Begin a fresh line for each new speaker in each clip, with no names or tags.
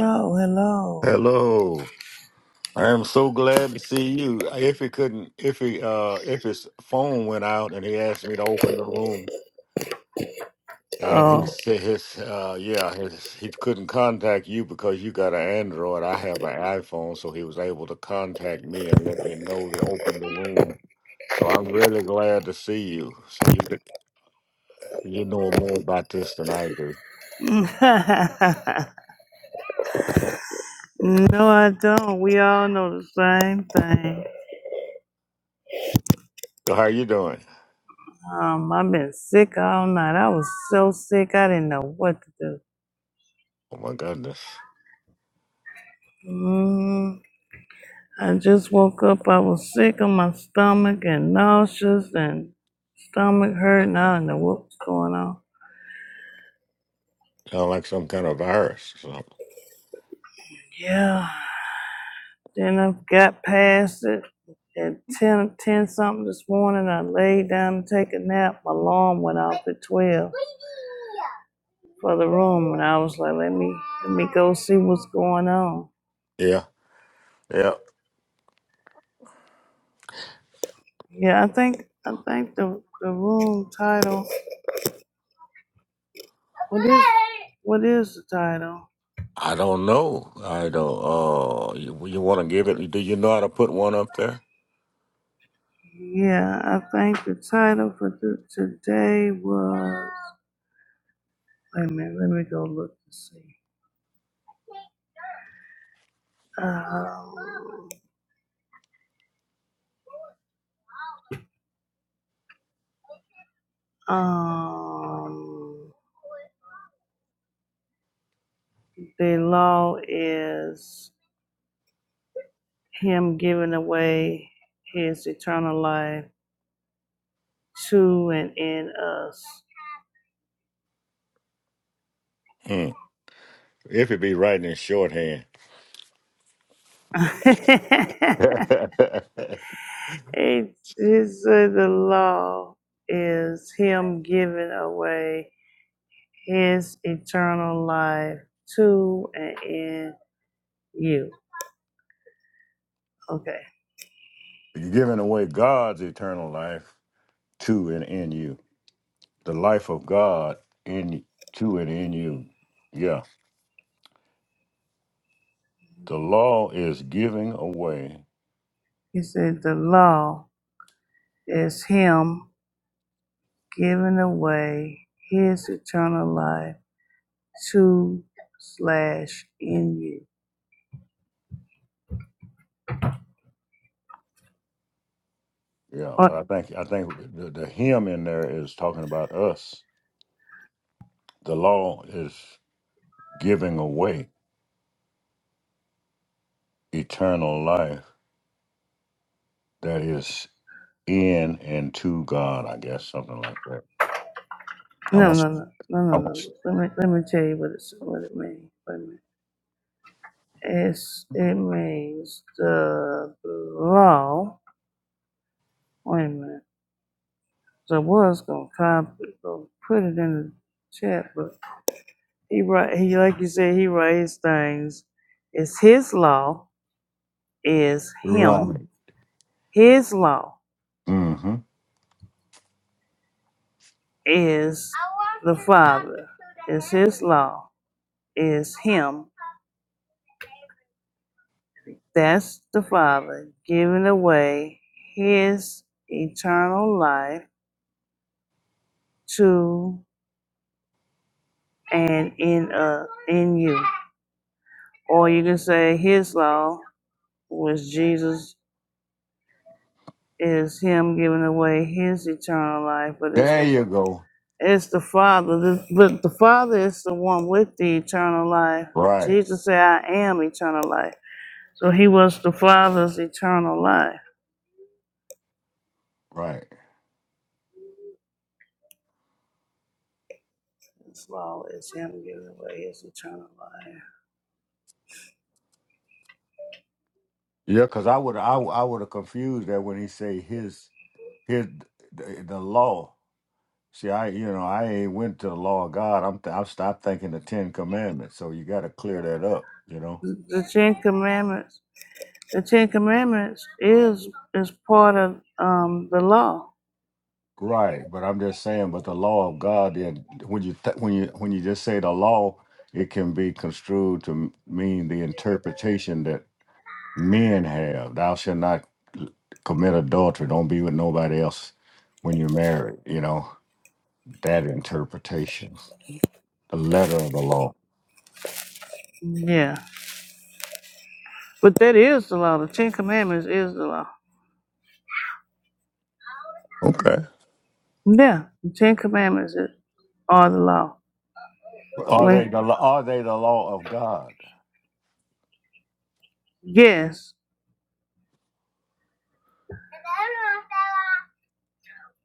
Oh, hello.
Hello. I am so glad to see you. If it couldn't, if he, uh, if his phone went out and he asked me to open the room, and he
Oh.
said his, uh, yeah, his, he couldn't contact you because you got an Android. I have an iPhone, so he was able to contact me and let me know to open the room. So I'm really glad to see you. So you could, you know more about this than I do.
no, I don't. We all know the same thing.
So how you doing?
Um, I've been sick all night. I was so sick, I didn't know what to do.
Oh my goodness,
Mm, I just woke up. I was sick on my stomach and nauseous and stomach hurt, and I don't know what was going on.
sound like some kind of virus or something.
Yeah. Then I got past it. At 10, 10 something this morning, I laid down to take a nap. My alarm went off at 12. for the room, and I was like, let me let me go see what's going on.
Yeah, yeah.
Yeah, I think I think the the room title. What is what is the title?
I don't know. I don't. Uh, you, you want to give it? Do you know how to put one up there?
Yeah, I think the title for the, today was. Wait a minute, let me go look to see. Um, um, the law is him giving away his eternal life to and in
Hmm. If it be writing in shorthand,
us.
you're
It, he said the law is him giving away his eternal life to and in you. Okay.
giving away God's eternal life to and in you, the life of God in to and in you. Yeah, the law is giving away.
He said the law is him giving away his eternal life to slash in you.
Yeah,
Or,
but I think I think the, the hymn in there is talking about us. The law is giving away eternal life that is in and to God, I guess, something like that.
no, no,
Almost,
no, no, no, no.
almost.
Let me let me tell you what it's what it means. Wait a minute. It's it means the law. Wait a minute So I was gonna copy, gonna put it in the chat, but he write he like you said, he writes things. It's his law is him.
Right.
His law
Mm-hmm.
is the father. It's his law is him. That's the father giving away his eternal life to and in uh in you. Or you can say his law was Jesus is him giving away his eternal life, but it's
There
the fa-
you go.
it's the Father. The- But the Father is the one with the eternal life.
Right.
Jesus said, "I am eternal life." So he was the Father's eternal life.
Right.
As well as him giving away his eternal life.
Yeah, because I would, I, I would have confused that when he say his, his, the, the law. See, I, you know, I ain't went to the law of God. I'm, th- I stopped thinking the Ten Commandments. So you got to clear that up. You know.
The the Ten Commandments. The Ten Commandments is is part of um, the law.
Right, but I'm just saying, but the law of God, then when you th- when you when you just say the law, it can be construed to m- mean the interpretation that men have. Thou shalt not commit adultery. Don't be with nobody else when you're married. You know that interpretation, the letter of the law.
Yeah, but that is the law. The Ten Commandments is the law.
Okay.
Yeah, the Ten Commandments is, are the law.
Are they
When
the lo- are they the law of God?
Yes,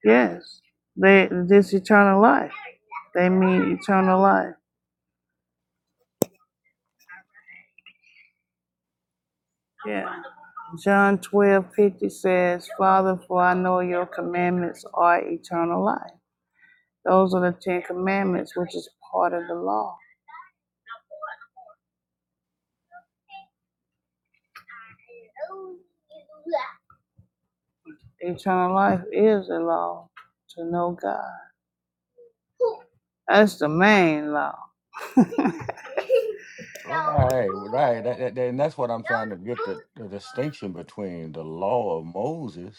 yes. They this eternal life. They mean eternal life. Yeah. John twelve fifty says, Father, for I know your commandments are eternal life. Those are the Ten Commandments, which is part of the law. Eternal life is the law to know God. That's the main law.
Right, right. That, that, and that's what I'm trying to get the, the distinction between the law of Moses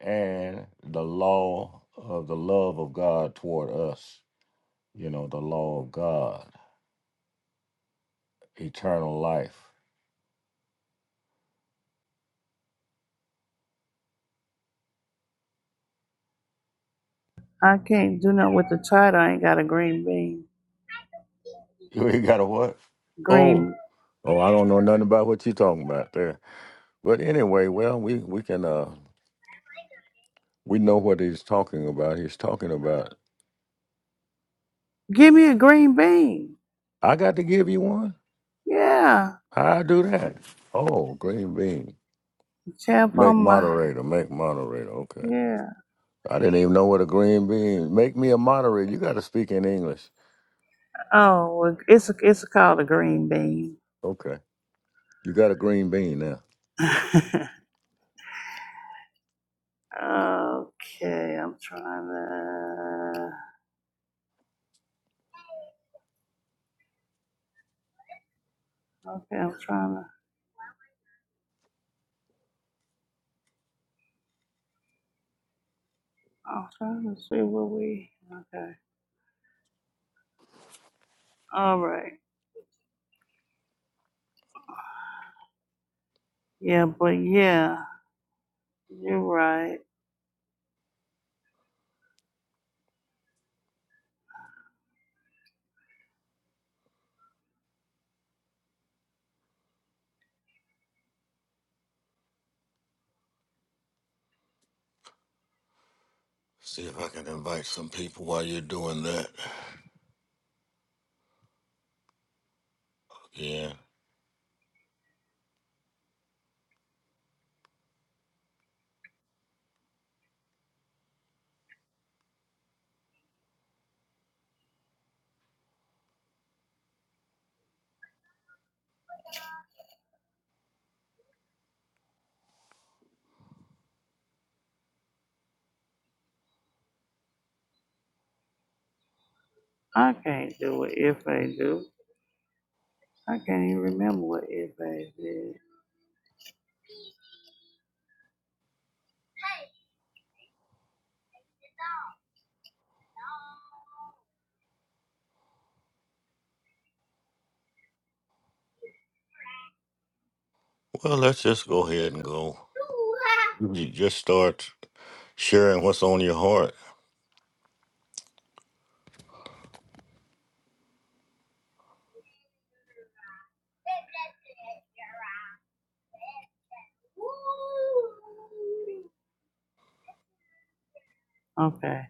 and the law of the love of God toward us. You know, the law of God, eternal life.
I can't do nothing with the title. I ain't got a green bean.
You ain't got a what? Oh,
Green.
oh, I don't know nothing about what you're talking about there. But anyway, well, we we can uh we know what he's talking about. He's talking about
Give me a green bean.
I got to give you one.
Yeah.
I do that. Oh, green bean.
Tap
Make
on my.
moderator. Make moderator. Okay.
Yeah.
I didn't even know what a green bean. Make me a moderator. You got to speak in English.
Oh, well, it's it's called a green bean.
Okay. You got a green bean now.
okay, I'm trying to. Okay, I'm trying to. I'm trying to see what we. Okay, all right. Yeah, but yeah, you're right.
See if I can invite some people while you're doing that. Yeah.
I can't do what if I do. I can't even remember what if I did.
Well, let's just go ahead and go. You just start sharing what's on your heart.
Okay,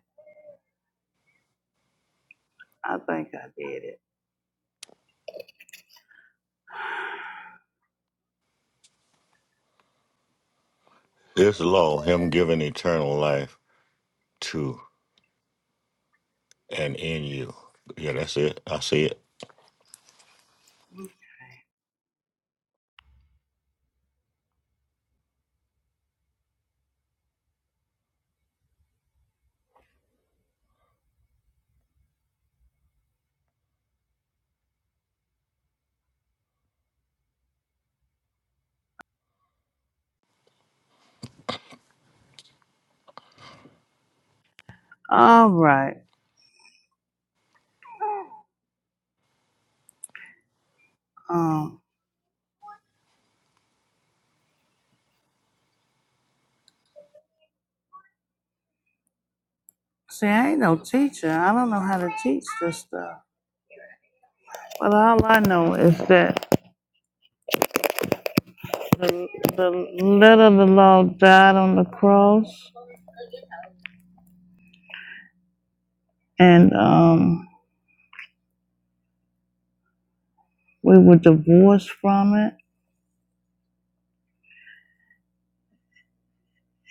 I think I did it.
This law, Him giving eternal life to and in you. Yeah, that's it. I see it.
All right. Um. See, I ain't no teacher. I don't know how to teach this stuff. But all I know is that the, the letter of the law died on the cross, and um, we were divorced from it,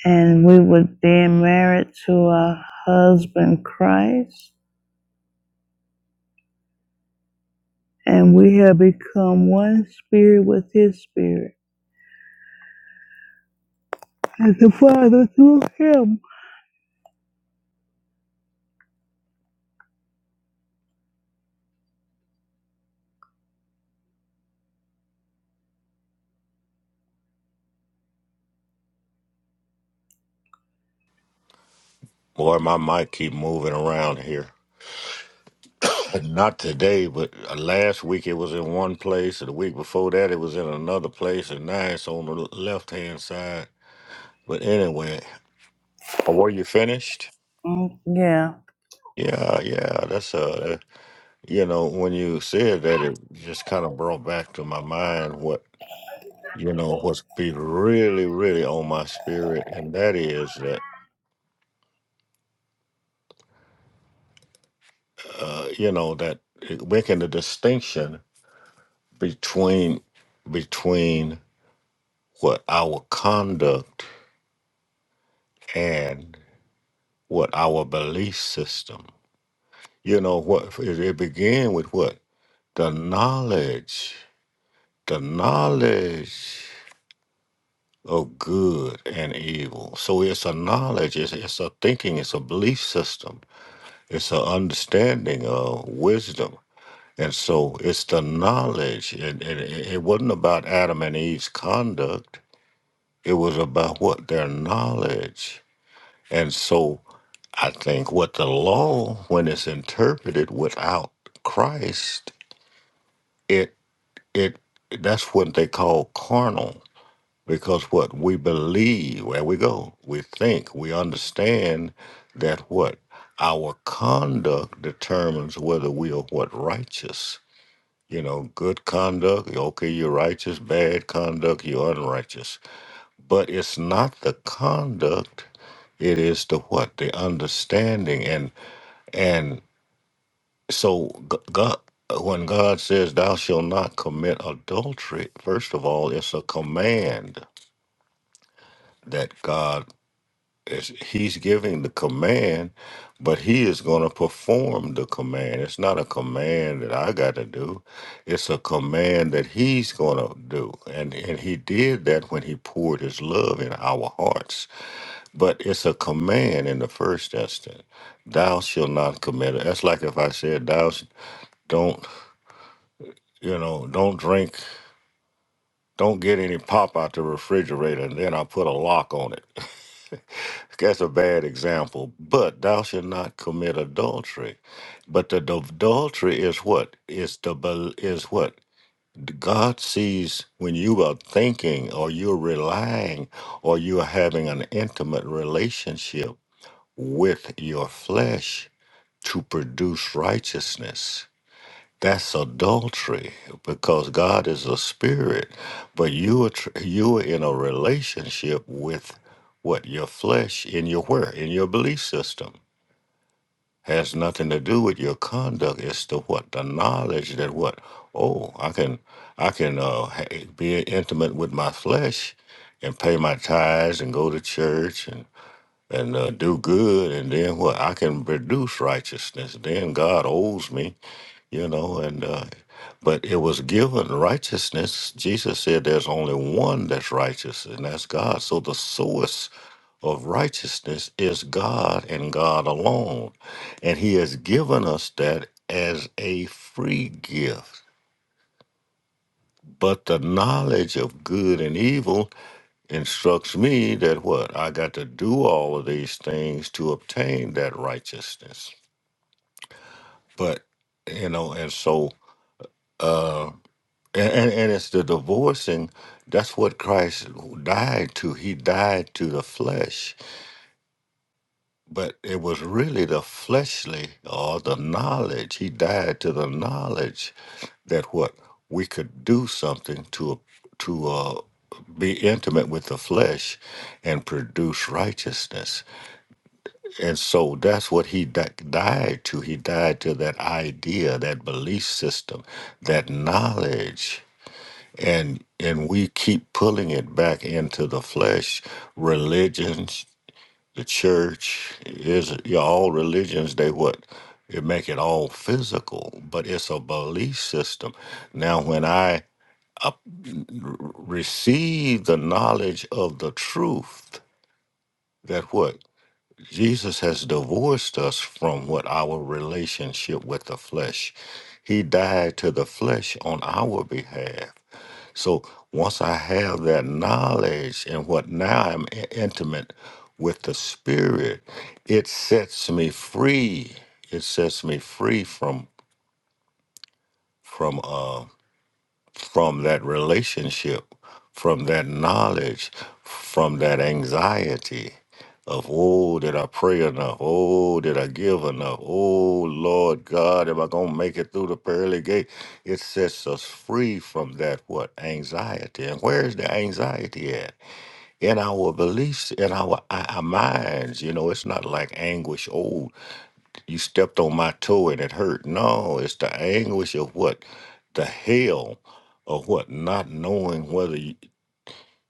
and we were then married to our husband Christ, and we have become one spirit with His spirit, and the Father through Him.
Boy, my mic keep moving around here. Not today, but uh, last week it was in one place, and the week before that it was in another place, and now it's on the left hand side. But anyway, were you finished?
Mm, yeah,
Yeah, yeah, that's uh, You know, when you said that, it just kind of brought back to my mind what you know what's be really, really on my spirit, and that is that uh, you know that it- making the distinction between between what our conduct and what our belief system. You know, what it, it began with what the knowledge, the knowledge. of good and evil. So it's a knowledge, it's, it's a thinking, it's a belief system, it's an understanding of wisdom. And so it's the knowledge. It, it, it it wasn't about Adam and Eve's conduct, it was about what their knowledge. And so I think what the law, when it's interpreted without Christ, it it that's what they call carnal Because what? We believe where we go. We think. We understand that what? Our conduct determines whether we are what? Righteous. You know, good conduct, okay, you're righteous. Bad conduct, you're unrighteous. But it's not the conduct, it is the what? The understanding. And, and so G- God, when God says, thou shalt not commit adultery, first of all, it's a command that God It's, he's giving the command, but he is going to perform the command. It's not a command that I got to do. It's a command that he's going to do. And, and he did that when he poured his love in our hearts. But it's a command in the first instance. Thou shall not commit. That's like if I said, thou sh- don't, you know, don't drink Don't get any pop out the refrigerator and then I put a lock on it. That's a bad example. But thou shalt not commit adultery. But the d- adultery is what? Is the bel- is what? God sees when you are thinking or you're relying or you're having an intimate relationship with your flesh to produce righteousness. That's adultery because God is a spirit, but you are tr- you are in a relationship with what your flesh in your where in your belief system has nothing to do with your conduct. It's the what the knowledge that what oh I can I can uh, ha- be intimate with my flesh and pay my tithes and go to church and and uh, do good and then what I can produce righteousness. Then God owes me you know and uh, but it was given righteousness jesus said there's only one that's righteous and that's god so the source of righteousness is god and god alone and he has given us that as a free gift but the knowledge of good and evil instructs me that what i got to do all of these things to obtain that righteousness but you know and so uh, And, and, and it's the divorcing. That's what Christ died to. He died to the flesh. But it was really the fleshly or the knowledge. He died to the knowledge that what we could do something to to uh, be intimate with the flesh and produce righteousness. And so that's what he di- died to. He died to that idea, that belief system, that knowledge. and and we keep pulling it back into the flesh religions the church is yeah, all religions they what they make it all physical but it's a belief system now when i up, r- receive the knowledge of the truth that what jesus has divorced us from what our relationship with the flesh he died to the flesh on our behalf so once I have that knowledge and what now I'm i- intimate with the spirit, it sets me free. It sets me free from from uh, from that relationship, from that knowledge, from that anxiety of, oh, did I pray enough? Oh, did I give enough? Oh, Lord God, am I going to make it through the pearly gate? It sets us free from that, what, anxiety. And where is the anxiety at? In our beliefs, in our, our minds. You know, it's not like anguish. Oh you stepped on my toe and it hurt. No, it's the anguish of what? The hell of what? Not knowing whether you,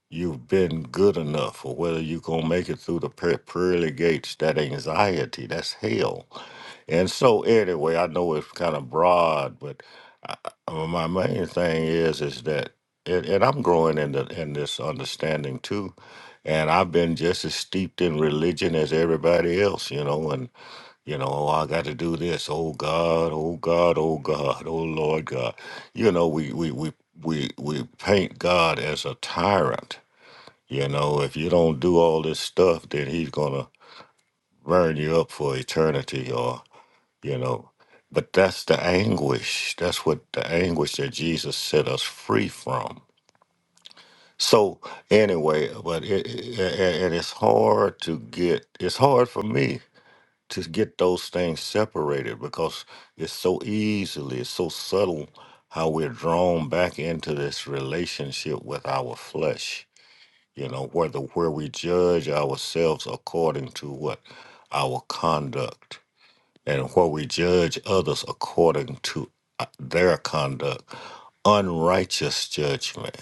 you've been good enough or whether you're going to make it through the pe- pearly gates. That anxiety, that's hell. And so, anyway, I know it's kind of broad, but I, I- uh, my main thing is, is that. And, and I'm growing in the, in this understanding too, and I've been just as steeped in religion as everybody else, you know. and. You know, oh, I got to do this. Oh God, oh God, oh God, oh Lord God. You know, we we we we we paint God as a tyrant. You know, if you don't do all this stuff, then He's gonna burn you up for eternity, or you know. But that's the anguish. That's what the anguish that Jesus set us free from. So anyway, but it, it and and it's hard to get. It's hard for me to get those things separated because it's so easily, it's so subtle how we're drawn back into this relationship with our flesh. You know, where the where we judge ourselves according to what our conduct, and where we judge others according to uh, their conduct, unrighteous judgment.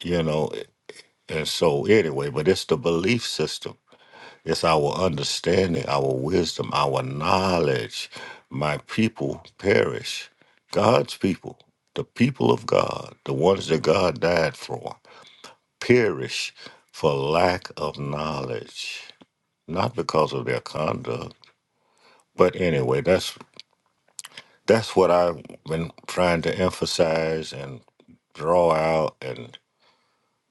You know, and so anyway, but it's the belief system it's our understanding, our wisdom, our knowledge. My people perish. God's people, the people of God, the ones that God died for, perish for lack of knowledge, not because of their conduct. But anyway, that's that's what I've been trying to emphasize and draw out and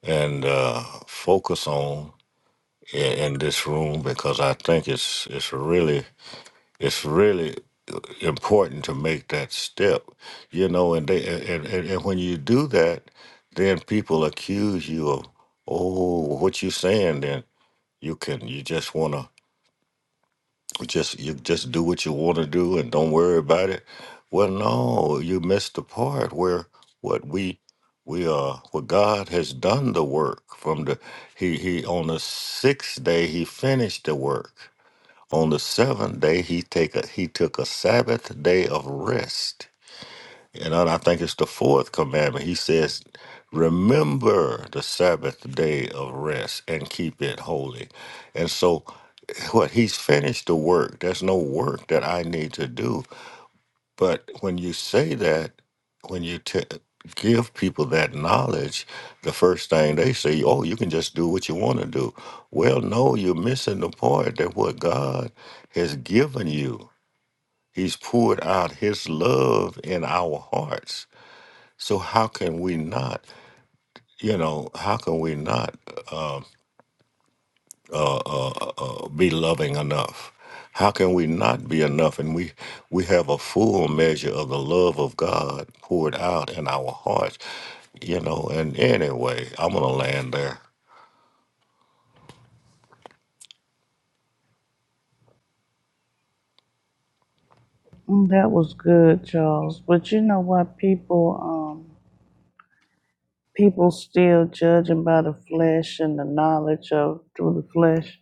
and uh, focus on in, in this room because I think it's it's really it's really important to make that step you know and they and, and, and when you do that then people accuse you of oh what you saying then you can you just want to just you just do what you want to do and don't worry about it well no you missed the part where what we we are what god has done the work from the he he on the sixth day he finished the work on the seventh day, he take a, he took a Sabbath day of rest. And I I think it's the fourth commandment. He says, "Remember the Sabbath day of rest and keep it holy." And so, what he's finished the work. There's no work that I need to do. But when you say that, when you t- give people that knowledge, the first thing they say, oh, you can just do what you want to do. Well, no, you're missing the point that what God has given you, He's poured out His love in our hearts. So how can we not, you know, how can we not? um, uh, uh, uh, uh, be loving enough? How can we not be enough? And we we have a full measure of the love of God poured out in our hearts, you know. And anyway, I'm gonna land there.
Mm, that was good, Charles. But you know what, people, um, people still judging by the flesh and the knowledge of through the flesh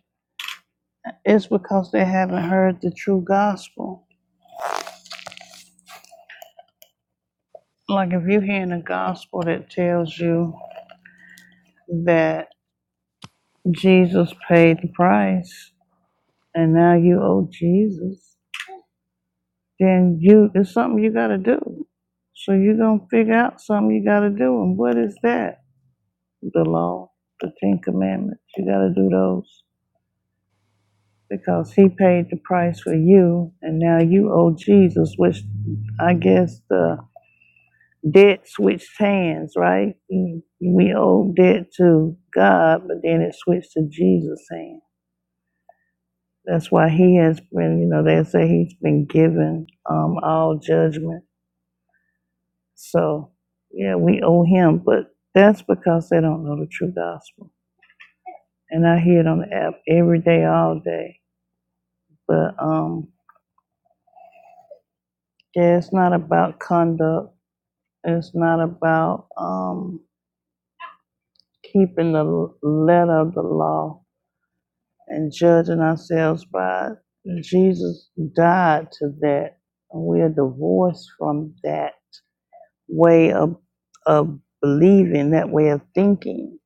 It's because they haven't heard the true gospel. Like if you're hearing a gospel that tells you that Jesus paid the price and now you owe Jesus, then you it's something you gotta do. So you're gonna figure out something you gotta do. And what is that? The law, the Ten Commandments. You gotta do those. Because he paid the price for you and now you owe Jesus, which I guess the debt switched hands, right? Mm. We owe debt to God, but then it switched to Jesus' hand. That's why he has been, you know, they say he's been given um, all judgment. So, yeah, we owe him, but that's because they don't know the true gospel. And I hear it on the app every day, all day. But um, yeah, it's not about conduct. It's not about um, keeping the letter of the law and judging ourselves by Jesus died to that. we are divorced from that way of, of believing, that way of thinking.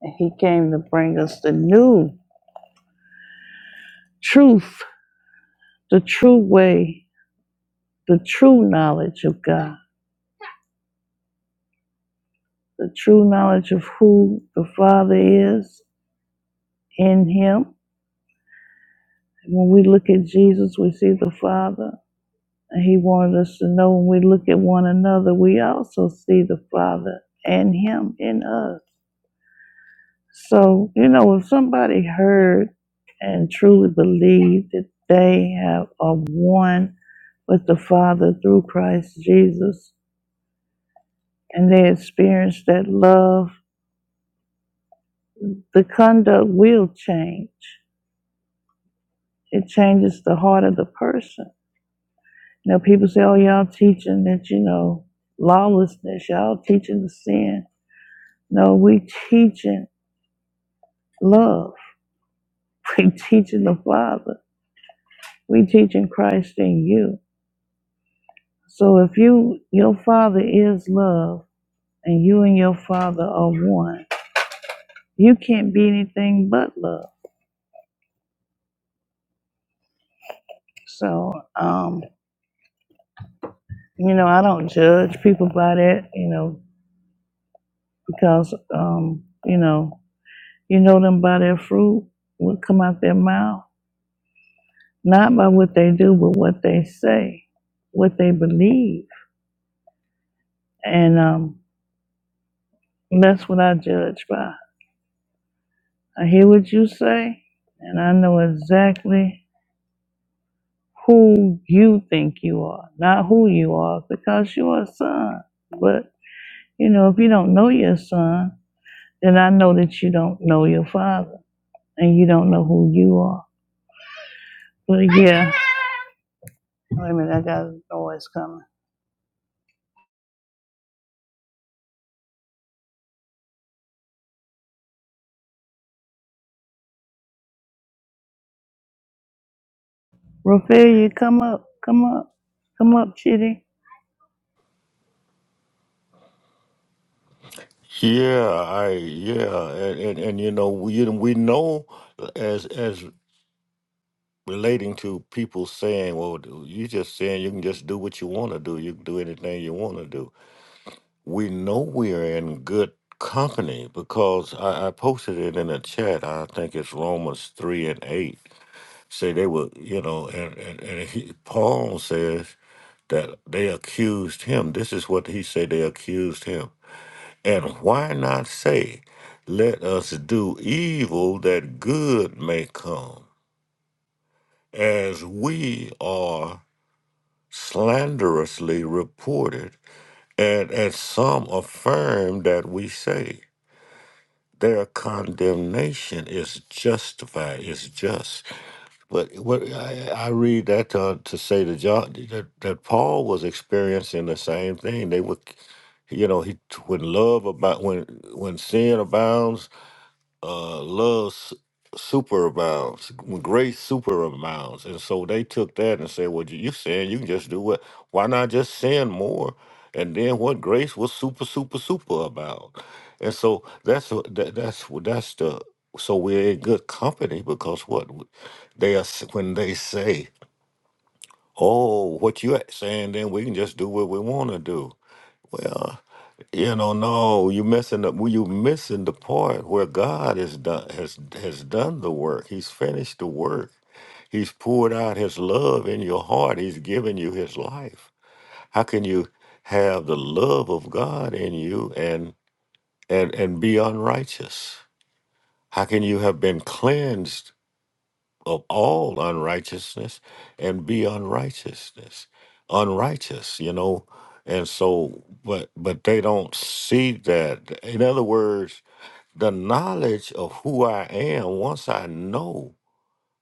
And he came to bring us the new truth, the true way, the true knowledge of God, the true knowledge of who the Father is in him. When we look at Jesus, we see the Father. he wanted us to know when we look at one another, we also see the Father and Him in us. So, you know, if somebody heard and truly believed that they have are one with the Father through Christ Jesus and they experience that love, the conduct will change. It changes the heart of the person. You know, people say, Oh, y'all teaching that, you know, lawlessness, y'all teaching the sin. No, we teaching love. We teaching the Father. We teaching Christ in you. So if you your Father is love, and you and your Father are one, you can't be anything but love. So um, you know, I don't judge people by that. You know, because um, you know, you know them by their fruit, what come out their mouth, not by what they do, but what they say, what they believe, and um, that's what I judge by. I hear what you say, and I know exactly who you think you are, not who you are, because you are a son. But, you know, if you don't know your son, then I know that you don't know your father and you don't know who you are. But yeah, wait a minute, I got a noise coming. Rofelia, come up, come up, come up, Chitty.
Yeah, I yeah, and and, and you know we we know as as relating to people saying, well, you just saying you can just do what you want to do, you can do anything you want to do. we know we're in good company because I, I posted it in a chat. I think it's Romans 3 and 8. Say they were, you know, and, and, and he, Paul says that they accused him. This is what he said they accused him. And why not say, let us do evil that good may come, as we are slanderously reported, and as some affirm that we say. their condemnation is justified, is just. But what I, I read that to, to say to John that, that Paul was experiencing the same thing. They were, you know, he when love about when when sin abounds, uh, love su- superabounds, when grace superabounds. And so they took that and said, well, you you saying you can just do what? Why not just sin more? And then what grace was super, super, super about. And so that's what- that, that's what- that's the so we're in good company because what they are s- when they say, oh, what you're saying, then we can just do what we want to do. Well, you know, no, you missing the well, you missing the part where God has done has has done the work. He's finished the work. He's poured out his love in your heart. He's given you his life. How can you have the love of God in you and and and be unrighteous? How can you have been cleansed of all unrighteousness and be unrighteousness unrighteous you know and so but but they don't see that in other words the knowledge of who i am once i know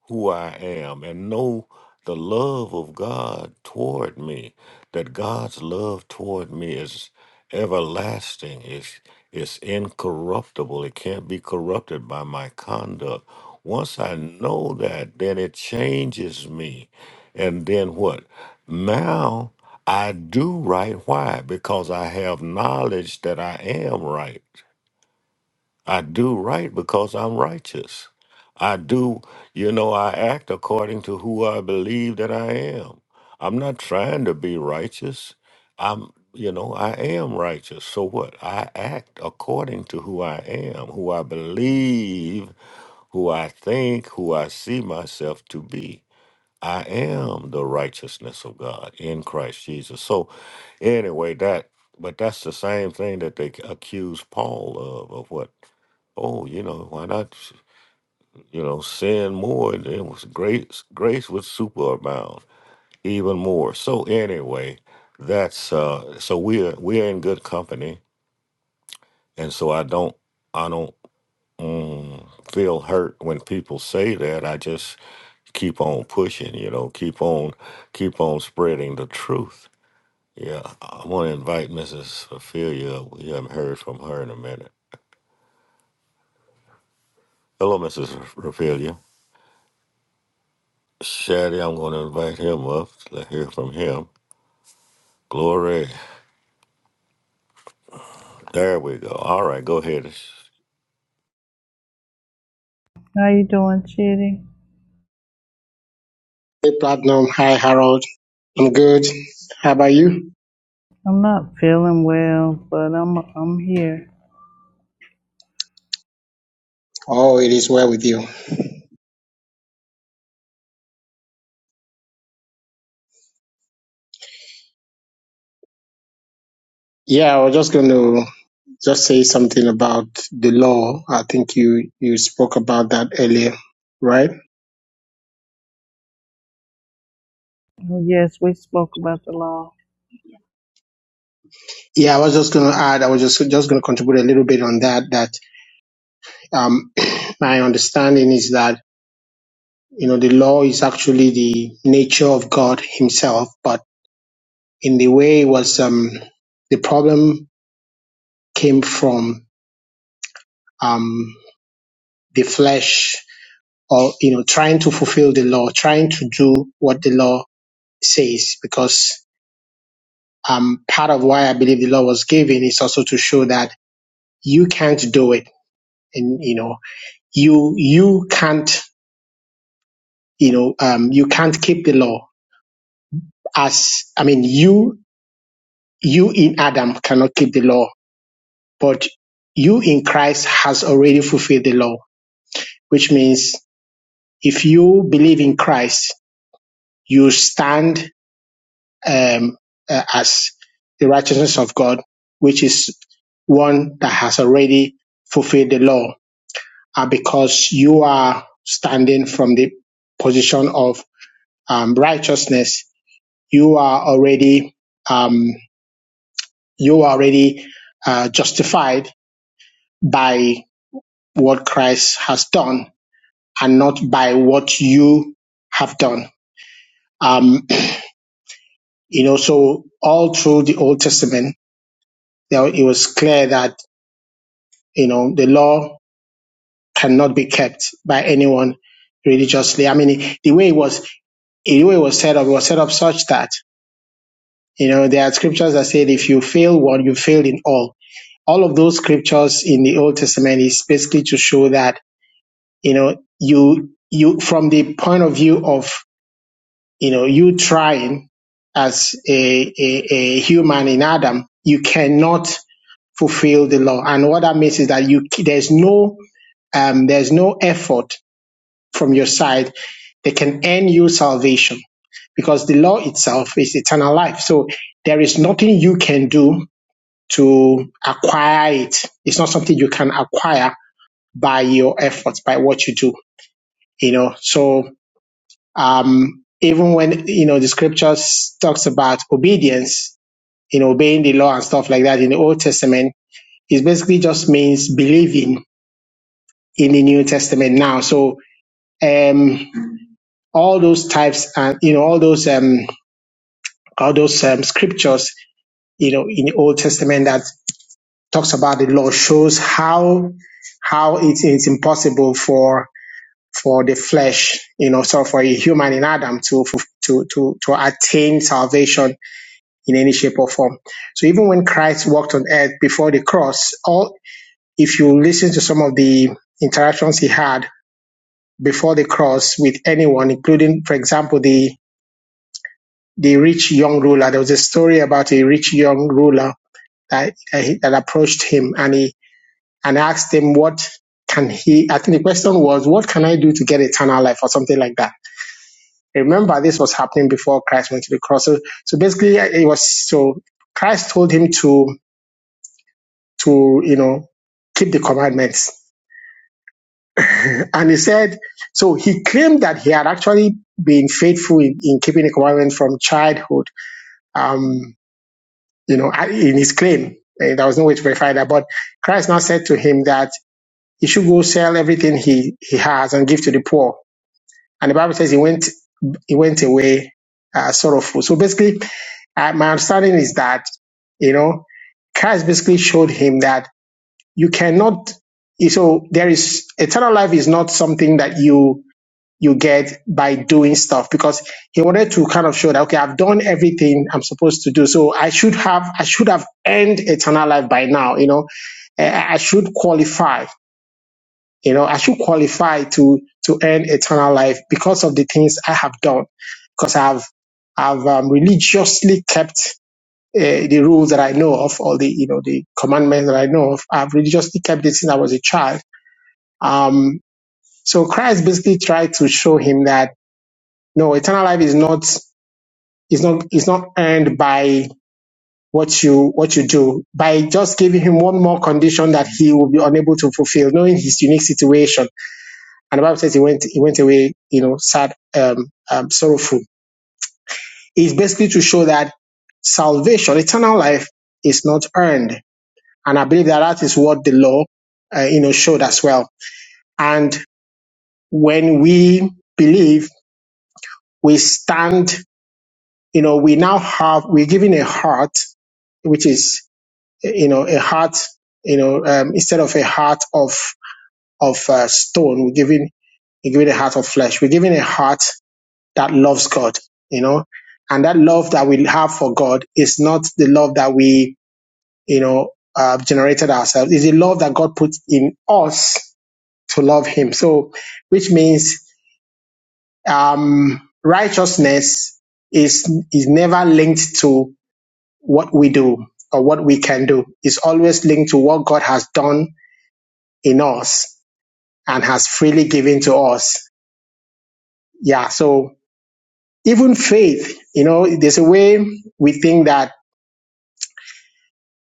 who I am and know the love of God toward me, that God's love toward me is everlasting, it's, it's incorruptible, it can't be corrupted by my conduct. Once I know that, then it changes me. And then what? Now I do right. Why? Because I have knowledge that I am right. I do right because I'm righteous. I do, you know, I act according to who I believe that I am. I'm not trying to be righteous. I'm, you know, I am righteous. So what? I act according to who I am, who I believe, who I think, who I see myself to be. I am the righteousness of God in Christ Jesus. So, anyway, that but that's the same thing that they accuse Paul of of what? Oh, you know, why not? You know, sin more, and it was grace. Grace would superabound even more. So anyway, that's uh. So we're we're in good company, and so I don't I don't mm, feel hurt when people say that. I just keep on pushing, you know, keep on keep on spreading the truth. Yeah, I want to invite Mrs. Ophelia. We haven't heard from her in a minute. Hello, Mrs. Ophelia. Shaddy, I'm going to invite him up. Let's hear from him. Glory. There we go. All right, go ahead.
How you doing, Chitty?
Hey, Platinum. Hi, Harold. I'm good. How about you?
I'm not feeling well, but I'm I'm here.
Oh, it is well with you. Yeah, I was just going to just say something about the law. I think you you spoke about that earlier, right?
Oh, Yes, we spoke about the law.
Yeah, I was just going to add. I was just just going to contribute a little bit on that. That um, my understanding is that you know the law is actually the nature of God Himself, but in the way it was um, the problem came from um, the flesh or you know trying to fulfill the law trying to do what the law says because um part of why i believe the law was given is also to show that you can't do it and you know you you can't you know um you can't keep the law as i mean you you in adam cannot keep the law but you in christ has already fulfilled the law which means if you believe in christ you stand um, uh, as the righteousness of God, which is one that has already fulfilled the law. And because you are standing from the position of um, righteousness, you are already um, you are already uh, justified by what Christ has done and not by what you have done. Um, you know, so all through the Old Testament, there, it was clear that You know, the law cannot be kept by anyone religiously. I mean, the way it was, the way it was set up, it was set up such that, you know, there are scriptures that said if you fail one, you failed in all. All of those scriptures in the Old Testament is basically to show that, you know, you, you, from the point of view of, you know, you trying as a, a, a human in Adam, you cannot fulfill the law. And what that means is that you, there's no um, there's no effort from your side, they can earn you salvation because the law itself is eternal life. So there is nothing you can do to acquire it. It's not something you can acquire by your efforts, by what you do, you know. So, um, even when, you know, the scriptures talks about obedience, you know, obeying the law and stuff like that in the Old Testament, it basically just means believing in the New Testament now. So, um, all those types and, you know, all those, um, all those um, scriptures, you know, in the Old Testament that talks about the law shows how how it is impossible for for the flesh, you know, so for a human in Adam to to to to attain salvation in any shape or form. So even when Christ walked on earth before the cross, all if you listen to some of the interactions he had before the cross with anyone, including, for example, the the rich young ruler. There was a story about a rich young ruler that that, he, that approached him and he and asked him what can he. I think the question was, "What can I do to get eternal life?" or something like that. Remember, this was happening before Christ went to the cross. So, so basically, it was so Christ told him to to you know keep the commandments, and he said so. He claimed that he had actually been faithful in, in keeping the commandment from childhood. Um, you know, in his claim, Eh, there was no way to verify that, but Christ now said to him that. he should go sell everything he, he has and give to the poor. And the Bible says he went he went away uh, sorrowful. So basically, uh, my understanding is that you know Christ basically showed him that you cannot. So there is eternal life is not something that you you get by doing stuff because he wanted to kind of show that okay I've done everything I'm supposed to do so I should have I should have earned eternal life by now you know Eh, I I should qualify you know, I should qualify to to earn eternal life because of the things I have done, because I've I've um, religiously kept uh, the rules that I know of, or the you know the commandments that I know of. I've religiously kept it since I was a child. Um, so Christ basically tried to show him that no, eternal life is not is not is not earned by what you what you do by just giving him one more condition that he will be unable to fulfill, knowing his unique situation And the Bible says he went he went away, you know, sad, um, um, sorrowful. It's basically to show that salvation, eternal life, is not earned. And I believe that that is what the law, uh, you know, showed as well. And when we believe, we stand, you know, we now have we're given a heart which is you know a heart you know um, instead of a heart of of uh, stone we're given, we're given a heart of flesh we're given a heart that loves God, you know, and that love that we have for God is not the love that we, you know, uh, generated ourselves. It's the love that God put in us to love Him. So, which means um, righteousness is is never linked to what we do or what we can do. It's always linked to what God has done in us and has freely given to us. Yeah. So even faith, you know, there's a way we think that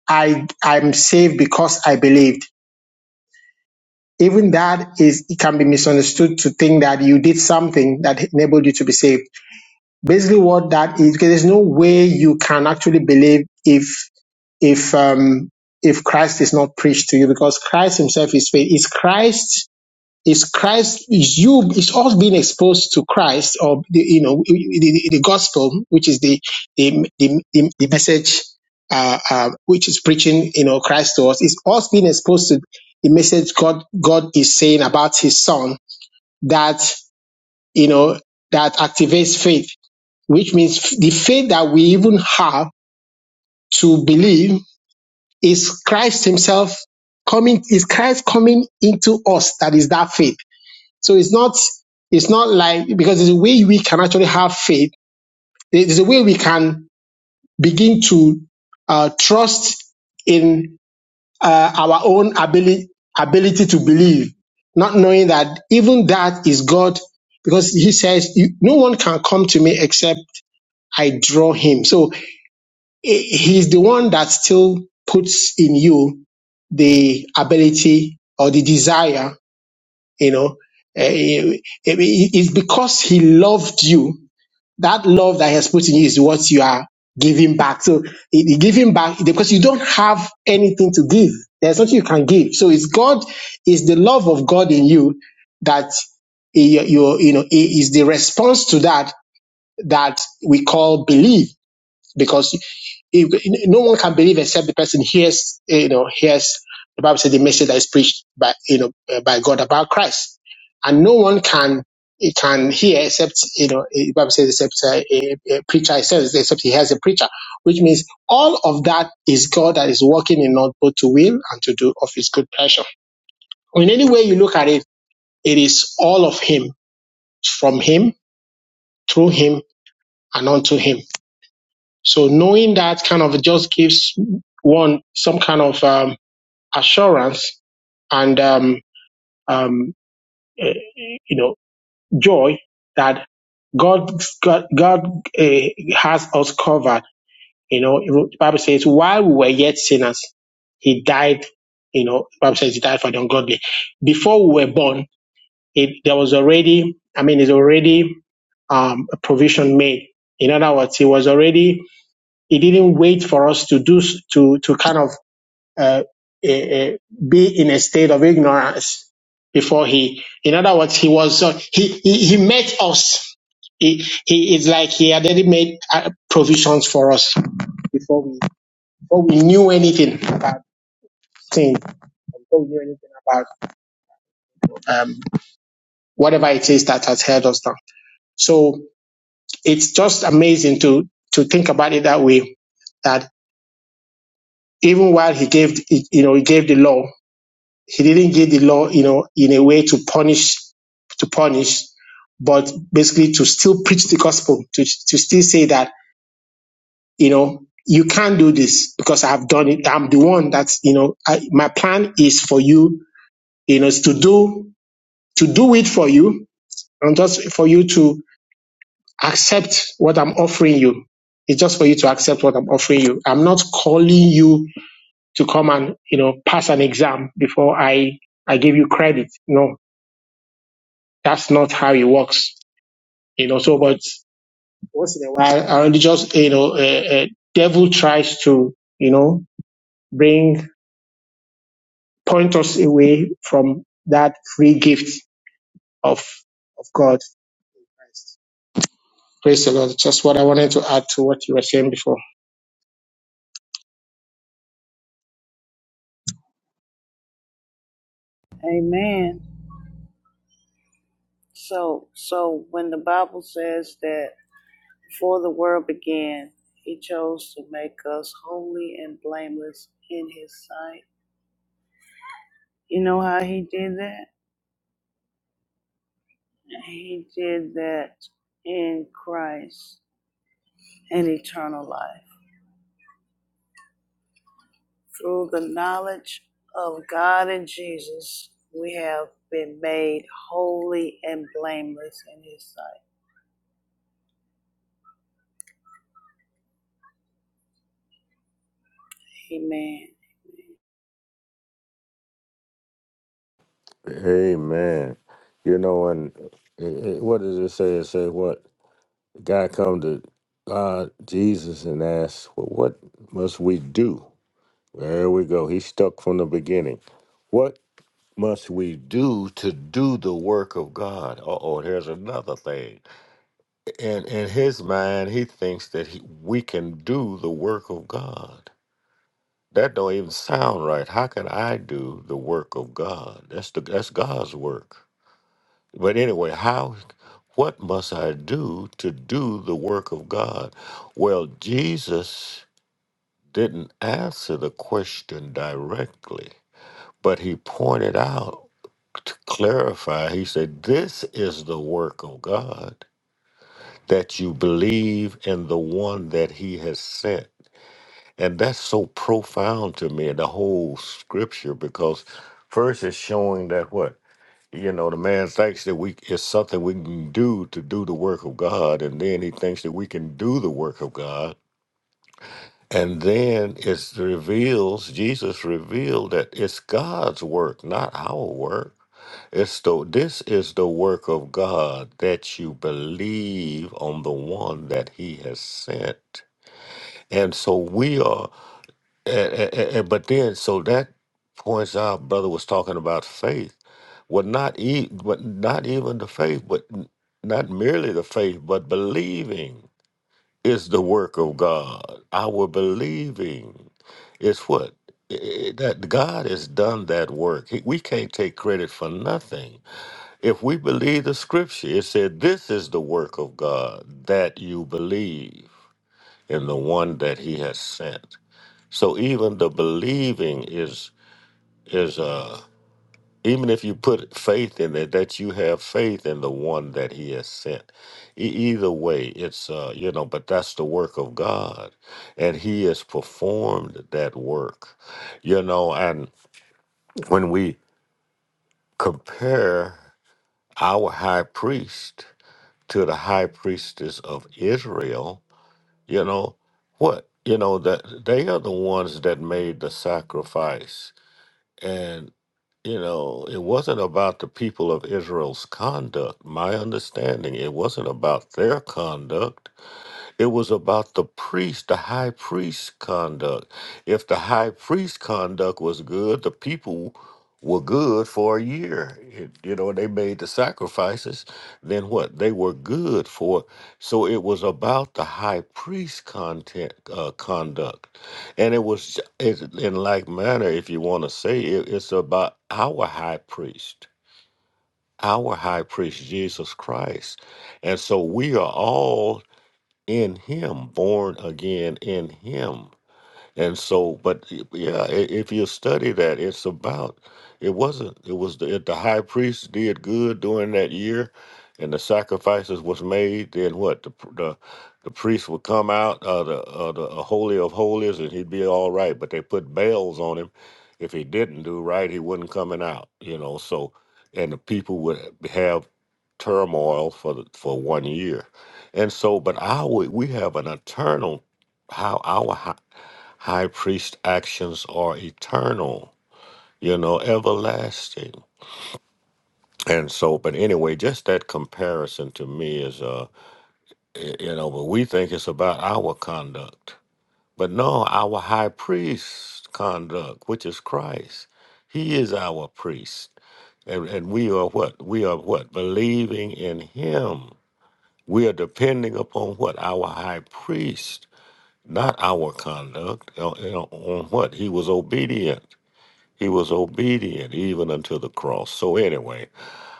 I I'm saved because I believed. Even that is it can be misunderstood to think that you did something that enabled you to be saved. Basically, what that is, because there's no way you can actually believe if if um if Christ is not preached to you, because Christ Himself is faith. It's Christ is Christ is you is all being exposed to Christ or the, you know the, the, the gospel, which is the the the, the, the message uh, uh, which is preaching you know Christ to us is us being exposed to the message God God is saying about His Son that you know that activates faith, which means the faith that we even have to believe is Christ Himself coming is Christ coming into us that is that faith so it's not it's not like because there's a way we can actually have faith. There's a way we can begin to uh, trust in uh, our own ability ability to believe, not knowing that even that is God, because He says you, no one can come to me except I draw him. So eh, He's the one that still puts in you the ability or the desire you know eh, it- it- it's because he loved you that love that he has put in you is what you are giving back so it- it giving back because you don't have anything to give there's nothing you can give so it's god is the love of god in you that eh, you, you you know eh, is the response to that that we call believe because if, no one can believe except the person hears, eh, you know, hears the Bible says the message that is preached by, you know, uh, by God about Christ, and no one can eh, can hear except you know eh, the Bible says except uh, a, a preacher it says except he has a preacher, which means all of that is God that is working in us both to will and to do of His good pleasure. In any way you look at it, it is all of Him, from Him, through Him, and unto Him So knowing that kind of just gives one some kind of um, assurance and um, um, eh, you know joy that God God, God uh, has us covered. You know, the Bible says while we were yet sinners, He died. You know, the Bible says He died for the ungodly. Before we were born, it, there was already I mean, it's already um, a provision made. In other words, He was already He didn't wait for us to do to to kind of uh, eh, eh, be in a state of ignorance before he. In other words, he was uh, he, he he met us. He he is like he had already made uh, provisions for us before we before we knew anything about things before we knew anything about um, whatever it is that has held us down. So it's just amazing to to think about it that way. That even while he gave, you know, he gave the law, He didn't give the law, you know, in a way to punish, to punish, but basically to still preach the gospel, to, to still say that, you know, you can't do this because I have done it. I'm the one that's, you know, I, my plan is for you, you know, is to do, to do it for you and just for you to accept what I'm offering you. It's just for you to accept what I'm offering you. I'm not calling you to come and, you know, pass an exam before I, I give you credit. No, That's not how it works, you know. So, but once in a while, and just you know, uh, uh, devil tries to you know bring point us away from that free gift of of God. Praise the Lord. Just what I wanted to add to what you were saying before.
Amen. So, so when the Bible says that before the world began, He chose to make us holy and blameless in His sight. You know how He did that? He did that in Christ and eternal life. Through the knowledge of God and Jesus, we have been made holy and blameless in His sight. Amen.
Amen. You know, and it, it- what does it say? It say what? God come to God, Jesus, and asked, well, what must we do? There we go. He's stuck from the beginning. What must we do to do the work of God? Uh oh, here's another thing. And in in his mind, he thinks that he, we can do the work of God. That don't even sound right. How can I do the work of God? That's the that's God's work. But anyway, how what must I do to do the work of God? Well, Jesus didn't answer the question directly. But he pointed out to clarify, he said, This is the work of God that you believe in the one that he has sent. And that's so profound to me, the whole scripture, because first it's showing that what? You know, the man thinks that we it's something we can do to do the work of God, and then he thinks that we can do the work of God. And then it reveals, Jesus revealed that it's God's work, not our work It's the, this is the work of God that you believe on the one that He has sent. And so we are, and, and- and- but then, so that points out, brother was talking about faith. Well, not, e- but not even the faith, but n- not merely the faith, but believing is the work of God. Our believing is what? I- I- That God has done that work. He- We can't take credit for nothing if we believe the scripture, it said, This is the work of God, that you believe in the one that he has sent. So even the believing is is uh even if you put faith in it, that you have faith in the one that he has sent. E- either way, it's uh, you know, but that's the work of God. And he has performed that work. You know, and when we compare our high priest to the high priestess of Israel, you know, what? You know, that they are the ones that made the sacrifice. And, you know, it wasn't about the people of Israel's conduct. My understanding, it wasn't about their conduct it was about the priest, the high priest's conduct. If the high priest's conduct was good, the people were good for a year. It- you know, they made the sacrifices. Then what? They were good for. So it was about the high priest's content uh, conduct, and it was it, in like manner, if you want to say it, it's about our high priest, our high priest Jesus Christ, and so we are all in him, born again in him. And so, but y- yeah, i- if you study that, it's about, it wasn't, it was the, if the high priest did good during that year and the sacrifices was made, then what? The, pr- the, the priest would come out of the, uh, the uh, Holy of Holies and he'd be all right, but they put bells on him. If he didn't do right, he wasn't coming out, you know, so, and the people would have turmoil for the, for one year. And so, but our, we have an eternal how our High priest actions are eternal, you know, everlasting. And so, but anyway, just that comparison to me is, uh, y- you know, but we think it's about our conduct. But no, our high priest conduct, which is Christ, he is our priest. And, and we are what? We are what? Believing in him. We are depending upon what? Our high priest, not our conduct. You know, you know, on what? He was obedient He was obedient even unto the cross. So anyway,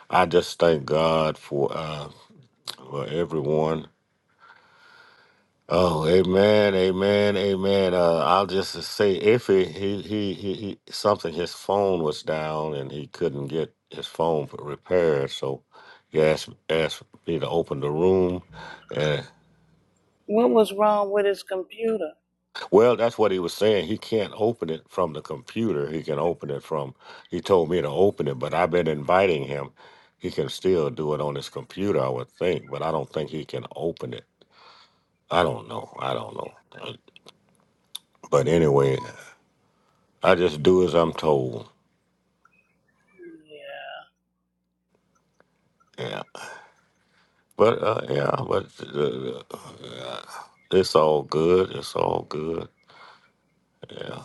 I just thank God for uh for everyone. Oh, amen, amen, amen. Uh, I'll just say if he, he he he he something his phone was down and he couldn't get his phone repaired, so he asked asked me to open the room,
What was wrong with his computer?
Well, that's what he was saying. He can't open it from the computer. He can open it from, he told me to open it, but I've been inviting him. He can still do it on his computer, I would think, but I don't think he can open it. I don't know. I don't know. But anyway, I just do as I'm told.
Yeah.
Yeah. But, uh, yeah, but uh, uh, it's all good. It's all good. Yeah.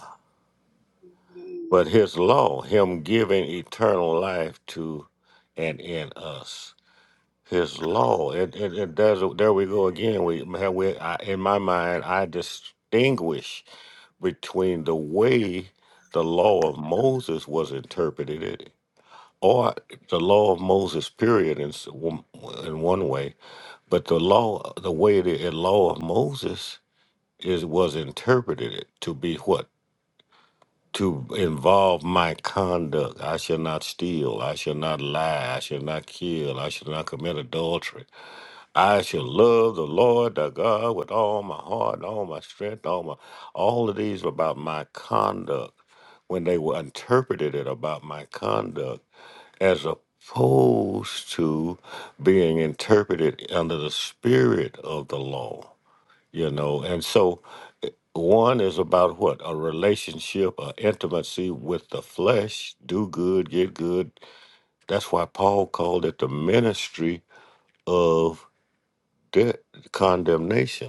Hmm.
But his law, him giving eternal life to and in us. His law. It it, it does. There we go again. We we I, in my mind, I distinguish between the way the law of Moses was interpreted, or the law of Moses period in s- one- in one way, but the law, the way the uh, law of Moses is was interpreted to be what to involve my conduct. I shall not steal. I shall not lie. I shall not kill. I shall not commit adultery. I shall love the Lord thy God with all my heart and all my strength, all my all of these were about my conduct when they were interpreted it about my conduct as opposed to being interpreted under the spirit of the law. You know, and so one is about what? A relationship, a intimacy with the flesh, do good, get good. That's why Paul called it the ministry of de- condemnation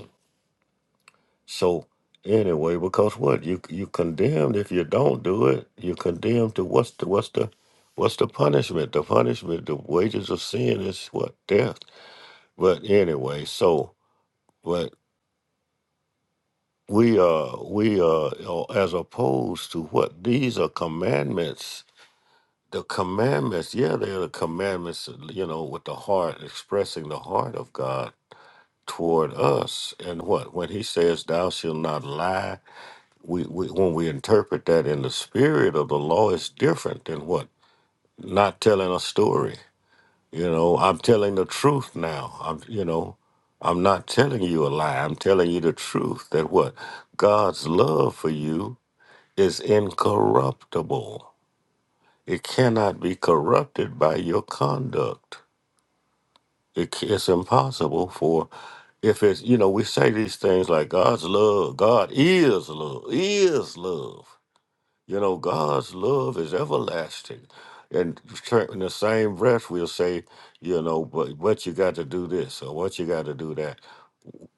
So anyway, because what you you condemned if you don't do it, you're condemned to what's the what's the what's the punishment? The punishment, the wages of sin is what death. But anyway, so but we are we are uh, as opposed to what these are commandments. The commandments, yeah, they're the commandments, you know, with the heart expressing the heart of God toward us. And what when He says, "Thou shalt not lie." we, we when we interpret that in the spirit of the law it's different than what not telling a story you know i'm telling the truth now i'm you know i'm not telling you a lie i'm telling you the truth that what god's love for you is incorruptible it cannot be corrupted by your conduct it, c- it's impossible for if it's you know we say these things like god's love god is love is love You know, God's love is everlasting. And tra- in the same breath, we'll say, you know, but what you got to do this or what you got to do that.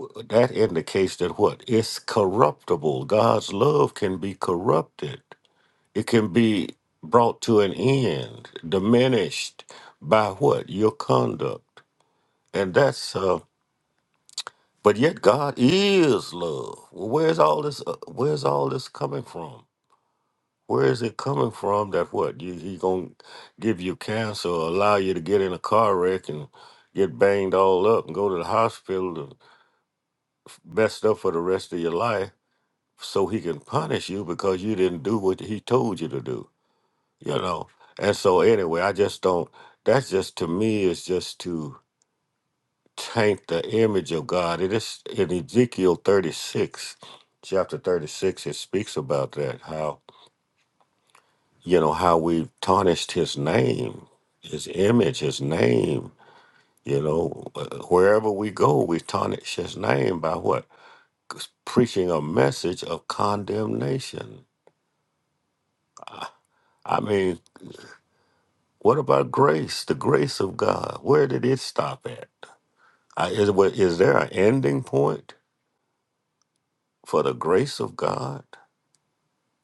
W- That indicates that what? It's corruptible. God's love can be corrupted, it can be brought to an end, diminished by what? Your conduct. And that's, uh, but yet God is love. Well, where's all this, uh, where's all this coming from? Where is it coming from? That what you, he gonna give you cancer, or allow you to get in a car wreck and get banged all up and go to the hospital and messed up for the rest of your life, so he can punish you because you didn't do what he told you to do. You know. And so anyway, I just don't. That's just to me is just to taint the image of God. It is in Ezekiel thirty six, chapter thirty six. It speaks about that how. you know how we tarnished his name his image his name you know Uh, wherever we go we tarnish his name by what 'Cause preaching a message of condemnation i I mean what about grace the grace of god where did it stop at I, is, wa- is there an ending point for the grace of god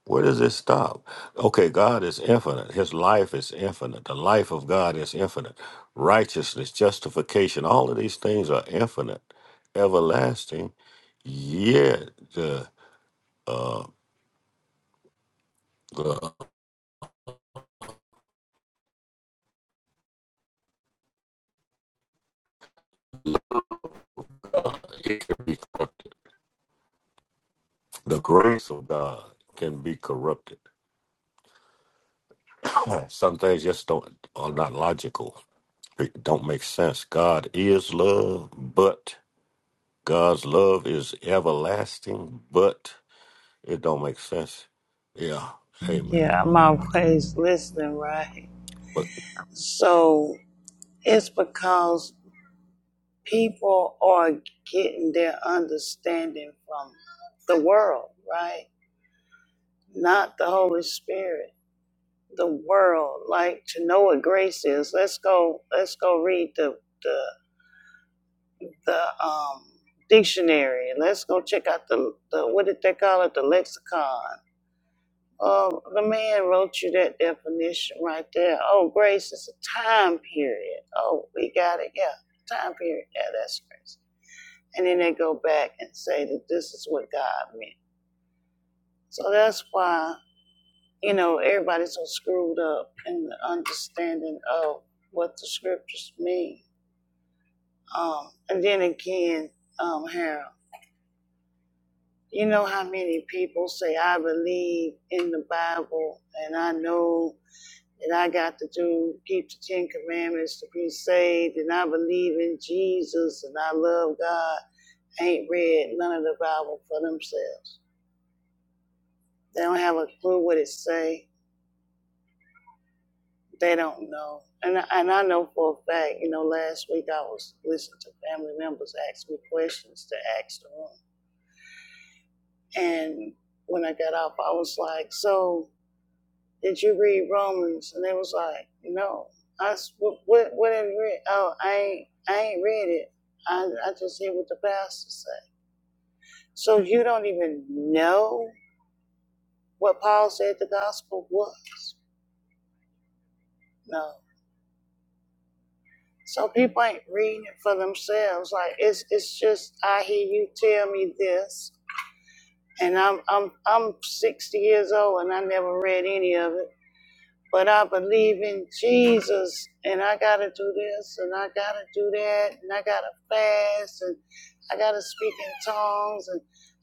Where does it stop? Okay, God is infinite. His life is infinite. The life of God is infinite. Righteousness, justification, all of these things are infinite, everlasting. Yet the uh, the uh, it can be corrupted. The grace of God can be corrupted. Some things just don't are not logical. It don't make sense. God is love, but God's love is everlasting, but It don't make sense. Yeah. Amen.
Yeah, I'm always listening, right?
But
So it's because people are getting their understanding from the world, right? Not the Holy Spirit. The world, like to know what grace is. Let's go. Let's go read the the the um dictionary. Let's go check out the the what did they call it? The lexicon. Um, the man wrote you that definition right there. Oh, grace is a time period. Oh, we got it. Yeah, time period. Yeah, that's grace. And then they go back and say that this is what God meant. So that's why, you know, everybody's so screwed up in the understanding of what the scriptures mean. Um, and then again, um, Harold, you know how many people say, I believe in the Bible and I know that I got to do, keep the Ten Commandments to be saved, and I believe in Jesus and I love God, ain't read none of the Bible for themselves. They don't have a clue what it say. They don't know. And I, and I know for a fact, you know, last week I was listening to family members ask me questions to ask the room. And when I got off, I was like, so did you read Romans? And they was like, no. I what what, what did you read? Oh, I ain't I ain't read it. I I just hear what the pastor said. So you don't even know what Paul said the gospel was. No. So people ain't reading it for themselves. Like it's it's just I hear you tell me this, and I'm I'm I'm 60 years old and I never read any of it. But I believe in Jesus and I gotta do this and I gotta do that and I gotta fast and I gotta speak in tongues and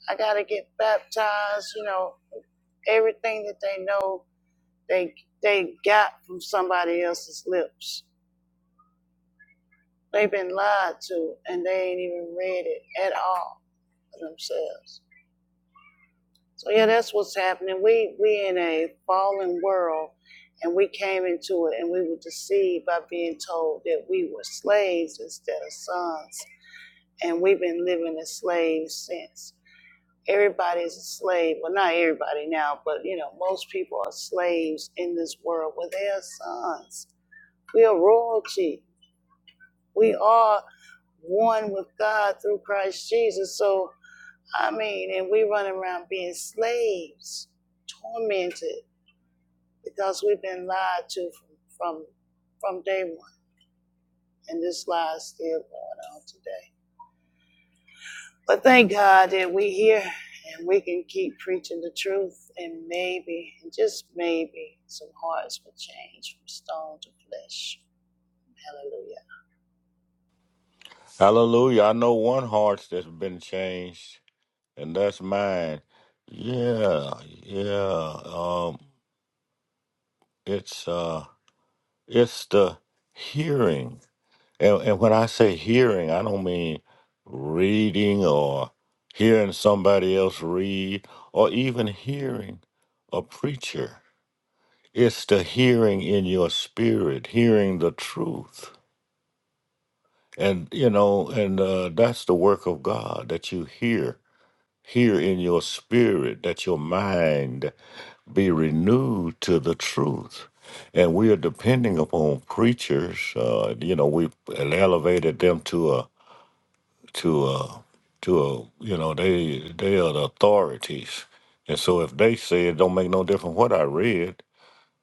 I gotta get baptized, you know, everything that they know they they got from somebody else's lips. They've been lied to and they ain't even read it at all for themselves. So yeah, that's what's happening. We we in a fallen world, and we came into it, and we were deceived by being told that we were slaves instead of sons, and we've been living as slaves since. Everybody's a slave. Well, not everybody now, but you know, most people are slaves in this world. Well, they are sons. We are royalty. We are one with God through Christ Jesus. So I mean, and we run around being slaves tormented. because we've been lied to from from, from day one, and this lie is still going on today. But thank God that we here and we can keep preaching the truth, and maybe, and just maybe, some hearts will change from stone to flesh. Hallelujah.
hallelujah. I know one heart's that's been changed, and that's mine. Yeah, yeah. Um it's uh it's the hearing. And and when I say hearing, I don't mean reading or hearing somebody else read or even hearing a preacher. It's the hearing in your spirit, hearing the truth and you know and uh, that's the work of god that you hear hear in your spirit that your mind be renewed to the truth and we are depending upon preachers uh, you know we elevated them to a to a to a you know they they are the authorities and so if they say it don't make no difference what i read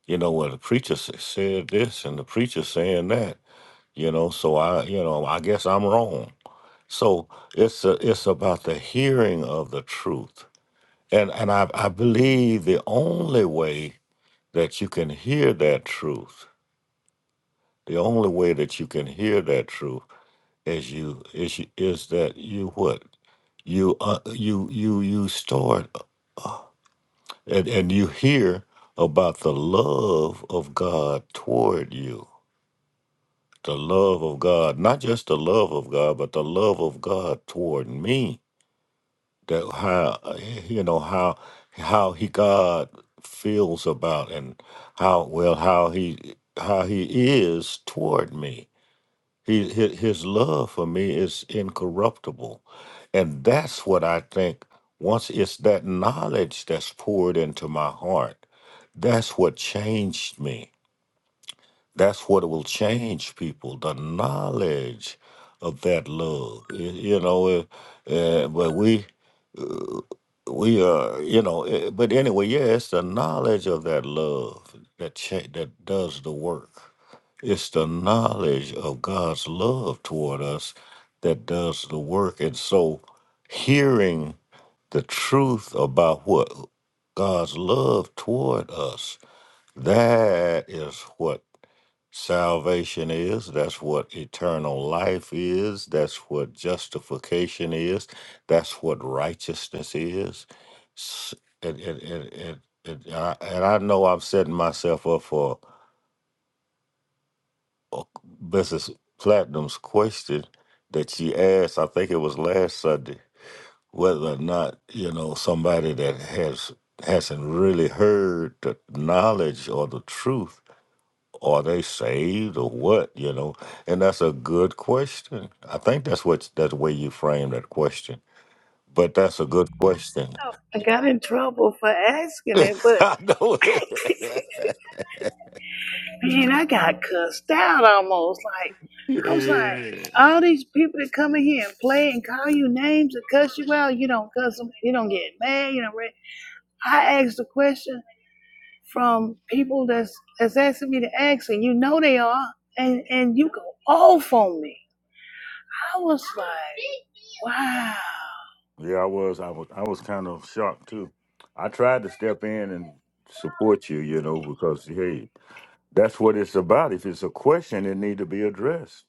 you know well the preacher s- said this and the preacher saying that you know so i you know i guess i'm wrong so it's a, it's about the hearing of the truth, and and I I believe the only way that you can hear that truth, the only way that you can hear that truth is you is you, is that you what you uh, you you you start and and you hear about the love of God toward you, the love of God, not just the love of God, but the love of God toward me that how uh, you know how how he God feels about and how well how he how he is toward me. He his, his love for me is incorruptible, and that's what I think. Once it's that knowledge that's poured into my heart, that's what changed me. That's what will change people. The knowledge of that love, you, you know. Uh, uh, but we we are, you know. eh, But anyway, yeah, it's the knowledge of that love that cha- that does the work. It's the knowledge of God's love toward us that does the work. And so, hearing the truth about what God's love toward us, that is what salvation is, that's what eternal life is, that's what justification is, that's what righteousness is. S- It, it, it, it, it, I, and I know I'm setting myself up for uh, Mrs. Platinum's question that she asked, I think it was last Sunday, whether or not, you know, somebody that has hasn't really heard the knowledge or the truth Are they saved or what? You know, and that's a good question. I think that's what that's the way you frame that question. But that's a good question.
I got in trouble for asking it, but
I know it.
And I got cussed out almost. Like, I was like,
yeah.
all these people that come in here and play and call you names and cuss you out, you don't cuss them, you don't get mad, you don't. Re- I asked a question from people that's that's asking me to ask, and you know they are, and and you go off on me. I was like, wow.
Yeah, I was. I was. I was kind of shocked too. I tried to step in and support you, you know, because hey, that's what it's about. If it's a question, it need to be addressed.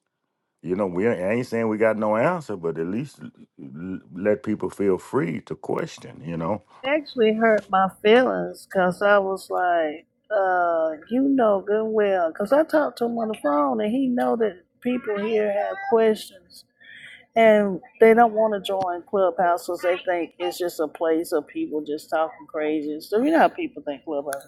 You know, we ain't- I ain't saying we got no answer, but at least l- l- let people feel free to question. You know,
actually hurt my feelings because I was like, uh, you know good and well, because I talked to him on the phone and he know that people here have questions and they don't want to join Clubhouse because they think it's just a place of people just talking crazy. So you know how people think Clubhouse.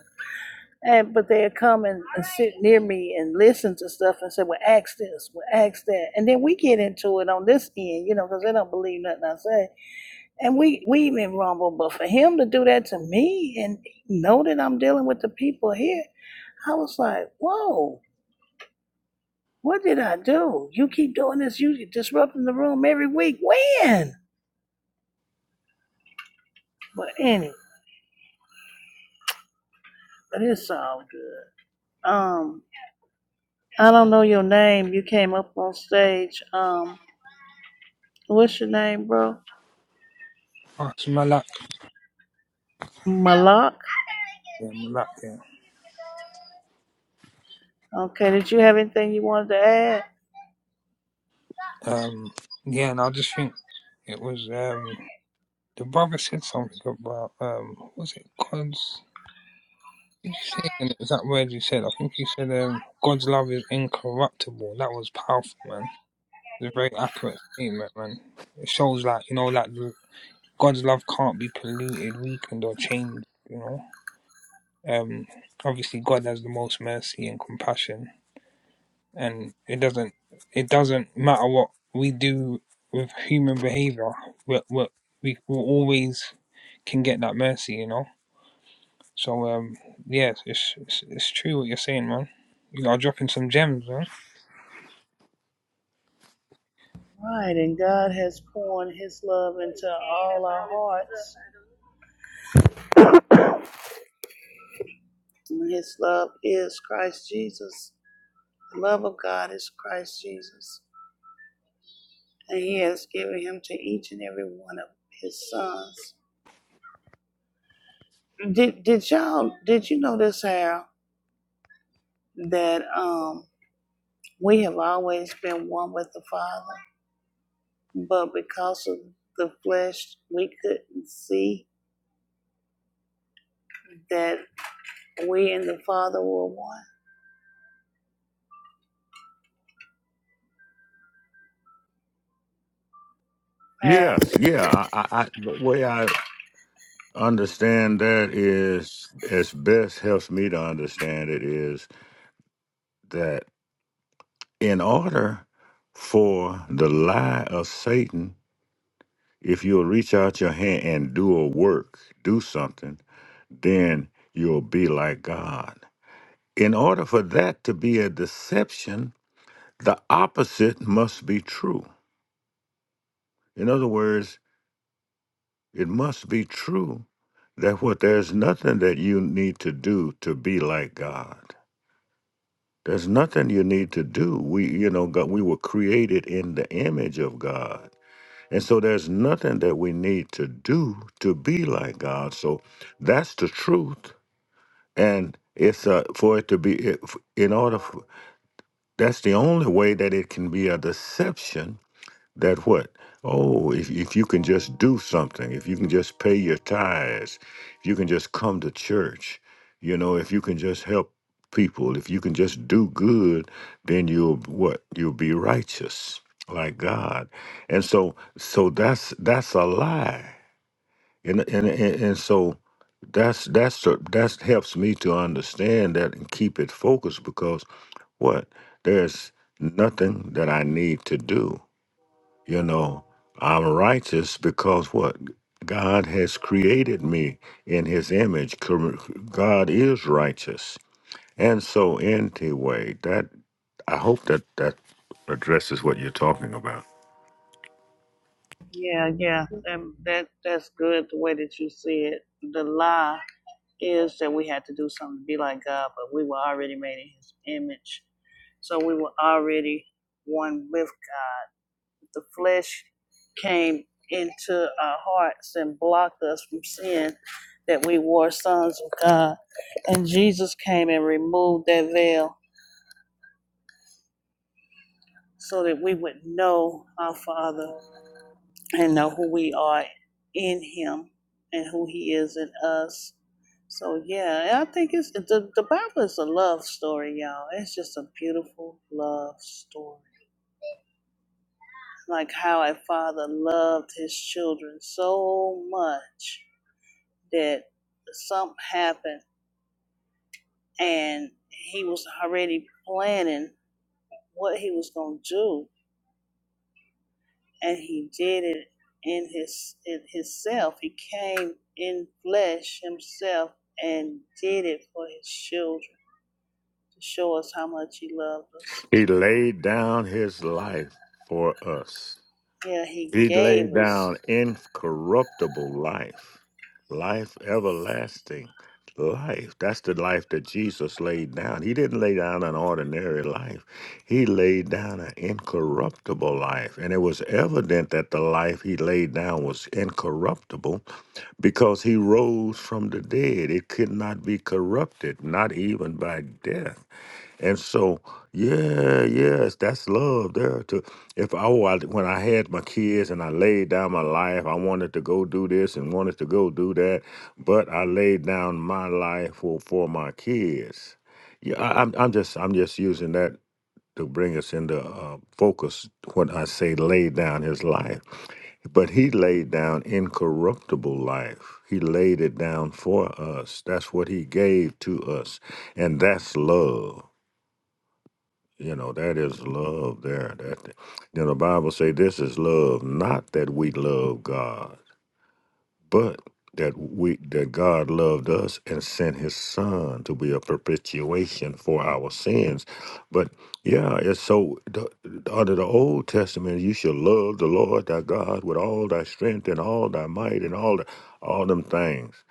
And but they'll come and, and sit near me and listen to stuff and say, "Well, ask this, well, ask that," and then we get into it on this end, you know, because they don't believe nothing I say. And we we even rumble, but for him to do that to me and know that I'm dealing with the people here, I was like, whoa, what did I do? You keep doing this, you disrupting the room every week. When? But anyway, but it's all good. Um, I don't know your name. You came up on stage. Um, what's your name, bro?
Oh, it's Malak.
Malak.
Yeah, Malak. Yeah.
Okay, did you have anything you wanted to add?
Um, yeah, and I just think it was um, the brother said something about um, what was it God's? Did you say an exact word you said? I think you said um, God's love is incorruptible. That was powerful, man. It's a very accurate statement, man. It shows like you know, like the, God's love can't be polluted, weakened, or changed. You know, um, obviously God has the most mercy and compassion and it doesn't it doesn't matter what we do with human behavior but we we will always can get that mercy you know so um yeah it's, it's it's it's true what you're saying man you are dropping some gems man
Right, and God has poured His love into all our hearts. And his love is Christ Jesus. The love of God is Christ Jesus. And he has given him to each and every one of his sons. Did did y'all did you notice how that um we have always been one with the Father, but because of the flesh we couldn't see that we and the Father were one. How?
Yes, yeah. I, I, I the way I understand that is, as best helps me to understand it, is that in order for the lie of Satan, if you'll reach out your hand and do a work, do something, then you'll be like God. In order for that to be a deception, the opposite must be true. In other words, It must be true that what there's nothing that you need to do to be like God. There's nothing you need to do. We, you know, God, we were created in the image of God. And so there's nothing that we need to do to be like God. So that's the truth. And it's uh, for it to be, if- in order, for, that's the only way that it can be a deception That what? Oh, if, if you can just do something, if you can just pay your tithes, if you can just come to church, you know, if you can just help people, if you can just do good, then you'll what? You'll be righteous like God. And so so that's that's a lie. And and and, and so that's that's that helps me to understand that and keep it focused because what? There's nothing that I need to do you know, I'm righteous because what? God has created me in his image. Cor- God is righteous. And so anyway, that I hope that that addresses what you're talking about.
Yeah, yeah. That, that that's good the way that you see it. The lie is that we had to do something to be like God, but we were already made in His image. So we were already one with God. The flesh came into our hearts and blocked us from seeing that we were sons of God. And Jesus came and removed that veil so that we would know our Father and know who we are in Him and who He is in us. So yeah, I think it's the the Bible is a love story, y'all. It's just a beautiful love story. Like how a father loved his children so much that something happened and he was already planning what he was gonna do and he did it in his in himself. He came in flesh himself and did it for his children to show us how much he loved us.
He laid down his life for us.
Yeah, he
He
gave
laid
us.
down incorruptible life, life everlasting, life. That's the life that Jesus laid down. He didn't lay down an ordinary life, he laid down an incorruptible life. And it was evident that the life he laid down was incorruptible because he rose from the dead. It could not be corrupted, not even by death. And so, yeah, yes, that's love there. To if I wa- when I had my kids and I laid down my life, I wanted to go do this and wanted to go do that, but I laid down my life for for my kids. Yeah, I, I'm I'm just I'm just using that to bring us into uh, focus when I say laid down his life, but he laid down incorruptible life. He laid it down for us. That's what he gave to us, and that's love. You know, that is love there. That then the Bible say this is love, not that we love God, but that we that God loved us and sent his son to be a perpetuation for our sins. But yeah, it's so the, under the Old Testament, you shall love the Lord thy God with all thy strength and all thy might and all the, all them things.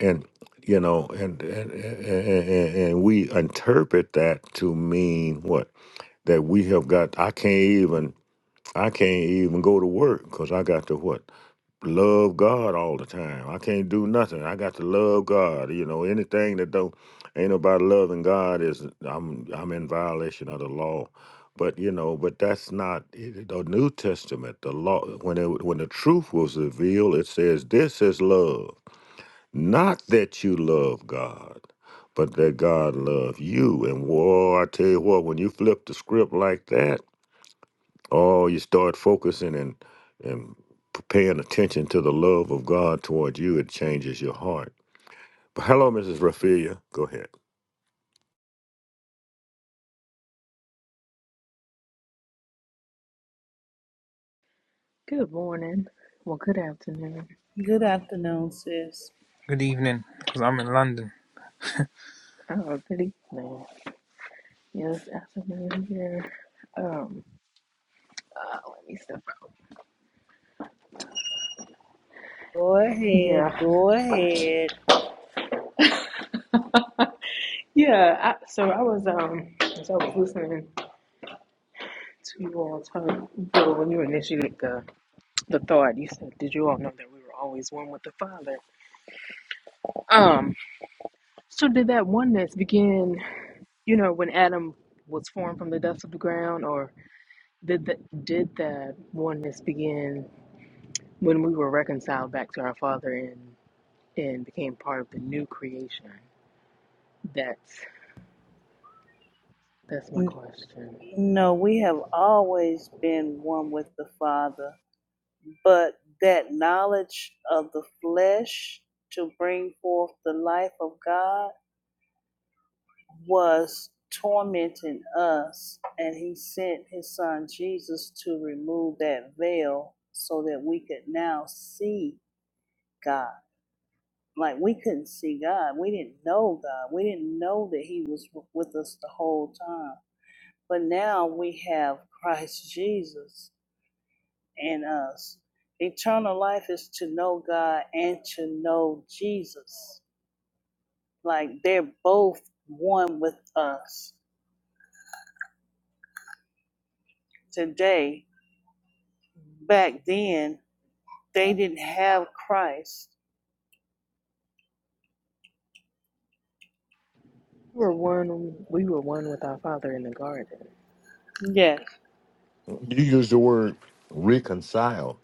And you know, and and, and and and we interpret that to mean what? that we have got i can't even i can't even go to work because i got to what love god all the time i can't do nothing i got to love god you know anything that don't ain't about loving god is i'm i'm in violation of the law but you know but that's not it- the new testament the law when it when the truth was revealed it says this is love not that you love god but that god love you and war i tell you what when you flip the script like that Oh, you start focusing and and paying attention to the love of God towards you, it changes your heart. But hello, Mrs. Rafilia. Go ahead.
Good morning. Well, good afternoon.
Good afternoon, sis.
good evening because i'm in london
Oh, good evening. Yes, afternoon here. Um, uh, let me step out.
Go ahead,
Yeah,
go ahead.
yeah. I, so I was um, so I was listening to you all talk. Bill, when you initiated the the thought, you said, "Did you all know that we were always one with the Father?" Um, so did that oneness begin? You know, when Adam was formed from the dust of the ground, or did that did that oneness begin when we were reconciled back to our Father in? and became part of the new creation? That's that's my
N-
question.
No, we have always been one with the Father, but that knowledge of the flesh to bring forth the life of God was tormenting us, and he sent his son Jesus to remove that veil so that we could now see God. Like we couldn't see God, we didn't know God, we didn't know that he was w- with us the whole time. But now we have Christ Jesus in us. Eternal life is to know God and to know Jesus. Like they're both one with us today back then they didn't have Christ.
We were one we were one with our father in the garden.
Yes.
You use the word reconcile.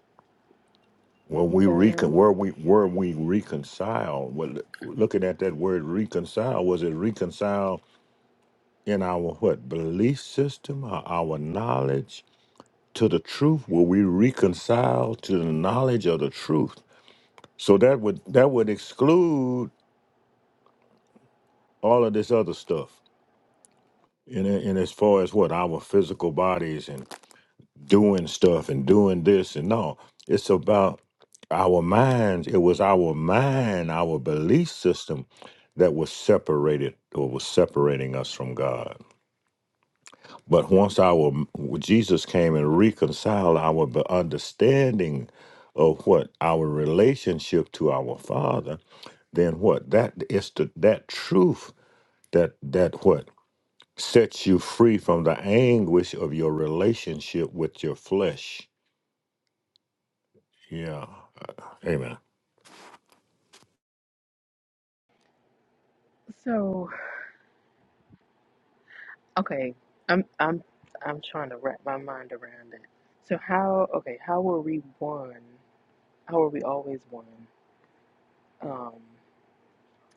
When we recon,
Reconcile.
where we where we reconcile. Well, looking at that word reconcile, was it reconcile in our what belief system or our knowledge to the truth? Were we reconcile to the knowledge of the truth? So that would that would exclude all of this other stuff. And, and as far as what our physical bodies and doing stuff and doing this and no, it's about our minds. It was our mind, our belief system that was separated or was separating us from God. But once our Jesus came and reconciled our be- understanding of what our relationship to our Father, then what that is the that truth that that what sets you free from the anguish of your relationship with your flesh. Yeah. Amen.
So okay. I'm I'm I'm trying to wrap my mind around it. So how okay, how were we one? How were we always one? Um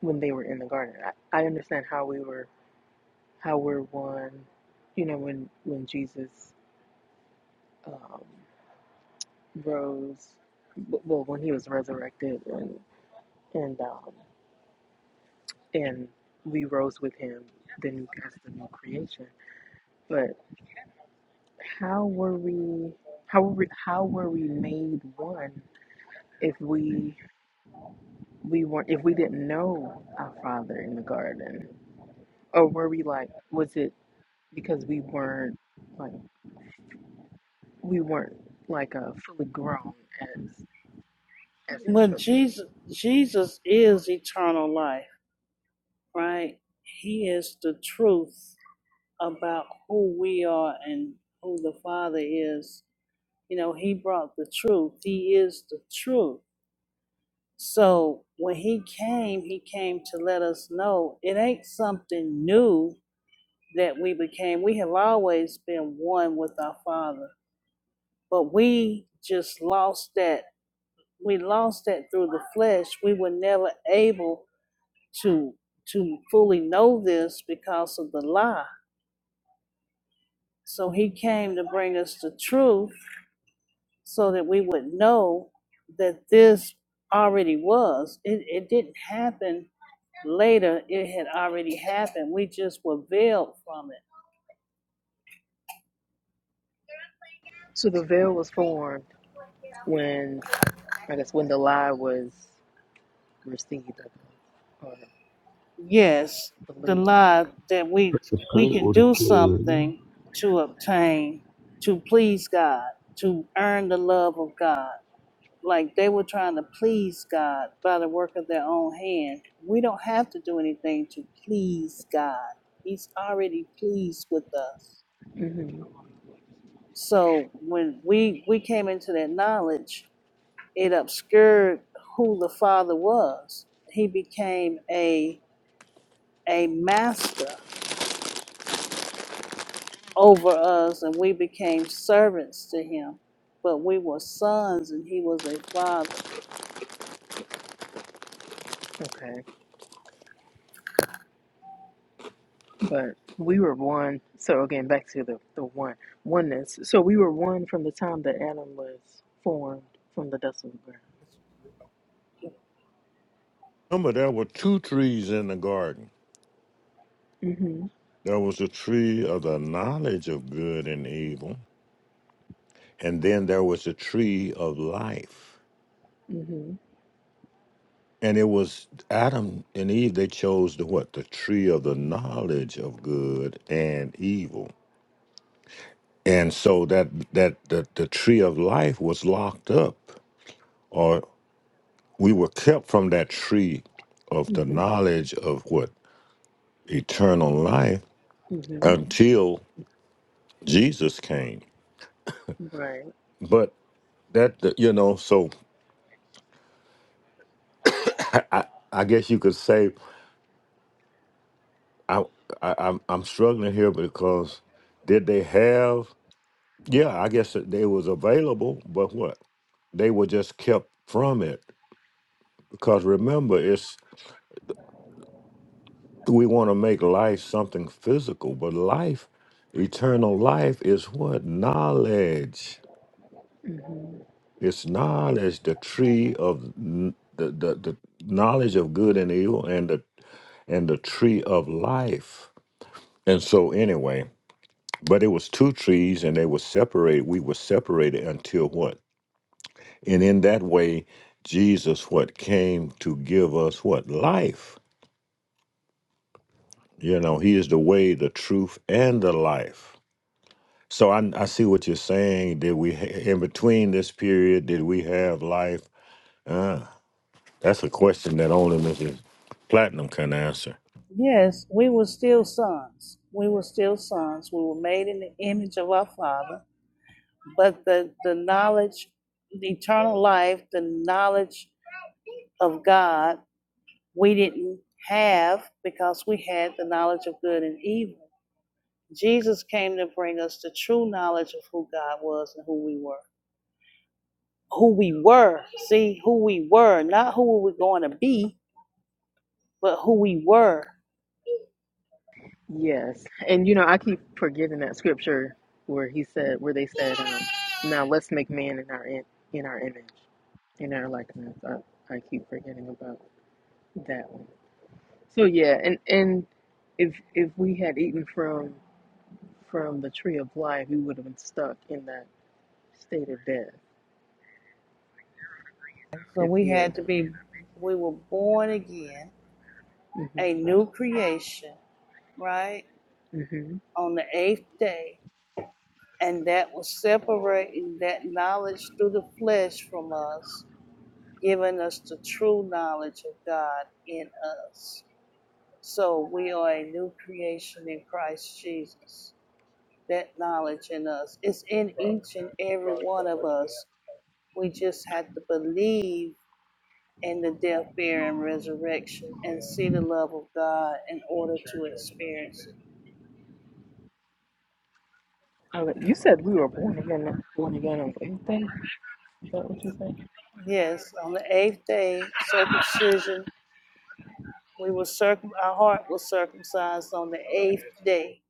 when they were in the garden. I, I understand how we were how we're one, you know, when when Jesus um rose w- well when he was resurrected and. and um, and we rose with him. Then we passed the new creation. But how were we? How were we, how were we made one if we we weren't if we didn't know our Father in the garden? Or were we like? Was it because we weren't like we weren't like uh, fully grown as as His
But
children?
Jesus Jesus is eternal life, right? He is the truth about who we are and who the Father is. You know, he brought the truth. He is the truth. So when he came, he came to let us know it ain't something new that we became. We have always been one with our Father, but we just lost that we lost that through the flesh, we were never able to to fully know this because of the lie. So he came to bring us the truth so that we would know that this already was. It it didn't happen later, it had already happened. We just were veiled from it.
So the veil was formed when I guess when the lie was received I guess, or
Yes, the
believed.
lie that we
The
we
paint
can
would have
do
killed him.
something to obtain, to please God, to earn the love of God like they were trying to please God by the work of their own hand. We don't have to do anything to please God. He's already pleased with us.
Mhm.
So when we we came into that knowledge, it obscured who the Father was. He became a a master over us and we became servants to him. But we were sons and he was a father.
Okay, but we were one. So again, back to the the one oneness. So we were one from the time that Adam was formed from the dust of the ground.
Remember, there were two trees in the garden.
Mhm.
There was the tree of the knowledge of good and evil, and then there was the tree of life.
Mhm.
And it was Adam and Eve, they chose the what? The tree of the knowledge of good and evil. And so that that the, the tree of life was locked up we were kept from that tree of the
Mhm.
knowledge of what eternal life
Mhm.
until Jesus came.
Right.
But that that, you know, so I, I guess you could say I, I I'm I'm struggling here because did they have? Yeah, I guess that they was available, but what they were just kept from it because remember it's. we want to make life something physical, but life, eternal life, is what knowledge.
Mhm.
It's knowledge, the tree of n- the, the the knowledge of good and evil, and the and the tree of life. And so, anyway, but it was two trees, and they were separated. We were separated until what? And in that way, Jesus what came to give us what life. You know, He is the way, the truth, and the life So I I see what you're saying. Did we ha- in between this period? Did we have life? Uh, that's a question that only Mrs. Platinum can answer.
Yes, we were still sons. We were still sons. We were made in the image of our Father. But the, the knowledge, the eternal life, the knowledge of God, we didn't have because we had the knowledge of good and evil. Jesus came to bring us the true knowledge of who God was and who we were. Who we were. See, who we were, not who we were going to be, but who we were.
Yes, and you know I keep forgetting that scripture where he said, where they said, um, "Now let's make man in our in, in our image, in our likeness." I, I keep forgetting about that one. So yeah, and and if if we had eaten from from the tree of life, he would have been stuck in that state of death
So
if
we
he had
had to be, we were born again
not.
a new creation, right?
hmm hmm
On the eighth day. And that was separating that knowledge through the flesh from us, giving us the true knowledge of God in us. So we are a new creation in Christ Jesus. That knowledge in us is in each and every one of us. We just have to believe in the death, burial, and resurrection and see the love of God in order to experience
I, was- you said we were born again, born again on the eighth day. Is that what you said?
Yes, on the eighth day, circumcision, we were circum, our heart was circumcised on the eighth day.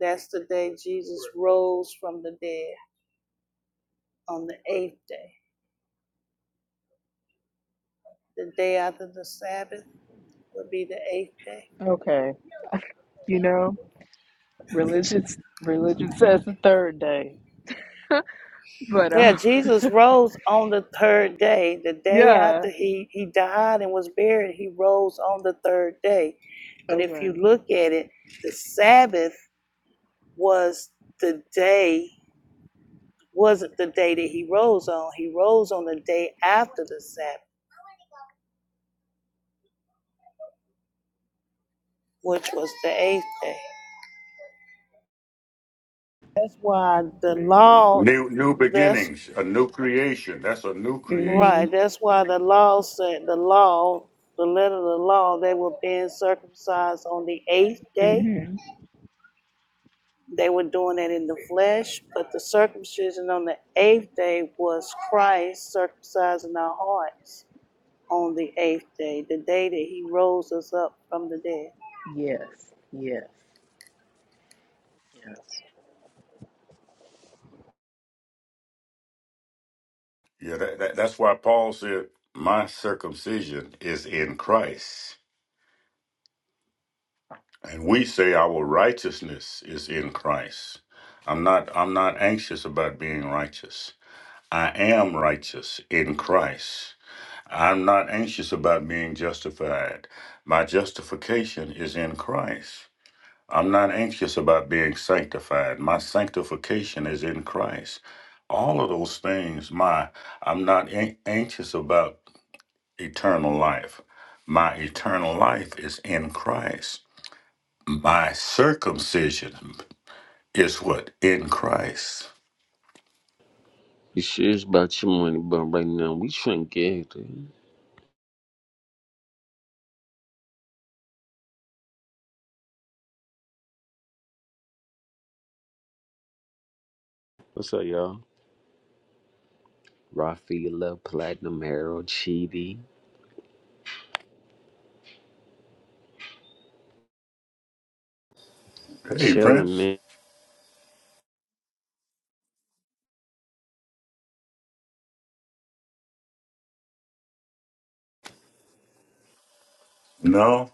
That's the day Jesus rose from the dead, on the eighth day. The day after the Sabbath would be the eighth day.
Okay. You know, religion religion says the third day, but
Yeah,
um,
Jesus rose on the third day. The day
yeah.
after he, he died and was buried, he rose on the third day. But if
Okay.
you look at it, the Sabbath was the day wasn't the day that he rose on. He rose on the day after the Sabbath, which was the eighth day. That's why the law,
New new
that's
beginnings, a new creation. That's a new creation.
Mhm.
right, that's why the law said, the law, the letter of the law, they were being circumcised on the eighth day.
Mhm.
They were doing that in the flesh, but the circumcision on the eighth day was Christ circumcising our hearts on the eighth day, the day that he rose us up from the dead.
Yes. Yes. Yes.
Yeah, that, that, that's why Paul said, "My circumcision is in Christ," and we say our righteousness is in Christ. I'm not. I'm not anxious about being righteous. I am righteous in Christ. I'm not anxious about being justified. My justification is in Christ. I'm not anxious about being sanctified. My sanctification is in Christ. All of those things, my, I'm not an- anxious about eternal life. My eternal life is in Christ. My circumcision is what? In Christ.
You about your money, but right now we trying to get it. What's up, y'all? Rafaela, Platinum Harold, Chidi,
Hey,
chilling,
Prince.
man.
No,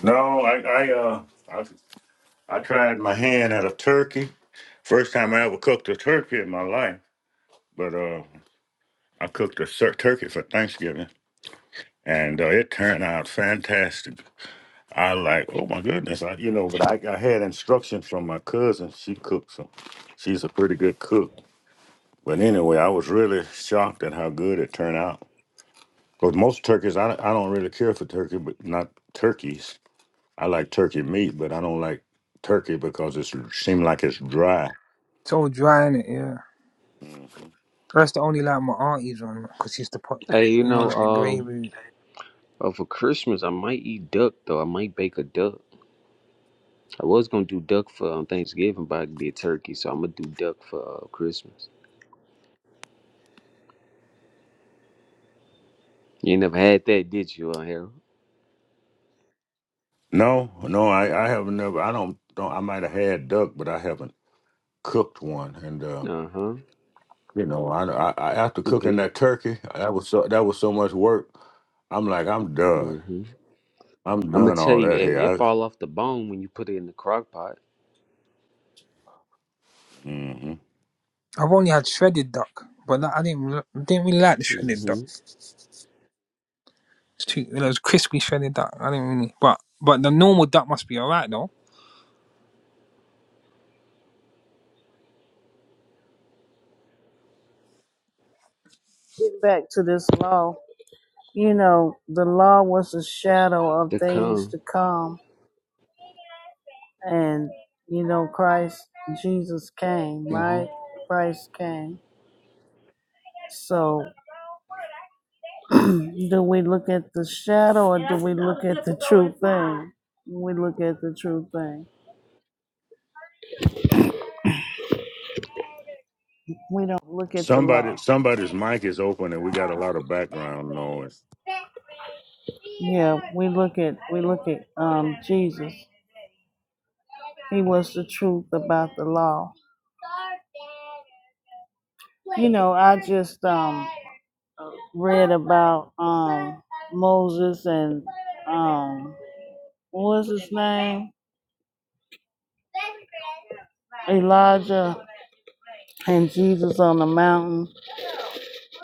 no, I, I, uh, I, I tried my hand at a turkey First time I ever cooked a turkey in my life, but uh, I cooked a sur- turkey for Thanksgiving, and uh, it turned out fantastic. I like, oh my goodness, I, you know. But I, I had instructions from my cousin. She cooked some. She's a pretty good cook. But anyway, I was really shocked at how good it turned out. Because most turkeys, I, I don't really care for turkey, but not turkeys. I like turkey meat, but I don't like turkey because it seems like it's dry.
it's all dry in it yeah that's the only like my auntie's one because she's the pot
Hey, you
you know
know,
like the grey
um,
root
uh, for Christmas I might eat duck though. I might bake a duck. I was gonna do duck for um, Thanksgiving, but I did turkey, so I'm gonna do duck for uh, Christmas. You ain't never had that, did you, uh, Harold?
No, no, I, I have never. I don't, don't. I might have had duck, but I haven't cooked one. And uh,
Uh huh.
you know, I, I, I after
You
cooking
did.
that turkey, that was so that was so much work. I'm like, I'm done.
Mm-hmm.
I'm
I'm gonna
done
tell
all
you,
that
hey,
here.
it fall
I,
off the bone when you put it in the crock pot.
hmm
i've only had shredded duck but that, i didn't re- didn't really like the shredded duck
Mm-hmm.
it's too it was crispy shredded duck i didn't really but but the normal duck must be all right though
Getting back to this law, you know, the law was a shadow of
The
things
come.
to come. And, you know, Christ, Jesus came,
hmm
right? Christ came. So, do we look at the shadow or do we look at the true thing? We look at the true thing. We don't look at the law.
Somebody, somebody's mic is open, and we got a lot of background noise.
Yeah, we look at we look at um Jesus. He was the truth about the law. You know, I just um read about um Moses and um what was his name? Elijah and Jesus on the mountain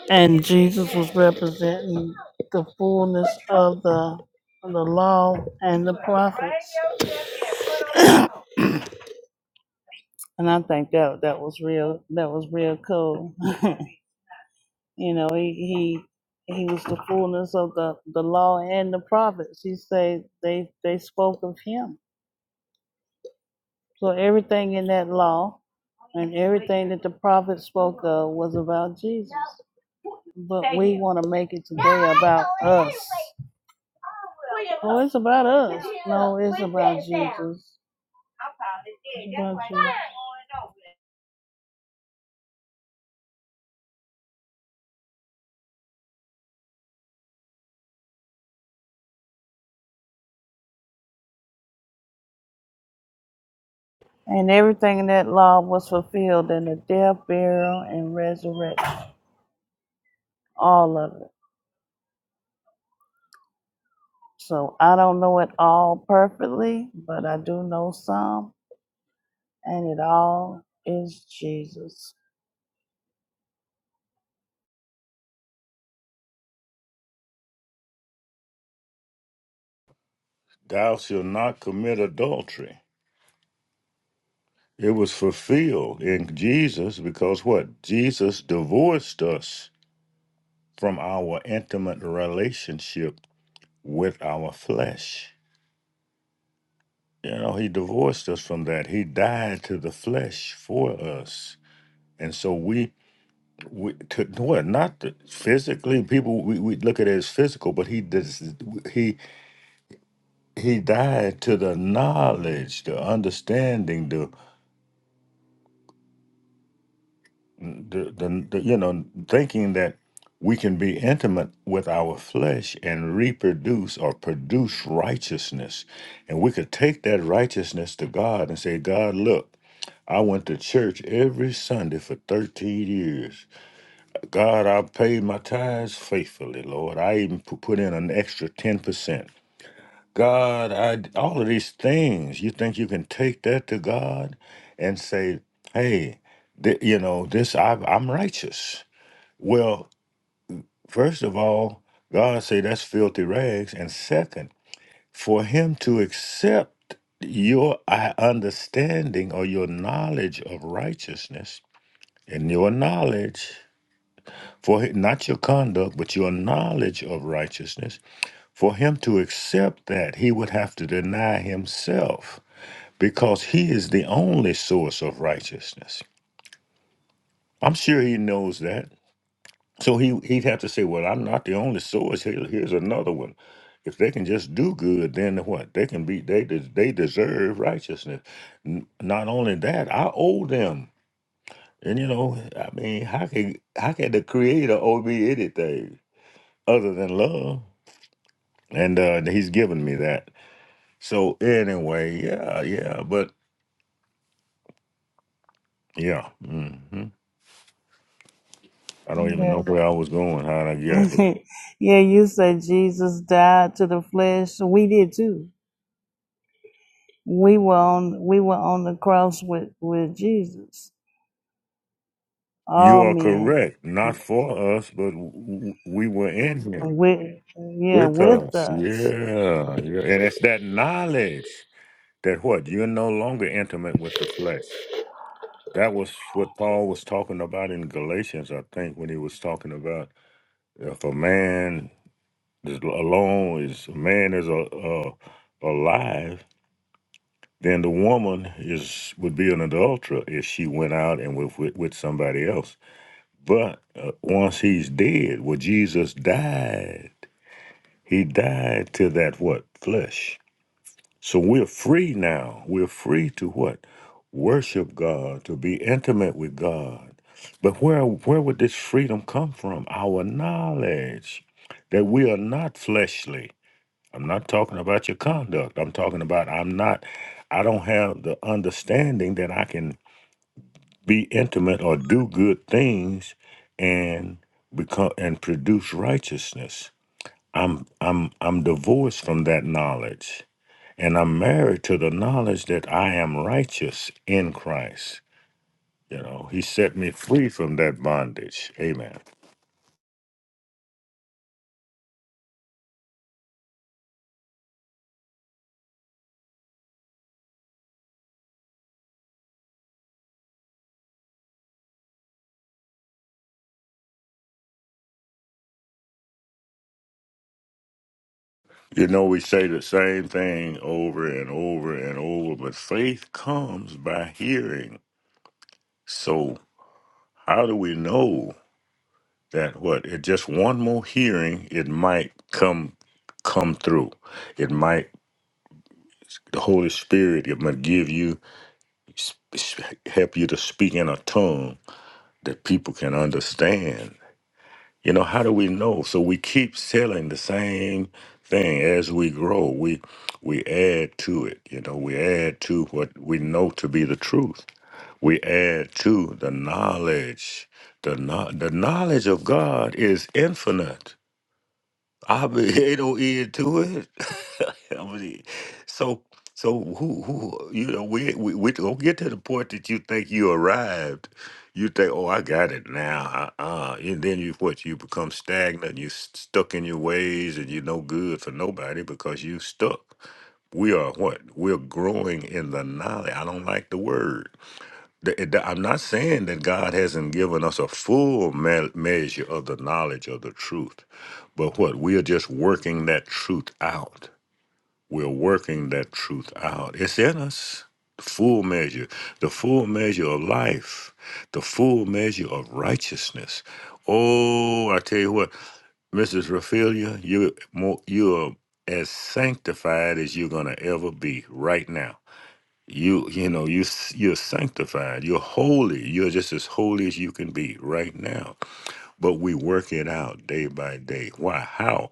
and Jesus was representing the fullness of the of the law and the prophets. and I think that that was real that was real cool. You know, he he he was the fullness of the the law and the prophets. He said they they spoke of him. So everything in that law and everything that the prophets spoke of was about Jesus. But we want to make it today about us. Oh, it's about us. No, it's about Jesus. It's about you. And everything in that law was fulfilled in the death, burial, and resurrection. All of it. So I don't know it all perfectly, but I do know some, and it all is Jesus.
Thou shalt not commit adultery. It was fulfilled in Jesus because what Jesus divorced us from our intimate relationship with our flesh. You know, he divorced us from that. He died to the flesh for us. And so we, we to what not the, physically people we, we look at it as physical, but he dis, he he died to the knowledge, the understanding, the, the the the you know thinking that we can be intimate with our flesh and reproduce or produce righteousness, and we could take that righteousness to God and say, God, look. I went to church every Sunday for 13 years. God, I paid my tithes faithfully, Lord. I even pu- put in an extra 10%. God, I all of these things, you think you can take that to God and say, "Hey, th- you know, this I I'm righteous." Well, first of all, God say that's filthy rags, and second, for him to accept your uh, understanding or your knowledge of righteousness And your knowledge, for hi- not your conduct, but your knowledge of righteousness, for him to accept that, he would have to deny himself because he is the only source of righteousness. I'm sure he knows that. So he, he'd have to say, Well, I'm not the only source. Here, here's another one. If they can just do good, then what? They can be, they, des- they deserve righteousness. N- Not only that, I owe them. And you know, I mean, how can how can the creator owe me anything? other than love. And uh, he's given me that. So anyway, yeah, yeah, but yeah, hmm I don't even
Yeah,
know where I was going, how I got here.
yeah. You said Jesus died to the flesh. We did too. We were on we were on the cross with with Jesus.
You
All
are
men
correct. Not for us, but w- w- we were in here
with yeah
with
with
us.
us.
Yeah, yeah. And it's that knowledge that what? You're no longer intimate with the flesh. That was what Paul was talking about in Galatians, I think, when he was talking about if a man As long as a man is a, uh alive, then the woman is would be an adulterer if she went out and with with, with somebody else. But uh, once he's dead, well, Jesus died. He died to that what flesh. So we're free now. We're free to what worship God, to be intimate with God. But where where would this freedom come from? Our knowledge that we are not fleshly. I'm not talking about your conduct. I'm talking about I'm not, I don't have the understanding that I can be intimate or do good things and become and produce righteousness. I'm I'm I'm divorced from that knowledge. And I'm married to the knowledge that I am righteous in Christ. You know, he set me free from that bondage. Amen. You know, we say the same thing over and over and over, but faith comes by hearing So, how do we know that what it just one more hearing it might come come through. It might the Holy Spirit it might give you sp- sp- help you to speak in a tongue that people can understand. You know, how do we know? So we keep selling the same thing as we grow. We we add to it. You know, we add to what we know to be the truth. we add to the knowledge. The, no- the knowledge of God is infinite. I be- ain't no end to it. I mean, so so who who you know we we we don't get to the point that you think you arrived. You think, oh, I got it now. Uh-uh. And then you what? You become stagnant. You s- stuck in your ways, and you're no good for nobody because you stuck. We are what? We're growing in the knowledge. I don't like the word Th- th- I'm not saying that God hasn't given us a full me- measure of the knowledge of the truth, but what we are just working that truth out. We're working that truth out. It's in us. The full measure, the full measure of life, the full measure of righteousness. Oh, I tell you what, Mrs. Raphaelia, you more you are as sanctified as you're gonna ever be right now you you know you s- you're sanctified you're holy you're just as holy as you can be right now but we work it out day by day why how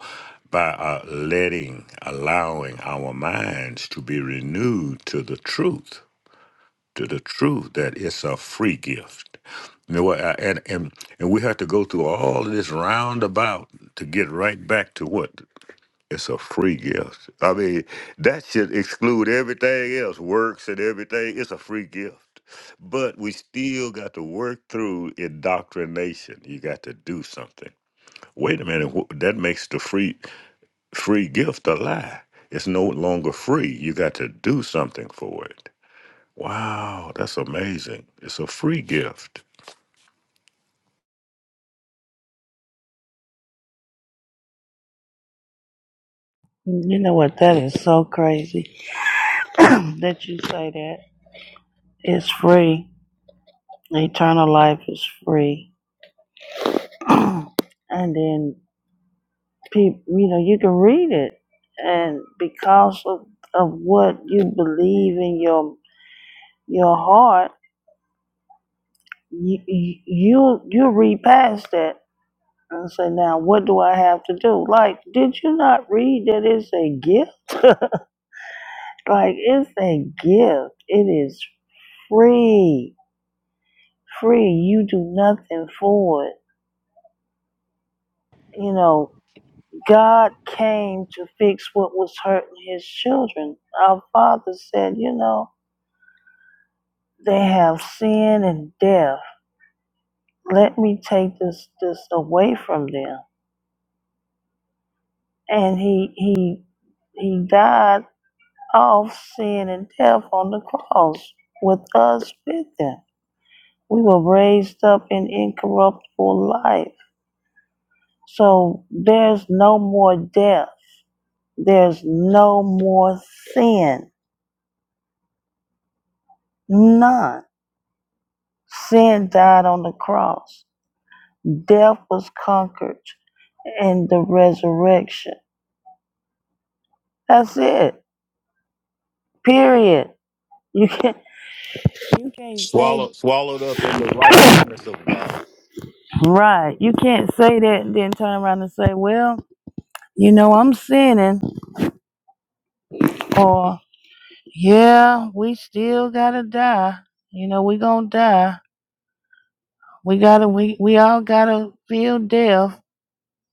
by uh, letting allowing our minds to be renewed to the truth to the truth that it's a free gift you know what I- and and and we have to go through all of this roundabout to get right back to what it's a free gift. I mean, that should exclude everything else, works and everything. It's a free gift. But we still got to work through indoctrination. You got to do something. Wait a minute, wh- that makes the free free gift a lie. It's no longer free. You got to do something for it. Wow, that's amazing. It's a free gift.
You know what? That is so crazy that you say that. It's free. Eternal life is free. and then people, you know, you can read it, and because of, of what you believe in your your heart, you you you read past that and say, now what do I have to do? Like, did you not read that it's a gift? like, it's a gift. It is free, free. You do nothing for it. You know, God came to fix what was hurting His children. Our Father said, you know They have sin and death. Let me take this this away from them. And he he he died off sin and death on the cross with us with them. We were raised up in incorruptible life. So there's no more death. There's no more sin. None. Sin died on the cross. Death was conquered in the resurrection. That's it. Period. You can't you can't say right. You can't say that and then turn around and say, Well, you know, I'm sinning or yeah, we still gotta die. You know, we gonna die. We gotta we we all gotta feel death.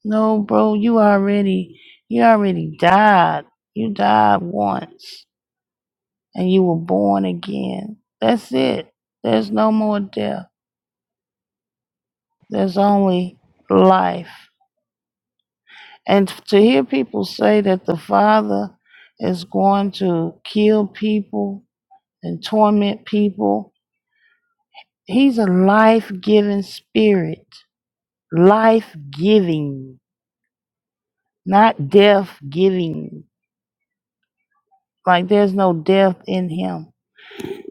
No, bro, you already you already died. You died once and you were born again. That's it. There's no more death. There's only life. And to hear people say that the Father is going to kill people and torment people, He's a life giving spirit, life giving, not death giving. Like there's no death in Him.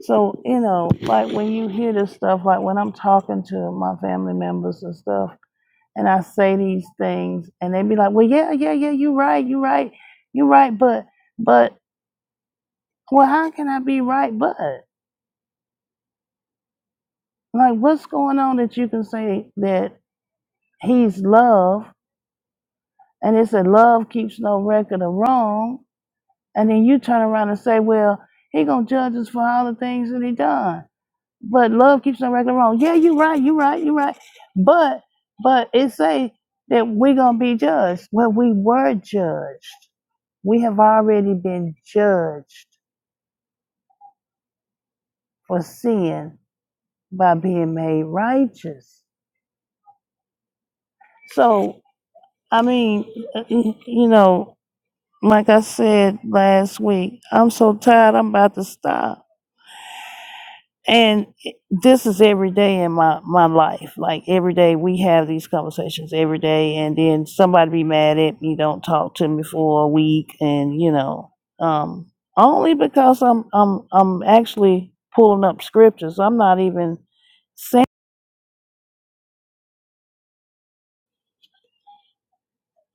So, you know, like when you hear this stuff, like when I'm talking to my family members and stuff, and I say these things, and they be like, well, yeah, yeah, yeah, you're right, you're right, you're right, but. but. Well, how can I be right but? Like, what's going on that you can say that he's love and it said love keeps no record of wrong, and then you turn around and say, well, he gonna judge us for all the things that he done. But love keeps no record of wrong. Yeah, you right, you right, you right. But but it say that we gonna be judged. Well, we were judged. We have already been judged for sin by being made righteous. So I mean, you know, like I said last week, I'm so tired, I'm about to stop. And this is every day in my, my life. Like every day we have these conversations every day. And then somebody be mad at me, don't talk to me for a week. And, you know, um, only because I'm, I'm, I'm actually pulling up scriptures. I'm not even saying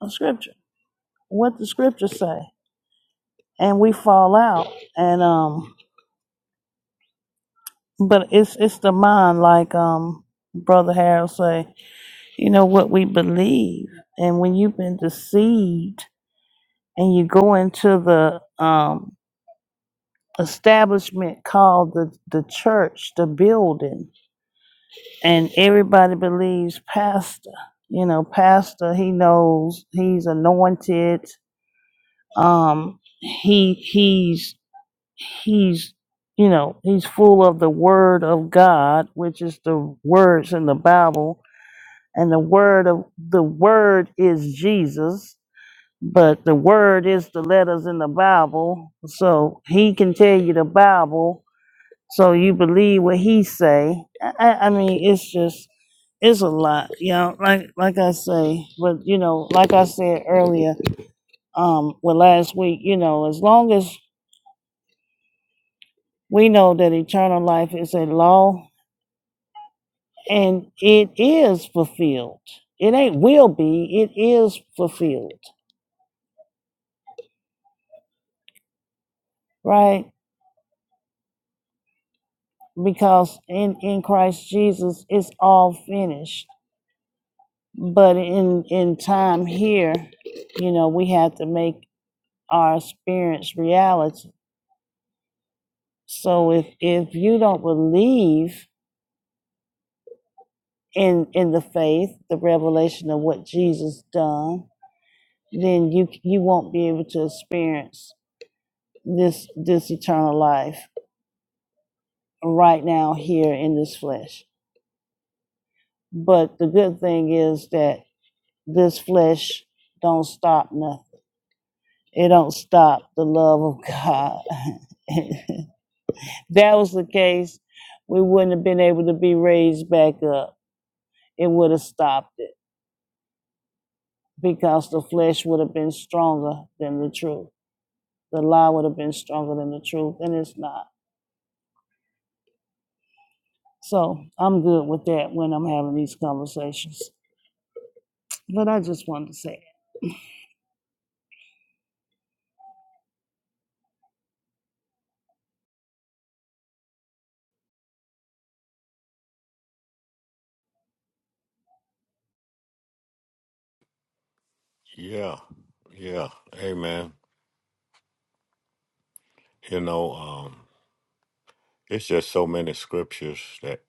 a scripture, what the scriptures say. And we fall out. And, um, But it's it's the mind, like um Brother Harold say, you know what we believe, and when you've been deceived and you go into the um establishment called the the church, the building, and everybody believes pastor. You know, pastor, he knows he's anointed. Um, he he's he's you know he's full of the word of God, which is the words in the Bible and the word of the word is Jesus, but the word is the letters in the Bible. So he can tell you the Bible, so you believe what he say. I, I I mean, it's just it's a lot, you know. Like like I say, but you know, like I said earlier, um, well last week, you know, as long as we know that eternal life is a law and it is fulfilled. It ain't will be, it is fulfilled, right? because in in Christ Jesus it's all finished. But in in time here, you know, we have to make our experience reality. So if if you don't believe in in the faith, the revelation of what Jesus done, then you you won't be able to experience this this eternal life right now here in this flesh. But the good thing is that this flesh don't stop nothing It don't stop the love of God. that was the case, we wouldn't have been able to be raised back up. It would have stopped it because the flesh would have been stronger than the truth. The lie would have been stronger than the truth, and it's not. So I'm good with that when I'm having these conversations. But I just wanted to say,
Yeah, yeah, amen. You know, um, it's just so many scriptures that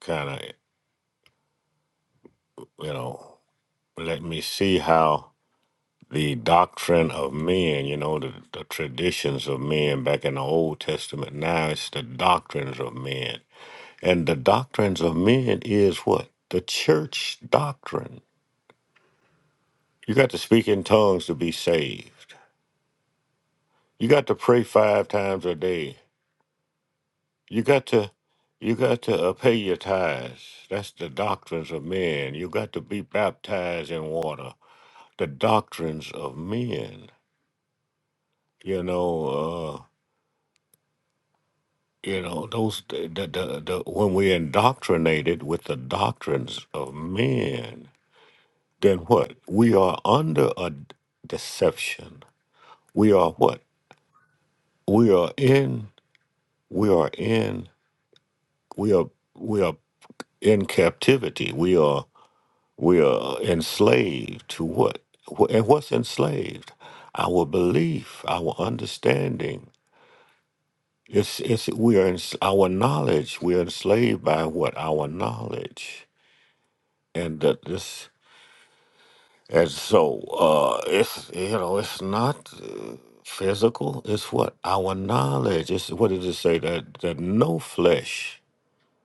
kind of, you know. let me see how the doctrine of men, you know, the, the traditions of men back in the Old Testament, now it's the doctrines of men. And the doctrines of men is what? The church doctrine. You got to speak in tongues to be saved. You got to pray five times a day. You got to you got to uh, pay your tithes. That's the doctrines of men. You got to be baptized in water. The doctrines of men. You know, uh, You know, those the, the, the, the when we're indoctrinated with the doctrines of men, then what? We are under a deception. We are what? We are in we are in we are we are in captivity. We are we are enslaved to what? Wh- And what's enslaved? Our belief, our understanding. It's it's we are ens- our knowledge. We are enslaved by what? Our knowledge and that this and so uh it's you know it's not uh, physical it's what our knowledge it's what did it say that that no flesh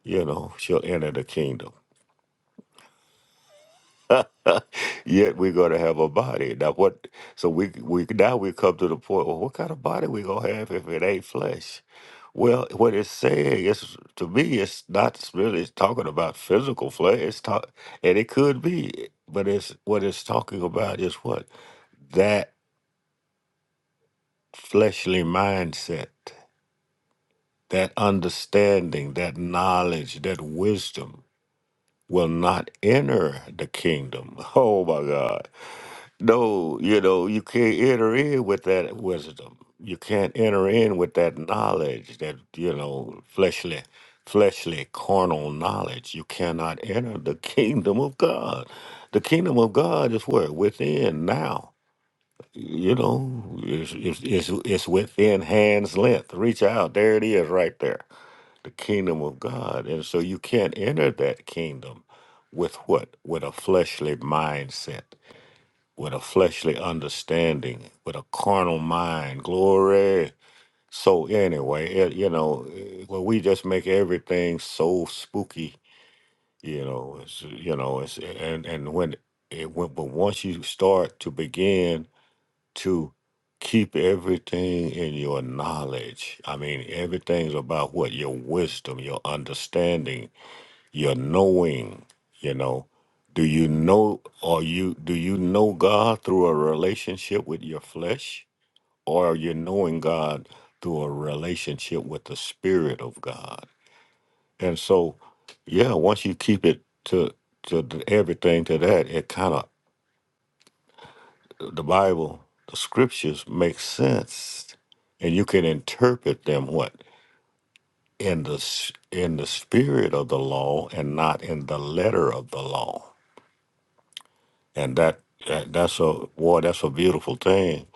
you know shall enter the kingdom yet we're going to have a body now what so we we now we come to the point well what kind of body we going to have if it ain't flesh well what it's saying is to me it's not really talking about physical flesh it's talk and it could be but it's what it's talking about is what? that. fleshly mindset, that understanding, that knowledge, that wisdom will not enter the kingdom. Oh my God. No, you know, you can't enter in with that wisdom. You can't enter in with that knowledge, that, you know, fleshly, fleshly, carnal knowledge. You cannot enter the kingdom of God. The kingdom of God is where? Within now. You know, it's, it's, it's, it's within hand's length. Reach out. There it is right there. The kingdom of God. And so you can't enter that kingdom with what? With a fleshly mindset, with a fleshly understanding, with a carnal mind. Glory. So anyway, it, you know, eh, well, we just make everything so spooky. You know, it's, you know, it's, and and when it when, but once you start to begin to keep everything in your knowledge. I mean, everything's about what? Your wisdom, your understanding, your knowing, you know. Do you know or you do you know God through a relationship with your flesh? Or are you knowing God through a relationship with the Spirit of God? And so, yeah, once you keep it to to the- everything to that, it kind of the Bible, the scriptures make sense, and you can interpret them what in the s- in the spirit of the law and not in the letter of the law. And that, that that's a boy, that's a beautiful thing,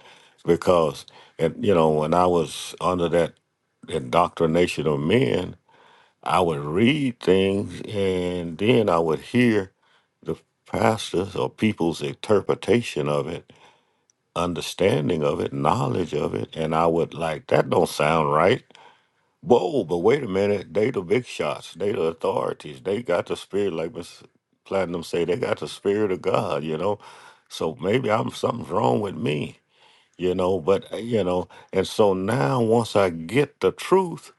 because and you know when I was under that indoctrination of men, I would read things and then I would hear the pastors or people's interpretation of it understanding of it, knowledge of it, and I would like that don't sound right. Whoa, but wait a minute, they the big shots, they the authorities, they got the spirit, like Miss Platinum say, they got the spirit of God, you know. So maybe I'm something's wrong with me, you know. But uh, you know, and so now once I get the truth,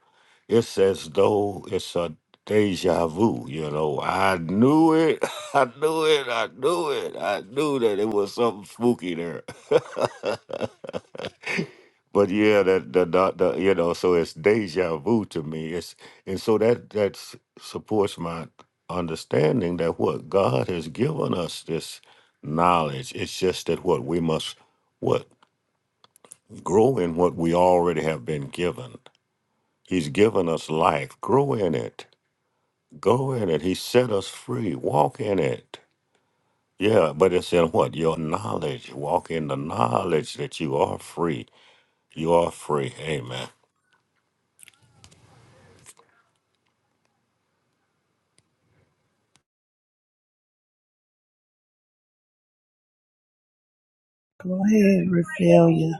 it's as though it's a deja vu, you know. I knew it, I knew it, I knew it, I knew that it was something spooky there. But yeah, that the, the, the you know, so it's deja vu to me. It's and so that that s- supports my understanding that what God has given us this knowledge. It's just that what we must what grow in what we already have been given. He's given us life. Grow in it. go in it. He set us free. Walk in it. Yeah, but it's in what your knowledge. Walk in the knowledge that you are free. You are free. Amen.
go ahead, Raphaelia.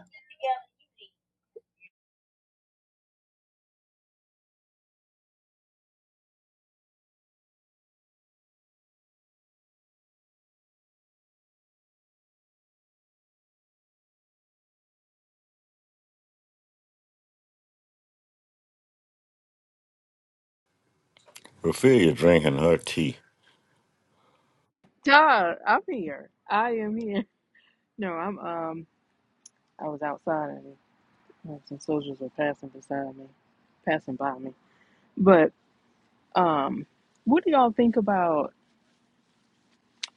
Ophelia drinking her tea.
God, I'm here. I am here. No, I'm um. I was outside. and Well, Some soldiers were passing beside me, passing by me. But um, what do y'all think about?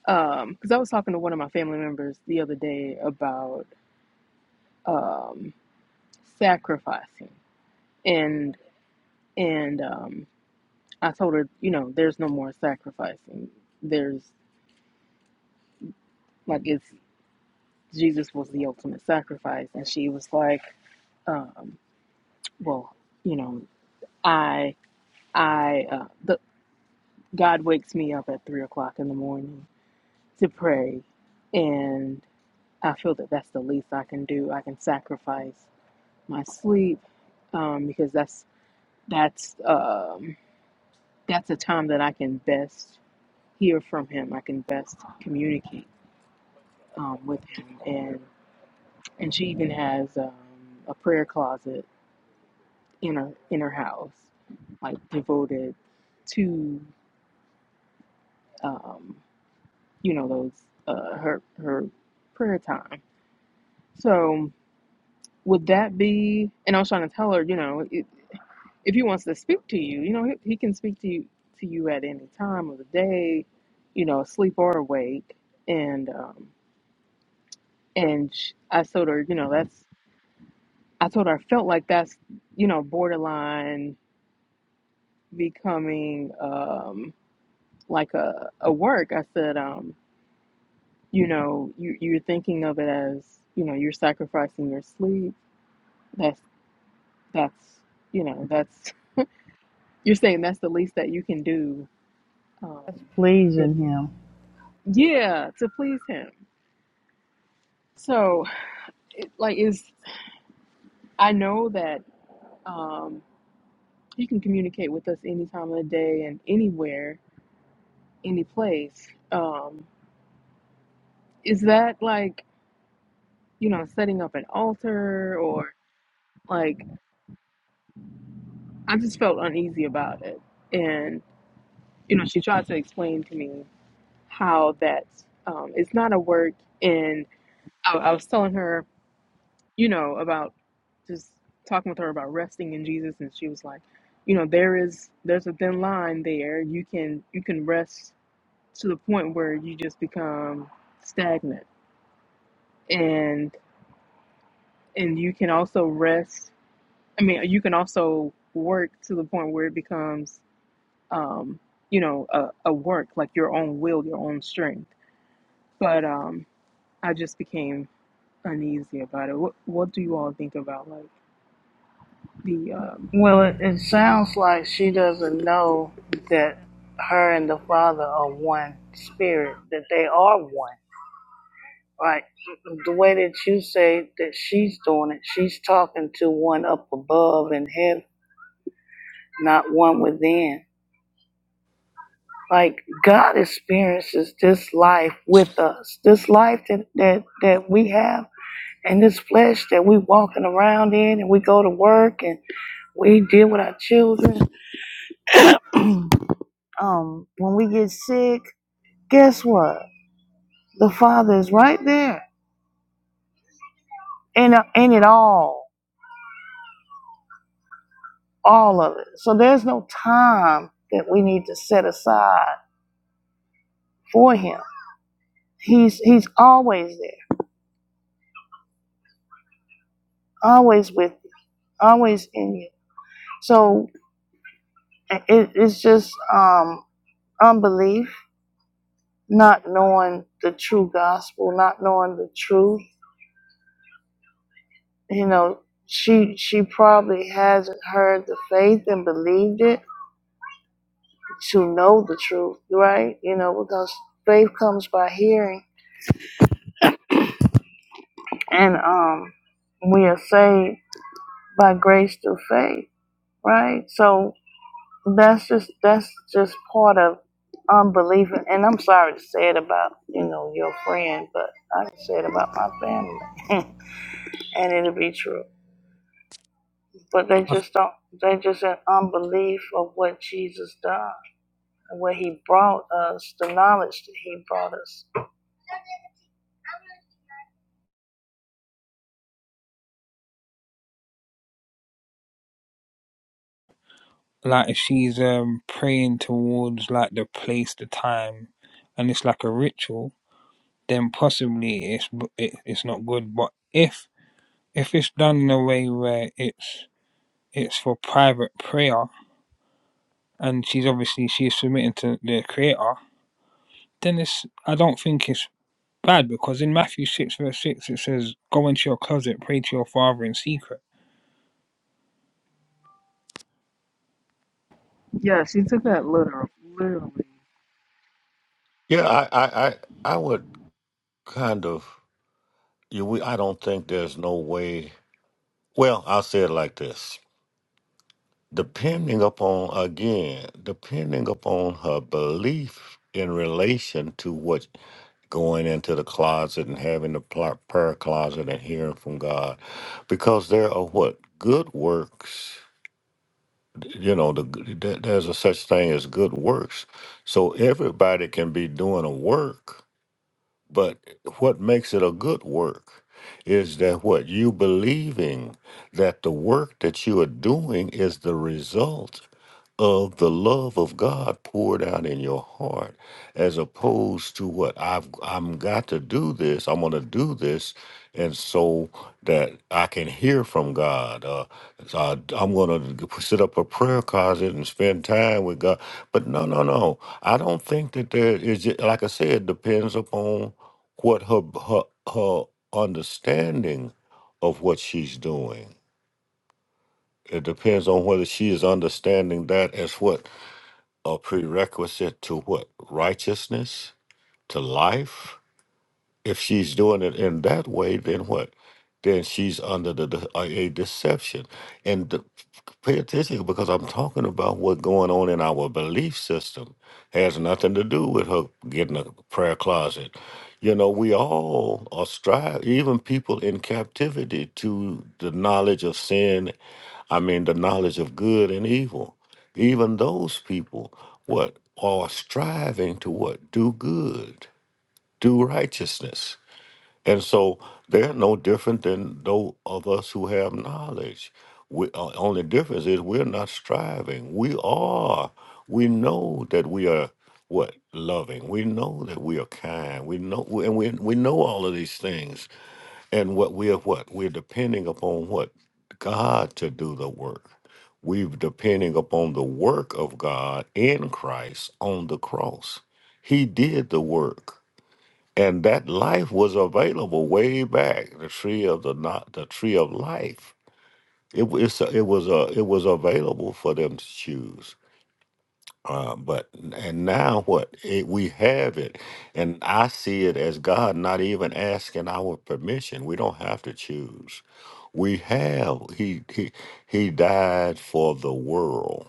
Because I was talking to one of my family members the other day about um, sacrificing, and and um, I told her, you know, there's no more sacrificing. There's like it's Jesus was the ultimate sacrifice, and she was like, um, well, you know, I I uh, the God wakes me up at three o'clock in the morning to pray. And I feel that that's the least I can do. I can sacrifice my sleep um, because that's that's um, that's a time that I can best hear from him. I can best communicate um, with him. And and she even has um, a prayer closet in her in her house, like devoted to um, you know those uh, her her prayer time. So. would that be and i was trying to tell her you know it, if he wants to speak to you you know he, he can speak to you to you at any time of the day you know asleep or awake and um and sh i told her you know that's i told her i felt like that's you know borderline becoming um like a a work i said um you know you you're thinking of it as you know you're sacrificing your sleep that's that's you know that's you're saying that's the least that you can do Um,
Please
if
in Him.
yeah, to please him. So it, like is I know that um, he can communicate with us any time of the day and anywhere, any place. Um, is that like you know setting up an altar or like I just felt uneasy about it, and you know she tried to explain to me how that um, it's not a work, and I, I was telling her you know, about just talking with her about resting in Jesus and she was like, you know, there is there's a thin line there. You can you can rest to the point where you just become stagnant. And and you can also rest I mean, you can also work to the point where it becomes um, you know, a, a work, like your own will, your own strength. But um I just became uneasy about it. What what do you all think about like the uh,
Well, it, it sounds like she doesn't know that her and the Father are one spirit, that they are one. Right? The way that you say that she's doing it, she's talking to one up above in heaven, not one within. Like God experiences this life with us, this life that, that, that we have and this flesh that we walking around in and we go to work and we deal with our children. Um, when we get sick, guess what? The Father is right there in, in it all, all of it. So there's no time that we need to set aside for Him. He's He's always there, always with you, always in you. So it, it's just um, unbelief, not knowing the true gospel, not knowing the truth. You know, she she probably hasn't heard the faith and believed it to know the truth, right? You know, because faith comes by hearing, and um, we are saved by grace through faith, right? So that's just that's just part of unbelief. And I'm sorry to say it about you know your friend, but I can say it about my family, and it'll be true. But they just don't. They just in unbelief of what Jesus done and what He brought us, the knowledge that He brought us
like if she's um praying towards like the place, the time, and it's like a ritual, then possibly it's b- it, it's not good. But if if it's done in a way where it's it's for private prayer, and she's obviously she's submitting to the Creator, then it's I don't think it's bad because in Matthew six verse six it says, "Go into your closet, pray to your Father in secret."
Yeah, she took that literal, literally.
Yeah, I, I, I, I would kind of. You, we, I don't think there's no way. Well, I'll say it like this: depending upon again, depending upon her belief in relation to what going into the closet and having the pl- prayer closet and hearing from God, because there are what good works. You know, the, there- there's a such thing as good works. So everybody can be doing a work But what makes it a good work is that what you believing that the work that you are doing is the result of the love of God poured out in your heart, as opposed to what I've I'm got to do this. I'm going to do this, and so that I can hear from God. Uh, so I, I'm going to set up a prayer closet and spend time with God. But no, no, no. I don't think that there is. Like I said, it depends upon what her her her understanding of what she's doing. It depends on whether she is understanding that as what a prerequisite to what? Righteousness? To life? if she's doing it in that way, then what? Then she's under the, de- a a deception. And the, pay attention because I'm talking about what's going on in our belief system. Has nothing to do with her getting a prayer closet. You know, we all are strive, even people in captivity to the knowledge of sin. I mean, the knowledge of good and evil. Even those people, what are striving to what do good, do righteousness and so they're no different than those of us who have knowledge. We, uh, only difference is we're not striving. We are. We know that we are what loving. We know that we are kind. We know, and we we know all of these things. And what we are, what we're depending upon, what God to do the work. We're depending upon the work of God in Christ on the cross. He did the work and that life was available way back the tree of the not the tree of life it was it was a it was available for them to choose uh, but and now what it, we have it and i see it as god not even asking our permission we don't have to choose we have he he he died for the world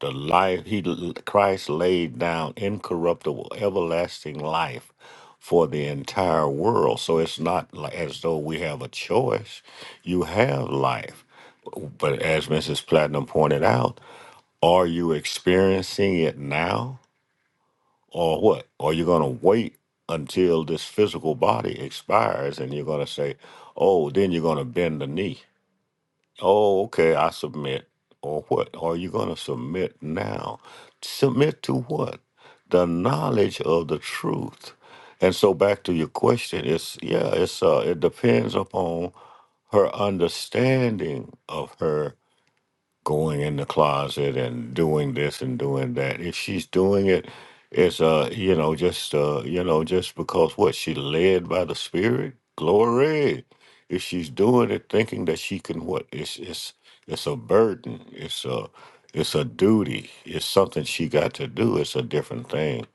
The life he Christ laid down incorruptible, everlasting life for the entire world. So it's not li- as though we have a choice. You have life. But as Mrs. Platinum pointed out, are you experiencing it now or what? Are you going to wait until this physical body expires and you're going to say, oh, then you're going to bend the knee? Oh, okay. I submit. Or what? Are you going to submit now? Submit to what? The knowledge of the truth. And so back to your question, it's yeah, it's uh it depends upon her understanding of her going in the closet and doing this and doing that. If she's doing it, it's uh, you know, just uh, you know, just because what she led by the Spirit, glory. If she's doing it, thinking that she can, what it's it's it's a burden. It's a it's a duty. It's something she got to do. It's a different thing,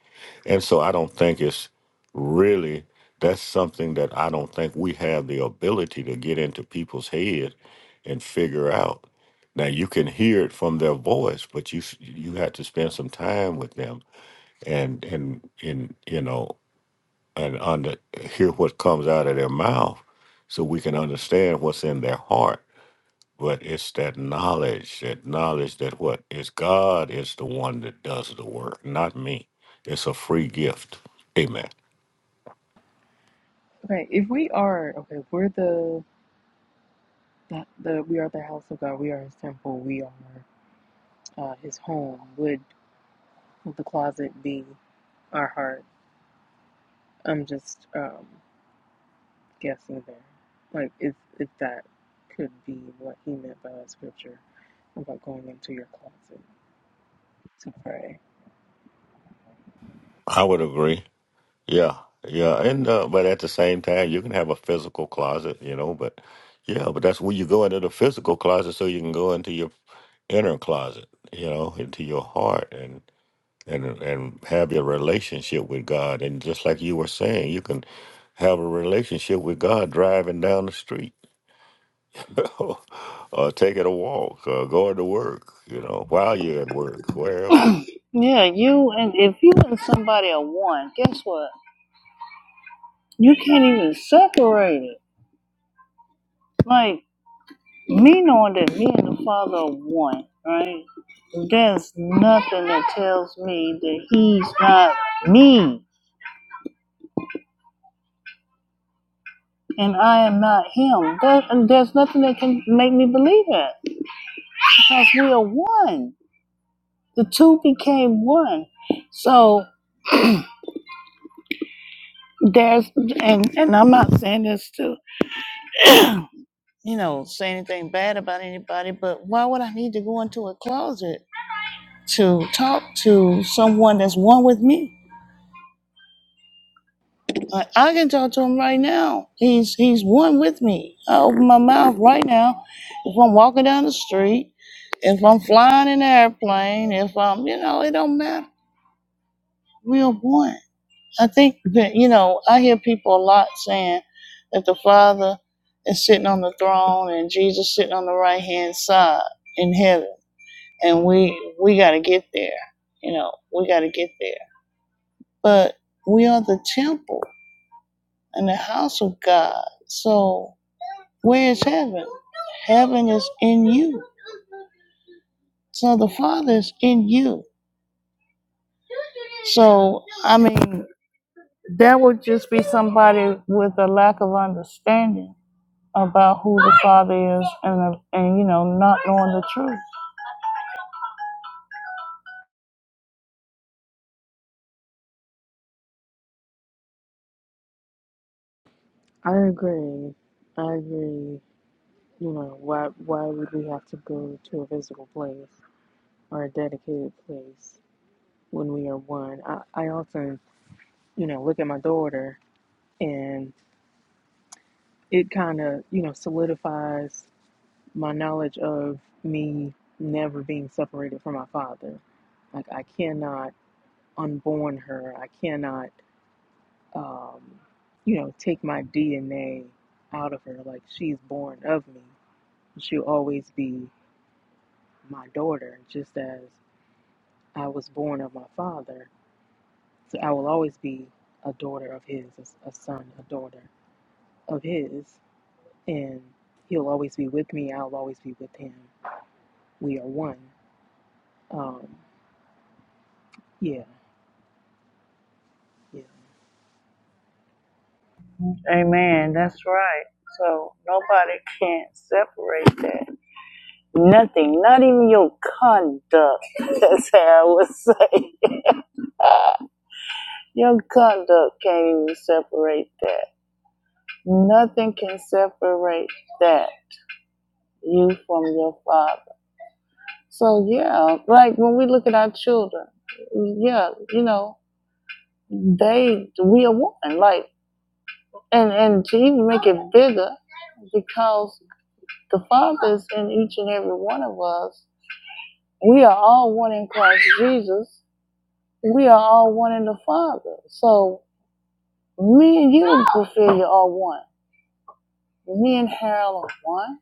and so I don't think it's really that's something that I don't think we have the ability to get into people's head and figure out. Now you can hear it from their voice, but you s- you had to spend some time with them and and and you know and under hear what comes out of their mouth, so we can understand what's in their heart. But it's that knowledge, that knowledge that what is God is the one that does the work, not me. It's a free gift. Amen.
Okay, if we are okay, we're the that the we are the house of God. We are His temple. We are uh, His home. Would the closet be our heart? I'm just um, guessing there. Like if if that could be what he meant by that scripture about going into your closet to pray.
I would agree. Yeah, yeah, and uh, but at the same time, you can have a physical closet, you know. But yeah, but that's where you go into the physical closet, so you can go into your inner closet, you know, into your heart, and and and have your relationship with God. And just like you were saying, you can have a relationship with God driving down the street, or taking a walk, or going to work, you know, while you're at work, wherever.
Yeah, you and if you and somebody are one, guess what? You can't even separate it. Like me knowing that me and the father are one, right? There's nothing that tells me that he's not me and I am not him. That, and there's nothing that can make me believe that because we are one. The two became one. So there's and and I'm not saying this to you know, say anything bad about anybody, but why would I need to go into a closet to talk to someone that's one with me? I, I can talk to him right now. He's he's one with me. I open my mouth right now. If I'm walking down the street, if I'm flying in an airplane, if I'm you know, it don't matter. We are one. I think that you know, I hear people a lot saying that the Father is sitting on the throne and Jesus sitting on the right hand side in heaven and we we got to get there. You know, we got to get there. But we are the temple and the house of God. So where is heaven? Heaven is in you. So the Father is in you. So I mean, that would just be somebody with a lack of understanding about who the Father is, and and you know, not knowing the truth.
I agree. I agree. You know why? Why would we have to go to a physical place or a dedicated place? when we are one. I, I often, you know, look at my daughter and it kind of, you know, solidifies my knowledge of me never being separated from my father. Like, I cannot unborn her. I cannot, um, you know, take my DNA out of her. Like, she's born of me. She'll always be my daughter, just as I was born of my father. So I will always be a daughter of his, a a son, a daughter of his and he'll always be with me i'll always be with him we are one um yeah yeah
Amen. That's right. So nobody can separate that Nothing, not even your conduct, That's how I would say. Your conduct can't even separate that. Nothing can separate that, you from your father. So, yeah, like when we look at our children, yeah, you know, they, we are one. Like, and, and to even make it bigger, because the fathers in each and every one of us, we are all one in Christ Jesus we are all one in the Father. So me and you, Ophelia, are one. Me and Harold are one.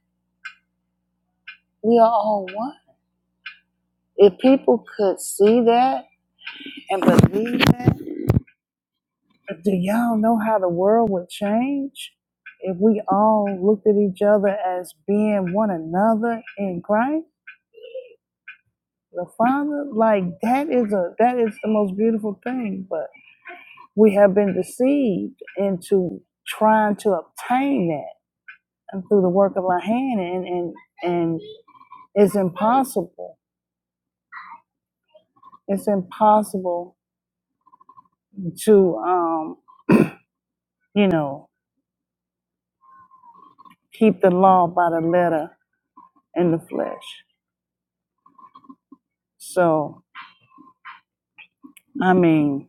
We are all one. If people could see that and believe that, do y'all know how the world would change? If we all looked at each other as being one another in Christ, the Father, like that is a that is the most beautiful thing. But we have been deceived into trying to obtain that through the work of my hand and and and it's impossible it's impossible to um you know keep the law by the letter in the flesh so i mean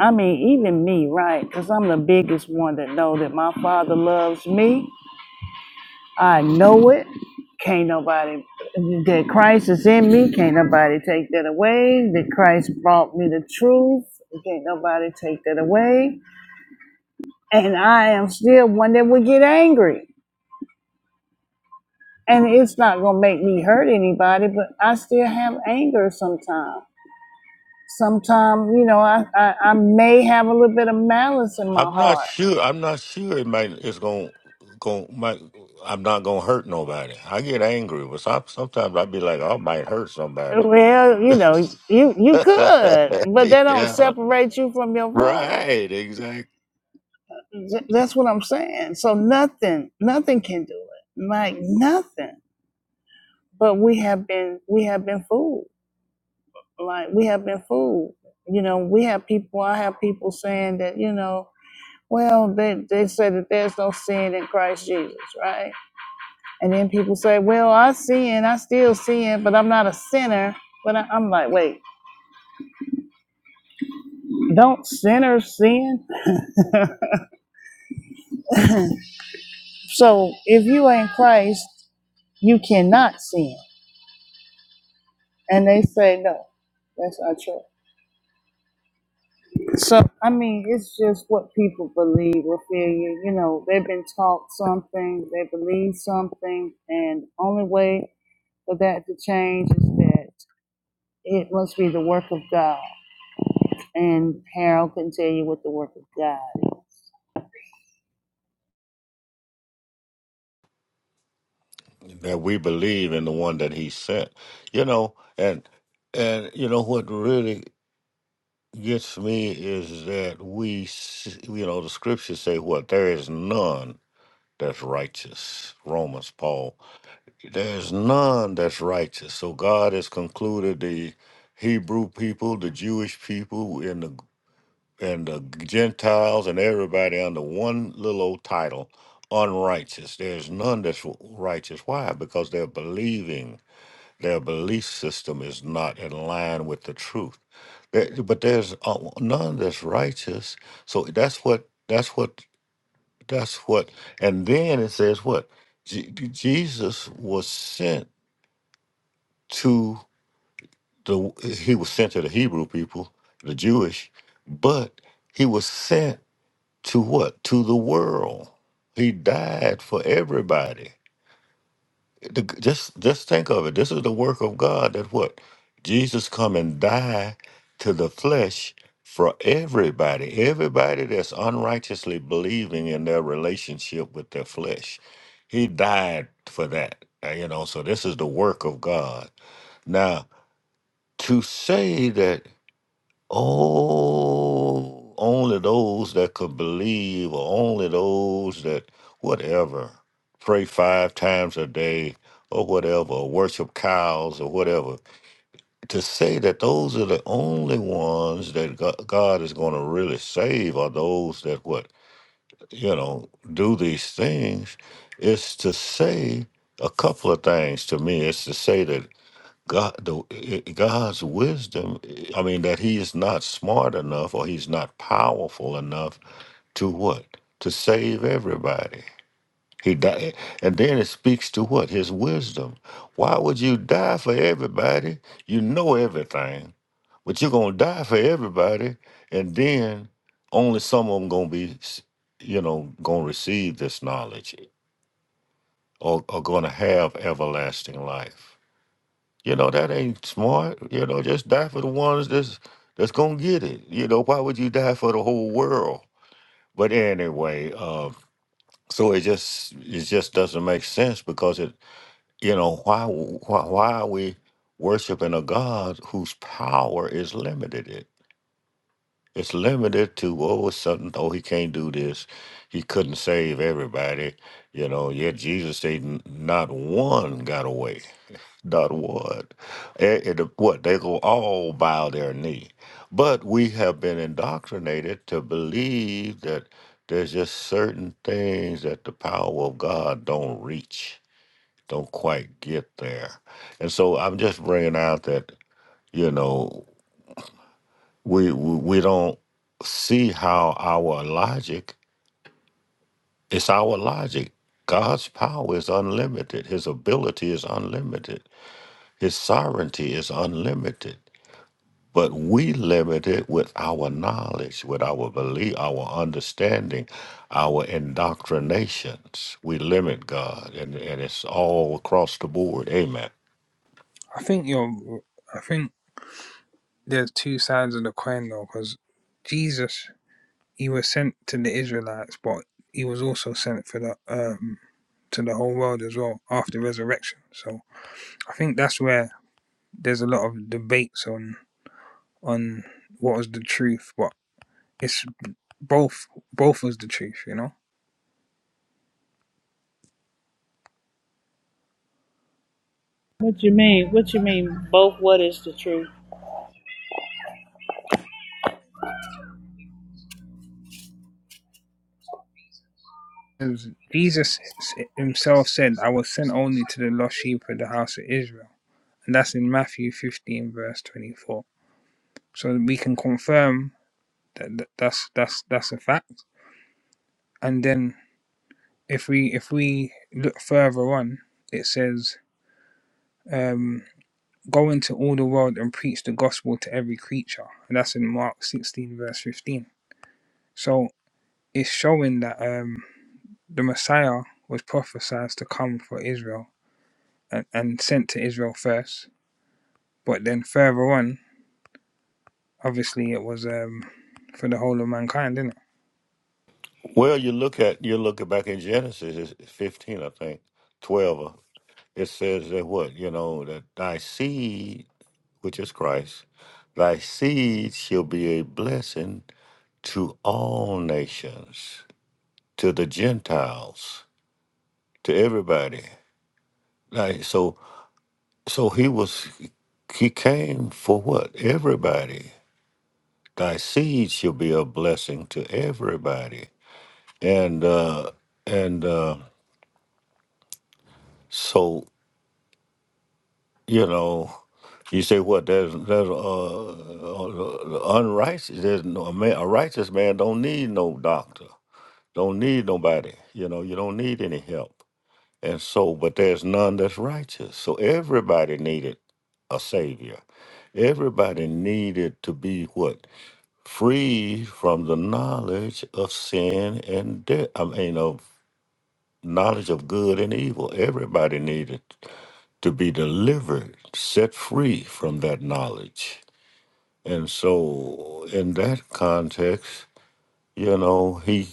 i mean even me right because i'm the biggest one that know that my father loves me i know it can't nobody that christ is in me can't nobody take that away that christ brought me the truth can't nobody take that away And I am still one that would get angry. And it's not going to make me hurt anybody, but I still have anger sometimes. Sometimes, you know, I, I, I may have a little bit of malice in my
I'm not
heart.
sure. I'm not sure it might. It's going. Going. Might. I'm not going to hurt nobody. I get angry, but some, sometimes i be like, I might hurt somebody.
Well, you know, you, you could, but that don't
yeah.
separate you from your father.
Right. Exactly.
Th- That's what I'm saying. So nothing, nothing can do it. Like nothing. But we have been, we have been fooled like we have been fooled. You know, we have people. I have people saying that you know, well, they they said that there's no sin in Christ Jesus, right? And then people say, well, I sin, I still sin, but I'm not a sinner. But I, I'm like, wait, don't sinners sin? So if you ain't Christ, you cannot sin. And they say, no, that's not true. So I mean, it's just what people believe, Ophelia. You know, they've been taught something, they believe something, and only way for that to change is that it must be the work of God. And Harold can tell you what the work of God is.
That we believe in the one that He sent. You know, and and you know what really gets me is that we, s- you know, the scriptures say what there is none that's righteous. Romans, Paul There's none that's righteous. So God has concluded the Hebrew people, the Jewish people, and the and the Gentiles and everybody under one little old title, unrighteous. There's none that's righteous. Why? Because they're believing their belief system is not in line with the truth. There- But there's uh, none that's righteous. So that's what that's what that's what. And then it says what Je- Jesus was sent to the he was sent to the Hebrew people, the Jewish, but he was sent to what? To the world. He died for everybody. The- just just think of it. This is the work of God that what? Jesus come and die to the flesh for everybody. Everybody that's unrighteously believing in their relationship with their flesh. He died for that. uh, You know, so this is the work of God. Now, to say that Oh, only those that could believe, or only those that whatever pray five times a day, or whatever, or worship cows, or whatever. To say that those are the only ones that Go- God is going to really save are those that what you know do these things is to say a couple of things to me. It's to say that God, the, i- God's wisdom, eh, I mean, that he is not smart enough or he's not powerful enough to what? To save everybody. He died. And then it speaks to what? His wisdom. Why would you die for everybody? You know everything, but you're going to die for everybody. And then only some of them going to be, s- you know, going to receive this knowledge or, or going to have everlasting life. You know, that ain't smart. You know, just die for the ones that's that's gonna get it. You know, why would you die for the whole world? But anyway, uh, so it just it just doesn't make sense because it you know why why why are we worshiping a God whose power is limited? It it's limited to oh it's something oh he can't do this, he couldn't save everybody. You know, yet Jesus said n- not one got away not what, And, and the- what they go all bow their knee. But we have been indoctrinated to believe that there's just certain things that the power of God don't reach, don't quite get there. And so I'm just bringing out that you know we we, we don't see how our logic it's our logic. God's power is unlimited. His ability is unlimited. His sovereignty is unlimited but we limit it with our knowledge, with our belief, our understanding, our indoctrinations. We limit God, and, and it's all across the board. Amen.
I think you're I think there's two sides of the coin though, because Jesus. he was sent to the Israelites, but he was also sent for the um, to the whole world as well after resurrection. So I think that's where there's a lot of debates on on what was the truth, but it's both both was the truth, you know.
What you mean? What you mean? Both what is the truth?
was- Jesus himself said, "I was sent only to the lost sheep of the house of Israel," and that's in Matthew 15 verse 24. So we can confirm that- that's that's that's a fact, and then if we if we look further on, it says, um, "Go into all the world and preach the gospel to every creature," and that's in Mark sixteen verse fifteen. So it's showing that um, the Messiah was prophesied to come for Israel and, and sent to Israel first, but then further on, obviously, it was um, for the whole of mankind, didn't it?
Well, you look at you look back in Genesis it's fifteen, I think, twelve. uh, It says that what you know that thy seed, which is Christ, thy seed shall be a blessing to all nations, to the Gentiles, to everybody. Like, so So he was, he came for what? Everybody. Thy seed shall be a blessing to everybody. And, uh, and, uh, so, you know, you say what? There's, there's, uh, uh, uh, unrighteous, there's no, a, man, a righteous man don't need no doctor, don't need nobody. You know, you don't need any help. And so, but there's none that's righteous. So everybody needed a savior. Everybody needed to be what? free from the knowledge of sin and death. I mean, of knowledge of good and evil. Everybody needed to be delivered, set free from that knowledge. And so, in that context, you know, he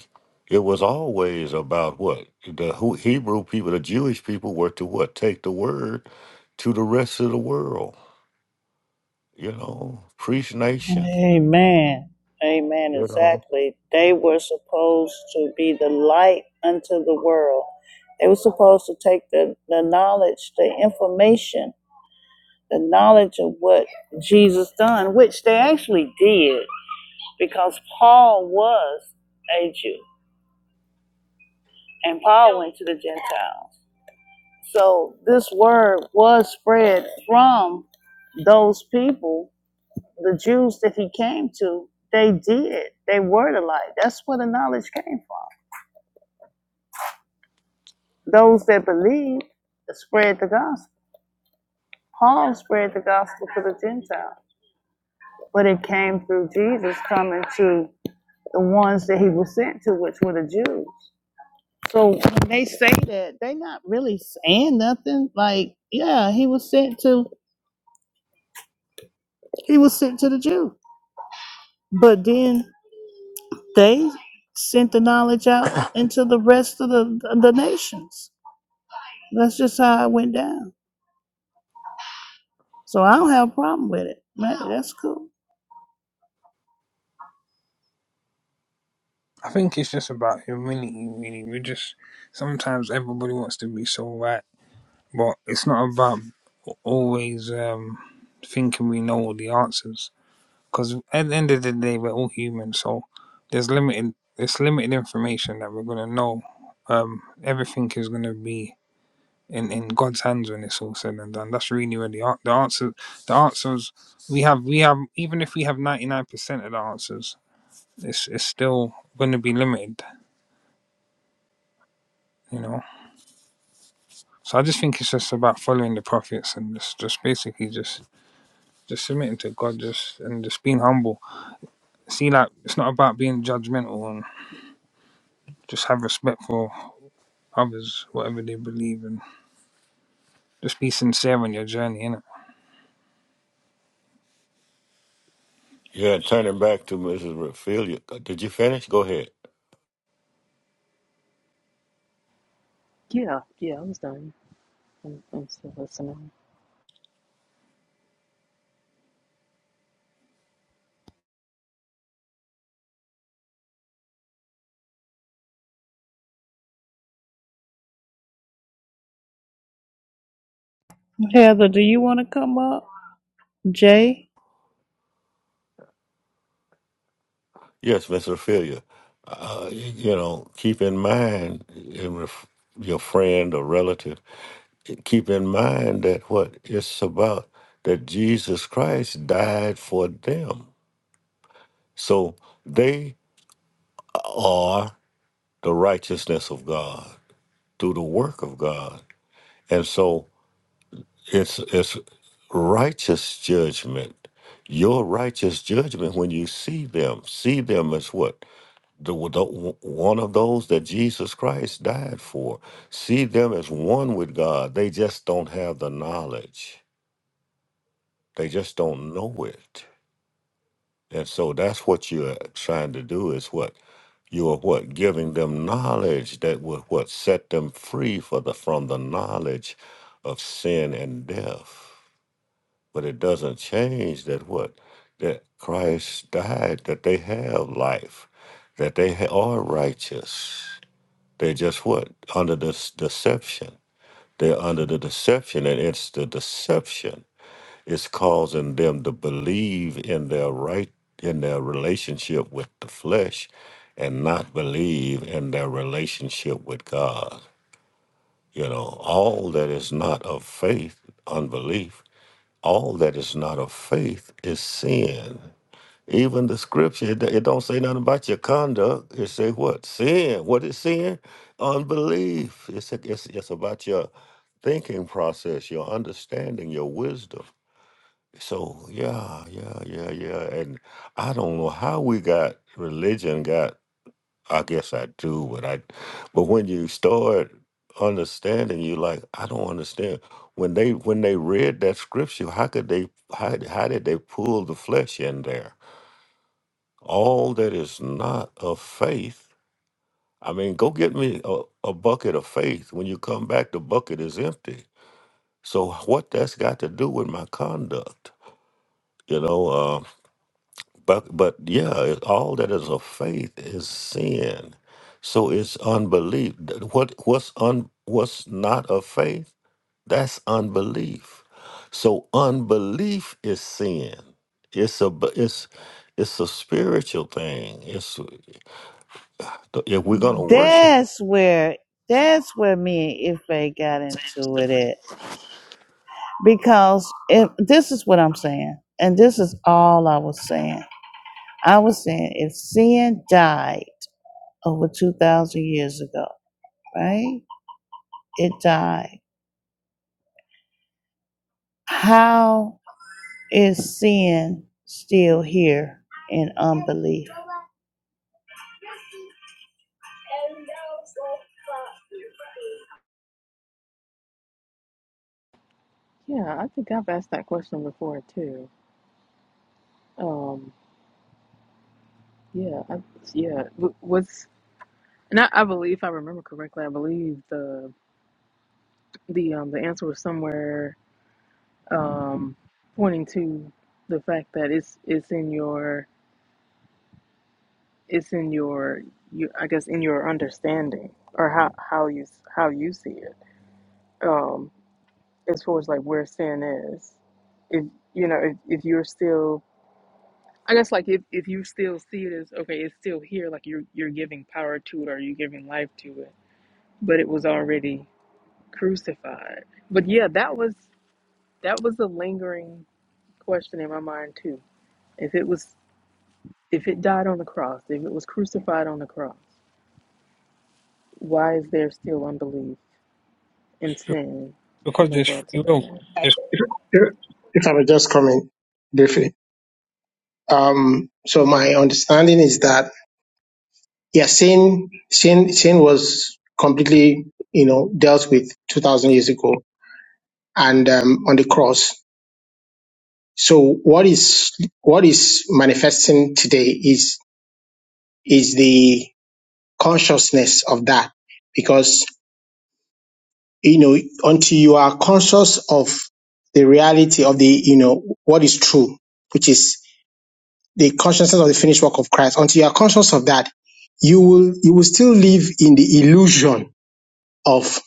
it was always about what the Hu- Hebrew people, the Jewish people, were to what take the word to the rest of the world. You know, preach nation.
Amen. Amen.
You know.
Exactly. They were supposed to be the light unto the world. They were supposed to take the, the knowledge, the information the knowledge of what Jesus done, which they actually did, because Paul was a Jew, and Paul went to the Gentiles. So this word was spread from those people, the Jews that he came to. They did. They were the light. That's where the knowledge came from. Those that believed spread the gospel. Paul spread the gospel to the Gentiles, but it came through Jesus coming to the ones that he was sent to, which were the Jews. So when they say that, they not really saying nothing. Like, yeah, he was sent to he was sent to the Jew. But then they sent the knowledge out into the rest of the the nations. That's just how it went down. So I don't have a problem with it. That- That's cool.
I think it's just about humility, really. We just sometimes everybody wants to be so right But it's not about always um, thinking we know all the answers. Because at the end of the day, we're all human, so there's limited there's limited information that we're gonna know. Um, everything is gonna be in, in God's hands when it's all said and done. That's really where the an- the answers, the answers we have we have even if we have ninety nine percent of the answers, it's it's still gonna be limited, you know. So I just think it's just about following the prophets and just just basically just just submitting to God, just and just being humble. See, like it's not about being judgmental and just have respect for others, whatever they believe, and just be sincere on your journey, innit?
Yeah, turning back to Mrs. Raphelia. Uh, Did you finish? Go ahead.
yeah yeah i was done i'm, I'm still listening
Heather, do you want to come up? Jay?
Yes, Mrs. Raphelia. Uh, y- you know, keep in mind, in ref- your friend or relative, keep in mind that what it's about, that Jesus Christ died for them. So they are the righteousness of God through the work of God. And so it's it's righteous judgment your righteous judgment when you see them see them as what the, the one of those that jesus christ died for see them as one with god they just don't have the knowledge they just don't know it and so that's what you're trying to do is what you are what giving them knowledge that will what set them free for the from the knowledge of sin and death But it doesn't change that what? That Christ died, that they have life, that they ha- are righteous. They're just what? Under this deception. They're under the deception, and it's the deception is causing them to believe in their right in their relationship with the flesh and not believe in their relationship with God. You know, all that is not of faith, unbelief, all that is not of faith is sin. Even the scripture, it, it don't say nothing about your conduct. It say what? Sin. What is sin? Unbelief. It's, it's, it's about your thinking process, your understanding, your wisdom. So yeah, yeah, yeah, yeah. And I don't know how we got religion got I guess I do, but I but when you start understanding you like I don't understand when they when they read that scripture how could they how, how did they pull the flesh in there all that is not of faith I mean go get me a, a bucket of faith when you come back the bucket is empty so what that's got to do with my conduct you know uh, But but yeah, it, all that is of faith is sin. So it's unbelief. Th- What what's un what's not of faith? That's unbelief. So unbelief is sin. It's a b- it's it's a spiritual thing. It's if we're gonna worship,
That's where that's where me and Ife got into it at. because if this is what I'm saying, and this is all I was saying. I was saying if sin died over two thousand years ago, right? It died. How is sin still here in unbelief?
yeah i think i've asked that question before too um yeah I, yeah was and I, I believe if i remember correctly i believe the the um the answer was somewhere um pointing to the fact that it's it's in your it's in your you I guess in your understanding or how how you how you see it um as far as like where sin is if you know if, if you're still I guess like if, if you still see it as okay it's still here like you're you're giving power to it or you're giving life to it but it was already crucified but yeah that was that was a lingering question in my mind too if it was if it died on the cross if it was crucified on the cross why is there still unbelief and sin in
Because
the
there's
world
free
today.
will. There's,
If, if if I may just comment briefly. Um, so my understanding is that yeah, sin, sin, sin was completely you know dealt with two thousand years ago and um, on the cross So what is what is manifesting today is is the consciousness of that because you know until you are conscious of the reality of the you know what is true which is the consciousness of the finished work of Christ until you are conscious of that you will you will still live in the illusion of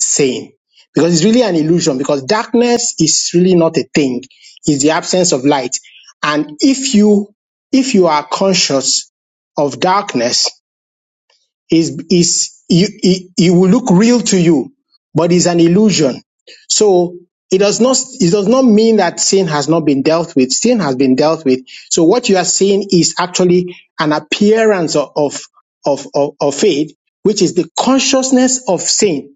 saying because it's really an illusion because darkness is really not a thing it's the absence of light and if you if you are conscious of darkness is is you it, it will look real to you but it's an illusion so it does not it does not mean that sin has not been dealt with sin has been dealt with so what you are seeing is actually an appearance of of of, of, of faith which is the consciousness of sin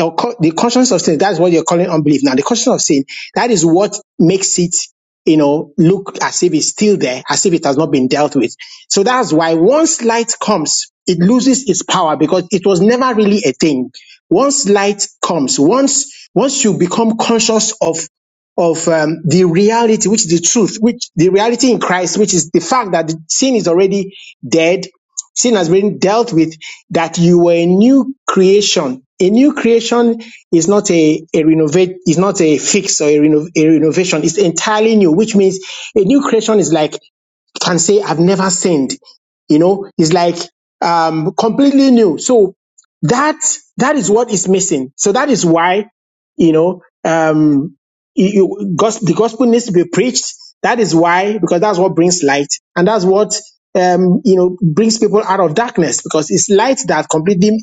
or co- the consciousness of sin, that's what you're calling unbelief. Now, the consciousness of sin, that is what makes it, you know, look as if it's still there, as if it has not been dealt with. So that's why once light comes, it loses its power because it was never really a thing. Once light comes, once, once you become conscious of of um, the reality, which is the truth, which the reality in Christ, which is the fact that the sin is already dead, sin has been dealt with that you were a new creation a new creation is not a, a renovate is not a fix or a, reno, a renovation it's entirely new which means a new creation is like can say I've never sinned. You know, it's like um, completely new. So that that is what is missing. So that is why you know um, you, you, gos- the gospel needs to be preached. That is why because that's what brings light and that's what um, you know brings people out of darkness because it's light that completely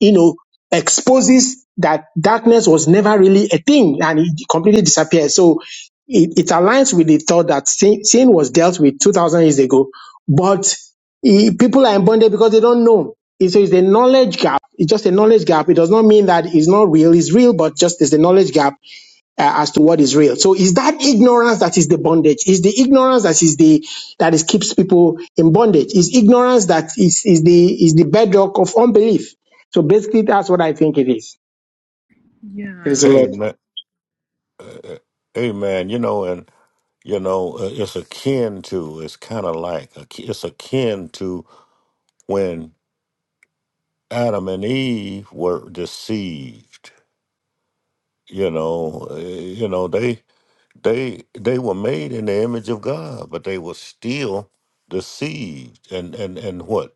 you know exposes that darkness was never really a thing and it completely disappears. So it, it aligns with the thought that sin, sin was dealt with 2000 years ago but eh, people are in bondage because they don't know It- so it's a knowledge gap it's just a knowledge gap it does not mean that it's not real it's real but just there's a knowledge gap uh, as to what is real so is that ignorance that is the bondage is the ignorance that is the that is keeps people in bondage is ignorance that is is the is the bedrock of unbelief so basically that's what i think it is there's a
Yeah.
lot
amen, amen. You know, and you know, uh, it's akin to. It's kind of like a, it's akin to when Adam and Eve were deceived you know uh, you know they they they were made in the image of god but they were still deceived and and and what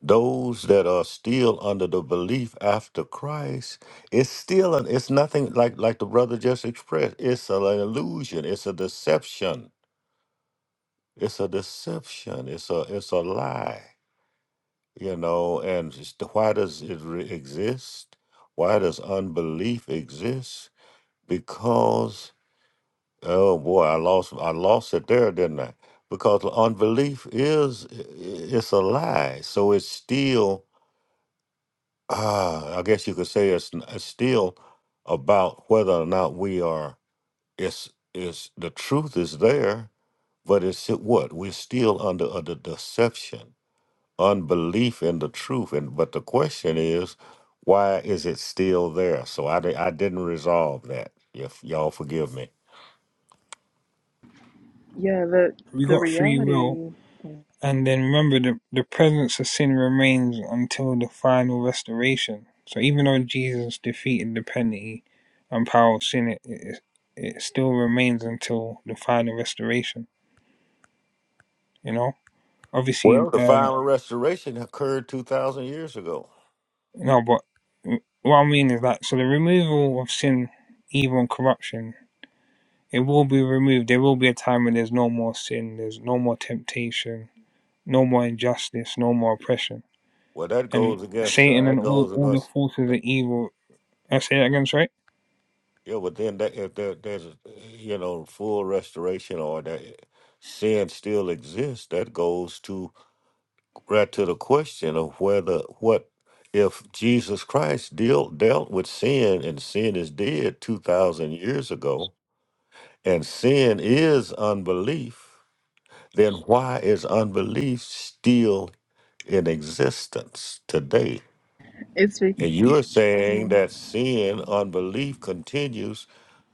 those that are still under the belief after christ it's still an, it's nothing like like the brother just expressed it's an illusion it's a deception it's a deception it's a it's a lie you know and it's the- why does it re- exist why does unbelief exist because Oh boy, I lost I lost it there, didn't I? Because unbelief is it's a lie. So it's still ah, I guess you could say it's, n- it's still about whether or not we are it's it's the truth is there, but it's it- what? We're still under a de- deception, unbelief in the truth. And but the question is, why is it still there? So I di- I didn't resolve that. If y'all forgive me.
Yeah, the
we
the
got free will,
reality
and then remember the the presence of sin remains until the final restoration. So even though Jesus defeated the penalty and power of sin, it, it it still remains until the final restoration. You know, obviously.
Well, the
um
final restoration occurred two thousand years ago.
No, but what I mean is that so the removal of sin, evil, and corruption, it will be removed. There will be a time when there's no more sin, there's no more temptation, no more injustice, no more oppression,
Well, that
and
goes against
Satan
uh, that
and all
goes
all the
against.
forces
that-
of evil. I say that again, sorry.
Yeah, but then that, if there, there's you know full restoration or that sin still exists, that goes to right to the question of whether what if Jesus Christ dealt dealt with sin and sin is dead two thousand years ago, and sin is unbelief. Then why is unbelief still in existence today?
is,
Y-
And
y-
you're saying that sin, unbelief continues.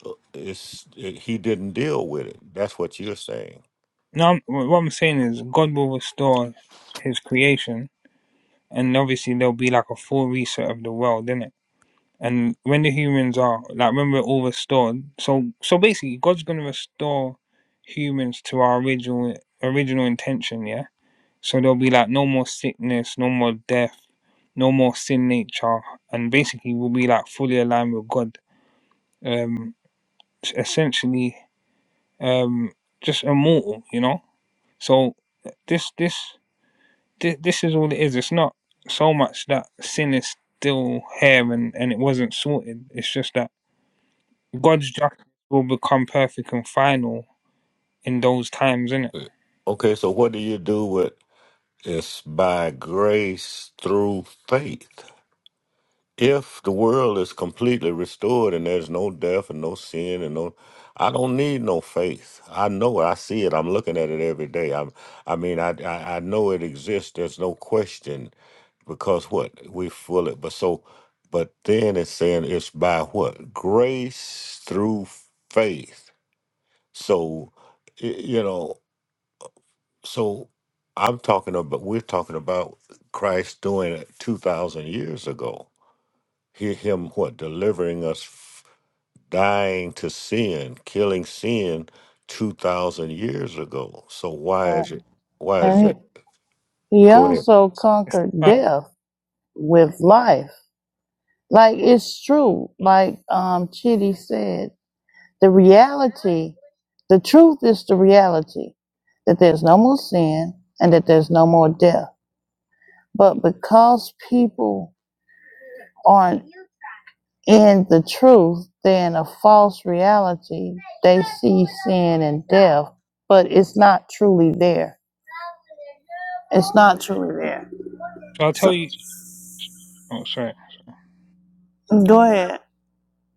uh, It's, it, he didn't deal with it. That's what you're saying.
No, I'm- what I'm saying is God will restore His creation, and obviously there'll be like a full reset of the world, innit? And when the humans are like when we're all restored, so so basically God's gonna restore humans to our original original intention, yeah? So there'll be like no more sickness, no more death, no more sin nature, and basically we'll be like fully aligned with God. Um s- essentially um just immortal, you know? So this this this, this is all it is. It's not so much that sin is still here and, and it wasn't sorted. It's just that God's justice will become perfect and final in those times, innit?
Okay, so what do you do with it's by grace through faith? If the world is completely restored and there's no death and no sin and no, I don't need no faith. I know it. I see it. I'm looking at it every day. I, I mean, I, I, I know it exists. There's no question because what we feel it but so but then it's saying it's by what grace through faith so y- you know so i'm talking about we're talking about christ doing it 2000 years ago Hear him what delivering us f- dying to sin killing sin 2000 years ago so why is it why is
And
that
he
go ahead
also
It's the
conquered
final.
death with life. Like it's true, like um Chitty said, The reality, the truth is the reality that there's no more sin and that there's no more death. But because people aren't in the truth, they're in a false reality. They see sin and death, but it's not truly there. It's not truly there.
So I'll
So
tell you. Oh, sorry.
go ahead.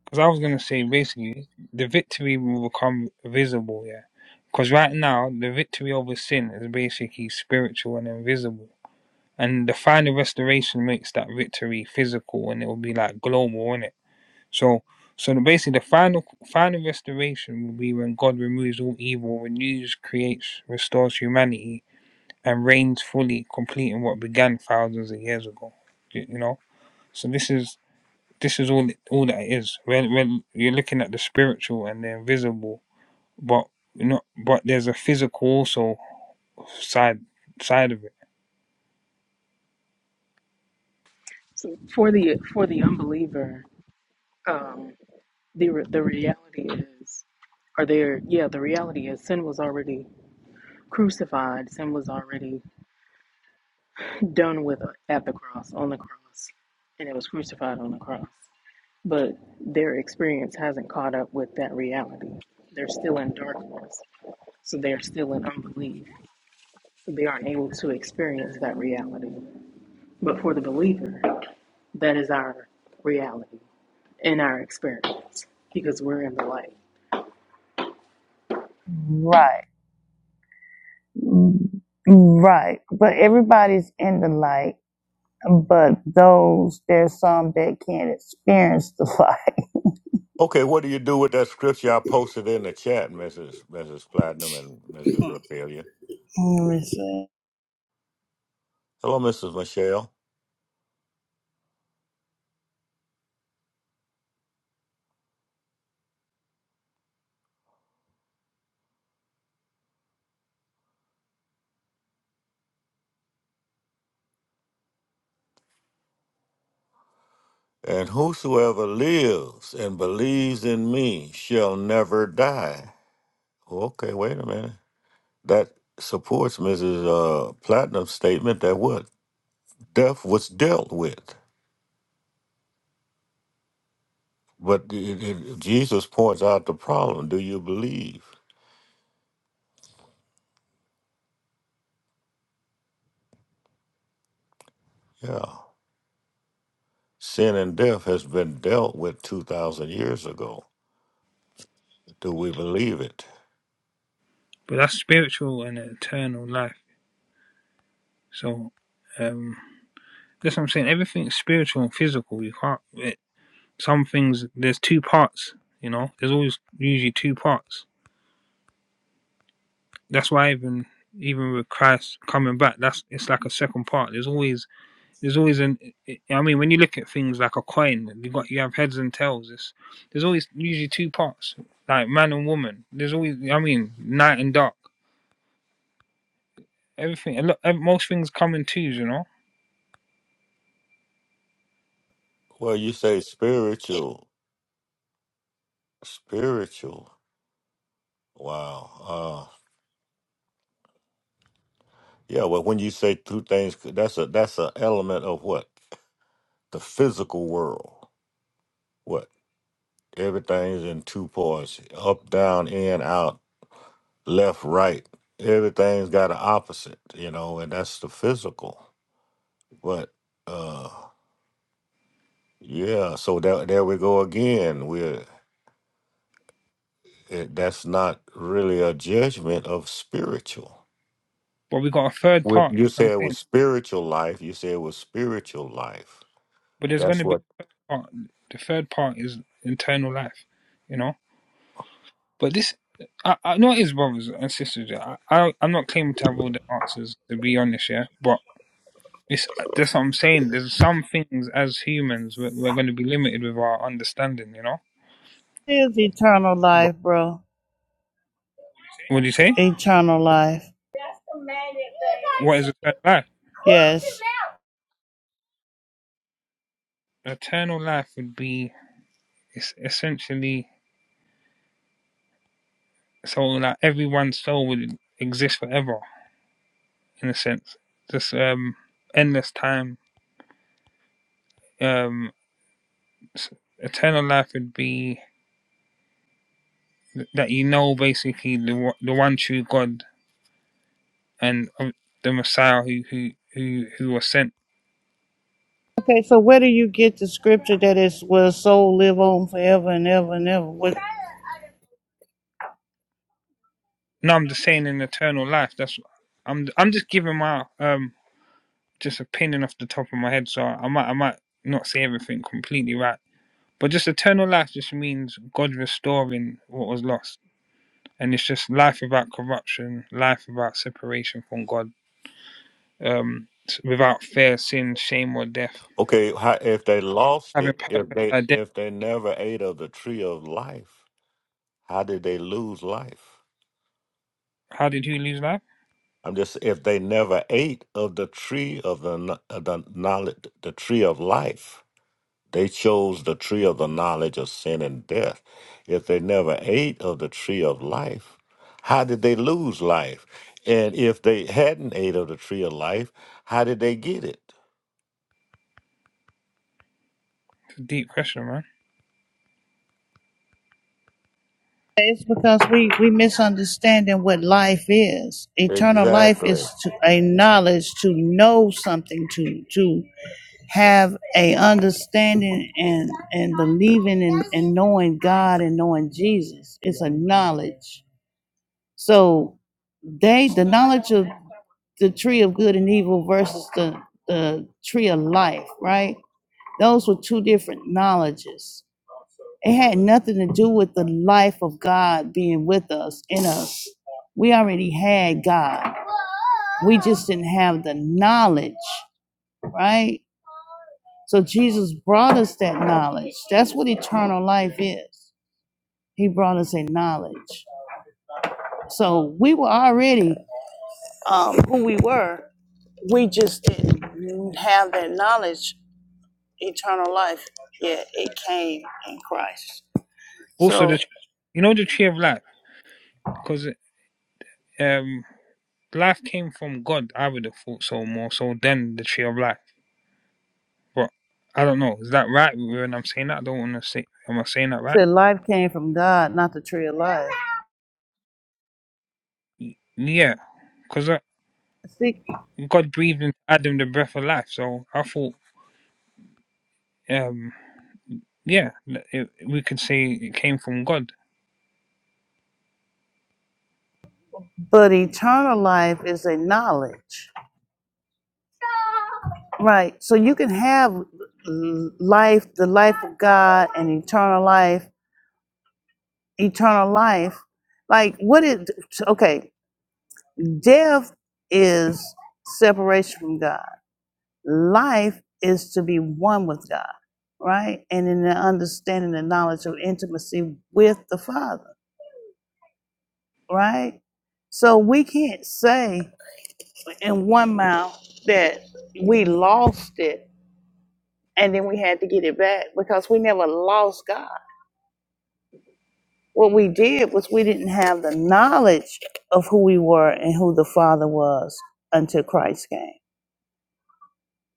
Because I was going to say basically, the victory will become visible, yeah. Because right now, the victory over sin is basically spiritual and invisible. And the final restoration makes that victory physical and it will be like global, innit? So. So the- basically, the final final restoration will be when God removes all evil, renews, creates, restores humanity, and reigns fully, completing what began thousands of years ago. You, you know, so this is this is all all that it is. When when you're looking at the spiritual and the invisible, but not but there's a physical also side side of it.
for the for the unbeliever, um, the the reality is, are there, yeah, the reality is, sin was already crucified. Sin was already done with uh, at the cross, on the cross, and it was crucified on the cross. But their experience hasn't caught up with that reality. They're still in darkness, so they're still in unbelief. They aren't able to experience that reality. But for the believer, that is our reality and our experience because we're in the light.
Right. Right. But everybody's in the light but those there's some that can't experience the light.
Okay, what do you do with that scripture I posted in the chat, Mrs. Mrs. Platinum and Mrs. Raphaelia?
Let me see.
Hello, Mrs. Michelle. And whosoever lives and believes in me shall never die. Okay, wait a minute. That supports Mrs. Uh, Platinum's statement that what death was dealt with. But it, it, Jesus points out the problem. Do you believe? Yeah. Sin and death has been dealt with 2,000 years ago. Do we believe it?
But that's spiritual and eternal life. So um, that's what I'm saying. Everything's spiritual and physical. You can't. It, some things there's two parts. You know, there's always usually two parts. That's why even even with Christ coming back, that's it's like a second part. There's always there's always an. I mean, when you look at things like a coin, you got you have heads and tails. It's, there's always usually two parts, like man and woman. There's always I mean, night and dark. Everything. a lot- Most things come in twos, you know.
Well, you say spiritual, spiritual. Wow. Uh, yeah. Well, when you say two things, that's a that's an element of what the physical world. What everything's in two parts: up, down, in, out, left, right. Everything's got an opposite, you know, and that's the physical. But uh, yeah. So there, there we go again. We're it, that's not really a judgment of spiritual.
But we got a third
With
part.
you
That's what
say
I'm
it was
saying.
spiritual life. You say it was spiritual life.
But there's going
That's
to be
what.
a third part. The third part is internal life, you know. But this, I, I know it is, brothers and sisters. yeah. I, I, I'm not claiming to have all the answers, to be honest, yeah. But it's that's what I'm saying. There's some things as humans we're, we're going to be limited with our understanding, you know.
It is eternal
But
life, bro.
what do you say?
Eternal life.
What is eternal life?
Yes.
Eternal life would be it's essentially so like everyone's soul would exist forever in a sense. Just um, endless time. Um, s- eternal life would be that you know basically the one- the one true God and um, the Messiah who who who who was sent.
Okay, so where do you get the scripture that is will soul live on forever and ever and ever? What-
No, I'm just saying in eternal life. That's I'm I'm just giving my um just opinion off the top of my head. So I might I might not say everything completely right, but just eternal life just means God restoring what was lost, and it's just life without corruption, life without separation from God, um without fear, sin, shame, or death,
Okay, how, if they lost
having
it, if
purpose,
they
identity.
if they never ate of the tree of life, how did they lose life?
How did he lose life?
I'm just if they never ate of the tree of the kn- of the knowledge, the tree of life. They chose the tree of the knowledge of sin and death. If they never ate of the tree of life, how did they lose life? And if they hadn't ate of the tree of life, how did they get it?
Deep question, man.
It's because we we misunderstanding what life is. Eternal life is
Exactly.
to, a knowledge to know something to to. have a understanding and and believing and, and knowing God and knowing Jesus. It's a knowledge. So they the knowledge of the tree of good and evil versus the the tree of life, right? Those were two different knowledges. It had nothing to do with the life of God being with us in us. We already had God. We just didn't have the knowledge, right? So Jesus brought us that knowledge. That's what eternal life is. He brought us a knowledge. So we were already um, who we were. We just didn't have that knowledge. Eternal life, Yet it came in Christ.
Also,
So
the you know the tree of life because. um. life came from God, I would have thought so more so than the tree of life. But I don't know. Is that right when I'm saying that? I don't want to say. Am I saying that
it
right?
said life came from God, not the tree of life.
Y- Yeah, because
See,
God breathed into Adam the breath of life. So I thought, um, yeah, l- it, we could say it came from God.
but eternal life is a knowledge, right? So you can have life, the life of God, and eternal life eternal life. Like, what is, okay, death is separation from God, life is to be one with God, right? And in the understanding and knowledge of intimacy with the Father, right? So we can't say in one mouth that we lost it and then we had to get it back because we never lost God. what we did was we didn't have the knowledge of who we were and who the Father was until Christ came.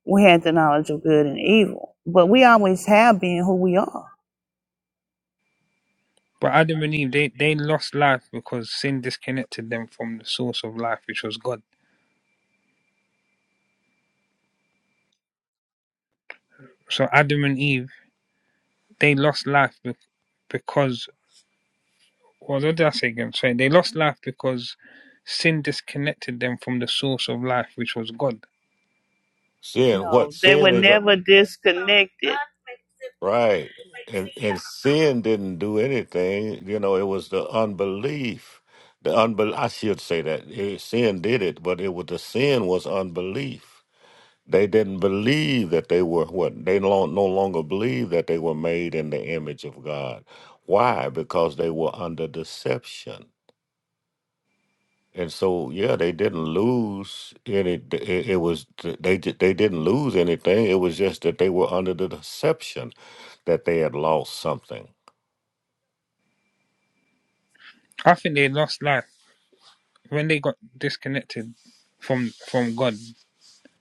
We had the knowledge of good and evil, but we always have been who we are.
But Adam and Eve, they, they lost life because sin disconnected them from the source of life, which was God. So Adam and Eve, they lost life be- because Well, what did I say again? Sorry, they lost life because sin disconnected them from the source of life, which was God.
Sin, what
No, they were
sin is,
never disconnected.
right. And, and sin didn't do anything. You know, it was the unbelief. The unbel I should say that Eh, sin did it, but it was the sin was unbelief. They didn't believe that they were what they lo- no longer believed that they were made in the image of God. Why? Because they were under deception. And so, yeah, they didn't lose any. It, it was they di- they didn't lose anything. It was just that they were under the deception that they had lost something.
I think they lost life when they got disconnected from from God.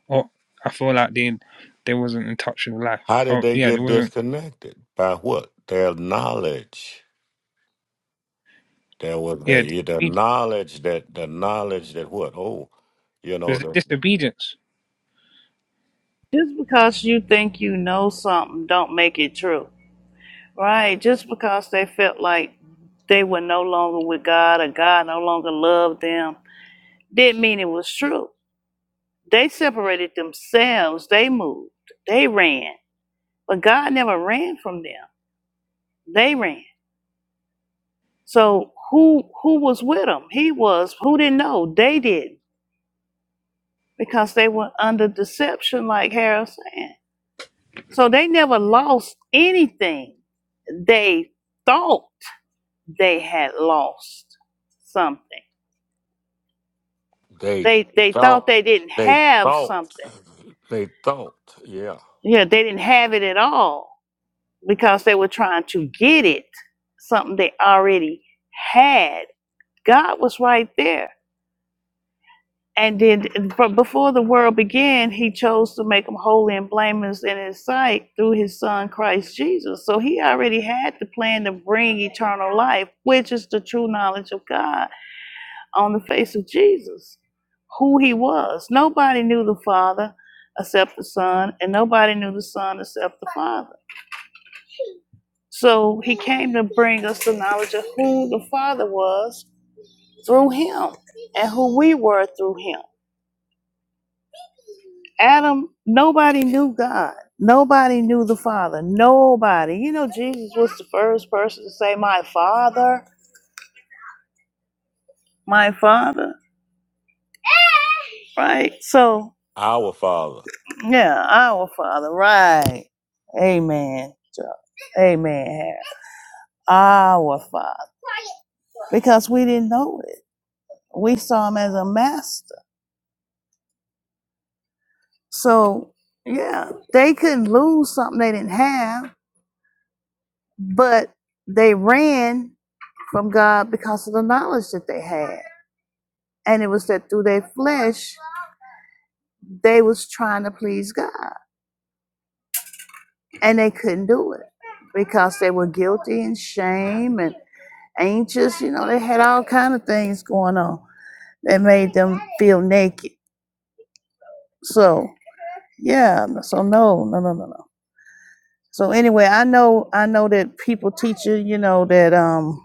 Or I feel like they they wasn't in touch with life.
How did
Oh
they
yeah, there
get
wasn't.
disconnected? By what? Their knowledge. There was
Yeah,
the, the
disobedience.
knowledge that the knowledge that what? Oh, you
There's
know
the
the
disobedience.
Just because you think you know something, don't make it true. Right, just because they felt like they were no longer with God or God no longer loved them didn't mean it was true. They separated themselves, they moved, they ran. But God never ran from them. They ran. So who who was with them? He was. Who didn't know? They did. not Because they were under deception, like Harold saying. So they never lost anything. They thought they had lost something
They
they they thought
thought,
they didn't
they
have
thought,
something.
they thought, yeah,
Yeah, they didn't have it at all because they were trying to get it, something they already had. God was right there. And then from before the world began, he chose to make them holy and blameless in his sight through his son Christ Jesus. So he already had the plan to bring eternal life, which is the true knowledge of God. on the face of Jesus, who he was. Nobody knew the Father except the Son, and nobody knew the Son except the Father. So he came to bring us the knowledge of who the Father was through him and who we were through him. Adam, nobody knew God. Nobody knew the Father. Nobody. You know, Jesus was the first person to say, My Father, my Father, right? So
our Father.
Yeah, our Father, right. Amen. So, Amen. Our Father. Because we didn't know it. We saw him as a master. So, yeah, they couldn't lose something they didn't have, but they ran from God because of the knowledge that they had. And it was that through their flesh, they was trying to please God. And they couldn't do it because they were guilty and shame and anxious. You know, they had all kind of things going on that made them feel naked. So yeah, so no, no, no, no, no. So anyway, I know I know that people teach you, you know, that um,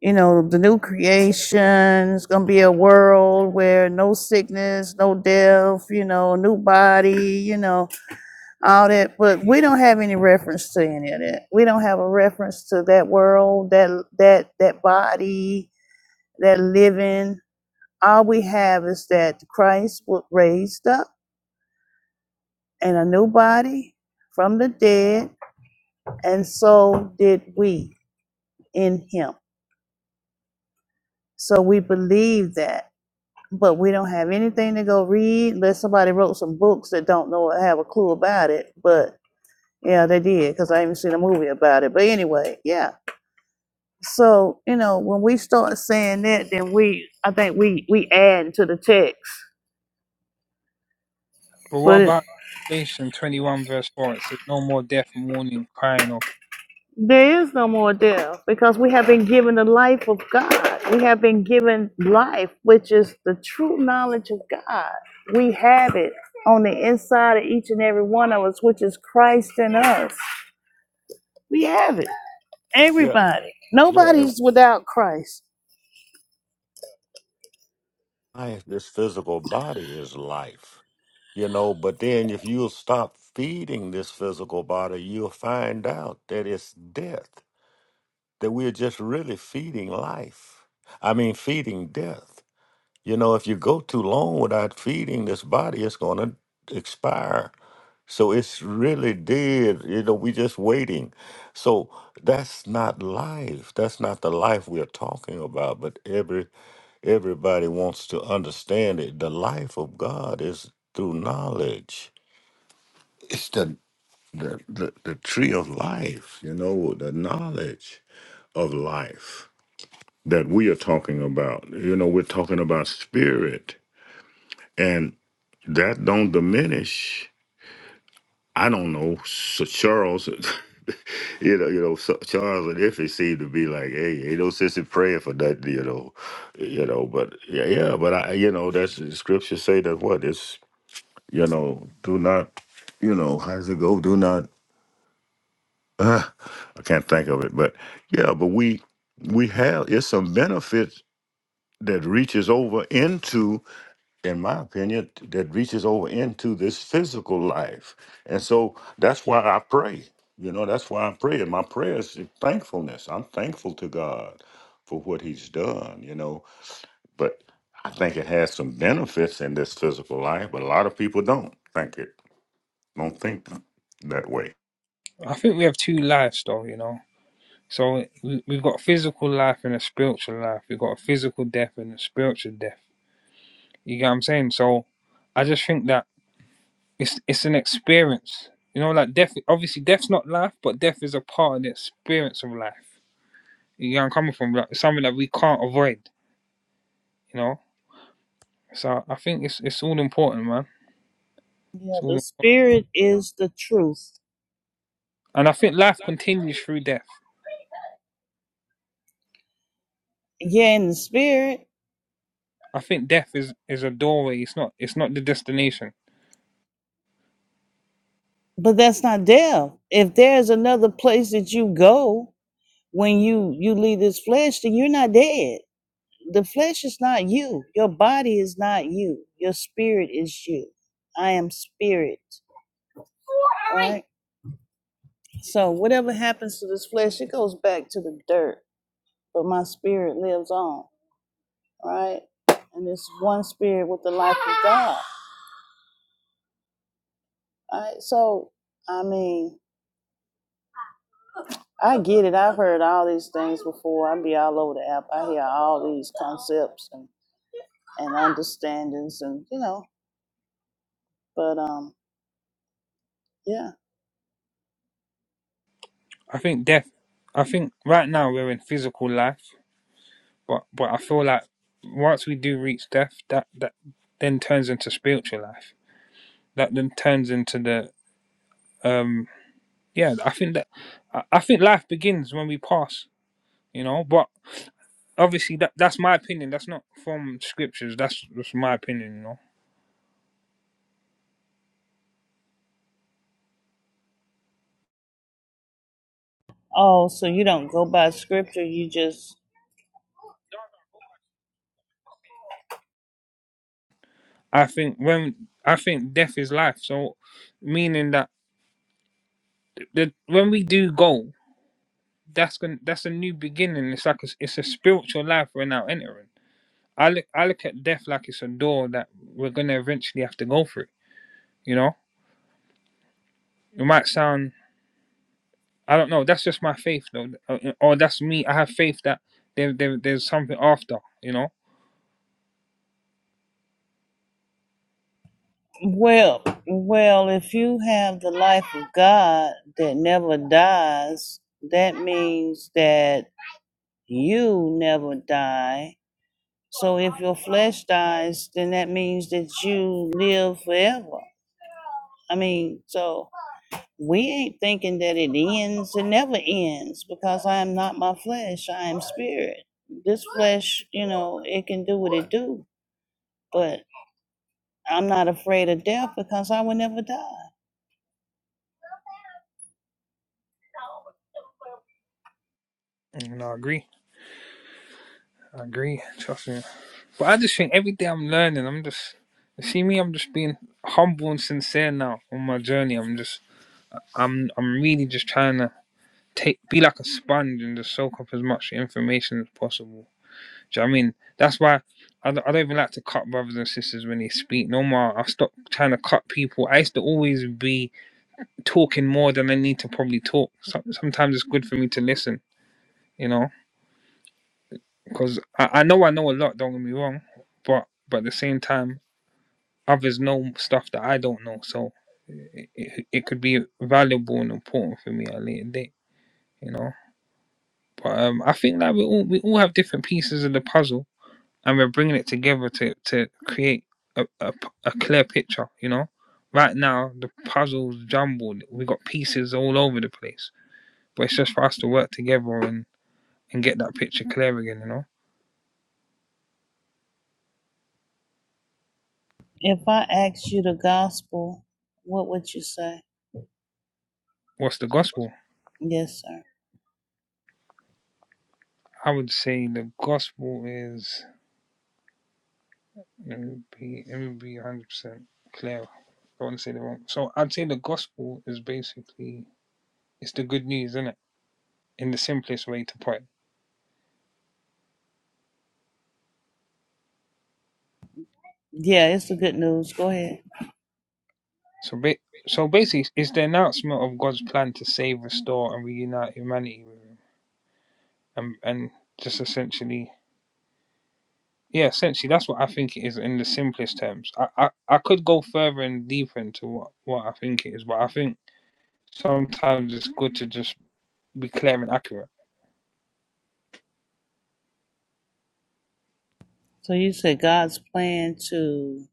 you know, the new creation is gonna be a world where no sickness, no death, you know, new body, you know, all that. But we don't have any reference to any of that. We don't have a reference to that world, that that that body, that living. All we have is that Christ was raised up in a new body from the dead, and so did we in him. So we believe that, but we don't have anything to go read unless somebody wrote some books that don't know or have a clue about it. But yeah, they did because I even seen a movie about it. But anyway, yeah. So you know, when we start saying that, then we I think we we add to the text.
But what
But
about Revelation 21 verse 4? It says, "No more death, mourning, crying." Or pain."
There is no more death because we have been given the life of God. We have been given life, which is the true knowledge of God. We have it on the inside of each and every one of us, which is Christ in us. We have it.
Yeah,
Everybody.
yeah. and
Nobody's without Christ.
Life, this physical body is life, you know. But then if you'll stop feeding this physical body, you'll find out that it's death, that we're just really feeding life. I mean, feeding death. You know, if you go too long without feeding this body, it's going to expire. So it's really dead. You know, we just waiting. So that's not life. That's not the life we're talking about. But every everybody wants to understand it. The life of God is through knowledge. It's the the, the, the tree of life, you know, the knowledge of life that we are talking about. You know, we're talking about spirit. And that don't diminish I don't know, so Charles, you know, you know, so Charles and Iffy seem to be like, hey, ain't no sense in praying for nothing, you know, you know, but yeah, yeah, but I, you know, that's the scripture say that what it's, you know, do not, you know, how does it go? Do not, uh, I can't think of it, but yeah, but we, we have, it's some benefits that reaches over into in my opinion, that reaches over into this physical life. And so that's why I pray. You know, that's why I pray. And my prayer is thankfulness. I'm thankful to God for what He's done, you know. But I think it has some benefits in this physical life, but a lot of people don't think it, don't think that way.
I think we have two lives, though. You know. So we- we've got physical life and a spiritual life. We've got a physical death and a spiritual death You get what I'm saying? So I just think that it's it's an experience. You know, like death obviously death's not life, but death is a part of the experience of life. You get where I'm coming from? Like it's something that we can't avoid, you know? So I think it's it's all important, man.
Yeah,
It's
the
all
Spirit is the truth.
and I think life continues through death.
Yeah, in the Spirit,
I think death is, is a doorway, it's not it's not the destination.
but that's not death. If there's another place that you go when you you leave this flesh, then you're not dead the flesh is not you. Your body is not you. Your spirit is you. I am spirit. Right? So whatever happens to this flesh, it goes back to the dirt. But my spirit lives on, right? And it's one spirit with the life of God. Right? So I mean, I get it. I've heard all these things before. I be all over the app. I hear all these concepts and, and understandings and you know, but um yeah.
I think death I think right now we're in physical life, but but I feel like once we do reach death, that that then turns into spiritual life. that then turns into the um yeah i think that i think life begins when we pass you know but obviously that that's my opinion that's not from scriptures that's just my opinion you know
Oh, so you don't go by scripture, you just
i think when i think death is life so meaning that the, when we do go that's gonna that's a new beginning it's like a, s- it's a spiritual life we're now entering i look i look at death like it's a door that we're gonna eventually have to go through you know it might sound I don't know. That's just my faith, though, Uh, uh, or that's me. I have faith that there, there there's something after, you know.
well, well, if you have the life of God that never dies, that means that you never die. So if your flesh dies, then that means that you live forever. I mean, so we ain't thinking that it ends, it never ends because I am not my flesh, I am spirit. This flesh, you know, it can do what it do, but I'm not afraid of death because I will never die.
Mm, No, I agree. I agree. Trust me. But I just think every day I'm learning. I'm just you see me. I'm just being humble and sincere now on my journey. I'm just I'm I'm really just trying to take be like a sponge and just soak up as much information as possible. Do you know what I mean? That's why. I don't, I don't even like to cut brothers and sisters when they speak no more. I stopped trying to cut people. I used to always be talking more than I need to probably talk. So, sometimes it's good for me to listen, you know, because I, I know I know a lot. Don't get me wrong, but but at the same time, others know stuff that I don't know, so it, it, it could be valuable and important for me at a later date, you know. But um, I think that we all we all have different pieces of the puzzle, and we're bringing it together to to create a a a clear picture, you know. Right now, the puzzle's jumbled. We got pieces all over the place, but it's just for us to work together and. and get that picture clear again, you know?
If I asked you the gospel, what would you say?
What's the gospel?
Yes, sir.
I would say the gospel is let me be let me be one hundred percent clear. I want to say the wrong. So I'd say the gospel is basically it's the good news, isn't it? In the simplest way to put it.
Yeah, it's the good news. Go ahead.
So ba- so basically, it's the announcement of God's plan to save, restore, and reunite humanity with Him, and and just essentially, yeah, essentially that's what I think it is in the simplest terms. I I, I could go further and deeper into what what I think it is, but I think sometimes it's good to just be clear and accurate.
So you said God's plan to.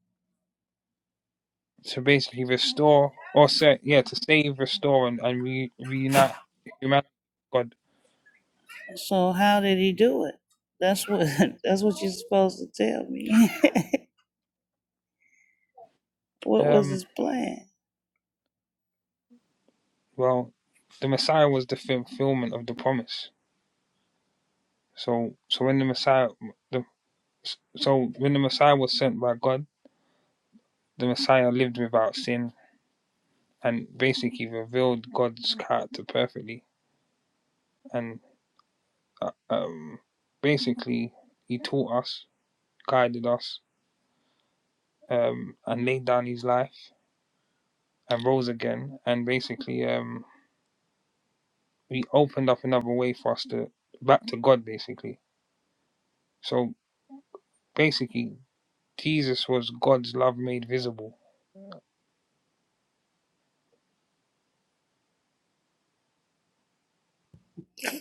So basically, restore or set, yeah, to save, restore, and, and re, reunite humanity. with
So how did He do it? That's what. That's what you're supposed to tell me.
God,
what was
um,
His plan?
well, the Messiah was the fulfillment of the promise. So, so when the Messiah, the so when the Messiah was sent by God, the Messiah lived without sin and basically revealed God's character perfectly. And uh, um, basically, he taught us, guided us, um, and laid down his life and rose again, and basically um, he opened up another way for us to back to God, basically. So basically, Jesus was God's love made visible.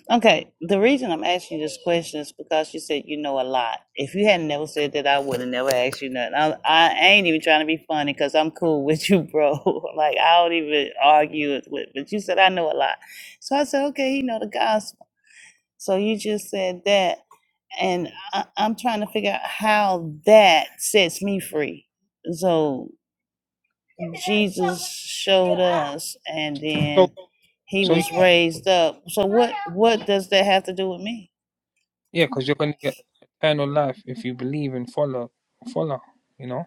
Okay, the reason I'm asking you this question is because you said you know a lot. If you had never said that, I would have never asked you nothing. I, I ain't even trying to be funny because I'm cool with you, bro. like I don't even argue with. But you said I know a lot, so I said okay, he know the gospel. So you just said that, and I, I'm trying to figure out how that sets me free. So Jesus showed us, and
So
then he
so
was raised up. So what what does that have to do with me?
yeah, because you're gonna get eternal life if you believe and follow follow. You know.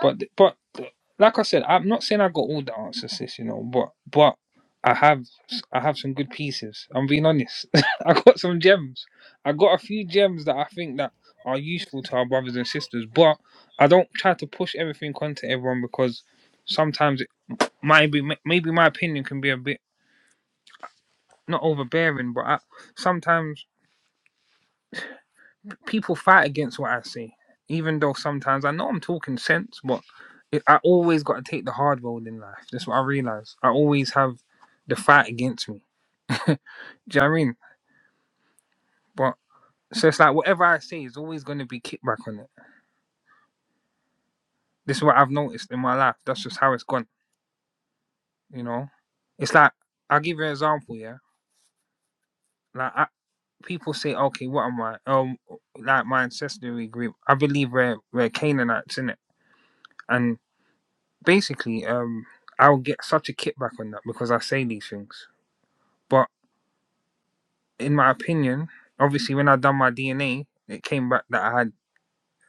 But but like I said, I'm not saying I got all the answers, sis. You know, but but I have I have some good pieces. I'm being honest. I got some gems. I got a few gems that I think that are useful to our brothers and sisters. But I don't try to push everything onto everyone because sometimes it might be maybe my opinion can be a bit not overbearing, but I, sometimes. people fight against what I say, even though sometimes I know I'm talking sense, but it, I always got to take the hard road in life. That's what I realize. I always have the fight against me. Do you know what I mean? But so it's like whatever I say is always going to be kickback on it. This is what I've noticed in my life. That's just how it's gone. You know, it's like I'll give you an example. Yeah, like I, people say, okay, what am I? Um, like my ancestry group. I believe we're we're Canaanites in it, and basically, um, I'll get such a kickback on that because I say these things. But in my opinion, obviously, when I done my DNA, it came back that I had,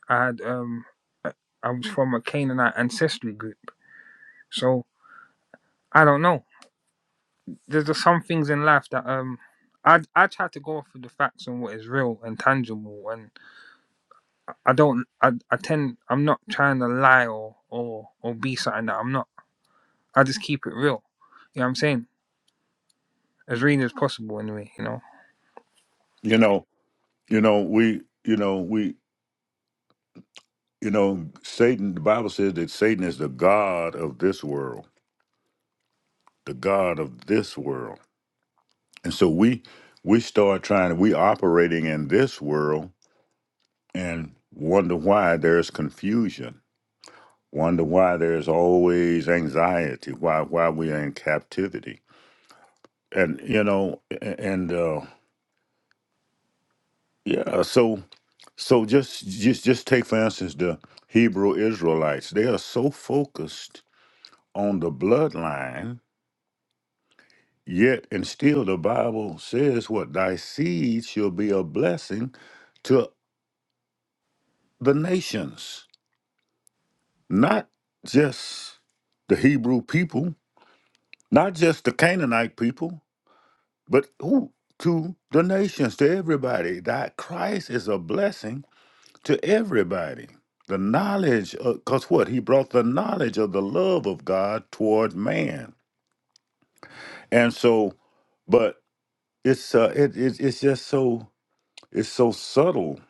I had, um, I I was from a Canaanite ancestry group. So I don't know. There's just some things in life that, um, I I try to go off of the facts and what is real and tangible, and I don't, I, I tend, I'm not trying to lie or or or be something that I'm not. I just keep it real. You know what I'm saying? As real as possible, anyway. You know.
You know, you know, we, you know, we, you know, Satan, the Bible says that Satan is the God of this world, the God of this world. And so we we start trying we operating in this world and wonder why there's confusion, wonder why there's always anxiety, why why we are in captivity. And you know, a- and uh yeah, so so just just just take for instance the Hebrew Israelites. They are so focused on the bloodline, yet and still the Bible says what thy seed shall be a blessing to the nations not just the Hebrew people, not just the Canaanite people, but who? to the nations, to everybody. That Christ is a blessing to everybody. The knowledge, because what? He brought the knowledge of the love of God toward man. And so, but it's uh, it, it, it's just so it's so subtle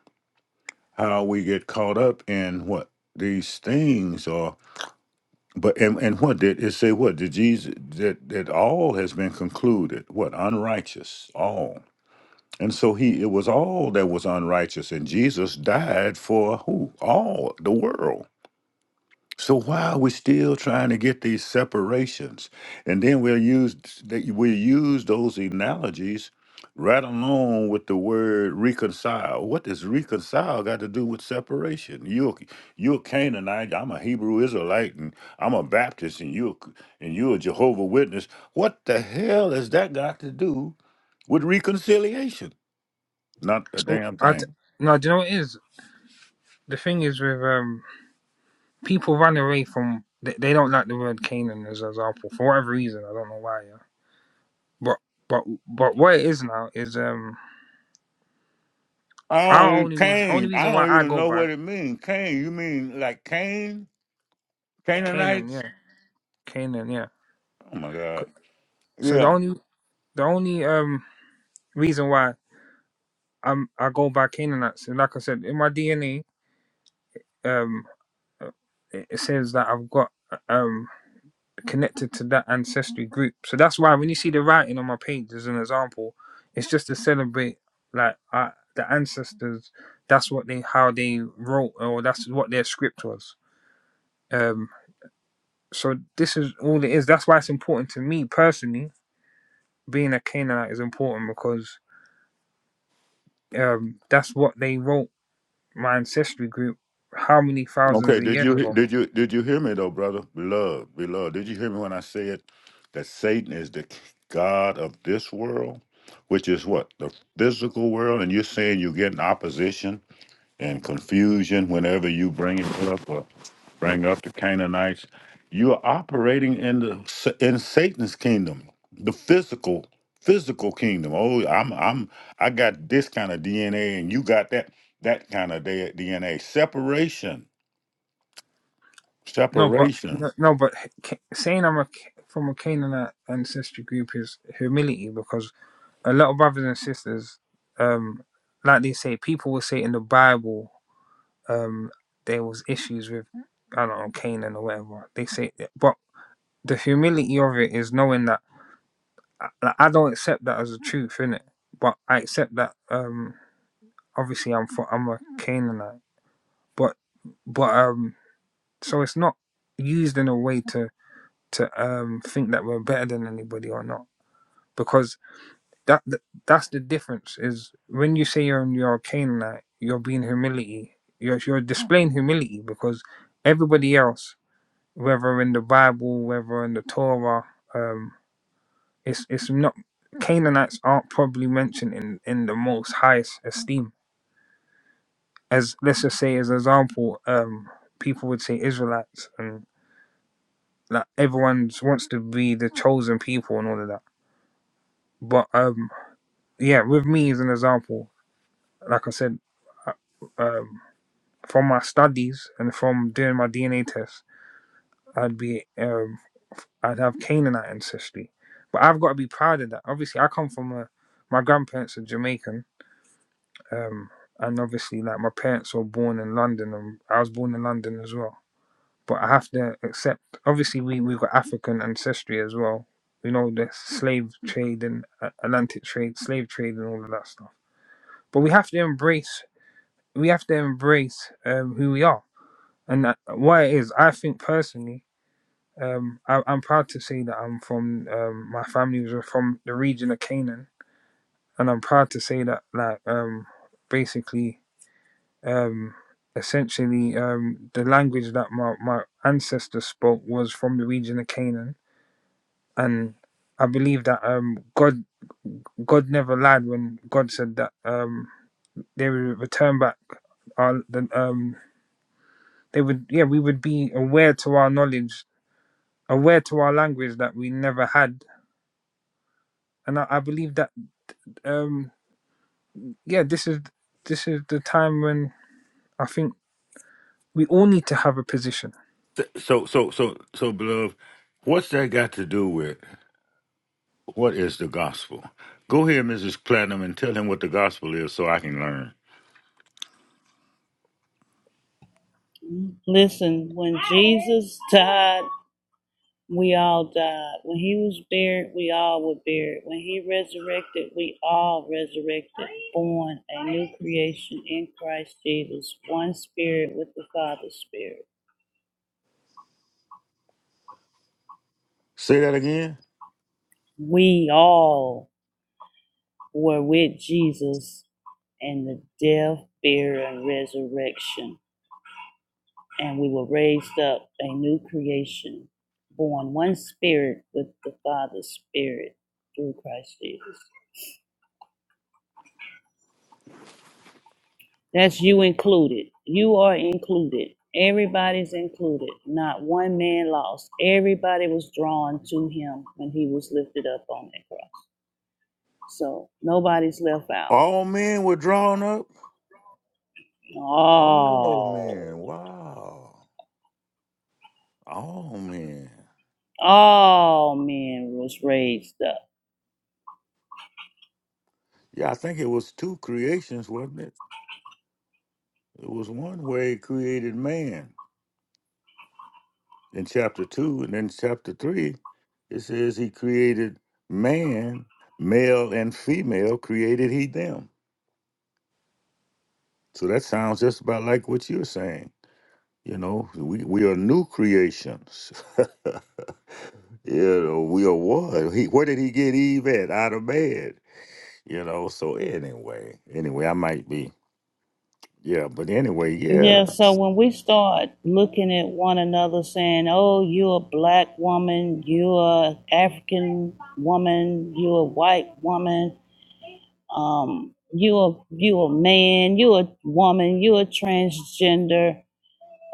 how we get caught up in what these things are But and, and what did it say? What did Jesus that that all has been concluded? What unrighteous all, and so he it was all that was unrighteous, and Jesus died for who all the world. So why are we still trying to get these separations? And then we'll use that we'll use those analogies right along with the word reconcile. What does reconcile got to do with separation? You're you're Canaanite, I'm a Hebrew Israelite, and I'm a Baptist, and you and you're a Jehovah Witness. What the hell has that got to do with reconciliation? Not a
So
damn
I t-
thing.
no, do you know what it is? The thing is with um people run away from they, they don't like the word Canaan as an example for whatever reason. I don't know why. Yeah, but but but what it is now is um
I
our
don't
only reason only
Cain. I
reason why
don't
I
even
go
know
back
what it means. Cain, you mean like Cain?
Canaan.
Canaanites.
Yeah, Canaan. Yeah.
Oh my
C-
God.
So the
Yeah.
only the only um reason why I'm I go by Canaanites, and like I said in my DNA, um, uh, it it says that I've got uh, um connected to that ancestry group. So that's why when you see the writing on my page as an example, it's just to celebrate like uh, the ancestors. That's what they how they wrote, or that's what their script was. Um, so this is all it is. That's why it's important to me personally. Being a Canaanite is important because um, that's what they wrote my ancestry group. How many thousands
Okay.
of
Did
years
you
ago?
did you did you hear me though, brother? Beloved, beloved. Did you hear me when I said that Satan is the god of this world, which is what the physical world, and you're saying you're getting opposition and confusion whenever you bring it up or bring up the Canaanites. You are operating in the in Satan's kingdom, the physical physical kingdom. Oh, I'm I'm I got this kind of DNA, and you got that that kind of DNA. Separation,
No, but no,
separation.
no, but Ca- saying I'm a, Ca- from a Canaanite ancestry group is humility because a lot of brothers and sisters, um, like they say, people will say in the Bible, um, there was issues with I don't know Canaan or whatever. They say, but the humility of it is knowing that like, I don't accept that as a truth, innit? But I accept that. Um, obviously, I'm for, I'm a Canaanite, but but um, so it's not used in a way to to um think that we're better than anybody or not because that, that that's the difference is when you say you're you're a Canaanite you're being humility you're you're displaying humility because everybody else whether in the Bible whether in the Torah um it's it's not Canaanites aren't probably mentioned in in the most highest esteem as let's just say as an example um people would say Israelites and like everyone wants to be the chosen people and all of that but um yeah, with me as an example, like I said, uh, um, from my studies and from doing my DNA test, I'd be, um, I'd have Canaanite ancestry. But I've got to be proud of that. Obviously, I come from a, my grandparents are Jamaican, um, and obviously, like my parents were born in London, and I was born in London as well. But I have to accept. Obviously, we we got African ancestry as well. You know, the slave trade and uh, Atlantic trade, slave trade, and all of that stuff. But we have to embrace we have to embrace um, who we are and that, what it is. I think personally, um, I, I'm proud to say that I'm from um, my family was from the region of Canaan, and I'm proud to say that like um, basically, um, essentially, um, the language that my my ancestors spoke was from the region of Canaan, and I believe that um, God. God never lied when God said that um, they would return back our, the, um, they would yeah we would be aware to our knowledge aware to our language that we never had and i, I believe that um yeah this is this is the time when i think we all need to have a position
So so so so beloved, what's that got to do with what is the gospel? Go ahead, Mrs. Platinum, and tell him what the gospel is, so I can learn.
Listen, when Jesus died, we all died. When he was buried, we all were buried. When he resurrected, we all resurrected, born a new creation in Christ Jesus, one spirit with the Father's spirit.
Say that again.
We all were with Jesus in the death, burial, and resurrection. And we were raised up a new creation, born one spirit with the Father's spirit through Christ Jesus. That's you included. You are included. Everybody's included. Not one man lost. Everybody was drawn to him when he was lifted up on that cross. So nobody's left out.
All men were drawn up. All
All,
men. Wow. All men.
all men was raised up.
Yeah, I think it was two creations, wasn't it? It was one where he created man in chapter two, and then chapter three, it says he created man, male and female created he them. So that sounds just about like what you're saying. You know, we, we are new creations. you know, we are what? He, where did he get Eve at? Out of bed. you know. So anyway, anyway, I might be, yeah. But anyway, yeah,
Yeah, so when we start looking at one another saying, oh, you're a black woman, you're a African woman, you're a white woman, um you a you a man you a woman you a transgender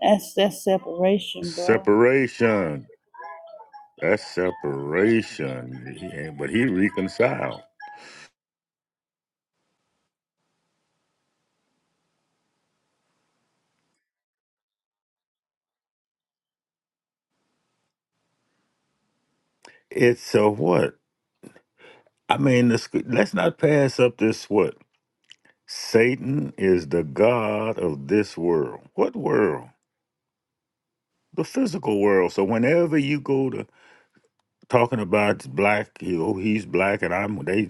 that's that's separation bro
separation. That's separation. He ain't, but he reconciled. It's a what? I mean, the, sc- let's not pass up this what? Satan is the god of this world. What world? The physical world. So whenever you go to talking about black. You know, he's black, and I'm they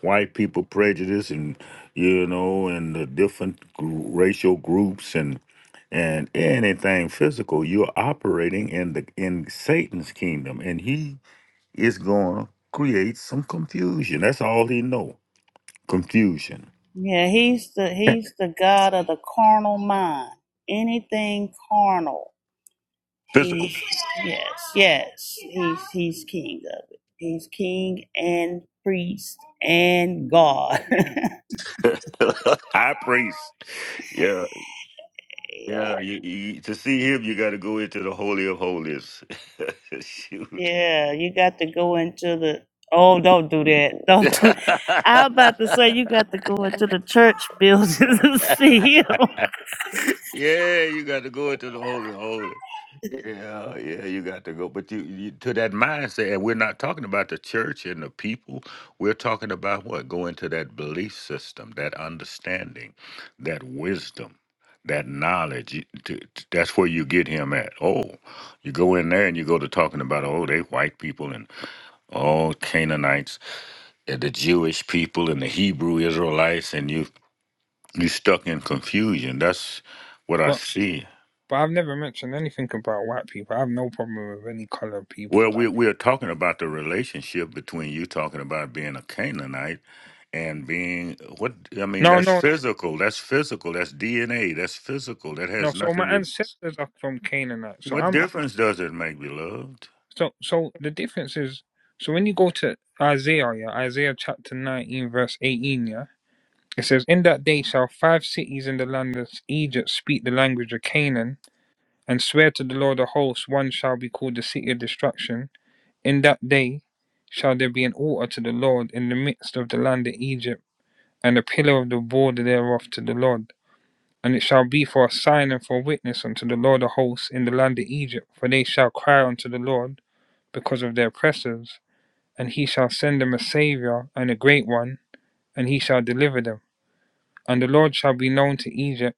white people prejudice, and you know, and the different gr- racial groups, and and anything physical. You're operating in the in Satan's kingdom, and he is going to create some confusion. That's all he know. Confusion.
yeah he's the he's the god of the carnal mind anything carnal
Physical.
he's yes yes he's he's king of it he's king and priest and god
High priest. Yeah, yeah. You, you, to see him, you got to go into the holy of holies. Shoot.
Yeah, you got to go into the. Oh, don't do that. Don't do. I'm about to say you got to go into the church buildings and see
yeah,
him.
you got to go into the holy holy. Yeah, yeah, you got to go. But you, you to that mindset, and we're not talking about the church and the people. We're talking about what? Going to that belief system, that understanding, that wisdom, that knowledge. You- to- to- That's where you get him at. Oh, you go in there and you go to talking about, oh, they white people and all Canaanites and the Jewish people and the Hebrew Israelites, and you you stuck in confusion. That's what I
but
see.
but i've never mentioned anything about white people i have no problem with any color people
Well,
that
we we are talking about the relationship between you talking about being a Canaanite and being what I mean.
no
That's
no
physical. That's physical. That's DNA. That's physical. That
no
has
so my
nothing to.
ancestors are from canaanite so
What
i'm, I'm
difference does it make, beloved?
so so the difference is so when you go to isaiah yeah isaiah chapter 19 verse 18 yeah It says, In that day shall five cities in the land of Egypt speak the language of Canaan, and swear to the Lord of hosts, one shall be called the city of destruction. In that day shall there be an altar to the Lord in the midst of the land of Egypt, and a pillar of the border thereof to the Lord. And it shall be for a sign and for a witness unto the Lord of hosts in the land of Egypt, for they shall cry unto the Lord because of their oppressors, and he shall send them a saviour and a great one, and he shall deliver them. And the Lord shall be known to Egypt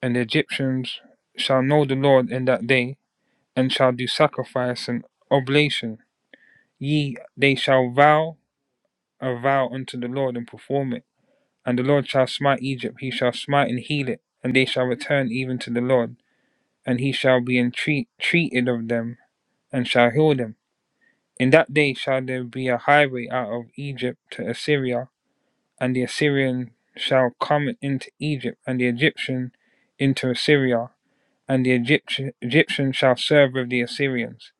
And the Egyptians shall know the Lord in that day, and shall do sacrifice and oblation. Ye, they shall vow a vow unto the Lord and perform it. And the Lord shall smite Egypt, he shall smite and heal it, and they shall return even to the Lord, and he shall be entreat, treated of them, and shall heal them. In that day shall there be a highway out of Egypt to Assyria, and the Assyrian shall come into Egypt, and the Egyptian into Assyria, and the Egyptian, Egyptians shall serve with the Assyrians.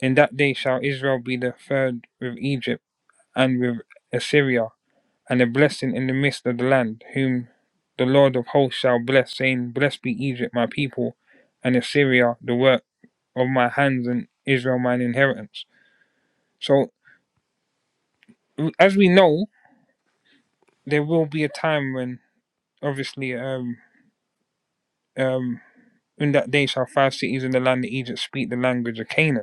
In that day shall Israel be the third with Egypt and with Assyria, and a blessing in the midst of the land, whom the Lord of hosts shall bless, saying, Blessed be Egypt, my people, and Assyria, the work of my hands, and Israel, mine inheritance. So, as we know, there will be a time when, obviously, um, um, in that day shall five cities in the land of Egypt speak the language of Canaan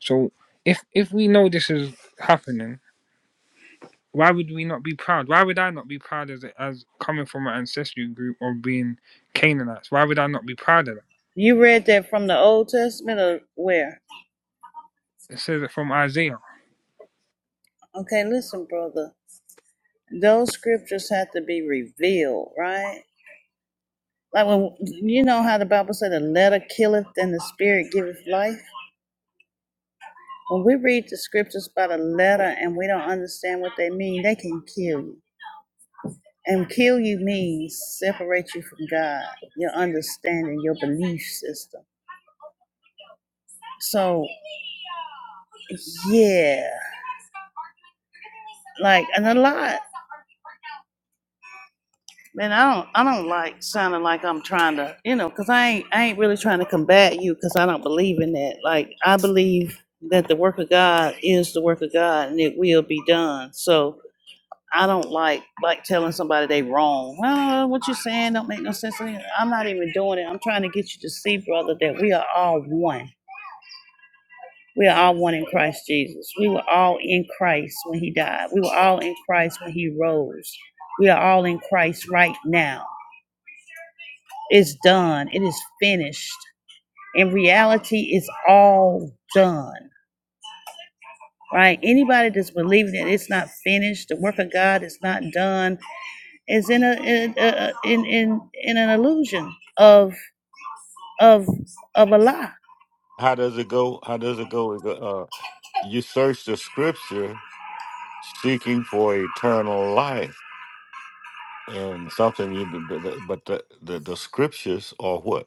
So if if we know this is happening, why would we not be proud? Why would I not be proud as as coming from an ancestry group of being Canaanites? Why would I not be proud of that?
You read that from the Old Testament or where?
It says it from Isaiah.
Okay, listen, brother. Those scriptures have to be revealed, right? Like when you know how the Bible said, "The letter killeth, and the spirit giveth life." When we read the scriptures by the letter and we don't understand what they mean, they can kill you. And kill you means separate you from God, your understanding, your belief system. So, yeah, like and a lot. Man, I don't, I don't like sounding like I'm trying to, you know, because I ain't, I ain't really trying to combat you because I don't believe in that. Like I believe that the work of God is the work of God and it will be done. So I don't like like telling somebody they wrong. Well, what you're saying don't make no sense. to me." I'm not even doing it. I'm trying to get you to see, brother, that we are all one. We are all one in Christ Jesus. We were all in Christ when He died. We were all in Christ when He rose. We are all in Christ right now. It's done. It is finished. In reality, it's all done. Right? Anybody that's believing that it's not finished, the work of God is not done, is in a in a, in, in in an illusion of of of a lie
How does it go? How does it go? Is, Uh, you search the scripture seeking for eternal life and something you but the the, the scriptures are what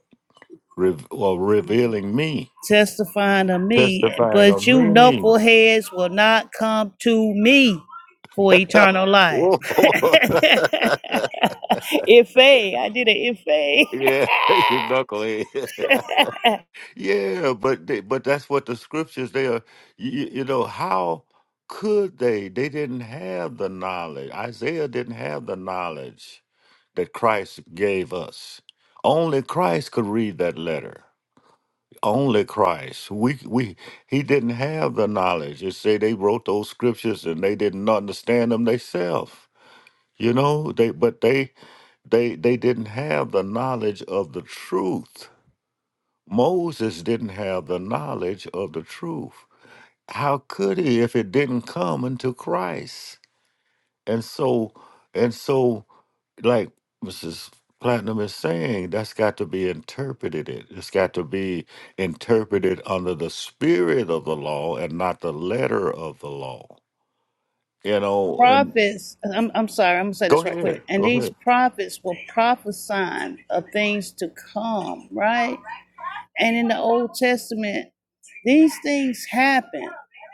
re- well, revealing me,
testifying to me
testifying
but
of
you
me.
knuckleheads will not come to me for eternal life
Whoa.
if a i did it if a
yeah, you knucklehead. yeah, but they, but that's what the scriptures they are. You, you know how could they? They didn't have the knowledge. Isaiah didn't have the knowledge that Christ gave us. Only Christ could read that letter. only Christ. We we he didn't have the knowledge. You say they wrote those scriptures and they didn't understand them themselves. You know, they but they they they didn't have the knowledge of the truth. Moses didn't have the knowledge of the truth. How could he if it didn't come unto Christ? And so and so like Mrs. Platinum is saying, that's got to be interpreted. It. It's got to be interpreted under the spirit of the law and not the letter of the law. You know, and
prophets I'm, I'm sorry i'm gonna say
go
this right quick
ahead,
and
go
these
ahead.
prophets were prophesying of things to come right And in the Old Testament, these things happen,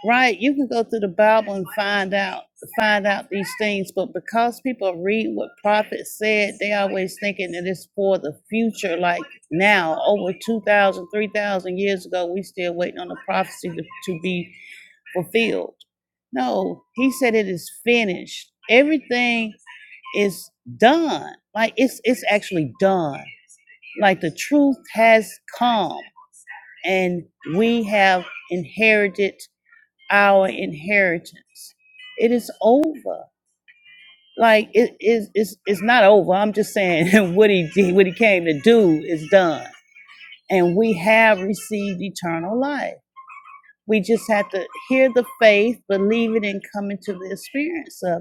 right? You can go through the Bible and find out find out these things, but because people read what prophets said, they always thinking that it's for the future. Like now, over 2,000, 3,000 years ago, we still waiting on the prophecy to, to be fulfilled. No, he said it is finished. Everything is done. Like it's it's actually done. Like the truth has come and we have inherited our inheritance. It is over. Like it is it's, it's not over. I'm just saying what he did, what he came to do is done. And we have received eternal life. We just have to hear the faith, believe it, and come into the experience of it.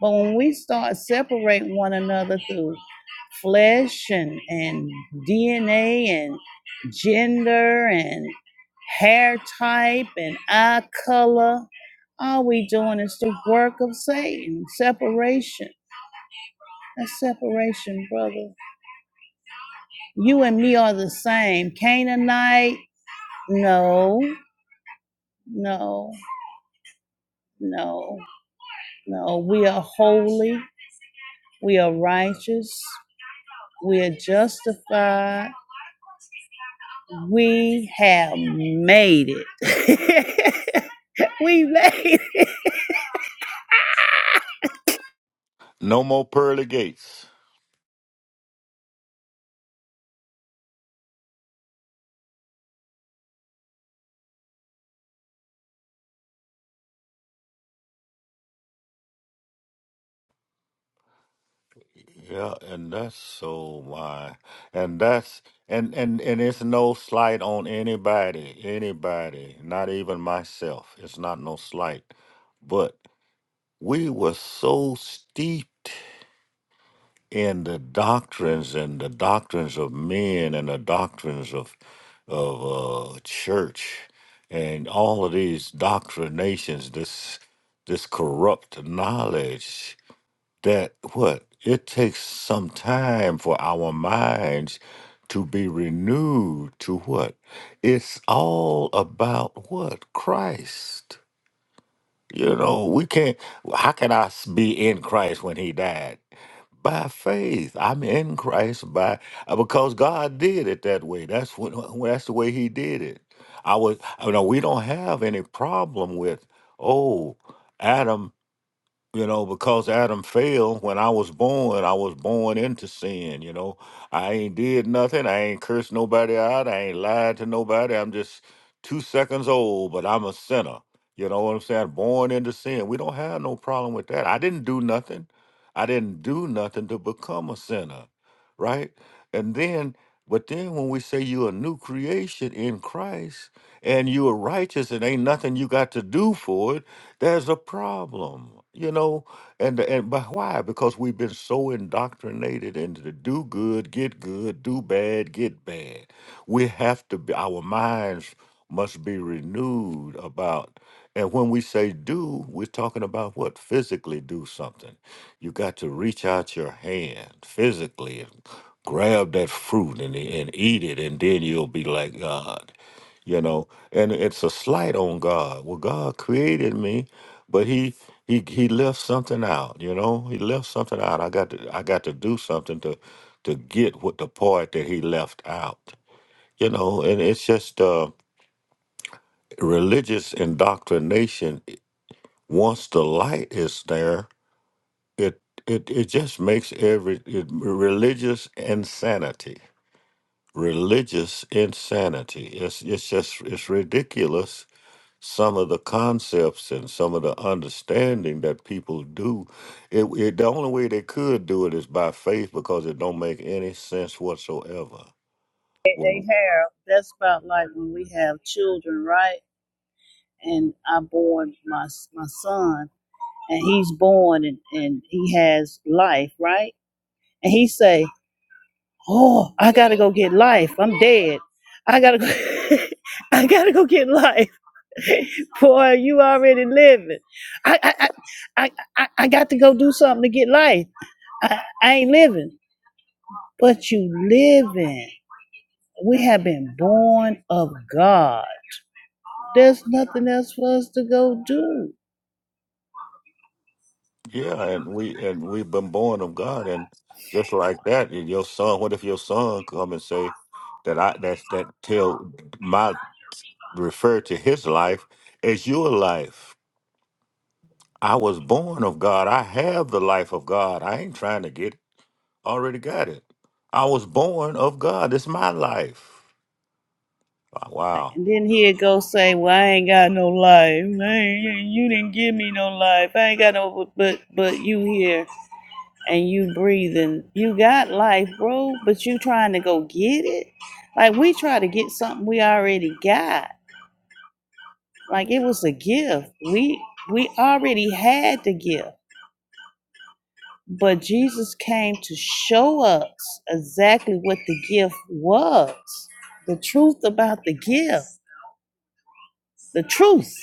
But when we start separating one another through flesh and, and DNA and gender and hair type and eye color, all we doing is the work of Satan. Separation. That's separation, brother. You and me are the same. Canaanite? No, no, no, no. We are holy. We are righteous. We are justified We have made it. we made it.
No more pearly gates. Yeah, and that's so my, and that's and and and it's no slight on anybody, anybody, not even myself. It's not no slight, but we were so steeped. in the doctrines and the doctrines of men and the doctrines of of uh, church and all of these doctrinations, this this corrupt knowledge that what it takes some time for our minds to be renewed to what it's all about what christ you know we can't how can i s- be in christ when he died by faith. I'm in Christ by uh, because God did it that way. That's what. that's the way He did it. I was. You know we don't have any problem with. Oh, Adam you know, because Adam fell when I was born, I was born into sin, you know. I ain't did nothing. I ain't cursed nobody out. I ain't lied to nobody. I'm just two seconds old, but I'm a sinner. You know what I'm saying? Born into sin. We don't have no problem with that. I didn't do nothing. I didn't do nothing to become a sinner, right? And then, but then when we say you're a new creation in Christ and you're righteous and ain't nothing you got to do for it, there's a problem, you know, and and but why? Because we've been so indoctrinated into the do good, get good, do bad, get bad. We have to be our minds must be renewed about and when we say do, we're talking about what? Physically do something. You got to reach out your hand physically and grab that fruit and, and eat it, and then you'll be like God you know and it's a slight on god well god created me but he he he left something out you know he left something out i got to i got to do something to to get what the part that he left out you know and it's just uh religious indoctrination once the light is there it it it just makes every it, religious insanity religious insanity it's it's just it's ridiculous some of the concepts and some of the understanding that people do it, it the only way they could do it is by faith because it don't make any sense whatsoever
Hey,
well
Harold, that's about like when we have children, right? And I born my my son, and he's born, and, and he has life, right? And he say, "Oh, I gotta go get life. I'm dead. I gotta go. I gotta go get life. Boy, you already living. I I I I, I I got to go do something to get life. I, I ain't living." but you live in. We have been born of God. There's nothing else for us to go do.
yeah and we and we've been born of god and just like that and your son what if your son come and say that i that's that tell my refer to his life as your life i was born of god i have the life of god i ain't trying to get Already got it. I was born of God. It's my life. Uh, Wow.
And then he'd go say, "Well, I ain't got no life. I You didn't give me no life. I ain't got no. But but you here and you breathing. You got life, bro. But you trying to go get it? Like we try to get something we already got. Like it was a gift. We we already had the gift. But Jesus came to show us exactly what the gift was the truth about the gift, the truth.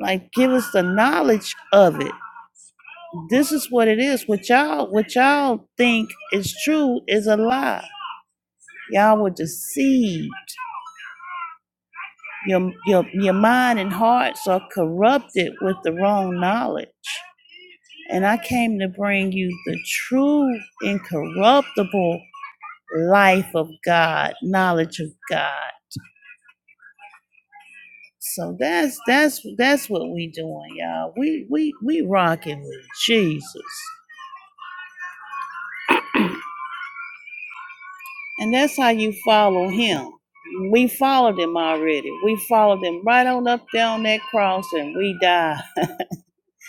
Like, give us the knowledge of it. This is what it is. What y'all, what y'all think is true is a lie. Y'all were deceived. Your, your, your mind and hearts are corrupted with the wrong knowledge. And I came to bring you the true, incorruptible life of God, knowledge of God. So that's that's that's what we doing, y'all. We we we rocking with Jesus, and that's how you follow Him. We followed Him already. We followed Him right on up down that cross, and we died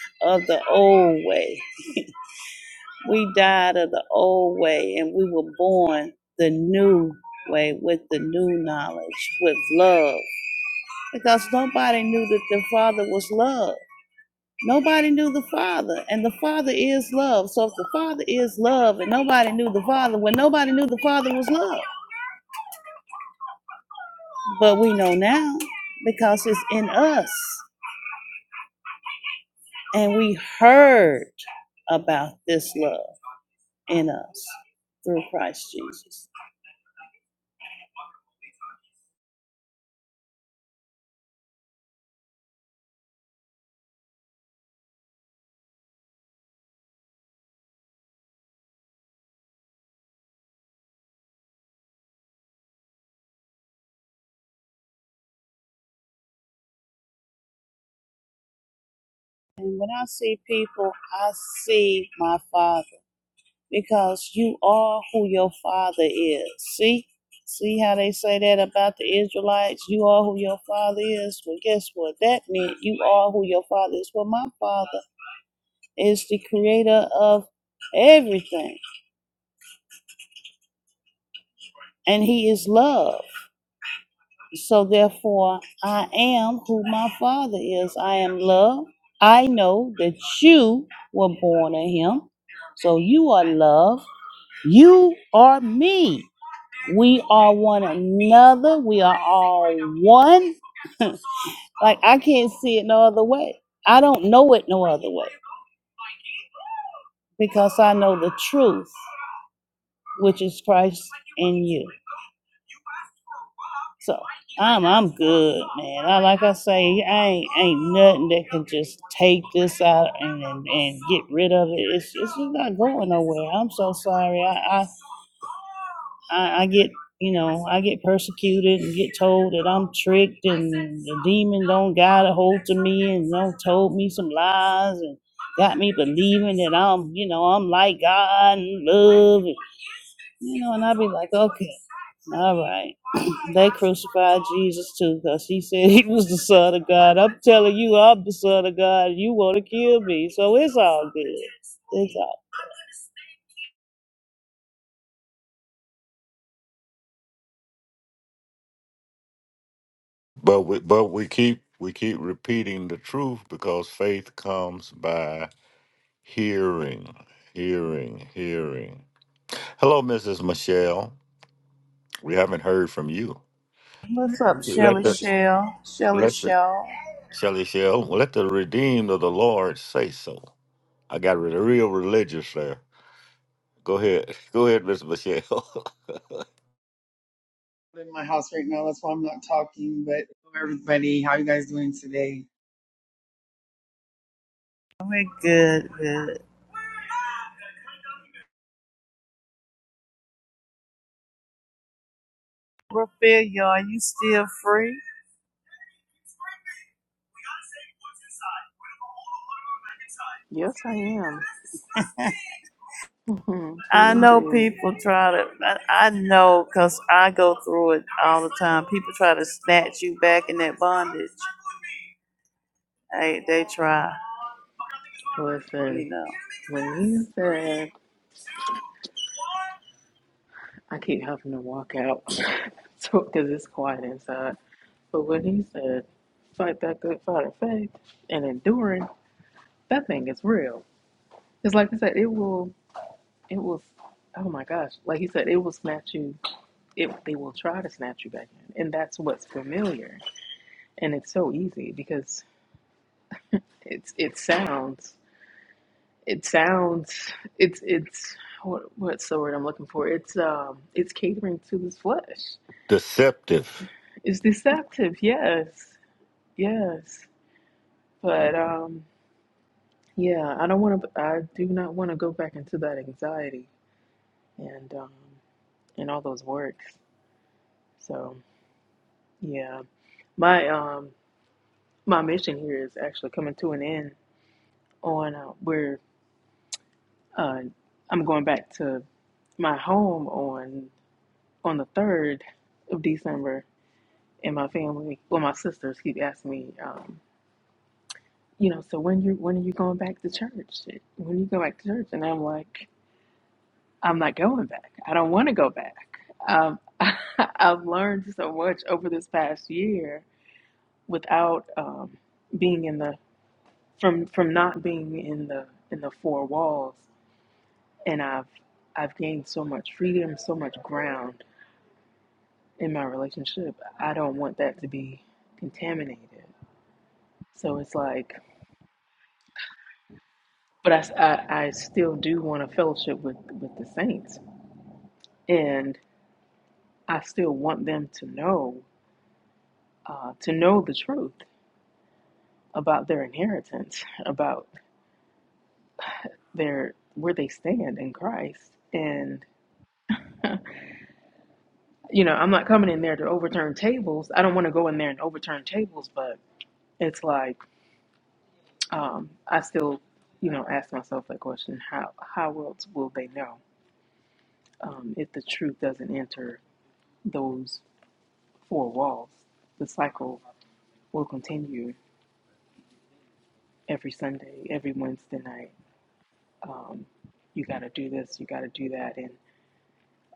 of the old way. we died of the old way, and we were born the new way with the new knowledge, with love, because nobody knew that the Father was love. Nobody knew the Father, and the Father is love. So if the Father is love and nobody knew the Father, well, nobody knew the Father was love. But we know now because it's in us, and we heard about this love in us through Christ Jesus. And when I see people, I see my Father. because you are who your father is. See? See how they say that about the Israelites? You are who your father is. Well, guess what? That meant you are who your father is. Well, my father is the creator of everything, and he is love. So, therefore, I am who my father is. I am love. I know that you were born of him. So, you are love. You are me. We are one another. We are all one. like I can't see it no other way. I don't know it no other way because I know the truth, which is Christ in you. So I'm I'm good, man. I like I say, I ain't ain't nothing that can just take this out and and, and get rid of it. It's it's just not going nowhere. I'm so sorry. I, I I, I get, you know, I get persecuted and get told that I'm tricked and the demon don't got a hold to me and don't told me some lies and got me believing that I'm, you know, I'm like God and love, and, you know, and i be like, okay, all right. They crucified Jesus too because he said he was the son of God. I'm telling you, I'm the son of God. You want to kill me, so it's all good. It's all
But we but we keep we keep repeating the truth because faith comes by hearing, hearing, hearing. Hello, Mrs. Michelle. We haven't heard from you.
What's up,
Let
Shelly
the
Shell? Shelly
let the
Shell.
Shelly Shell, let the redeemed of the Lord say so. I got re- real religious there. Go ahead. Go ahead, Miss Michelle.
in my house right now. That's why I'm not talking. But hello, everybody, how you guys doing today?
we're good, good. Raphael, are you still free?
Yes, I am. Mhm, Free
I know
indeed.
people try to, I, I know because I go through it all the time. People try to snatch you back in that bondage. They, they try,
Listen,
you know.
when he said, I keep having to walk out so, because it's quiet inside. But when he said, fight that good fight of faith and enduring, that thing is real. It's like I said, it will, it will, oh my gosh, like he said, it will snatch you it, they will try to snatch you back in. And that's what's familiar. And it's so easy because it's it sounds it sounds it's it's what what's the word I'm looking for? It's um it's catering to this flesh.
Deceptive.
It's deceptive, yes. Yes. But um yeah, I don't want to I do not want to go back into that anxiety and um and all those works. So, yeah. My um my mission here is actually coming to an end on uh, where Uh, I'm going back to my home on on the third of December, and my family, well, my sisters keep asking me, um, you know, so when you when are you going back to church? When you go back to church? And I'm like, I'm not going back. I don't want to go back. Um, I've learned so much over this past year without um, being in the from from not being in the in the four walls, and I've I've gained so much freedom, so much ground in my relationship, I don't want that to be contaminated. So it's like, but I I I still do want a fellowship with, with the saints. And I still want them to know, uh, to know the truth about their inheritance, about their, where they stand in Christ. And, you know, I'm not coming in there to overturn tables. I don't want to go in there and overturn tables, but it's like, um, I still, you know, ask myself that question, how, how else will they know? um, if the truth doesn't enter those four walls, the cycle will continue every Sunday, every Wednesday night. Um, you got to do this, you got to do that, and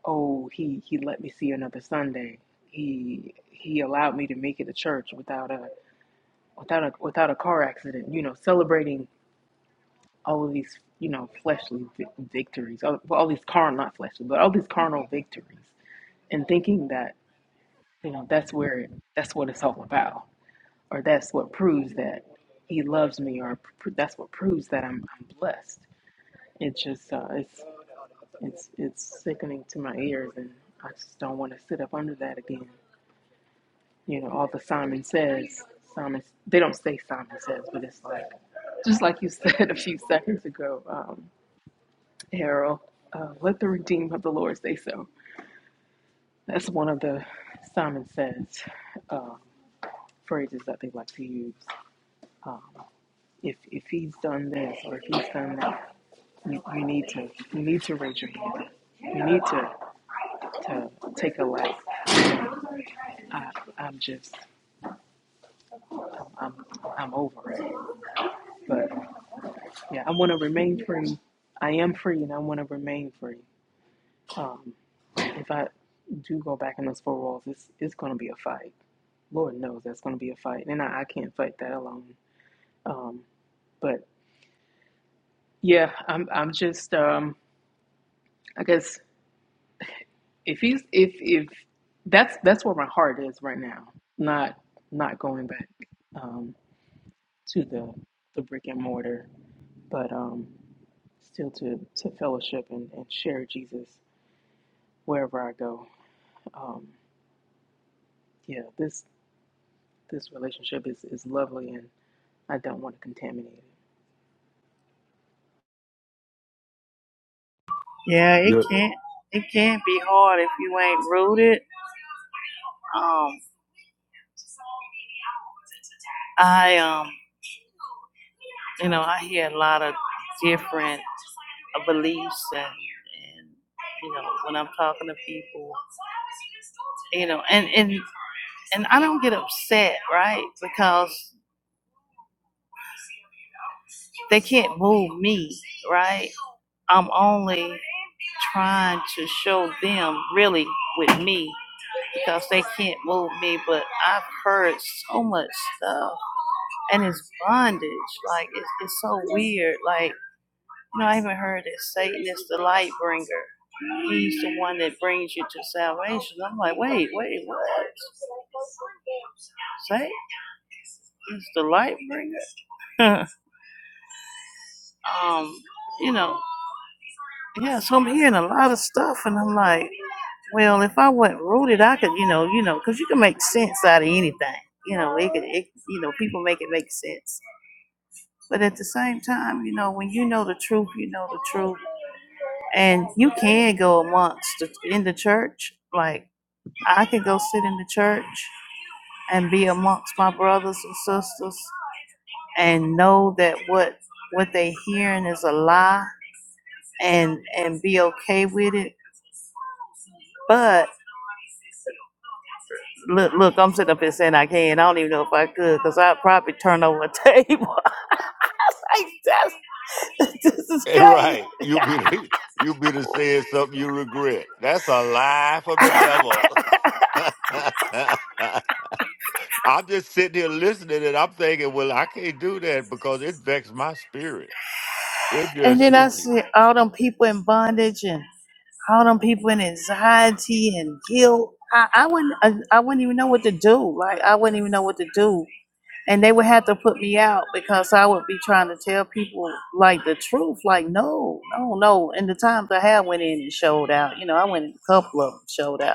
oh, he he let me see another Sunday. He he allowed me to make it to church without a without a without a car accident. You know, celebrating all of these you know fleshly vi- victories, all, well, all these carnal not fleshly, but all these carnal victories, and thinking that you know that's where it, that's what it's all about or that's what proves that he loves me or pr- that's what proves that I'm, I'm blessed it's just uh, it's it's it's sickening to my ears and I just don't want to sit up under that again you know all the Simon says Simon they don't say Simon says but it's like just like you said a few seconds ago um, Harold uh, let the redeemed of the Lord say so that's one of the Simon says uh, phrases that they like to use Um, If if he's done this or if he's done that, you, you need to you need to raise your hand. You need to to take a like. I I'm just I'm I'm over it. But yeah, I want to remain free. I am free, and I want to remain free. Um, if I do go back in those four walls, it's it's going to be a fight. Lord knows that's going to be a fight, and I, I can't fight that alone. Um, but yeah, I'm I'm just um, I guess if he's if if that's that's where my heart is right now not not going back um to the the brick and mortar but um still to to fellowship and, and share jesus wherever i go um yeah this this relationship is is lovely and i don't want to contaminate it
Yeah, it can't, it can't be hard if you ain't rooted. Um, I, um, you know, I hear a lot of different uh, beliefs and, and, you know, when I'm talking to people, you know, and, and, and I don't get upset, right? Because they can't move me, right? I'm only trying to show them really with me because they can't move me. But I've heard so much stuff, and it's bondage. Like it's, it's so weird. Like you know, I even heard that Satan is the light bringer. He's the one that brings you to salvation. I'm like, wait, wait, what? Satan is the light bringer. um, you
Ife,
know, yeah. So I'm hearing a lot of stuff, and I'm like. Well, if I wasn't rooted, I could, you know, you know, because you can make sense out of anything. You know, it could, it, you know, people make it make sense. But at the same time, you know, when you know the truth, you know the truth, and you can go amongst the, in the church. Like I could go sit in the church and be amongst my brothers and sisters and know that what what they hearing is a lie and and be okay with it. but. Look, look, I'm sitting up here saying I can. I don't even know if I could because I'd probably turn over a table. I was like, that's, this is
Eh,
crazy.
Right. You be the, you be the saying something you regret. That's a lie from the devil. I'm just sitting here listening and I'm thinking, well, I can't do that because it vexed my spirit. It
and
just
then I see all them people in bondage and all them people in anxiety and guilt. I, I wouldn't, I, I wouldn't even know what to do. Like, I wouldn't even know what to do. And they would have to put me out because I would be trying to tell people like the truth. Like, no, no, no. And the times I had went in and showed out, you know, I went in a couple of them showed out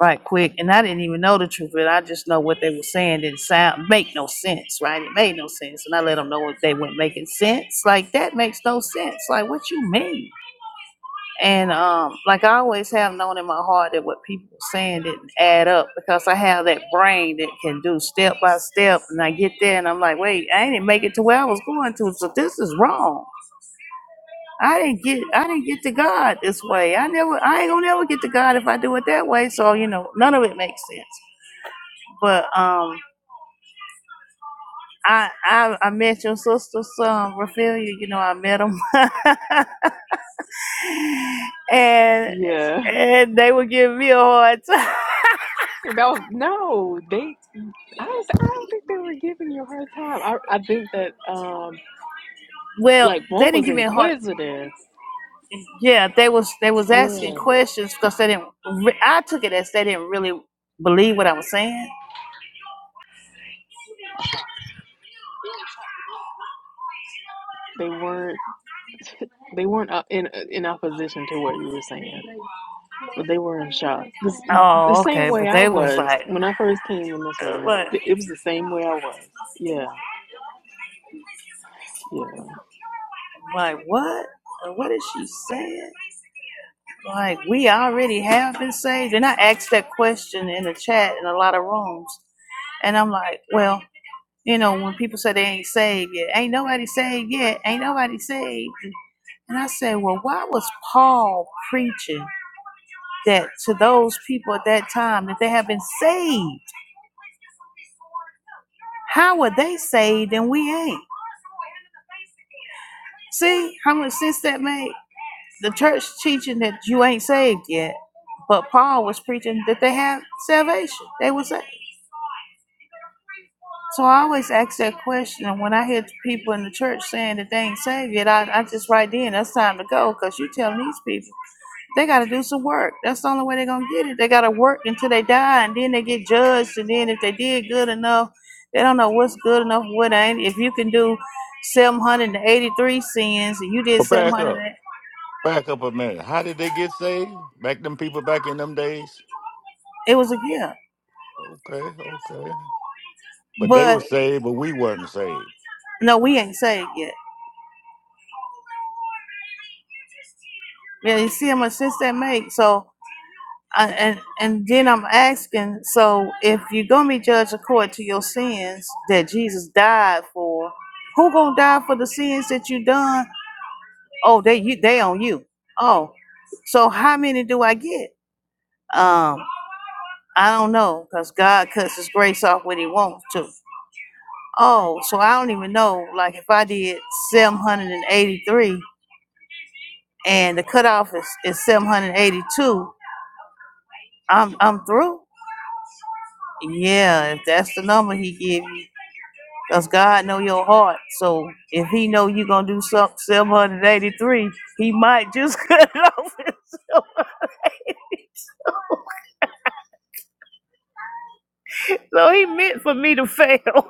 right quick. And I didn't even know the truth, of it. I just know what they were saying didn't sound make no sense, right? It made no sense. And I let them know if they weren't making sense. Like that makes no sense. Like what you mean? And um, like I always have known in my heart that what people were saying didn't add up because I have that brain that can do step by step and I get there and I'm like, wait, I didn't make it to where I was going to, so this is wrong. I didn't get I didn't get to God this way. I never I ain't gonna never get to God if I do it that way. So, you know, none of it makes sense. But um, I, I I met your sister's son, Rafaelia. You know, I met him, and
yeah
and they were giving me a hard time.
about no they i don't i don't think they were giving you a hard time i i think that um
Well,
like
they
one
didn't
was
give me a hard.
inquisitive
Yeah, they was they was asking
yeah
questions because they didn't. Re- I took it as they didn't really believe what I was saying.
they weren't They weren't up in in opposition to what you were saying, but they were in shock. 'Cause the
Oh,
same
okay,
way
but
I
they was
was
like,
when I first came in this room,
what?
th- it was the same way I was. Yeah, yeah.
Like what? What is she saying? Like we already have been saved, and I asked that question in the chat in a lot of rooms. And I'm like, well, you know, when people say they ain't saved yet, ain't nobody saved yet, ain't nobody saved. And I said, well, why was Paul preaching that to those people at that time that they have been saved? How were they saved and we ain't? See how much sense that made? The church teaching that you ain't saved yet, but Paul was preaching that they have salvation. They were saved. So I always ask that question when I hear people in the church saying that they ain't saved yet. I, I just right then, that's time to go because you telling these people they got to do some work. That's the only way they're going to get it. They got to work until they die and then they get judged. And then if they did good enough, they don't know what's good enough, what ain't. If you can do 783 sins and you did
But back up.
700,
Back up a minute. How did they get saved? Back them people back in them days?
it was a gift.
Okay, okay. But they were
But
saved, but we weren't saved.
no, we ain't saved yet. Yeah, you see how much sense that makes. So I- and and then I'm asking, so if you're gonna be judged according to your sins that Jesus died for, who gonna die for the sins that you done? Oh, they you they on you. Oh, so how many do I get? Um, I don't know, cause God cuts His grace off when He wants to. Oh, so I don't even know. Like if I did 783 and eighty-three, and the cutoff is, is 782, I'm I'm through. Yeah, if that's the number He give you. Cause God know your heart. So if He know you gonna do something seven hundred eighty three, He might just cut it off himself. So He meant for me to fail.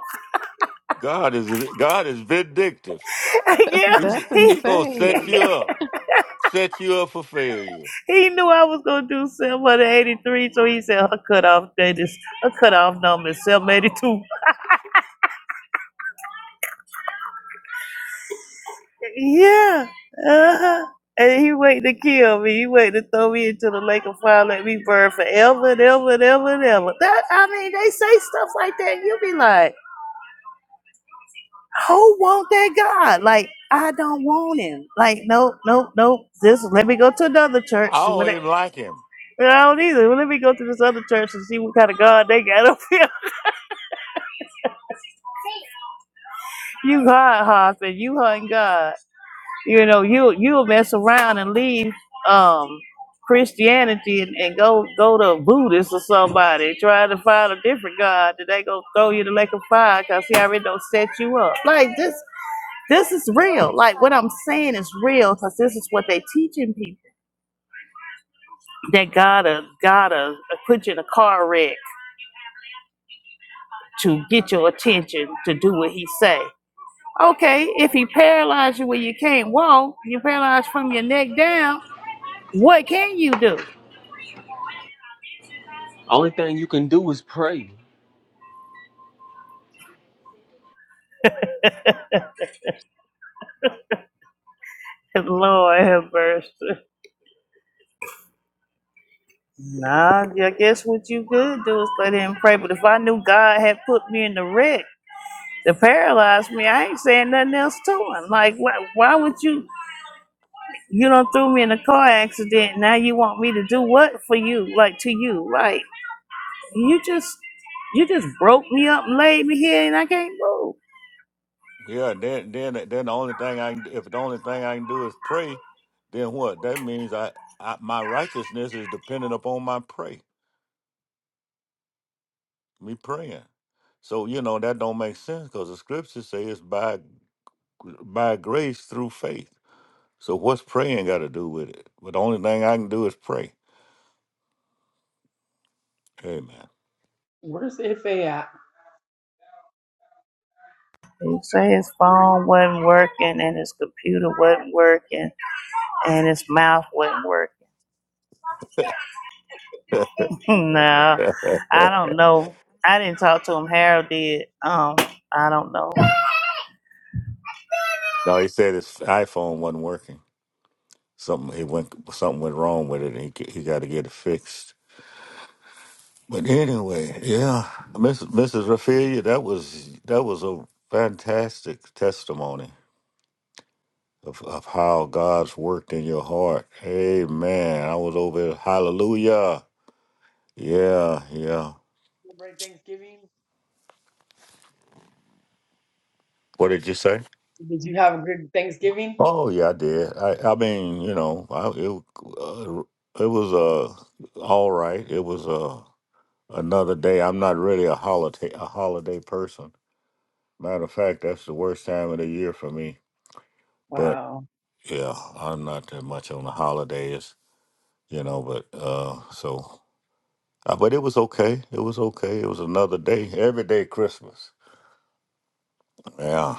God is God is vindictive.
That's,
yeah,
He's,
that's
He
he's gonna set
insane.
you up. Set you up for failure.
He knew I was gonna do seven hundred eighty three. So He said her cutoff date is her cutoff number is seven eighty two. Yeah. Uh-huh. And he waiting to kill me. He waiting to throw me into the lake of fire, let me burn forever and ever and ever and ever. That I mean, they say stuff like that. You be like. who want that God? Like, I don't want him. Like, nope, nope, nope. This let me go to another church.
I
See what
don't
it-
even like him.
I don't either. Well, let me go to this other church and see what kind of God they got up here. You God hopping, you hunting God. You know, you you'll mess around and leave um Christianity and, and go go to Buddhist or somebody trying to find a different God that they gonna throw you in the lake of fire because he already don't set you up. Like this This is real. Like what I'm saying is real because this is what they teaching people. That gotta gotta put you in a car wreck to get your attention to do what he say. Okay, if he paralyzed you where you can't walk, you paralyzed from your neck down. What can you do?
Only thing you can do is pray.
Lord have mercy. Nah, I guess what you could do is let him pray. But if I knew God had put me in the wreck to paralyze me, I ain't saying nothing else to him. Like, why, why would you? You don't threw me in a car accident. Now you want me to do what for you? Like to you? Like you just you just broke me up and laid me here, and I can't move.
Yeah, then then then the only thing I can if the only thing I can do is pray, then what? That means I, I my righteousness is dependent upon my pray, me praying. So you know that don't make sense because the scriptures say it's by by grace through faith. So what's praying got to do with it? But the only thing I can do is pray. Amen.
where's Ife at?
He said his phone wasn't working and his computer wasn't working and his mouth wasn't working. no, I don't know. I didn't talk to him. Harold did. Um, I don't know.
no, he said his iPhone wasn't working. Something he went something went wrong with it, and he he got to get it fixed. But anyway, yeah, Miss, Mrs. Raphaelia, that was that was a fantastic testimony of, of how God's worked in your heart. Amen. I was over there, hallelujah. Yeah, yeah.
Celebrate Thanksgiving.
What did you say?
Did you have a good Thanksgiving?
Oh yeah, I did. I I mean, you know, I, it uh, it was uh all right. It was uh another day. I'm not really a holiday a holiday person. Matter of fact, that's the worst time of the year for me.
Wow.
Yeah, I'm not that much on the holidays, you know, but uh so uh, but it was okay. It was okay. It was another day. Every day Christmas. Yeah.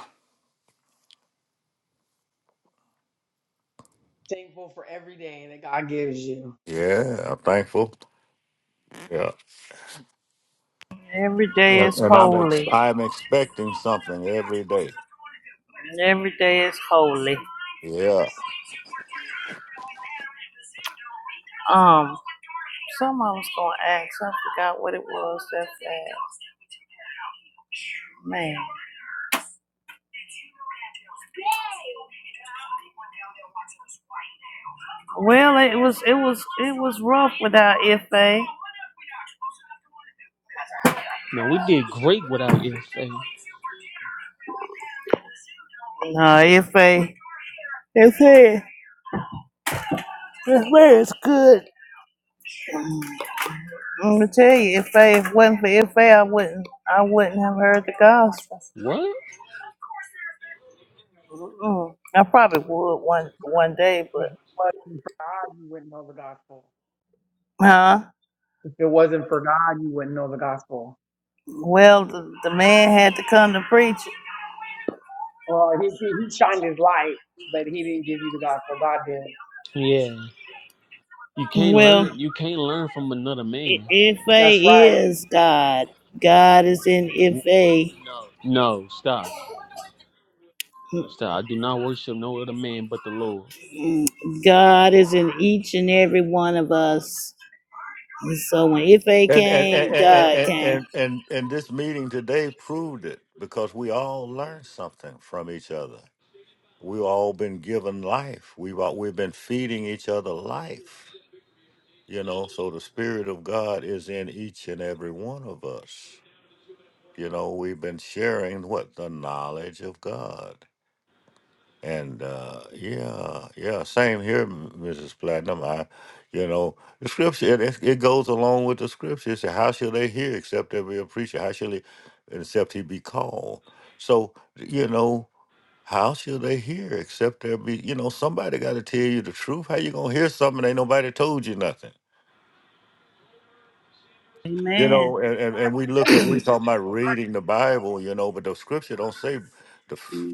Thankful for every day that God gives you.
Yeah, I'm thankful. Yeah.
Every day
And,
is
and I'm ex-
holy.
I'm expecting something every day.
Every day is holy.
Yeah.
Um, something I was gonna ask. I forgot what it was that fast. Man. Well, it was it was it was rough without Ife. No,
Now we did great without if
Ife. Ife. Ife is good. I'm gonna tell you, if I if it wasn't for Ife, I I wouldn't I wouldn't have heard the gospel.
What?
Mm-mm. I probably would one one day,
If it
but
wasn't for God, you wouldn't know the gospel.
huh?
If it wasn't for God, you wouldn't know the gospel.
Well, the, the man had to come to preach.
Well, he, he he shined his light, but he didn't give you the gospel. God did.
Yeah. You can't
Well,
learn. You can't learn from another man.
I- Ife
That's right.
is God. God is in Ife.
No, stop, stop. I do not worship no other man but the Lord.
Mm, God is in each and every one of us. So when if faith
And and
came,
and, and
God
and
came.
and and and this meeting today proved it because we all learned something from each other. We've all been given life. We've all, we've been feeding each other life You know, so the Spirit of God is in each and every one of us. You know, we've been sharing what the knowledge of God. And uh, yeah, yeah, same here, M- Mrs. Platinum. I, you know, the scripture it, it it goes along with the scripture. It said, "How shall they hear except they be a preacher? How shall he, except he be called?" So you know, how shall they hear except there be, you know, somebody got to tell you the truth. How you gonna hear something ain't nobody told you nothing? You
Amen.
know, and, and, and we look at we talking about reading the Bible, you know, but the scripture don't say the f-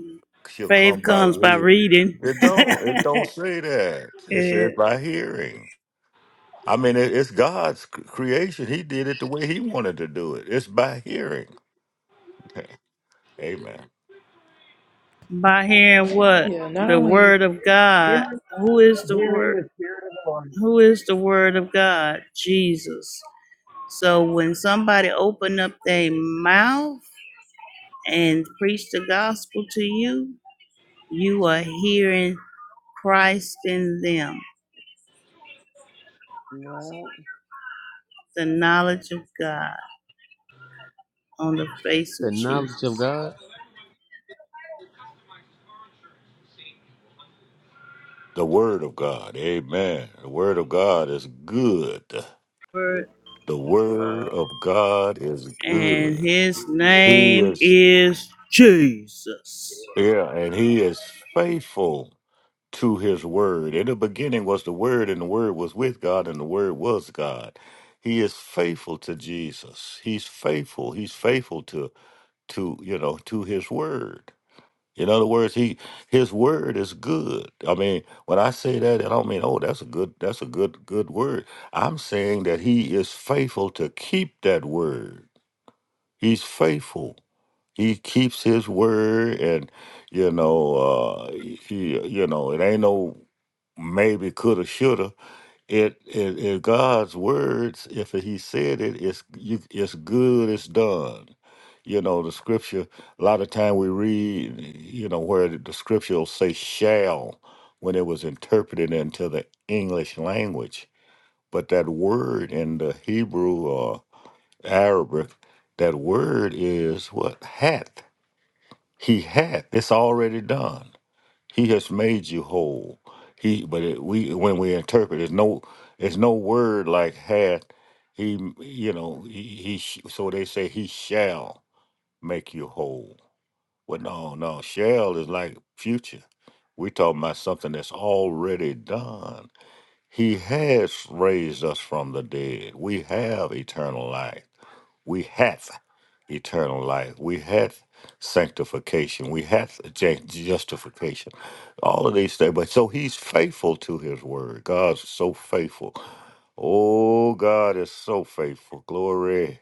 shall come
Faith
by
comes by
reading.
reading,
It don't. It don't say that. It says
and
by hearing. I mean, it, it's God's c- creation. He did it the way He wanted to do it. It's by hearing. Amen.
by hearing what
Yeah, not
the word
only
of God.
Hearing,
Who is the
hearing
word?
the spirit of the
Who is the word of God? Jesus. So when somebody open up their mouth and preach the gospel to you, you are hearing Christ in them,
Lord. Yeah.
the knowledge of God on the face of
The knowledge
Jesus
of God.
The Word of God. Amen. The Word of God is good.
Word
The Word of God is
and
good.
his
He
name
is,
is Jesus.
yeah, and He is faithful to his word. In the beginning was the word, and the word was with God, and the word was God. He is faithful to Jesus. He's faithful. He's faithful to to you know to his word. In other words, he his word is good. I mean, when I say that, I don't mean oh that's a good that's a good good word. I'm saying that he is faithful to keep that word. He's faithful. He keeps his word and you know uh he you know it ain't no maybe coulda shoulda it, it it god's words if he said it it's you it's good it's done you know the scripture a lot of time we read you know where the scripture will say shall when it was interpreted into the english language but that word in the hebrew or arabic that word is what hath he hath it's already done he has made you whole. He, but it, we when we interpret, there's no there's no word like hath. He, you know, he, he. sh- So they say he shall make you whole. Well, no, no, shall is like future. We're talking about something that's already done. He has raised us from the dead. We have eternal life we have eternal life. We have sanctification. We have ju- justification. All of these things. But so he's faithful to his word. God's so faithful. Oh, God is so faithful. Glory.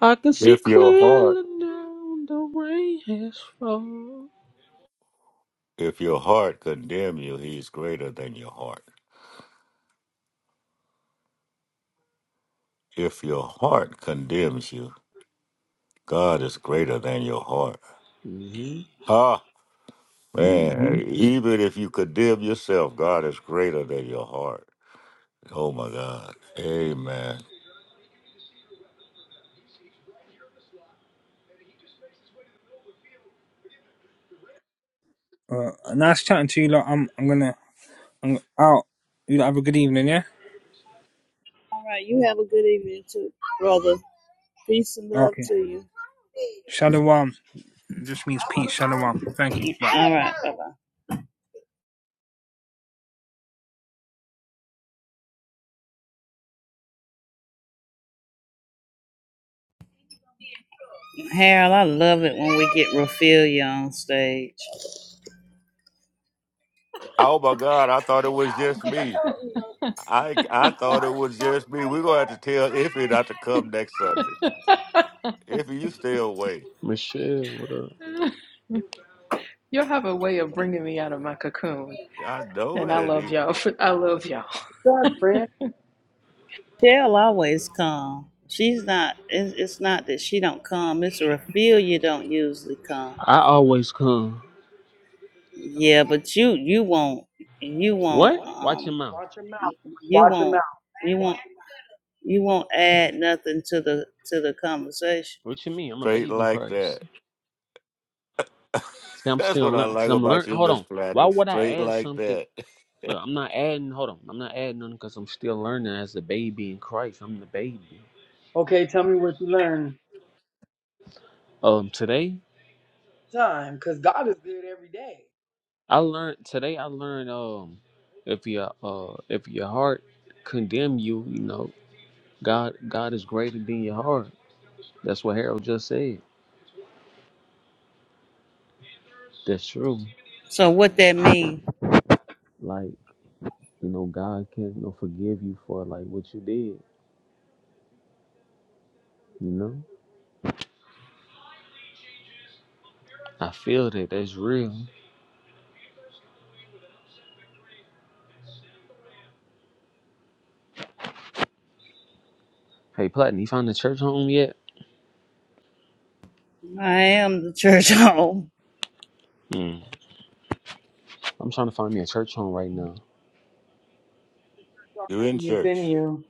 I can see
If your heart,
clearly now. The rain has fallen.
if your heart condemn you, he's greater than your heart. If your heart condemns you, God is greater than your heart.
hmm
Ha! hmm Man, Mhm. even if you condemn yourself, God is greater than your heart. Oh my God. Amen.
Uh, nice chatting to you lot. I'm I'm gonna I'm out. You lot have a good evening, yeah?
All right, you have a good evening too, brother. Peace and love
Okay.
to you.
Shalom. It just means peace. Shalom. Thank you. Bye.
All right, bye-bye. Harold, I love it when we get Raphaelia on stage.
Oh my God. I thought it was just me. I I thought it was just me. We're gonna have to tell Iffy not to come next Sunday. Iffy, you stay away.
Michelle, what up?
y'all have a way of bringing me out of my cocoon,
I know
and I
it.
love
He-
y'all. For, I love y'all.
What's up, friend?
She'll always come. She's not. It's, it's not that she don't come. It's Raphaelia don't usually come.
I always come.
Yeah,
Don't
but you you won't you
What?
won't
Watch your
um
mouth.
watch your mouth.
you
Watch your
won't
mouth.
you won't you won't add nothing to the to the conversation.
What you mean? I'm a
Straight
babe in
like
Christ.
that.
See, I'm
That's
still
what I
learning. Cause
like
I'm
about
learning.
you,
Hold
Miss
on. Why
Platinum.
would I
Straight
add
like
something?
that.
Look, I'm not adding. Hold on, I'm not adding none because I'm still learning as a baby in Christ. I'm the baby.
Okay, tell me what you learned.
Um, today
Time, because God is good every day.
I learned. Today I learned. Um, if your uh, if your heart condemn you, you know, God God is greater than your heart. That's what Harold just said. That's true.
So what that mean?
Like you know, God can you know, forgive you for like what you did. You know, I feel that. That's real. Hey, Platin, you found a church home yet?
I am the church home.
Mm. I'm trying to find me a church home right now.
You're in
Something Within
church.
you,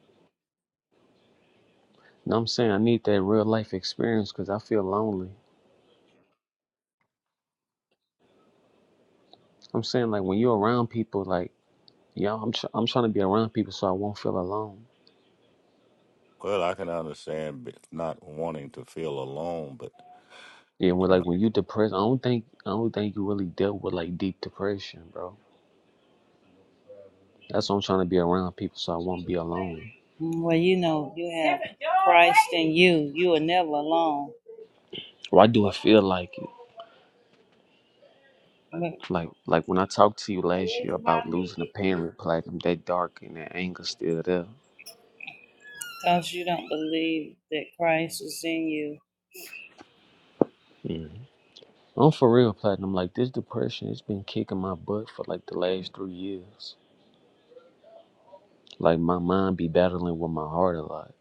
You know what I'm saying? I need that real life experience because I feel lonely. I'm saying like when you're around people, like y'all, I'm tr- I'm trying to be around people so I won't feel alone.
Well, I can understand b- not wanting to feel alone, but
Yeah, when like when you depressed, I don't think I don't think you really dealt with like deep depression, bro. That's why I'm trying to be around people so I won't be alone.
Well, you know, you have Christ in you. You are never alone
Why do it feel like it?
because
Like like when I talked to you last year about losing a parent, platinum, that dark and that anger still there.
you don't believe that Christ is in you.
Mm. I'm for real, platinum. Like this depression, it's been kicking my butt for like the last three years. Like my mind be battling with my heart a lot,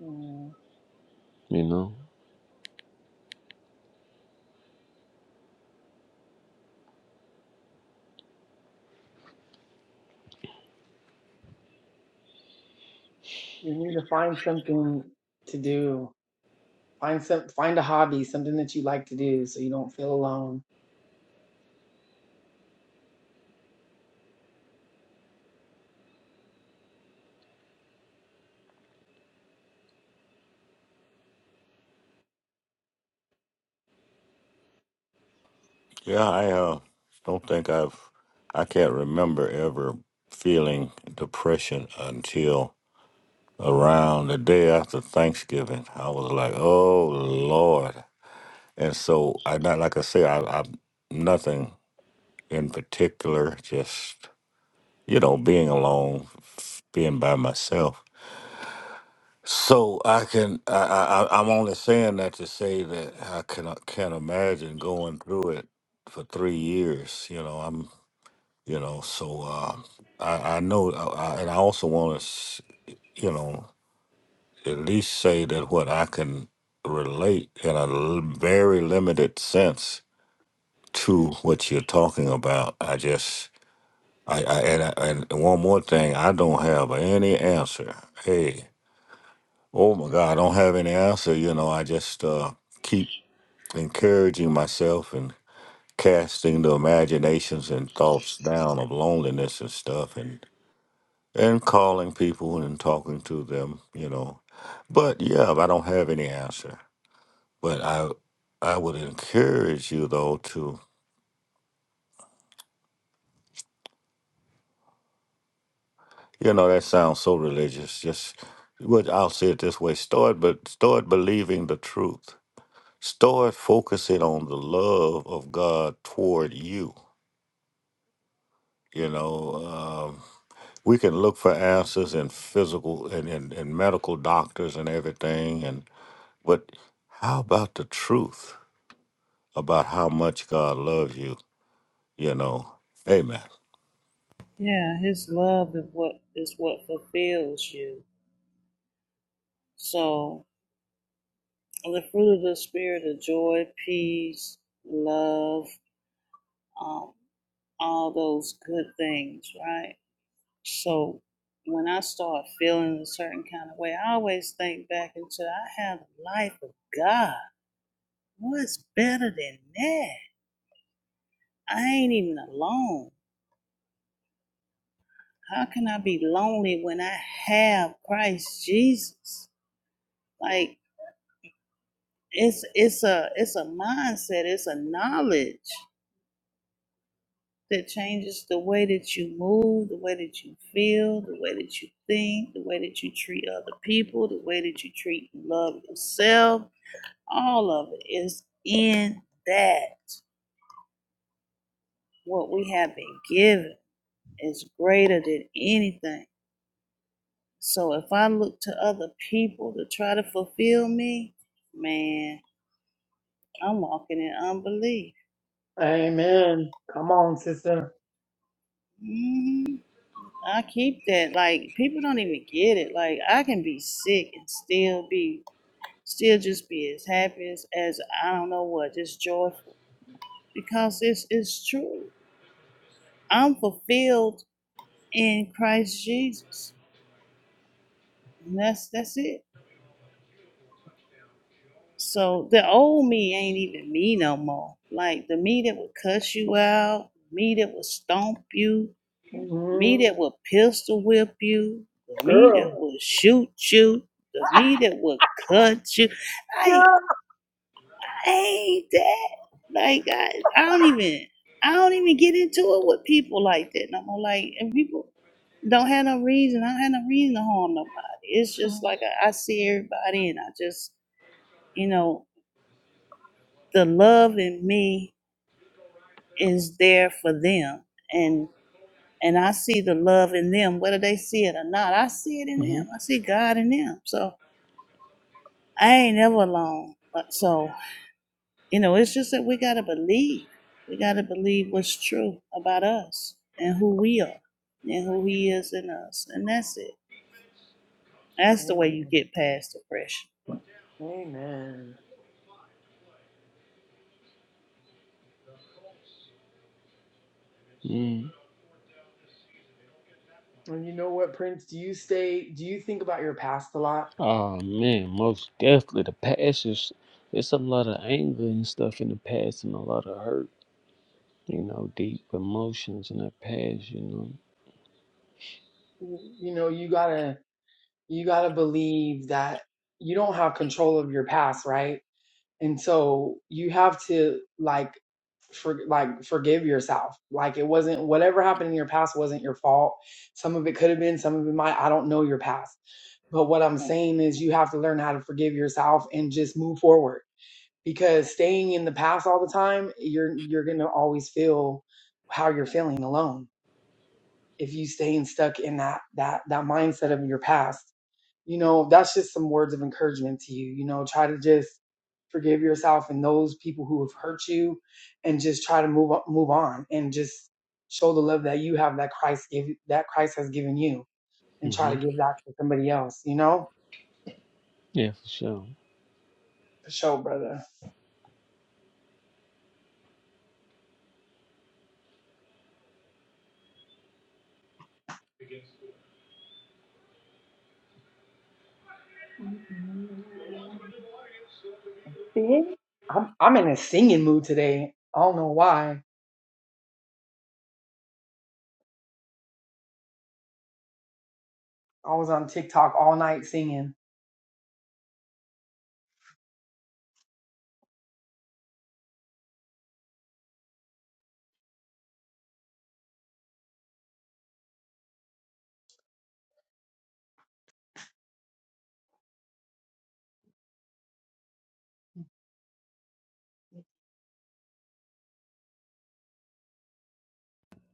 Mm,
you know.
you need to find something to do. Find some, find a hobby, something that you like to do, so you don't feel alone.
Yeah, I uh, don't think I've, I can't remember ever feeling depression until around the day after Thanksgiving. I was like, oh Lord. And so I not like I say, I, I nothing in particular, just you know, being alone, f- being by myself. So I can, I, I, I- I'm only saying that to say that I can, can't imagine going through it for three years. You know, you know so uh i i know I, I, and i also want to you know at least say that what i can relate in a l- very limited sense to what you're talking about i just i, I and I, and one more thing i don't have any answer hey oh my god i don't have any answer you know i just uh keep encouraging myself and casting the imaginations and thoughts down of loneliness and stuff and. and calling people and talking to them, you know. But yeah, I don't have any answer. But I I would encourage you though to you know, that sounds so religious. Just well, I'll say it this way, start but start believing the truth. Start focusing on the love of God toward you. You know, um, we can look for answers in physical and in, in medical doctors and everything and but how about the truth? about how much God loves you, you know. Amen.
Yeah, His love is what is what fulfills you. So the fruit of the spirit of joy, peace, love, um, all those good things, right? So when I start feeling a certain kind of way, I always think back into I have the life of God. What's better than that? I ain't even alone. How can I be lonely when I have Christ Jesus? Like it's it's a it's a mindset, it's a knowledge that changes the way that you move, the way that you feel, the way that you think, the way that you treat other people, the way that you treat and love yourself, All of it is in that. What we have been given is greater than anything. So if I look to other people to try to fulfill me, man, I'm walking in unbelief.
Amen. Come on, sister.
hmm I keep that. Like people don't even get it. Like I can be sick and still be, still just be as happy as, as I don't know what, just joyful because it's it's true. I'm fulfilled in Christ Jesus. And that's that's it. So the old me ain't even me no more. Like the me that would cuss you out, me that would stomp you, me
Mhm.
that would pistol whip you, the me that
Girl.
would shoot you, the me that would cut you. Like
Girl.
I ain't that. Like I, I don't even I don't even get into it with people like that no more. Like and people don't have no reason. I don't have no reason to harm nobody. It's just
Mhm.
like I, I see everybody and I just you know the love in me is there for them and and i see the love in them whether they see it or not i see it in
hmm
them i see god in them so i ain't ever alone But- so you know it's just that we got to believe we got to believe what's true about us and who we are and who he is in us and that's it that's the way you
Amen.
get past depression
Amen.
Mm.
And you know what, Prince? Do you stay? Do you think about your past a lot?
Oh man, most definitely the past is it's a lot of anger and stuff in the past and a lot of hurt, you know, deep emotions in the past, you know.
You know, you gotta. you got to believe that you don't have control of your past, right? And so you have to like for like forgive yourself. Like it wasn't whatever happened in your past wasn't your fault. Some of it could have been, some of it might. I don't know your past. But what I'm saying is you have to learn how to forgive yourself and just move forward because staying in the past all the time, you're you're going to always feel how you're feeling alone. If you staying stuck in that that that mindset of your past you know, that's just some words of encouragement to you. You know, try to just forgive yourself and those people who have hurt you and just try to move on, move on and just show the love that you have that Christ give that Christ has given you and try
hmm
to give that to somebody else, you know?
Yeah, for sure.
For sure, brother. See? I'm I'm in a singing mood today. I don't know why. I was on TikTok all night singing.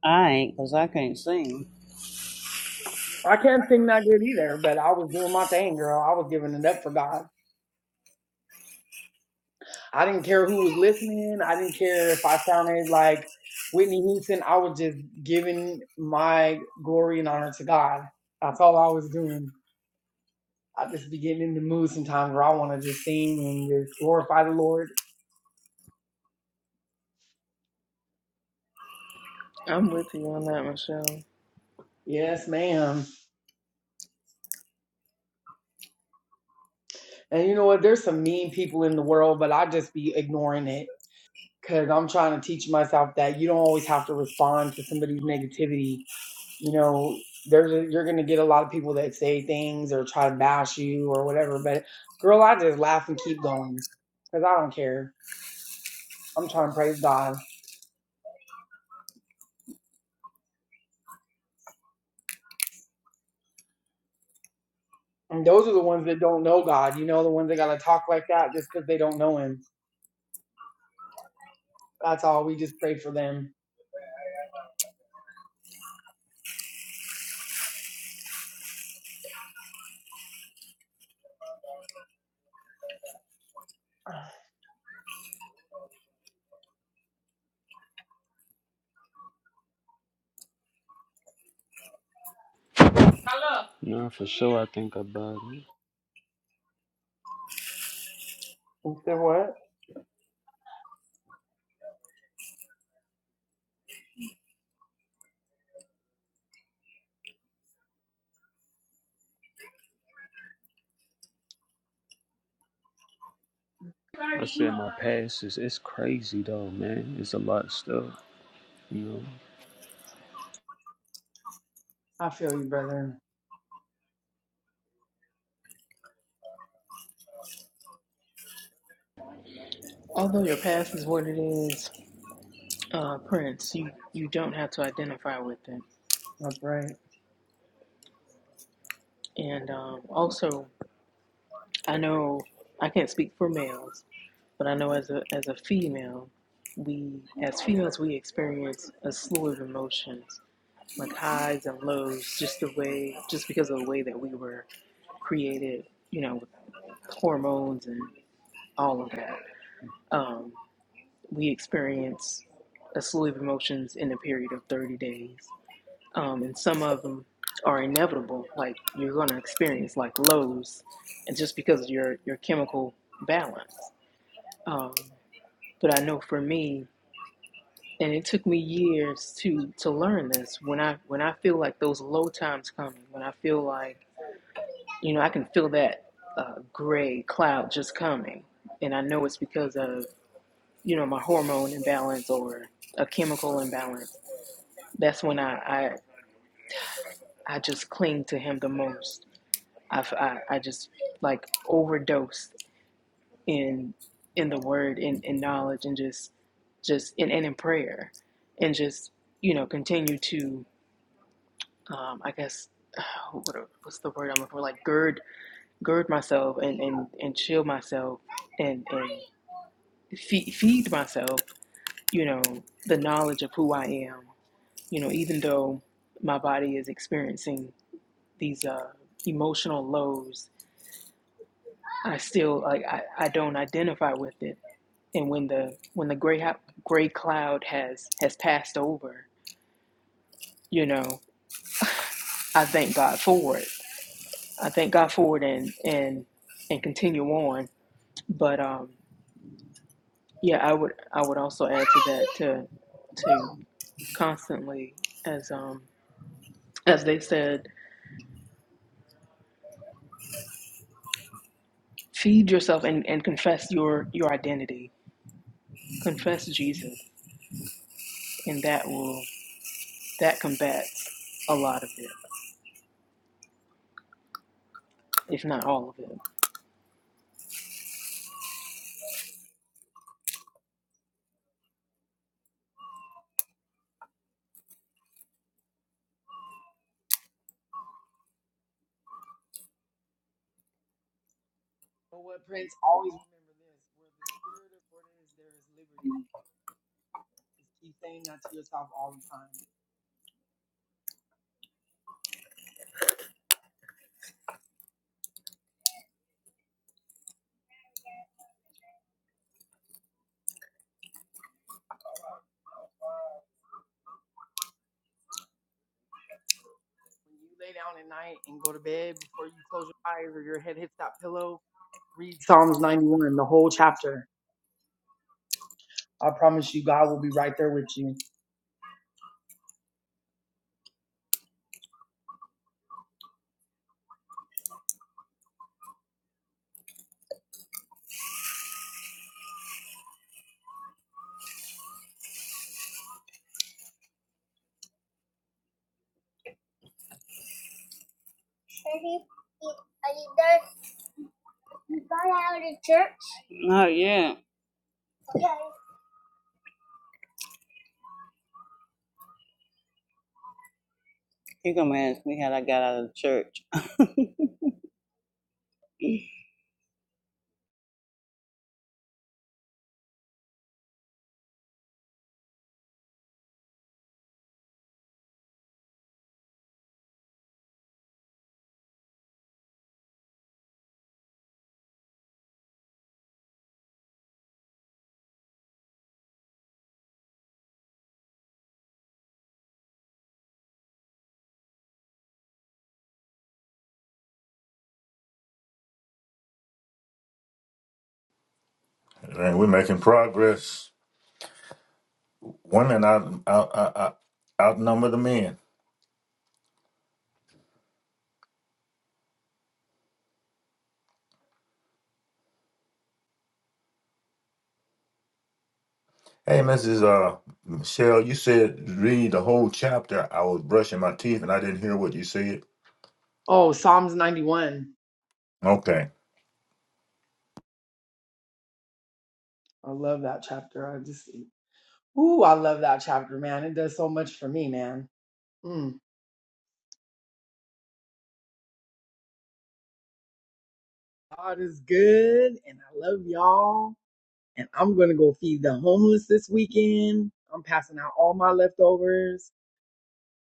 I ain't, because I can't sing.
I can't sing that good either, but I was doing my thing, girl. I was giving it up for God. I didn't care who was listening. I didn't care if I sounded like Whitney Houston. I was just giving my glory and honor to God. That's all I was doing. I just be getting in the mood sometimes where I want to just sing and just glorify the Lord.
I'm with you on that, Michelle.
Yes, ma'am. And you know what? There's some mean people in the world, but I just be ignoring it because I'm trying to teach myself that you don't always have to respond to somebody's negativity you know there's a, you're gonna get a lot of people that say things or try to bash you or whatever but girl i just laugh and keep going because i don't care i'm trying to praise god and those are the ones that don't know god you know the ones that gotta talk like that just because they don't know him that's all we just pray for them
No, for sure I think about it.
and so what
I said my past is it's crazy though, man. It's a lot of stuff, you know.
i feel you brother
Although your past is what it is, uh, Prince, you you don't have to identify with it.
that's right
And um, also. I know I can't speak for males, but I know as a as a female, we as females we experience a slew of emotions, like highs and lows, just the way just because of the way that we were created, you know, with hormones and all of that. Um, we experience a slew of emotions in a period of 30 days, um, and some of them are inevitable. Like you're going to experience like lows, and just because of your your chemical balance Um, but I know for me, and it took me years to to learn this. When I when I feel like those low times coming, when I feel like you know I can feel that uh, gray cloud just coming, and I know it's because of you know my hormone imbalance or a chemical imbalance. That's when I I, I just cling to him the most. i I I just like overdose. in in the word in in knowledge and just just in and in prayer and just you know continue to um i guess what what's the word i'm looking for like gird gird myself and and and shield myself and and feed, feed myself you know the knowledge of who i am you know even though my body is experiencing these uh emotional lows i still like i, I don't identify with it and when the when the gray gray cloud has has passed over you know i thank god for it i thank god for it and and and continue on but um yeah i would i would also add to that to to constantly as um as they said feed yourself and and confess your your identity confess jesus and that will that combats a lot of it if not all of it
but what prince always remember this where the spirit of order is there is liberty just keep saying that to yourself all the time When you lay down at night and go to bed, before you close your eyes or your head hits that pillow, read Psalms 91, the whole chapter. I promise you, God will be right there with you.
Not yet. you going to ask me how I got out of the church.
And we're making progress. Women out, out, out, out- outnumber the men. Hey, Mrs. Uh, Michelle, you said read the whole chapter. I was brushing my teeth and I didn't hear what you said.
Oh, Psalms 91.
Okay.
I love that chapter. I just, ooh, I love that chapter, man. It does so much for me, man. Mm. God is good, and I love y'all. And I'm going to go feed the homeless this weekend. I'm passing out all my leftovers.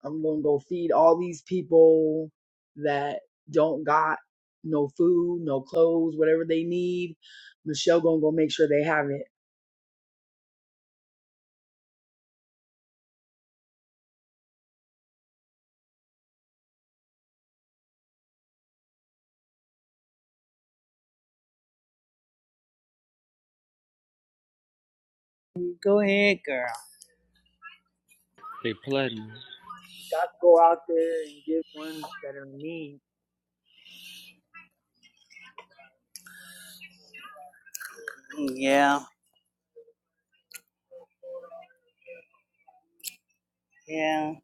I'm gonna go feed all these people that don't got no food, no clothes, whatever they need. Michelle gonna go make sure they have it.
go ahead, girl.
They plotting.
You got to go out there and give ones that are in need.
Yeah, yeah.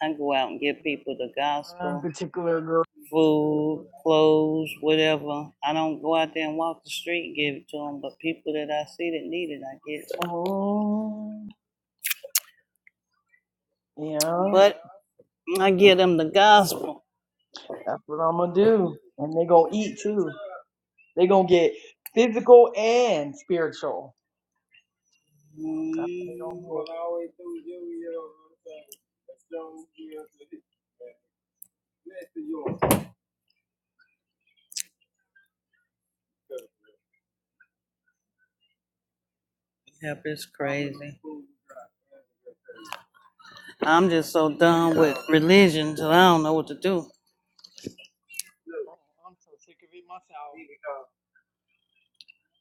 I go out and give
There's
people the
One
gospel,
particular girl.
food, clothes, whatever. I don't go out there and walk the street and give it to them, but people that I see that need it, I get it.
Oh, yeah,
But I give them the gospel.
that's what I'm gonna do. And they gonna eat too. They gonna get physical and spiritual. That's what they gonna
Mm,
get.
Yep, it's crazy. I'm just so done with religion till I don't know what to do.
Oh, I'm so sick of it myself.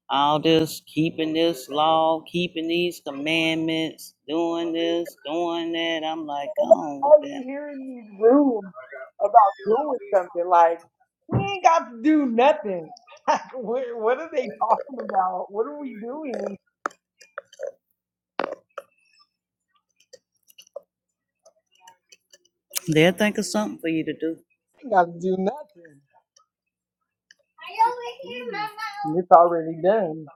All this keeping this law, keeping these commandments, doing this, doing that. I'm like, go on with
all you
that.
hear in these rooms about doing something. Like, we ain't got to do nothing. Like, what, what are they talking about? What are we doing?
They'll think of something for you to do.
We ain't got to do nothing. Jesus. And It's already done.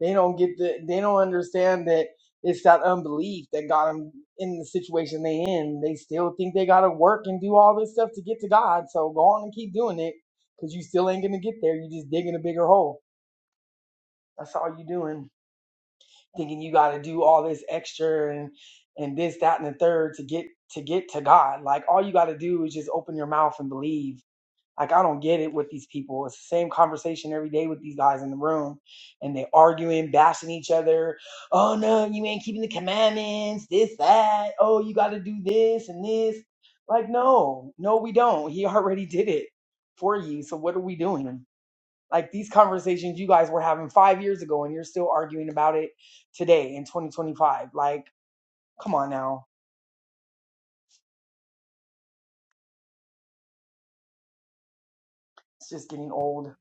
They don't get the, they don't understand that it's that unbelief that got them in the situation they in. They still think they got to work and do all this stuff to get to God. So go on and keep doing it because you still ain't going to get there. You're just digging a bigger hole. That's all you're doing. thinking you got to do all this extra and and this that and the third to get to get to god like all you got to do is just open your mouth and believe like i don't get it with these people it's the same conversation every day with these guys in the room and they arguing bashing each other oh no you ain't keeping the commandments this that oh you got to do this and this like no no we don't he already did it for you so what are we doing like these conversations you guys were having five years ago and you're still arguing about it today in 2025. Like, come on now. It's just getting old.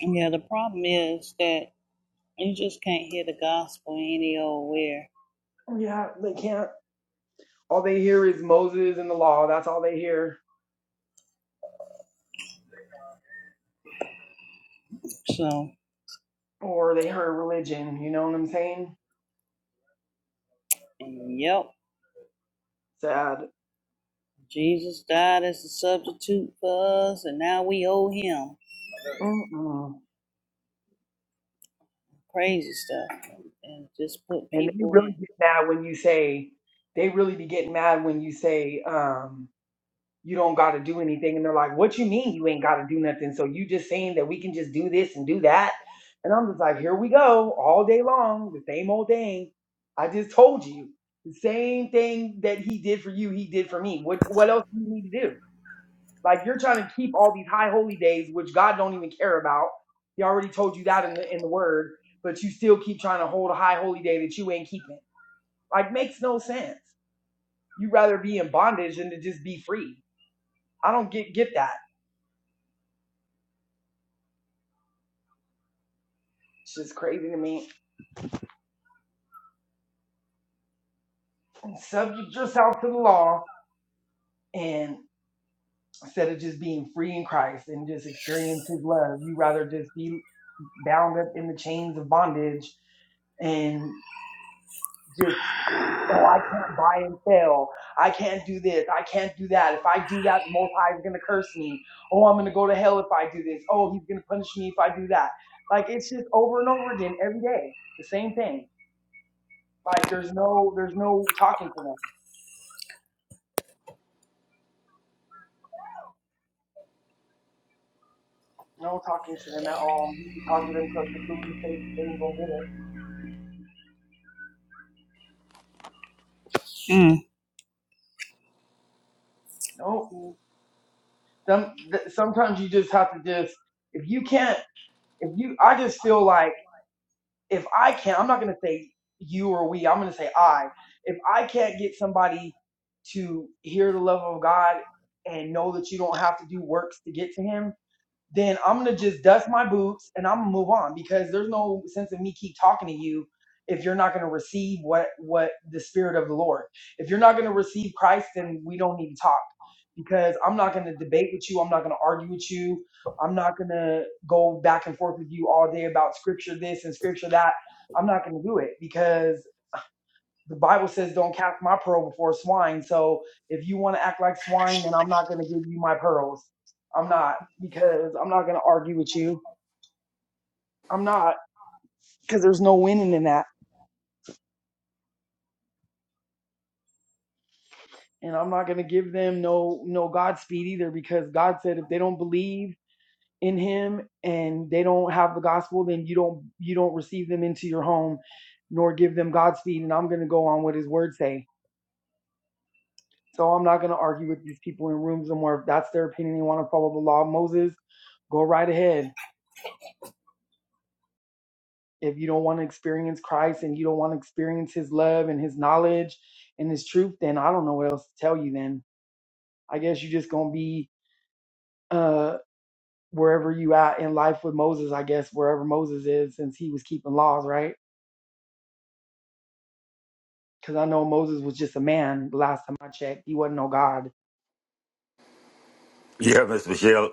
And yeah, the problem is that you just can't hear the gospel any old where.
Yeah, they can't. All they hear is Moses and the law. That's all they hear.
So,
Or they heard religion. You know what I'm saying?
and yep,
Sad.
Jesus died as a substitute for us, and now we owe him.
Mm-mm.
crazy stuff and, and just put
And they
people
really
in.
get mad when you say, they really be getting mad when you say, um, you don't got to do anything. And they're like, what you mean you ain't got to do nothing? So you just saying that we can just do this and do that. And I'm just like, here we go all day long, the same old thing. I just told you the same thing that he did for you, he did for me. What, what else do you need to do? Like you're trying to keep all these high holy days, which God don't even care about. He already told you that in the, in the word, but you still keep trying to hold a high holy day that you ain't keeping. Like makes no sense. You'd rather be in bondage than to just be free. I don't get get that. It's just crazy to me. Subject yourself to the law and instead of just being free in Christ and just experience his love, you rather just be bound up in the chains of bondage and just oh i can't buy and sell i can't do this i can't do that if i do that the most high is going to curse me oh i'm going to go to hell if i do this oh he's going to punish me if i do that like it's just over and over again every day the same thing like there's no there's no talking to them No talking to them at all. You can talk to them till you're blue in the face. They ain't gonna get it.
Mm.
No. Some, th- sometimes you just have to just, if you can't, if you, I just feel like if I can't, I'm not gonna say you or we, I'm gonna say I. If I can't get somebody to hear the love of God and know that you don't have to do works to get to Him, then I'm gonna just dust my boots and I'm gonna move on because there's no sense of me keep talking to you if you're not gonna receive what what the spirit of the Lord. If you're not gonna receive Christ, then we don't need to talk because I'm not gonna debate with you. I'm not gonna argue with you. I'm not gonna go back and forth with you all day about scripture this and scripture that. I'm not gonna do it because the Bible says, "Don't cast my pearl before swine." So if you want to act like swine, then I'm not going to give you my pearls. I'm not because I'm not going to argue with you. I'm not because there's no winning in that, and I'm not going to give them no no Godspeed either because God said if they don't believe in Him and they don't have the gospel, then you don't you don't receive them into your home, nor give them Godspeed. And I'm going to go on what His Word say. So I'm not going to argue with these people in rooms no more. If that's their opinion, they want to follow the law of Moses, go right ahead. If you don't want to experience Christ and you don't want to experience his love and his knowledge and his truth, then I don't know what else to tell you then. I guess you're just going to be uh, wherever you at in life with Moses, I guess, wherever Moses is, since he was keeping laws, right? Because I know Moses was just a man the last time I checked. He wasn't no God.
Yeah, Miss Michelle,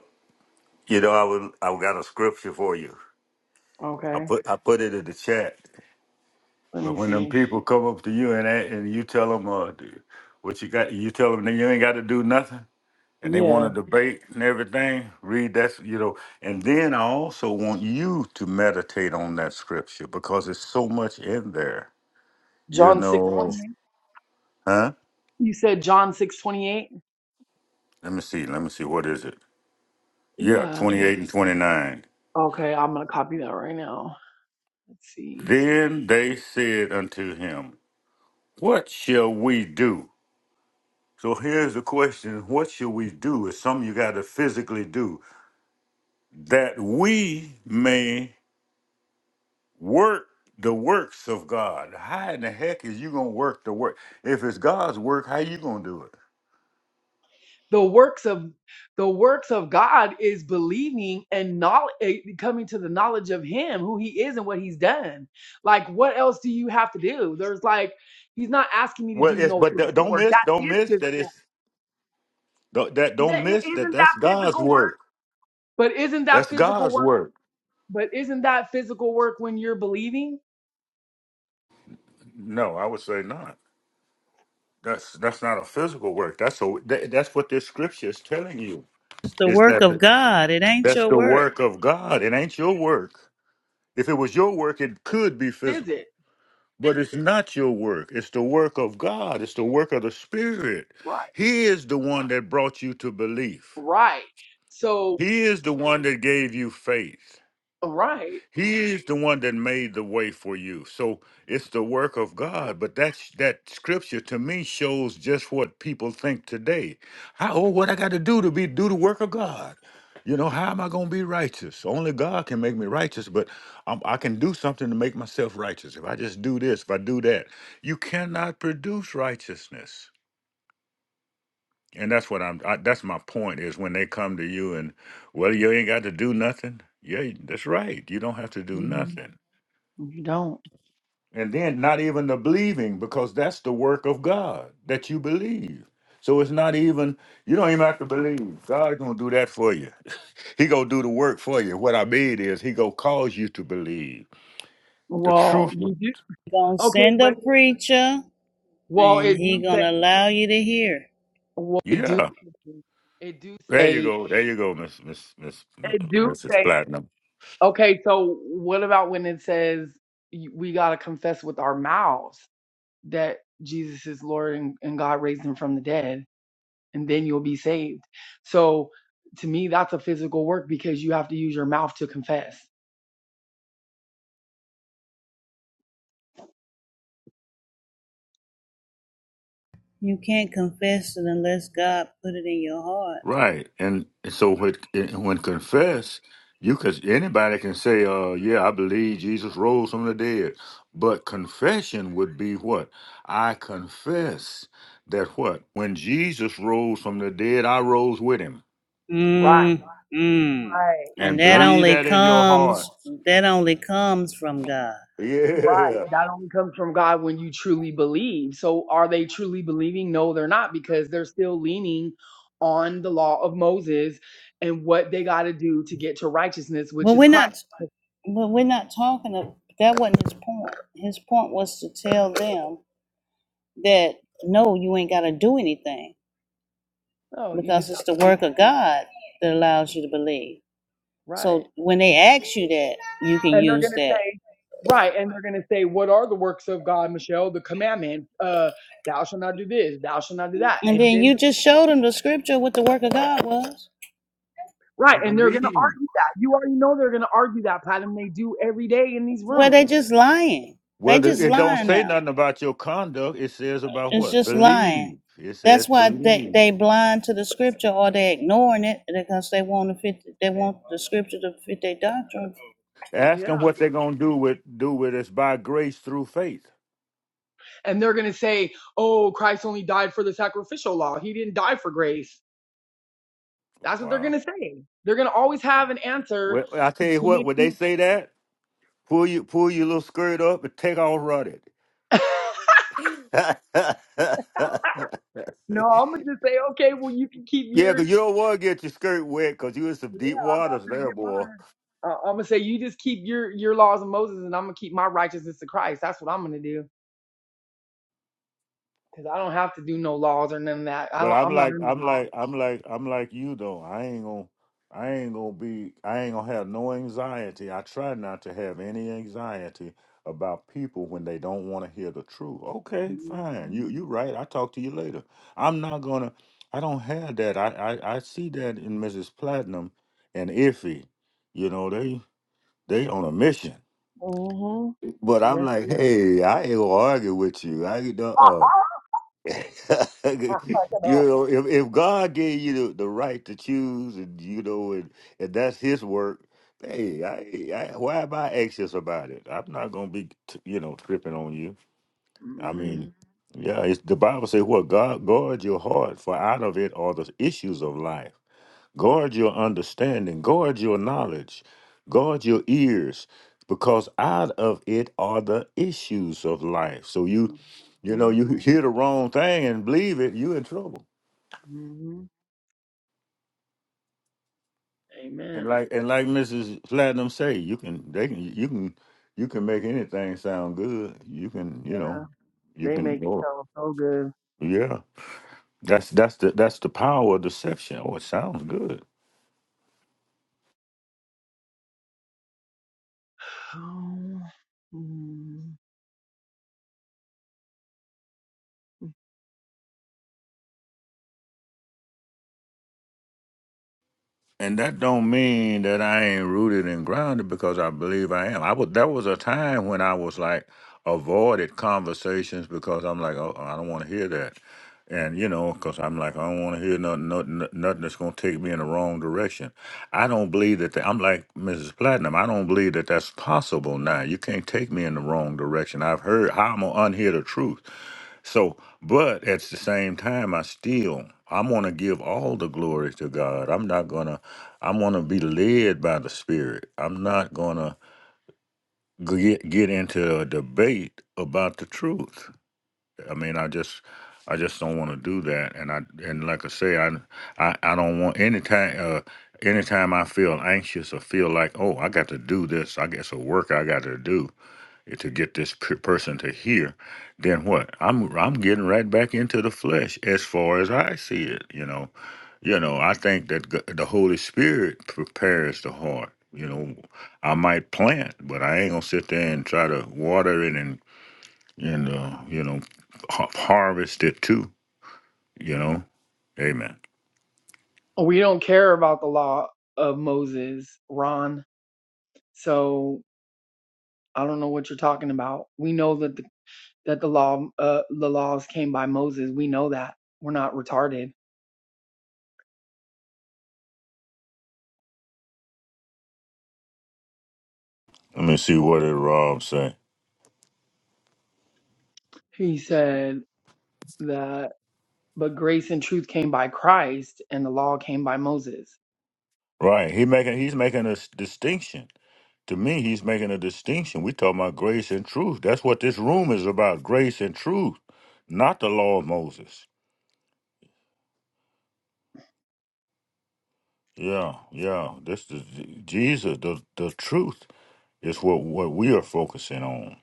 you know I would i got a scripture for you. I
Okay.
put I put it in the chat.
Let
But
me
when them
see.
people come up to you and a- and you tell them uh, do- what you got, you tell them that you ain't got to do nothing. and they want
Yeah.
to debate and everything, read that, you know. And then I also want you to meditate on that scripture because there's so much in there, you
John
know.
628.
Huh?
You said John 628?
Let me see. Let me see. What is it? Yeah,
Yeah.
28 and 29.
Okay, I'm gonna copy that right now. Let's see.
Then they said unto him, What shall we do? So here's the question What shall we do? It's something you got to physically do that we may work the works of God. How in the heck is you gonna work the work? If it's God's work, how you gonna do it?
The works of the works of God is believing and knowledge, coming to the knowledge of Him, who He is, and what He's done. Like, what else do you have to do? There's like, He's not asking me to
Well,
do
it's
no
but th-
physical
don't
work.
miss,
That
don't
is
miss that
physical.
it's don't- that
That,
don't
i-
miss that
isn't
that's
that
God's
physical work?
work.
But isn't that
That's
physical
God's
work?
work.
But isn't that physical work when you're believing?
No, I would say not. That's that's not a physical work. That's a that, that's what this scripture is telling you.
It's the
Is
work
that
of
the,
God. It ain't
that's
your
the
work.
work of God? It ain't your work. If it was your work, it could be
Is
physical.
it
But it's not your work. It's the work of God. It's the work of the Spirit.
right?
He is the one that brought you to belief.
Right. So
He is the one that gave you faith.
right.
He is the one that made the way for you. So it's the work of God. But that's that scripture to me shows just what people think today. How oh, what I got to do to be do the work of God. You know, how am I going to be righteous? Only God can make me righteous, but um, I can do something to make myself righteous. If I just do this, if I do that, you cannot produce righteousness. And that's what I'm. I, that's my point. Is when they come to you and, well, you ain't got to do nothing. Yeah, that's right. You don't have to do
Mhm.
nothing.
You don't.
And then not even the believing, because that's the work of God that you believe. So it's not even, you don't even have to believe. God's gonna do that for you. He gonna do the work for you. What I mean is he gonna cause you to believe. The
Well,
truth will-
you do
He gonna
okay,
send a
but
preacher
well,
and
it
he
do say
gonna allow you to hear.
well, it do
Yeah.
it do
There you
say
go. There you go, Miss Miss Miss
it do
Mrs.
say
Platinum.
okay. So what about when it says y- we gotta confess with our mouths that Jesus is Lord and, and God raised him from the dead, and then you'll be saved. So to me, that's a physical work because you have to use your mouth to confess.
You can't confess it unless God put it in your heart.
Right, and and so when when confess, you could anybody can say, "Uh, yeah, I believe Jesus rose from the dead," but confession would be what I confess that what when Jesus rose from the dead, I rose with him,
Right,
Mm, mm. And
and
that
right,
believe
only
that in your
comes
heart.
that only comes from God.
Right.
Yeah.
That only comes from God when you truly believe. So are they truly believing? No, they're not because they're still leaning on the law of Moses and what they got to do to get to righteousness,
But
which is
we're
Christ.
not But we're not talking of that wasn't his point. His point was to tell them that no, you ain't gotta do anything
No, you
because
just have
it's the
to believe.
work of God that allows you to believe.
Right.
So when they ask you that, you can
And they're
use
going to
that.
say, right. And they're going to say, what are the works of God, Michelle? The commandment, uh, thou shalt not do this, thou shalt not do that.
And
And
then
then,
you just showed them the scripture what the work of God was.
right. And they're going to argue that. You already know they're going to argue that, Platinum. They do every day in these
Well,
rooms.
they just lying. They
Whether
just
it don't
lying
say
now.
nothing about your conduct, it says about
It's
what
just lying.
believe. It
That's
says
why they
believe.
they blind to the scripture or they ignoring it because they want to fit. They want the scripture to fit their doctrine.
Ask
Yeah.
them what they're gonna do with do with us by grace through faith.
and they're going to say, "Oh, Christ only died for the sacrificial law. He didn't die for grace." That's what they're
Wow.
going to say. They're going to always have an answer
Well, I tell you
to
what,
make
when
you.
they say that, pull you pull your little skirt up and take off running.
no, I'm going to
yeah,
just say, "Okay, well, you can keep your.
'cause you don't want to get your skirt wet, 'cause you in some
Yeah,
deep
I'm not
waters
going to
there,
get mine.
boy.
Uh, I'm going to say, you just keep your your laws of Moses, and I'm going to keep my righteousness to Christ. That's what I'm going to do because I don't have to do no laws or none of that. I
But
don't.
I'm
I'm not
like,
under
I'm
laws.
like, I'm like, I'm like you though. I ain't gonna, I ain't gonna be, I ain't gonna have no anxiety. I try not to have any anxiety about people when they don't want to hear the truth. Okay, fine. You,
Mm-hmm.
you right. I talk to you later. I'm not gonna. I don't have that. I, I, I see that in Mrs. Platinum and Iffy. You know they, they on a mission. But I'm
Yes,
like,
we are.
hey, I ain't gonna argue with you. I uh. you
I'm not gonna.
know, if, if God gave you the, the right to choose, and you know, and, and that's His work, hey, I, I, why am I anxious about it? I'm not gonna be, t- you know, tripping on you. I
Mm-hmm.
mean, yeah, it's, the Bible says, "What God guard your heart, for out of it are the issues of life." Guard your understanding, guard your knowledge, guard your ears, because out of it are the issues of life. So you, you know, you hear the wrong thing and believe it, you in trouble.
Mm-hmm.
And
Amen.
like and like Mrs. Platinum say, you can they can you can you can make anything sound good. You can you know
Yeah,
you
They make it
can
sound so good.
yeah. That's that's the that's the power of deception. Oh, it sounds good.
Um, mm,
And that don't mean that I ain't rooted and grounded because I believe I am. I was there was a time when I was like avoided conversations because I'm like, oh, oh, I don't want to hear that, and you know, because I'm like, I don't want to hear nothing, nothing, nothing that's gonna take me in the wrong direction. I don't believe that. The, I'm like Mrs. Platinum. I don't believe that that's possible now. You can't take me in the wrong direction. I've heard how I'm gonna unhear the truth. So, but at the same time, I still I'm gonna give all the glory to God. I'm not gonna I'm going to be led by the Spirit. I'm not going to get get into a debate about the truth. I mean, I just I just don't want to do that. And I and like I say, I I, I don't want anytime uh, anytime I feel anxious or feel like oh I got to do this, I got some work I got to do to get this p- person to hear, then what? I'm I'm getting right back into the flesh as far as I see it. You know, you know. I think that g- the Holy Spirit prepares the heart. You know, I might plant, but I ain't gonna sit there and try to water it and and uh, you know ha- harvest it too. You know, Amen.
we don't care about the law of Moses, Ron. So I don't know what you're talking about. We know that the, that the law, uh, the laws came by Moses. We know that we're not retarded.
Let me see what did Rob say.
He said that, but grace and truth came by Christ, and the law came by Moses.
Right, he making he's making a s- distinction To me, he's making a distinction. We talk about grace and truth. That's what this room is about: grace and truth, not the law of Moses. Yeah, yeah. This is Jesus. The the truth is what what we are focusing on.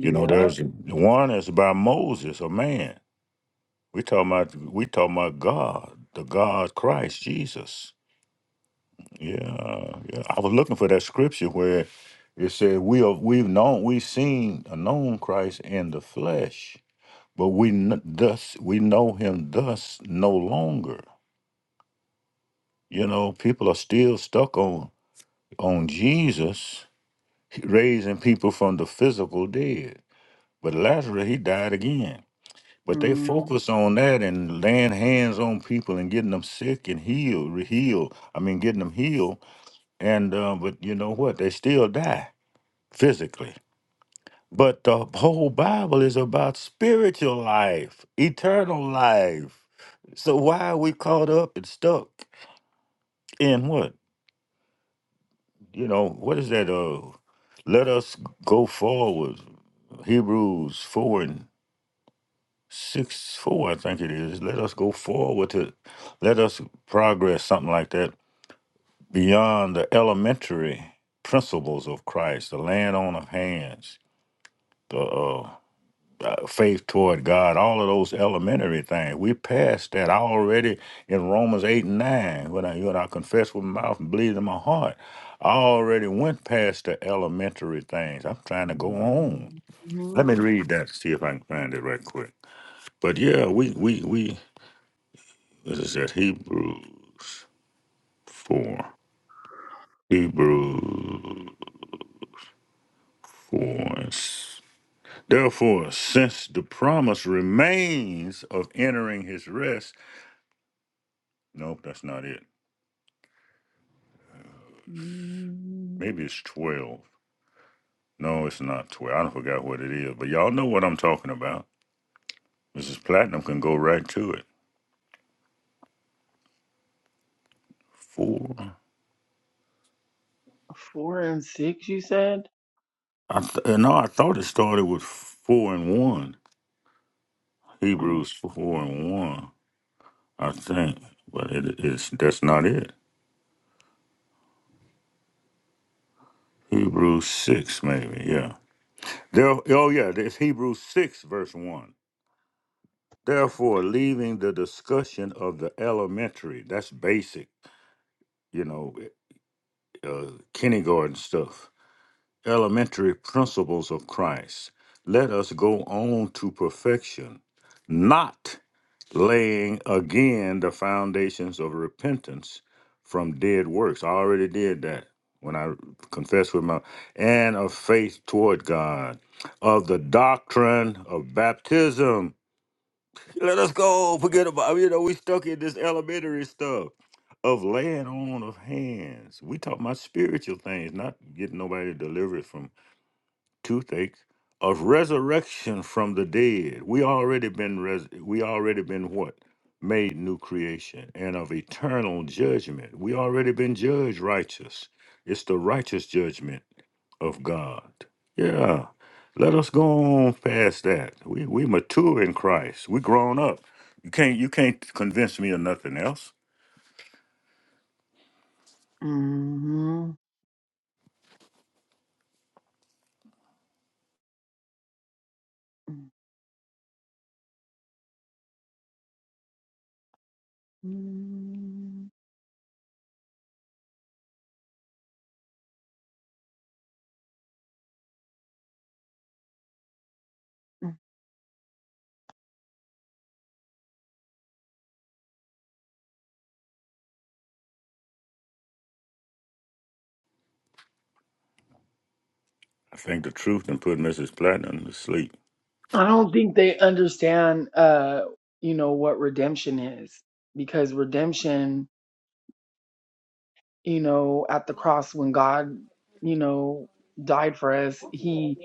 You know, there's one is by Moses, a man. We talking about we talking about God, the God Christ Jesus. Yeah, yeah. I was looking for that scripture where it said we are we've known we've seen a known Christ in the flesh but we kn- thus we know him thus no longer you know people are still stuck on on jesus raising people from the physical dead but lazarus he died again but they
hmm
focus on that and laying hands on people and getting them sick and healed re- healed i mean getting them healed and uh, but you know what they still die physically But the whole Bible is about spiritual life, eternal life. So why are we caught up and stuck in what? You know, what is that? Uh, let us go forward. Hebrews 4 and 6, 4, I think it is. Let us go forward to, let us progress, something like that, beyond the elementary principles of Christ, the land on of hands. the uh. uh, faith toward God, all of those elementary things. We're past that I already in Romans 8 and 9. When I, when I confess with my mouth and believe in my heart, I already went past the elementary things. I'm trying to go on.
hmm
Let me read that, see if I can find it right quick. But yeah, we, we, we, this is at Hebrews 4. Hebrews 4. and s- Therefore, since the promise remains of entering his rest, nope, that's not it. Maybe it's 12. No, it's not 12. I forgot what it is, but y'all know what I'm talking about. Mrs. Platinum can go right to it. Four.
Four and six, you said?
I th- uh, no, I thought it started with four and one.
I mean,
Hebrews four and one, I think, but it is that's not it. Hebrews six, maybe, yeah. There, oh yeah, it's Hebrews six, verse one. Therefore, leaving the discussion of the elementary, that's basic, you know, uh, kindergarten stuff elementary principles of Christ. Let us go on to perfection, not laying again the foundations of repentance from dead works. I already did that when I confessed with my and of faith toward God, of the doctrine of baptism. Let us go. Forget about you know we stuck in this elementary stuff of laying on of hands. We talk about spiritual things, not getting nobody delivered from toothache of resurrection from the dead we already been res- we already been what made new creation and of eternal judgment we already been judged righteous it's the righteous judgment of god yeah let us go on past that we we mature in christ we grown up you can't you can't convince me of nothing else
mhm, mhm.
i think the truth and put mrs platinum to sleep
I don't think they understand, uh, you know, what redemption is because redemption, you know, at the cross when God, you know, died for us, he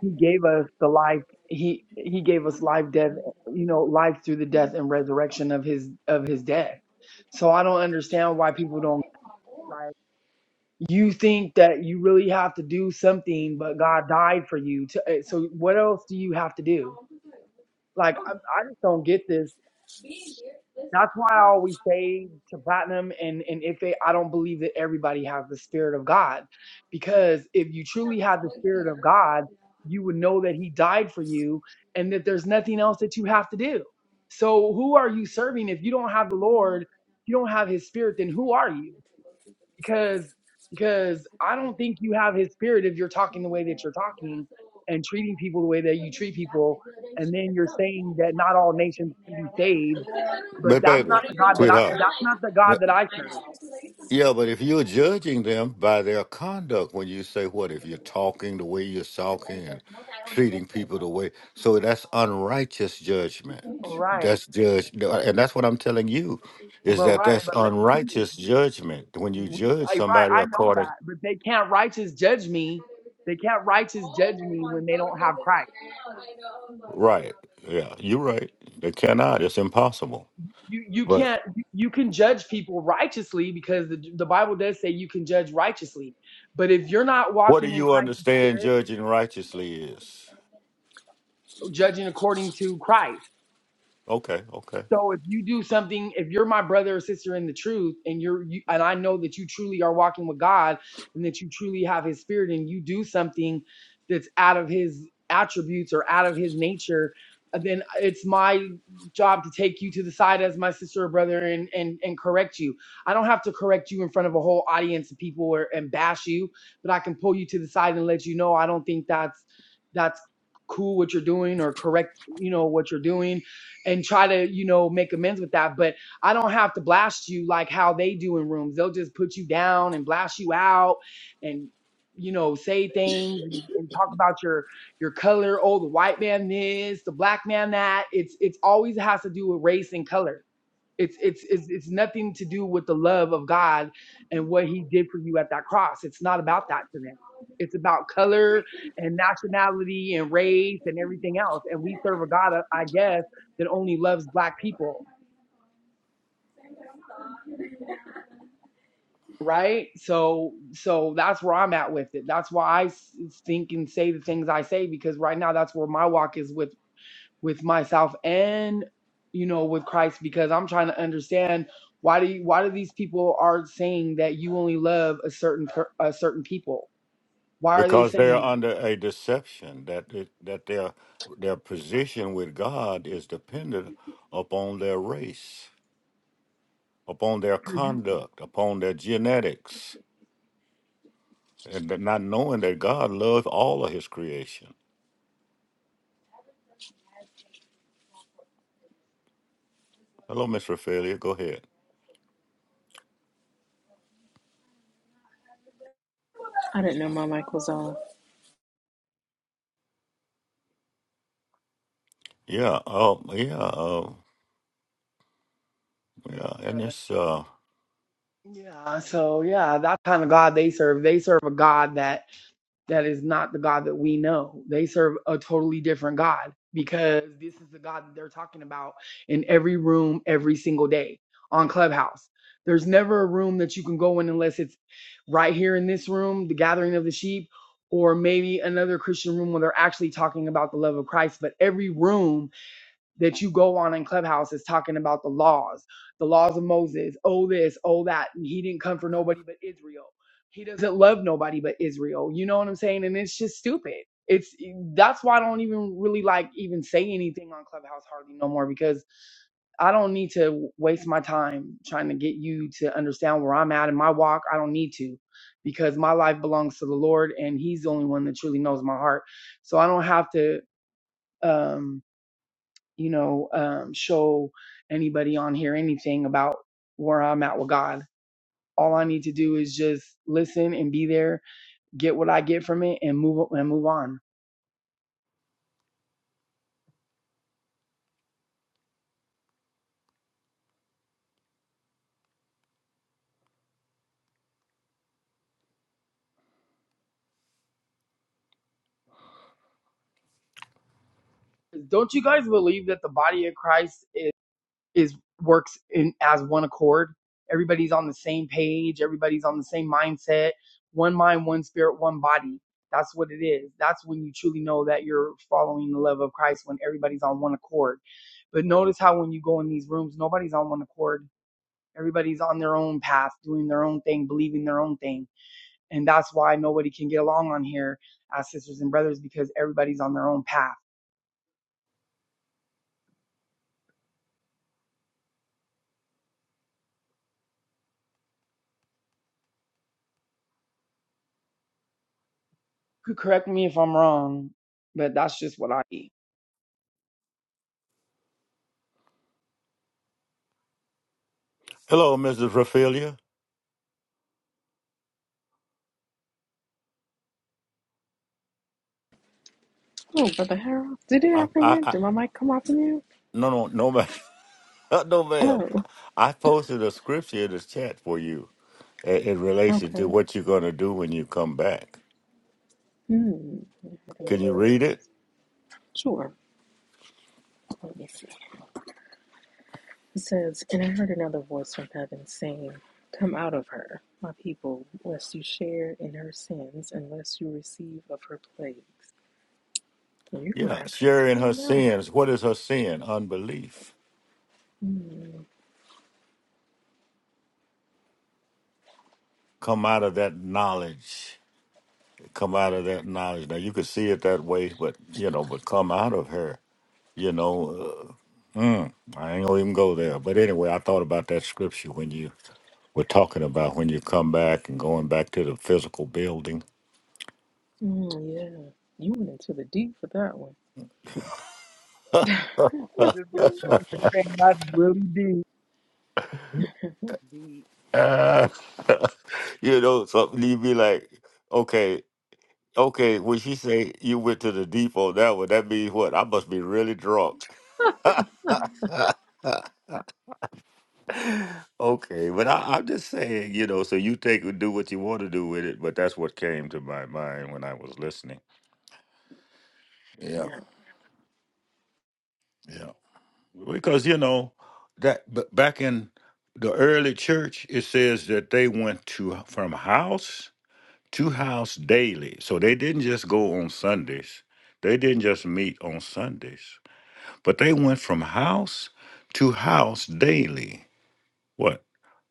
he gave us the life he he gave us life death you know life through the death and resurrection of his of his death so i don't understand why people don't like. you think that you really have to do something, but God died for you. To, eh, so what else do you have to do? Like I, I just don't get this. That's why I always say to platinum and and if they, I don't believe that everybody has the spirit of God, because if you truly had the spirit of God, you would know that He died for you and that there's nothing else that you have to do. So who are you serving if you don't have the Lord? If you don't have His Spirit, then who are you? because because I don't think you have his spirit if you're talking the way that you're talking and treating people the way that you treat people and then you're saying that not all nations can be saved but
But
that's
have
baby,
not
one in
the
your
God that
locker."
I
sweetheart.
I'm
that's not
like,
the God that I
"I
serve.
Yeah, but if you're judging them by their conduct, when you say what, if you're talking the way you're talking and treating people the way, so that's unrighteous judgment.
All right.
That's judge, no, and that's what I'm telling you, is
But
that
right,
that's
but let me finish.
unrighteous judgment when you
We
judge
I, right,
somebody
I know
according.
that, but they can't righteous judge me. They can't righteous judge me when they don't have Christ.
Right? Yeah, you're right. They cannot. But
you you can't you can judge people righteously because the, the bible does say you can judge righteously but if you're not
what do
walking in
you
christ
understand judging righteously is?
judging according to christ
Okay, okay.
So if you do something, if you're my brother or sister in the truth, and you're you, and I know that you truly are walking with God, and that you truly have His Spirit, and you do something that's out of His attributes or out of His nature, uh, then it's my job to take you to the side as my sister or brother and and and correct you. I don't have to correct you in front of a whole audience of people or, and bash you, but I can pull you to the side and let you know I don't think that's that's cool what you're doing or correct you know what you're doing and try to, you know, make amends with that. But I don't have to blast you like how they do in rooms. They'll just put you down and blast you out and you know, say things and, and talk about your your color. Oh, the white man this, the black man that. It's it's always has to do with race and color it's, it's it's it's nothing to do with the love of God and what He did for you at that cross. It's not about that to them. It's about color and nationality and race and everything else. And we serve a God, uh, I guess, that only loves black people, right? So so that's where I'm at with it. That's why I s- think and say the things I say because right now that's where my walk is with with myself and you know with Christ because I'm trying to understand why do you, why do these people are saying that you only love a certain per, a certain people? Why are they
because
saying
they're
that?
under a deception that it, that their their position with God is dependent upon their race, upon their
'Cause you-
conduct, upon their genetics, and that not knowing that God loves all of His creation. Hello, Miss Raphaelia. Go ahead.
I didn't know my mic was off.
Yeah. Oh, yeah. Uh, yeah. And
brother.
it's uh,
Yeah, so yeah, that kind of God they serve. They serve a God that that is not the God that we know. They serve a totally different God because this is the God that they're talking about in every room every single day on Clubhouse. There's never a room that you can go in unless it's right here in this room, the gathering of the sheep, or maybe another Christian room where they're actually talking about the love of Christ. But every room that you go on in Clubhouse is talking about the laws, the laws of Moses, oh this, oh that, and he didn't come for nobody but Israel. He doesn't love nobody but Israel. You know what I'm saying? And it's just stupid. It's that's why I don't even really like even say anything on Clubhouse hardly no more because I don't need to waste my time trying to get you to understand where I'm at in my walk. I don't need to because my life belongs to the Lord and he's the only one that truly knows my heart. So I don't have to um you know, um, show anybody on here anything about where I'm at with God. All I need to do is just listen and be there, get what I get from it, and move and move on. Don't you guys believe that the body of Christ is? is works in as one accord. Everybody's on the same page. Everybody's on the same mindset. One mind, one spirit, one body. That's what it is. That's when you truly know that you're following the love of Christ when everybody's on one accord. But notice how when you go in these rooms, nobody's on one accord. Everybody's on their own path, doing their own thing, believing their own thing. And that's why nobody can get along on here as sisters and brothers because everybody's on their own path. Could correct me if I'm wrong, but that's just what I eat.
hello, Mrs. Raphaelia.
Oh, Brother Harold, did it
I,
happen
I,
yet?
I,
Did my mic come off of you?
no, no, no, ma'am. no, ma'am.
Oh,
I posted a scripture in the chat for you in, in relation to
okay.
what you're going to do when you come back.
Hmm.
Can you read it?
Sure. Let me see. It says, And I heard another voice from heaven saying, 'Come out of her, my people, lest you share in her sins, unless you receive of her plagues. And you're going to
Yeah.
have to
Sharing her
explain that.
sins. What is her sin? Unbelief.
Hmm.
Come out of that knowledge. Come out of that knowledge. Now, you could see it that way, but, you know, but come out of her, you know. Uh, mm, I ain't going to even go there. But anyway, I thought about that scripture when you were talking about when you come back and going back to the physical building.
Mm, yeah. You went into the deep for that one.
you
And that's really deep. Deep.
know, something you would be like, okay. Okay, when she say you went to the depot, that would that means what? I must be really drunk. Okay, but I, I'm just saying, you know. So you take and do what you want to do with it, but that's what came to my mind when I was listening, Yeah, yeah. because you know that b- back in the early church, it says that they went to from house to house daily, so they didn't just go on Sundays. They didn't just meet on Sundays, but they went from house to house daily. what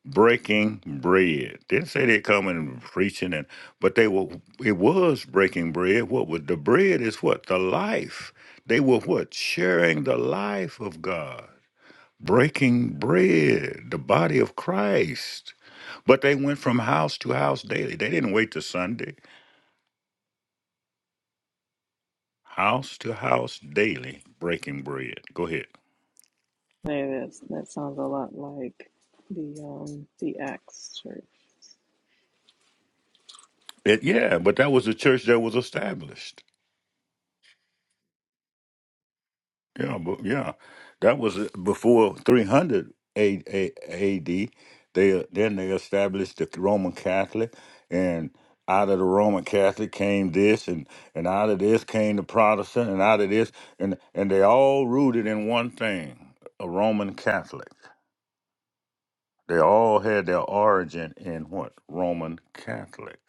breaking bread didn't say they coming and preaching and but they were it was breaking bread what was the bread is what the life they were what sharing the life of god breaking bread the body of christ but they went from house to house daily they didn't wait till sunday house to house daily breaking bread go ahead
Man, that's, that sounds a lot like the um the Acts church.
It- yeah but that was the church that was established Yeah, but yeah, that was uh, before 300 A- A- A.D. They then they established the Roman Catholic, and out of the Roman Catholic came this, and and out of this came the Protestant, and out of this, and and they all rooted in one thing: a Roman Catholic. They all had their origin in what Roman Catholic.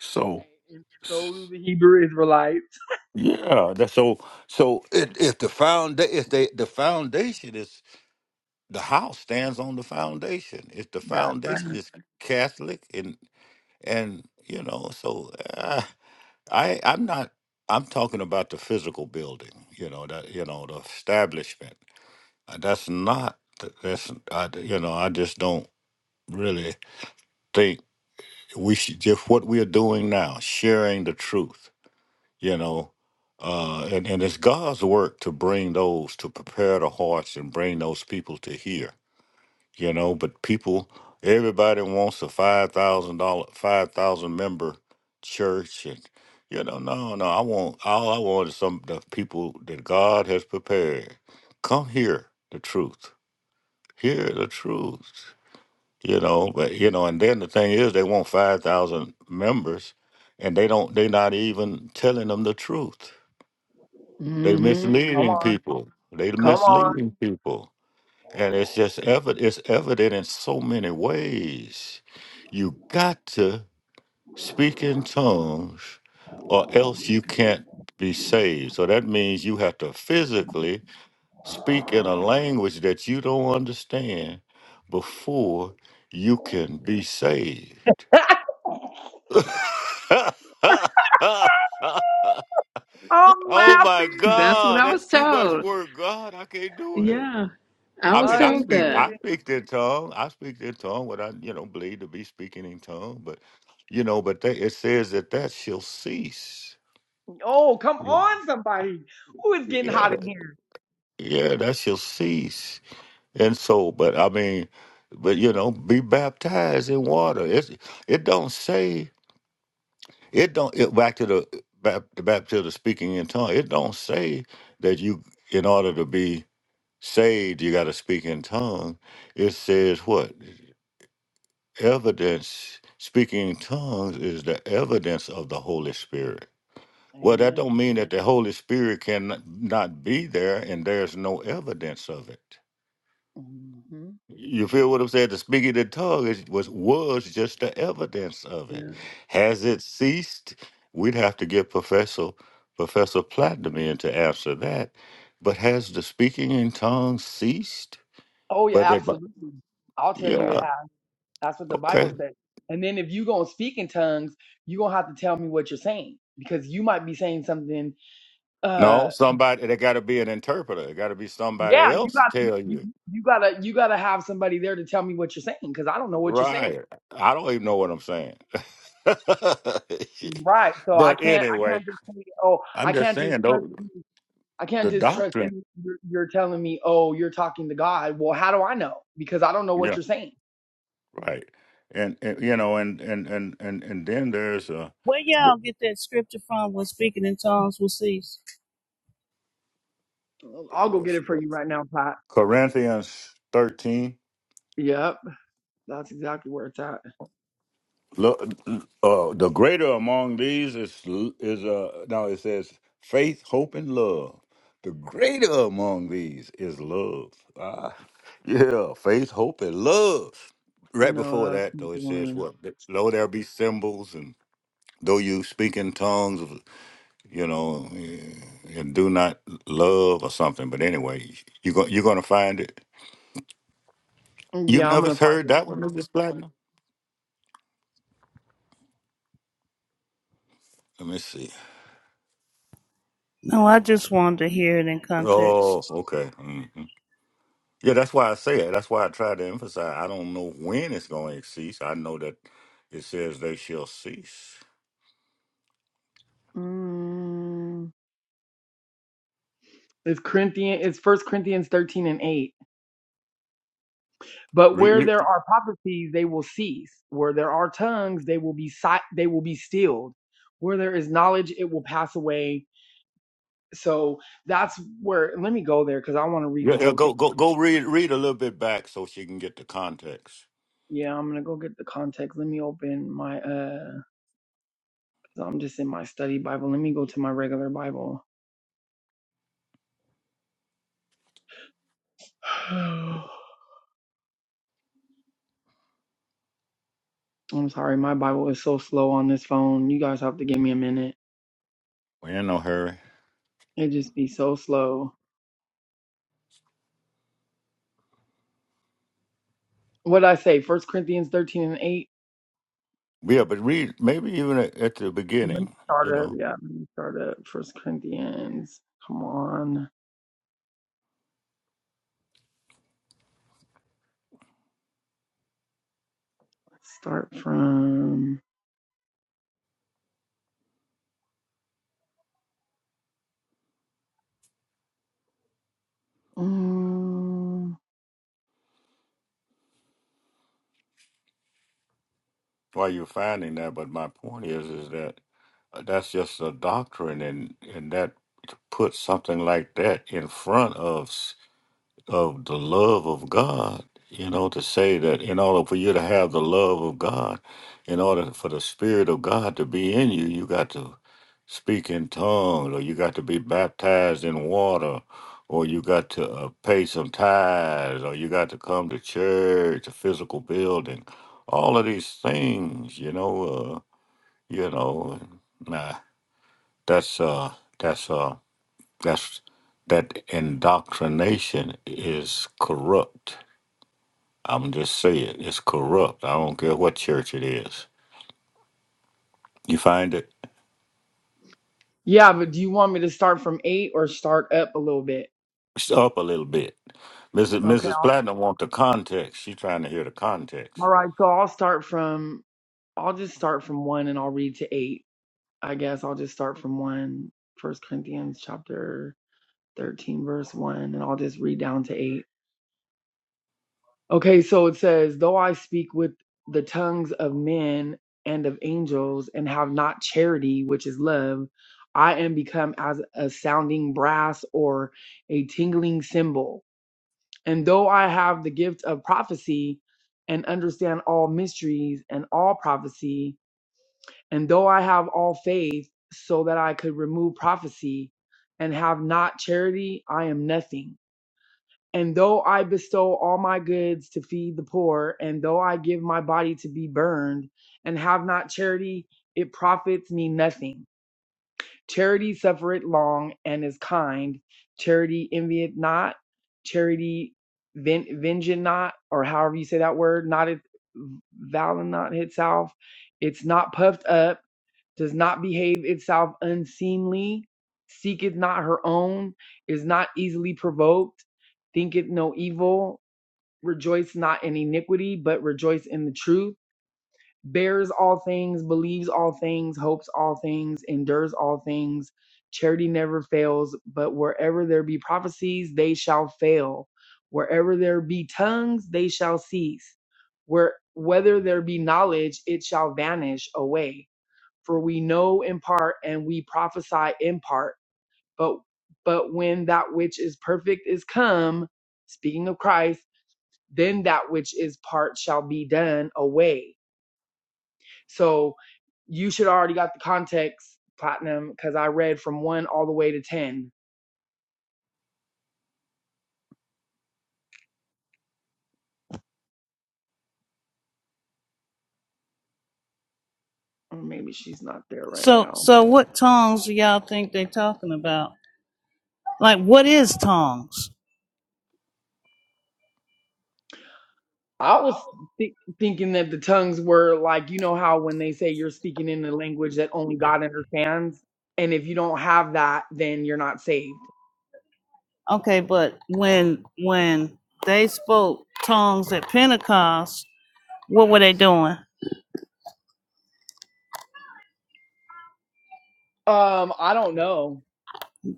So
And
s-
so do the Hebrew Israelites.
yeah, that's so so. If, if the found if they the foundation is the house stands on the foundation. If the
That's right.
foundation is Catholic and and you know, so uh, I I'm not I'm talking about the physical building. You know that you know the establishment. Uh, That's not that's I, you know I just don't really think we should just what we are doing now, sharing the truth. You know. Uh, and, and it's God's work to bring those, to prepare the hearts and bring those people to hear you know but people everybody wants a five thousand dollar five thousand member church and you know no no i want all i want is some the people that god has prepared come hear the truth hear the truth you know but you know and then the thing is they want five thousand members and they don't they're not even telling them the truth they're
Mm-hmm. Come
misleading
on.
people they're
Come on.
misleading people and it's just evident it's evident in so many ways you got to speak in tongues or else you can't be saved. So that means you have to physically speak in a language that you don't understand before you can be saved.
I'm
oh my
laughing.
That's what
God,
I
that's
was
too much
told.
work. God, I can't do it.
Yeah. I
I
was
mean,
I
I
told
ain't
speak,
doing
that.
I
it.
speak in tongue. I speak in tongue. What I, you know, believe to be speaking in tongue, but you know, but they, it says that that shall cease.
Oh, come on, somebody. Who is getting hot
Yeah,
in here?
yeah, that's your cease. And so, but I mean, but you know, be baptized in water. It it don't say it don't it back to the bap, the baptism speaking in tongue. It don't say that you in order to be saved you got to speak in tongue. It says what evidence speaking in tongues is the evidence of the Holy Spirit. Well, that
Amen.
don't mean that the Holy Spirit can not be there and there's no evidence of it.
hmm
You feel what I'm saying? The speaking in tongues is- was was just the evidence of it.
Yeah.
Has it ceased? We'd have to get Professor Professor Platinum in to answer that. But has the speaking in tongues ceased?
Oh,
But
yeah,
they, but-
absolutely. I'll tell you
yeah,
it has. That's what the Bible
okay.
says. And then if you going to speak in tongues, you going to have to tell me what you're saying because you might be saying something. Uh.
No, somebody there got to be an interpreter. It got to be somebody
Yeah, you
else
got you,
tell
you
you.
you gotta you gotta have somebody there to tell me what you're saying because I don't know what you're saying.
Right. I don't even know what I'm saying.
Right. So I
but
can't I
anyway,
can't just say oh
I'm
I
just
can't just
saying
trust
though
you I can't
the
just trust
doctrine.
you. You're, you're telling me oh you're talking to God. Well, how do I know? Because I don't know
Yeah.
what you're saying.
Right. And, and you know, and and and and and then there's uh,
Where
the,
y'all get that scripture from? When speaking in tongues will cease.
I'll go get it
uh,
for you right now, Pat.
Corinthians thirteen.
Yep, that's exactly where it's at.
Look, uh, the greater among these is is uh now it says faith, hope, and love. The greater among these is love. Ah, yeah, faith, hope, and love. Right before
No, that's
that,
not
though,
the
it says
one.
what? Though there be symbols and though you speak in tongues, you know, and do not love or something. But anyway, you go, you're going to find it. You've
Yeah, I'm
never
gonna find
heard
it.
that one, Mrs. Platinum? Let me see.
No, I just wanted to hear it in context.
Oh, okay. hmm Yeah, that's why I say it. That's why I try to emphasize. I don't know when it's going to cease. I know that it says they shall cease.
Mm, it's Corinthian. It's First Corinthians 13 and 8. But
Read,
where
read-
there are prophecies, they will cease. Where there are tongues, they will be si- they will be stilled. Where there is knowledge, it will pass away. So that's where. Let me go there because I want to read
yeah,
the
yeah,
whole
go,
thing.
go, go. Read, read a little bit back so she can get the context.
Yeah, I'm gonna go get the context. Let me open my uh, i I'm just in my study Bible. Let me go to my regular Bible. I'm sorry, my Bible is so slow on this phone. You guys have to give me a minute.
we ain't no hurry.
It just be so slow. What I say? First Corinthians 13 and 8.
Yeah, but read maybe even at, at the
Let me
beginning. You
start up.
know,
Yeah, let me start up. First Corinthians. Come on. Let's start from. Um,
while you're finding that. But my point is, is that Uh, That's just a doctrine, and and that to put something like that in front of s- of the love of God. You know, to say that in order for you to have the love of God, in order for the Spirit of God to be in you, you got to speak in tongues, or you got to be baptized in water, or you got to uh, pay some tithes, or you got to come to church, a physical building, all of these things. You know, uh, you know, nah. That's uh that's uh that's that indoctrination is corrupt. I'm just saying it's corrupt. I don't care what church it is. You find it
yeah, but do you want me to start from eight or start up a little bit?
it's up a little bit. Mrs.
Okay.
Mrs. Platinum want the context. She's trying to hear the
All
context.
right. So I'll start from. I'll just start from one and I'll read to eight. I guess I'll just start from one. First Corinthians chapter 13, verse one, and I'll just read down to eight. Okay, so it says, Though I speak with the tongues of men and of angels and have not charity, which is love, I am become as a sounding brass or a tingling cymbal. And though I have the gift of prophecy and understand all mysteries and all prophecy, and though I have all faith so that I could remove prophecy and have not charity, I am nothing. And though I bestow all my goods to feed the poor, and though I give my body to be burned, and have not charity, it profits me nothing. Charity suffereth long and is kind. Charity envieth not. Charity ven- vengeth not, or however you say that word, not it valent not itself. It's not puffed up does not behave itself unseemly, seeketh not her own, is not easily provoked, thinketh no evil, rejoice not in iniquity, but rejoice in the truth, bears all things, believes all things, hopes all things, endures all things. Charity never fails, but wherever there be prophecies, they shall fail. Wherever there be tongues, they shall cease. Where whether there be knowledge, it shall vanish away for we know in part and we prophesy in part. But but when that which is perfect is come, speaking of Christ, then that which is part shall be done away. So you should already got the context, Platinum, because I read from one all the way to ten. Or maybe she's not there right
So,
now.
so what tongues do y'all think they talking about? Like, what is tongues?
I was thi- thinking that the tongues were like, you know, how when they say you're speaking in a language that only God understands, and if you don't have that, then you're not saved.
Okay, but when when they spoke tongues at Pentecost, what were they doing?
Um, I don't know,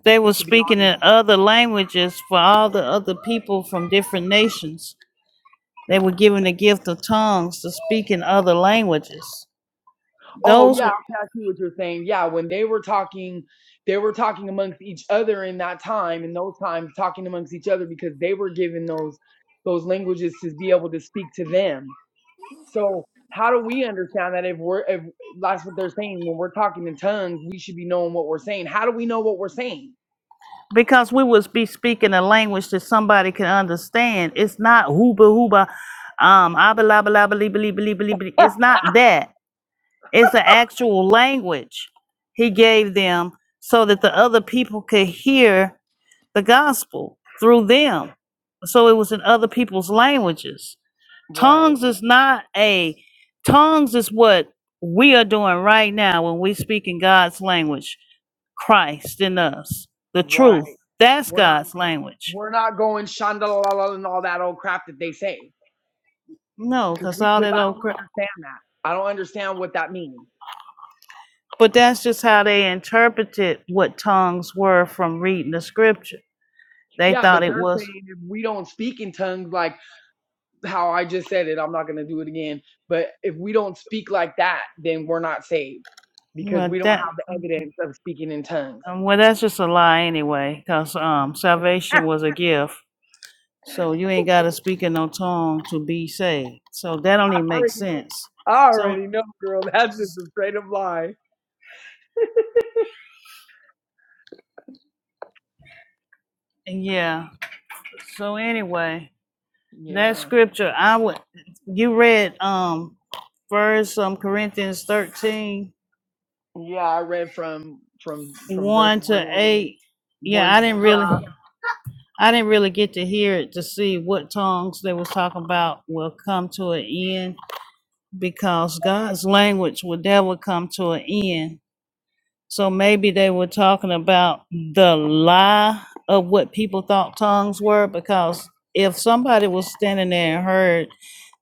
They were
to be
speaking
honest.
in other languages for all the other people from different nations. They were given the gift of tongues to speak in other languages.
Oh
Those
yeah,
were
okay, I see what you're saying. Yeah, when they were talking, they were talking amongst each other in that time, in those times, talking amongst each other because they were given those those languages to be able to speak to them. So how do we understand that if we're if that's what they're saying when we're talking in tongues, we should be knowing what we're saying. How do we know what we're saying?
because we would be speaking a language that somebody can understand. It's not hooba hooba, um, abalabalabalibalibalibalibali. It's not that. It's an actual language he gave them so that the other people could hear the gospel through them. So it was in other people's languages.
Right,
Tongues is not a tongues is what we are doing right now when we speak in God's language. Christ in us, the truth.
right.
That's
We're not
God's language.
we're not going shandala and all that old crap that they say.
No,
because
because
we
all
because
that
I
old,
don't
crap.
understand that. I don't understand what that means.
but that's just how they interpreted what tongues were from reading the scripture. They
Yeah,
thought
but
it
they're
was
saying if we don't speak in tongues, like how I just said it, I'm not gonna do it again. But if we don't speak like that, then we're not saved because
well
we don't
that.
have the evidence of speaking in tongues.
um, Well, that's just a lie anyway, because um,
I
salvation was a gift. So you ain't got to speak in no tongue to be saved. So that don't even make
already,
sense.
I
So
already know, girl. That's just a straight up lie.
yeah. So anyway. That
Yeah,
scripture I would you read um first um Corinthians thirteen
yeah. I read from from from verse
one
one
to
all the way
8. Yeah,
one
I
to
didn't
yeah.
really I didn't really get to hear it to see what tongues they was talking about will come to an end because God's language will never come to an end. So maybe they were talking about the lie of what people thought tongues were, because if somebody was standing there and heard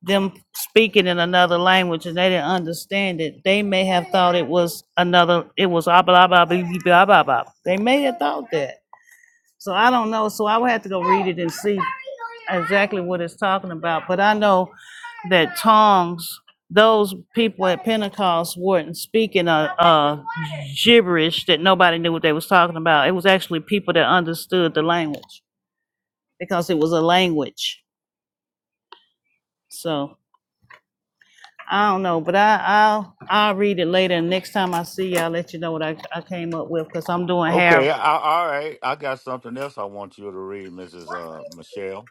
them speaking in another language and they didn't understand it, they may have thought it was another, it was ah, blah, blah, blah, blah, blah, blah. blah. They may have thought that. So I don't know. So I would have to go read it and see exactly what it's talking about. But I know that tongues, those people at Pentecost weren't speaking a, a gibberish that nobody knew what they was talking about. It was actually people that understood the language because it was a language. So I don't know, but I, I'll I'll read it later. And next time I see you, I'll let you know what I, I came up with because I'm doing hair.
Okay, I, all right. I got something else I want you to read, Mrs. Uh, Michelle.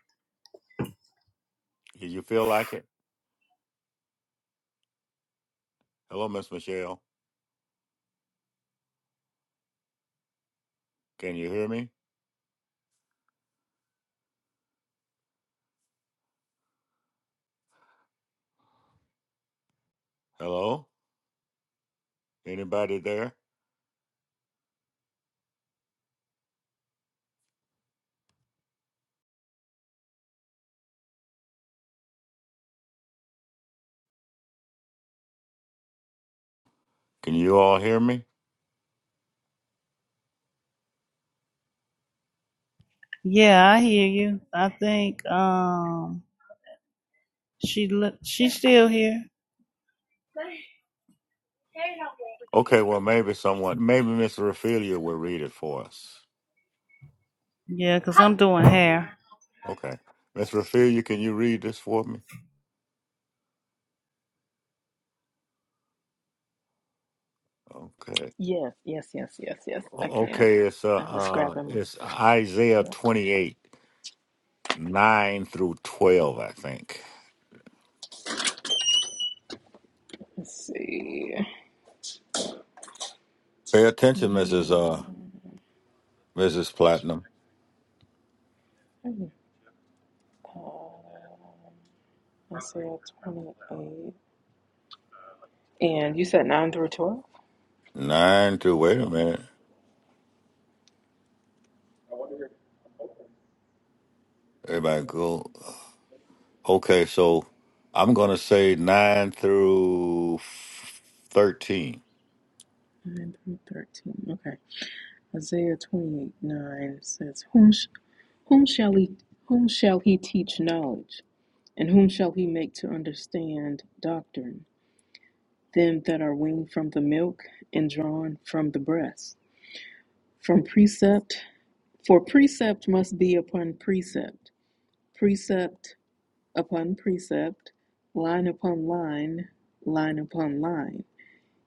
Do you feel like it? Hello, Miss Michelle. Can you hear me? Hello? Anybody there? Can you all hear me?
Yeah, I hear you. I think um she look she's still here.
Okay, well, maybe someone, maybe Miss Raphelia will read it for us.
Yeah, because I'm doing hair.
Okay, Miss Raphelia, can you read this for me? Okay,
Yes, yes, yes, yes, yes. I
O-
can.
okay, it's uh,
I was
uh
grabbing my
it's Isaiah
yeah.
twenty-eight nine through twelve, I think.
let's see.
Pay attention,
Mm,
Mrs. Uh, Mrs. Platinum.
I said twenty eight. And you said nine through twelve?
Nine through. Wait a minute, everybody, go. Okay, so I'm gonna say nine through f- thirteen.
Nine through thirteen. Okay. Isaiah 28 9 says, whom, sh- whom, shall he, whom shall he teach knowledge? And whom shall he make to understand doctrine? Them that are weaned from the milk and drawn from the breast. From precept, for precept must be upon precept, precept upon precept, line upon line, line upon line,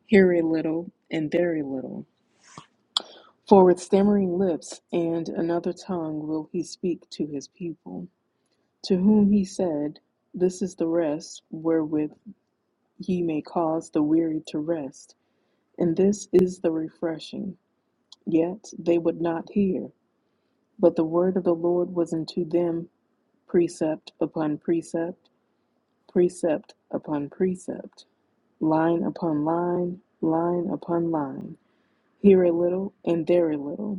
here a little and there a little For with stammering lips and another tongue will he speak to his people, to whom he said, This is the rest wherewith ye may cause the weary to rest, and this is the refreshing. Yet they would not hear. But the word of the Lord was unto them precept upon precept, precept upon precept, line upon line, line upon line, here a little and there a little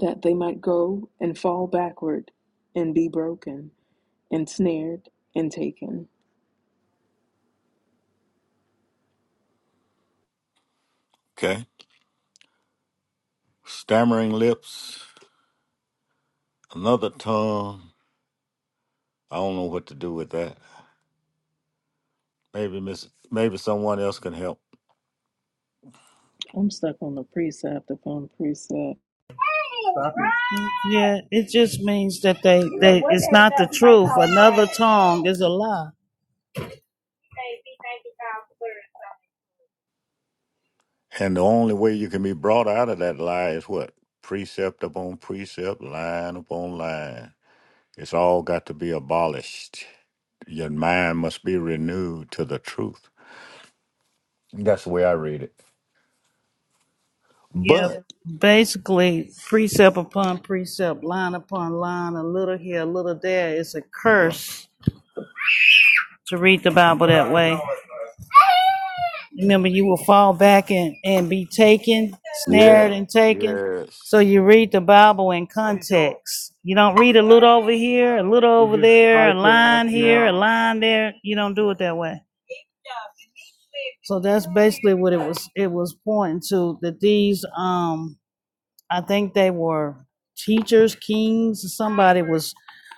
that they might go and fall backward and be broken, ensnared, and taken.
Okay, stammering lips, another tongue. I don't know what to do with that. Maybe miss maybe someone else can help.
I'm stuck on the precept upon precept.
Yeah, it just means that they they it's not the truth. Another tongue is a lie.
And the only way you can be brought out of that lie is what? Precept upon precept, line upon line. It's all got to be abolished. Your mind must be renewed to the truth. That's the way I read it.
Yeah,
But
basically precept upon precept, line upon line, a little here, a little there. It's a curse to read the Bible that way. Remember, you will fall back and and be taken,
yeah,
snared and taken.
yes.
So you read the Bible in context. You don't read a little over here, a little over there, a line here, a line there. You don't do it that way. So that's basically what it was. It was pointing to that these, um, I think they were teachers, kings, somebody was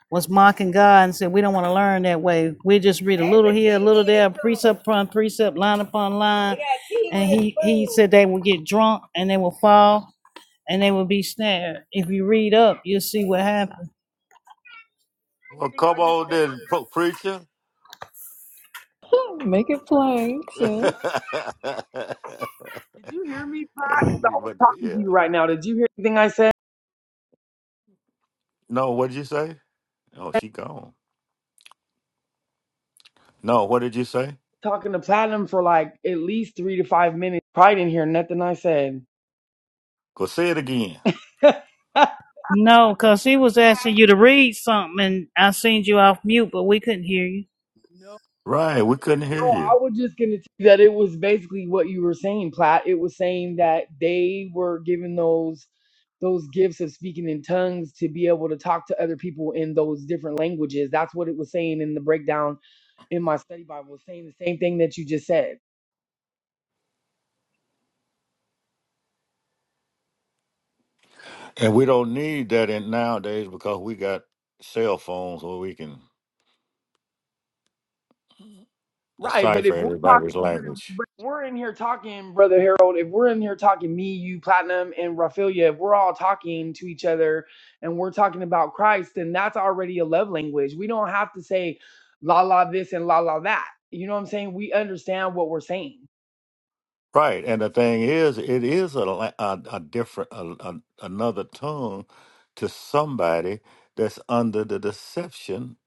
was mocking God and said, "We don't want to learn that way. We just read a little here, a little there, precept upon precept, line upon line." And he he said they would get drunk and they will fall and they will be snared. If you read up, you'll see what happened.
Well,
Anything
come
I just
on
said?
then, pro- preacher.
Make it plain,
hey,
sis.
Did you hear me, Pat? Because I was
but
talking
yeah.
to you right now. Did you hear anything I said?
No, what did you say? Oh, she gone. No, what did you say?
talking to Platinum for like at least three to five minutes. Probably didn't hear nothing I said.
Go say it again.
No, because he was asking you to read something, and I seen you off mute, but we couldn't hear you.
No,
Right, we couldn't hear
no, I
you.
was just gonna tell you that it was basically what you were saying, Platt. It was saying that they were given those those gifts of speaking in tongues to be able to talk to other people in those different languages. That's what it was saying in the breakdown in my study Bible, It's saying the same thing that you just said.
And we don't need that in nowadays because we got cell phones where we can
Right, but
decipher
if we're talking,
everybody's
but,
language.
but if we're in here talking, brother Harold. If we're in here talking, me, you, Platinum, and Raphaelia, if we're all talking to each other and we're talking about Christ, then that's already a love language. We don't have to say la la this and la la that. You know what I'm saying? We understand what we're saying.
Right, and the thing is, it is a, la- a, a different, a, a, another tongue to somebody that's under the deception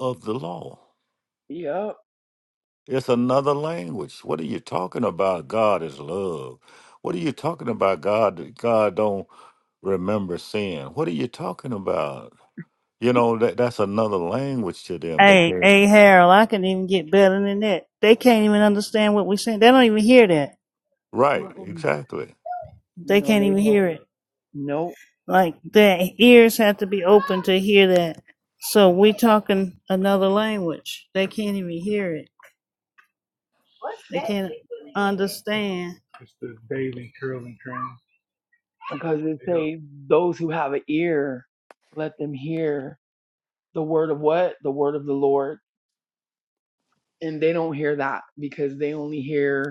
of the law.
Yeah,
It's another language. What are you talking about? God is love. What are you talking about? God, God don't remember sin. What are you talking about? You know, that that's another language to them. They
Hey, hey,
can't.
Harold, I can even get better than that. They can't even understand what we're saying. They don't even hear that.
Right,
Mm-mm.
exactly.
They
No,
can't
they
even
don't.
hear it.
No,
Like, their ears have to be open to hear that. So we talking another language. They can't even hear it. They can't understand.
because it says those who have an ear, let them hear the word of what the word of the Lord, and they don't hear that because they only hear.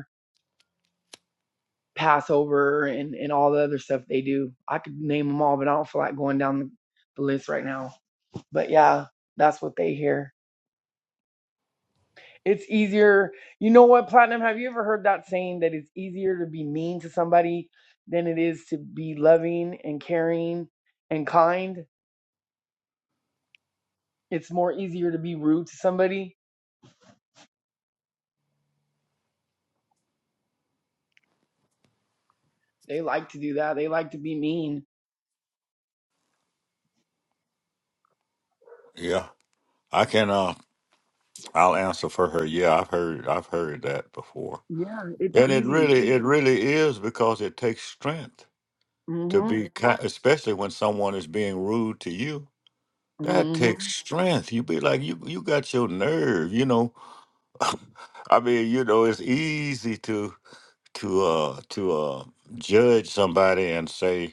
Passover and, and all the other stuff they do. I could name them all, but I don't feel like going down the, the list right now. But yeah, that's what they hear. It's easier. You know what, Platinum? Have you ever heard that saying that it's easier to be mean to somebody than it is to be loving and caring and kind? It's more easier to be rude to somebody. They like to do that. They like to be mean.
Yeah. I can uh I'll answer for her. Yeah, I've heard I've heard that before.
Yeah, it's
And it
easy.
really it really is because it takes strength to
Mm-hmm.
be kind, especially when someone is being rude to you. That
Mm-hmm.
takes strength. You be like you you got your nerve, you know. I mean, you know, it's easy to to uh to uh judge somebody and say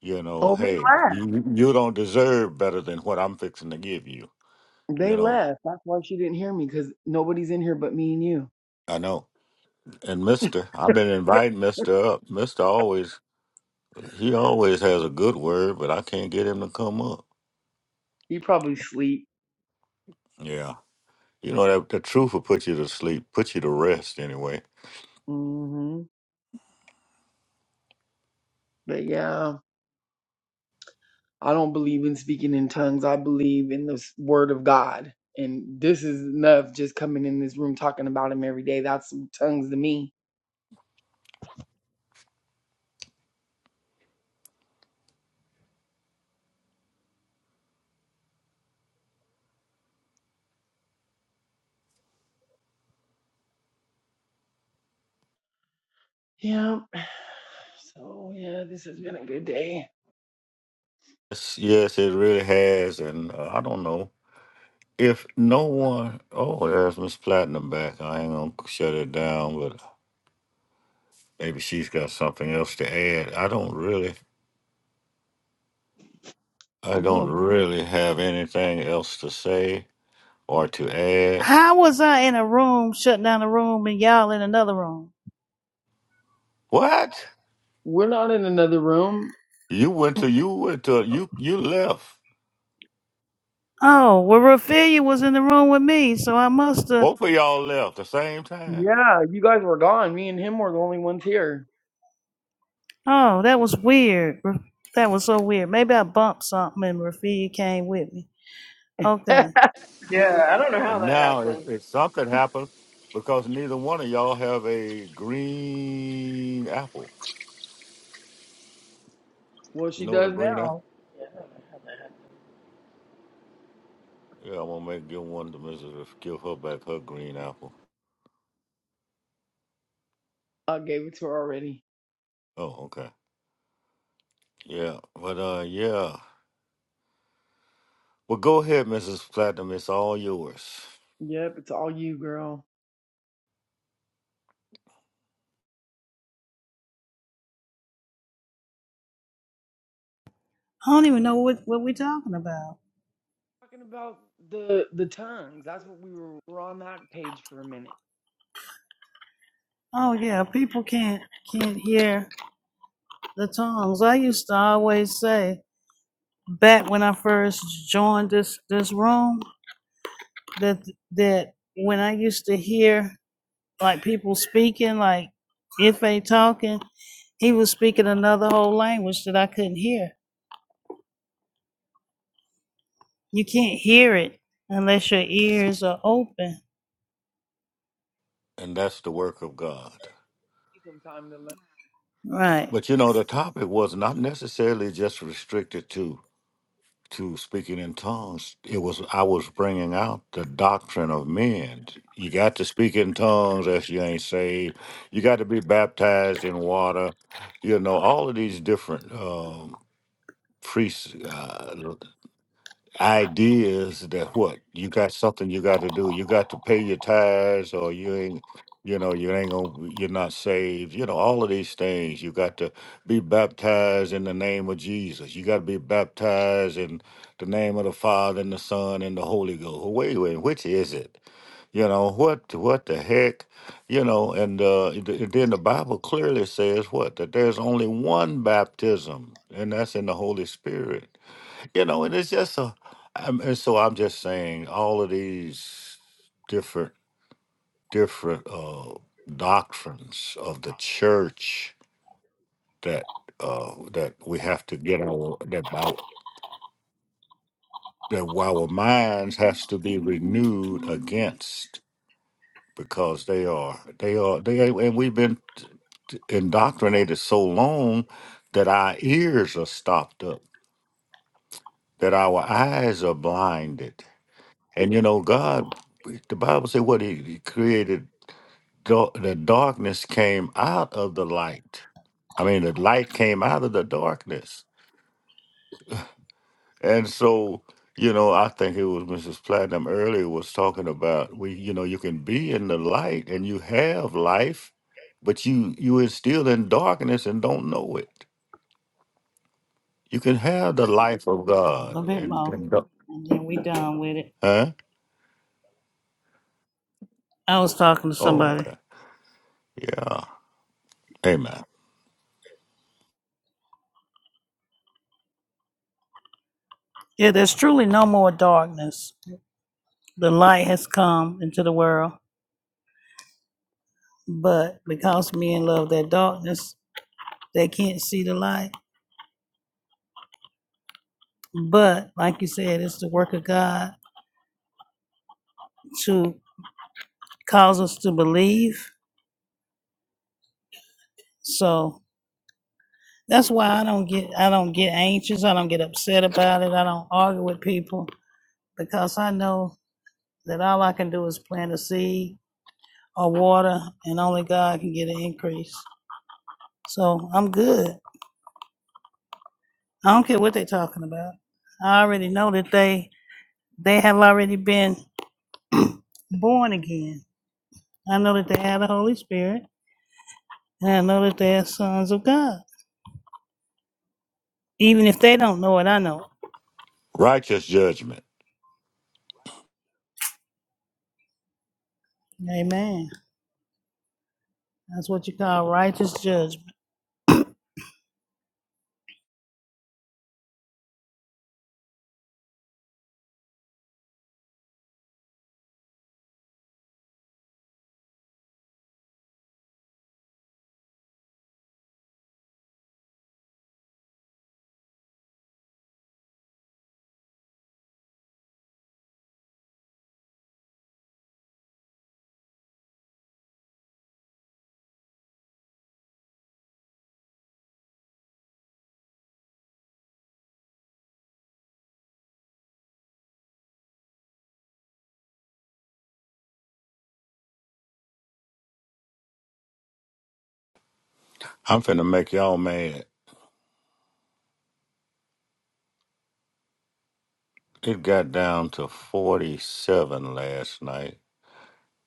You know,
Oh, they
hey,
laugh.
you you don't deserve better than what I'm fixing to give you. You
They
know,
left. That's why she didn't hear me because nobody's in here but me and you.
I know. And Mister, I've been inviting Mister up. Mister always he always has a good word, but I can't get him to come up.
He probably sleep.
Yeah, you know that the truth will put you to sleep, put you to rest anyway.
hmm But yeah, I don't believe in speaking in tongues. I believe in the s- word of God. And this is enough just coming in this room talking about him every day. That's tongues to me. Yeah. So yeah, this has been a good day.
Yes, yes, it really has. And uh, I don't know if no one. Oh, there's Miss Platinum back. I ain't gonna shut it down, but maybe she's got something else to add. I don't really
I
I
know.
don't really have anything else to say or to add.
How was I in a room, shutting down a room, and y'all in another room?
What?
We're not in another room.
You went to you went to you you left.
Oh, well, Raphaelia was in the room with me, so I must have.
Both of y'all left the same time,
Yeah, you guys were gone. Me and him were the only ones here.
Oh, that was weird. That was so weird. Maybe I bumped something and Raphaelia came with me. Okay.
Yeah, I don't know how
and
that
now it,
happened.
it something happened because neither one of y'all have a green apple.
well,
You
she
know the
does
green apple?
now.
Yeah, I'm gonna make give one to Mrs. F- Give her back her green apple.
I gave it to her already.
Oh, okay. Yeah, but uh, yeah. Well, go ahead, Mrs. Platinum. It's all yours,
Yep, it's all you, girl.
I don't even know what, what we're talking about.
Talking about the the tongues. That's what we were. We're on that page for a minute.
Oh yeah, people can't can't hear the tongues. I used to always say back when I first joined this this room that that when I used to hear like people speaking, like if they talking, he was speaking another whole language that I couldn't hear. You can't hear it unless your ears are open.
and that's the work of God.
Need Some time to learn.
Right.
But you know, the topic was not necessarily just restricted to to speaking in tongues. It was I was bringing out the doctrine of men. You got to speak in tongues if you ain't saved. You got to be baptized in water. You know, all of these different um, priests. Uh, ideas that what you got something you got to do you got to pay your tithes or you ain't you know you ain't gonna you're not saved you know all of these things you got to be baptized in the name of jesus you got to be baptized in the name of the father and the son and the holy ghost wait wait which is it you know what what the heck you know and uh th- then the bible clearly says what that there's only one baptism and that's in the holy spirit you know, and it's just a, I'm, and so I'm just saying all of these different different uh, doctrines of the church that uh, that we have to get our that our, that our minds has to be renewed against because they are they are they are- and we've been t- t- indoctrinated so long that our ears are stopped up that our eyes are blinded and you know god The Bible said what he he created, dar- the darkness came out of the light. I mean, the light came out of the darkness. And so, you know, I think it was Mrs. Platinum earlier was talking about we, you know, you can be in the light and you have life, but you you is still in darkness and don't know it. You can have the life of
A
God
little bit
and,
more.
and don't-
And then we done with it.
huh?
I was talking to
Oh,
somebody.
okay. Yeah. Amen.
Yeah, there's truly no more darkness. The light has come into the world, but because men love that darkness, they can't see the light. But like you said, it's the work of God to cause us to believe. So that's why I don't get I don't get anxious. I don't get upset about it. I don't argue with people because I know that all I can do is plant a seed or water, and only God can get an increase. So I'm good. I don't care what they're talking about. I already know that they they have already been born again. I know that they have the Holy Spirit, and I know that they are sons of God. Even if they don't know it, I know
Righteous judgment.
it. Amen. That's what you call righteous judgment.
I'm finna make y'all mad. It got down to 47 last night.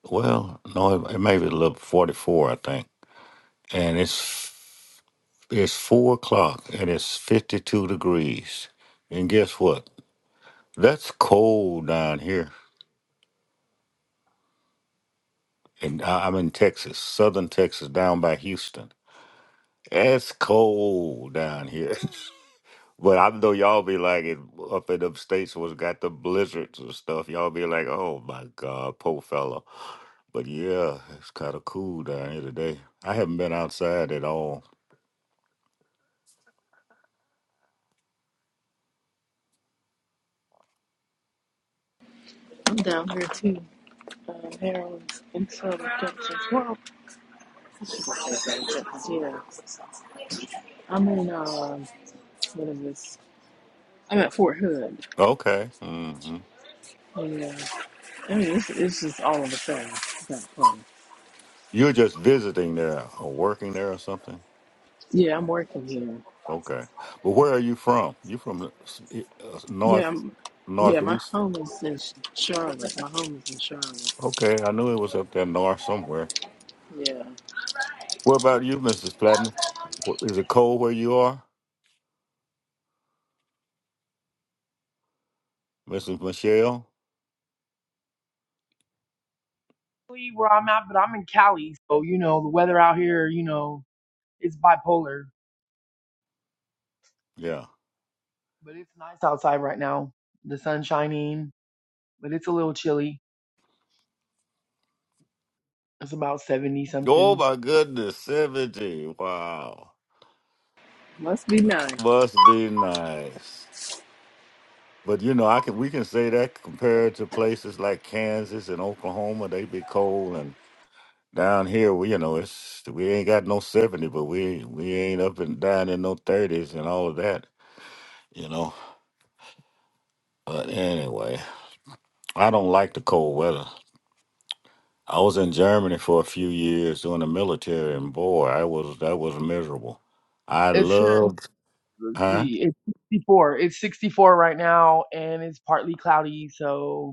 Well, no, it, it may be a little 44, I think. And it's it's four o'clock and it's 52 degrees. And guess what? That's cold down here. And I- I'm in Texas, southern Texas, down by Houston. It's cold down here. but I know y'all be like it up in them states was got the blizzards and stuff. Y'all be like, oh my God, poor fella. But yeah, it's kind of cool down here today. I haven't been outside at all.
I'm down here too. Um, Harold's in some Junction 12. Yeah. I'm in, um, what is this? I'm at Fort Hood.
Okay. hmm
Yeah. I mean, it's, it's just all of a sudden. It's not fun.
You're just visiting there or working there or something?
Yeah, I'm working here.
Okay. But where are you from? You from the s- e- uh,
Yeah,
north,
m- yeah, my
northeast?
home is in Sh- Charlotte. My home is in Charlotte.
Okay, I knew it was up there north somewhere.
Yeah,
What about you, Mrs. Platten? Wh- Is it cold where you are, Mrs. Michelle?
Really, Where I'm at, but I'm in Cali, so you know the weather out here. You know it's bipolar,
Yeah.
but it's nice outside right now. The sun's shining, but it's a little chilly. It's about seventy
Oh
something.
my goodness, seventy! Wow,
must be nice.
must be nice. But you know, I can we can say that compared to places like Kansas and Oklahoma, they be cold, and down here, we you know, it's we ain't got no seventy, but we we ain't up and down in no thirties and all of that, you know. But anyway, I don't like the cold weather. I was in Germany for a few years doing the military, and boy, I was that was miserable. I
It's
loved,
let's
huh?
see, it's sixty four. It's sixty four right now, and it's partly cloudy. So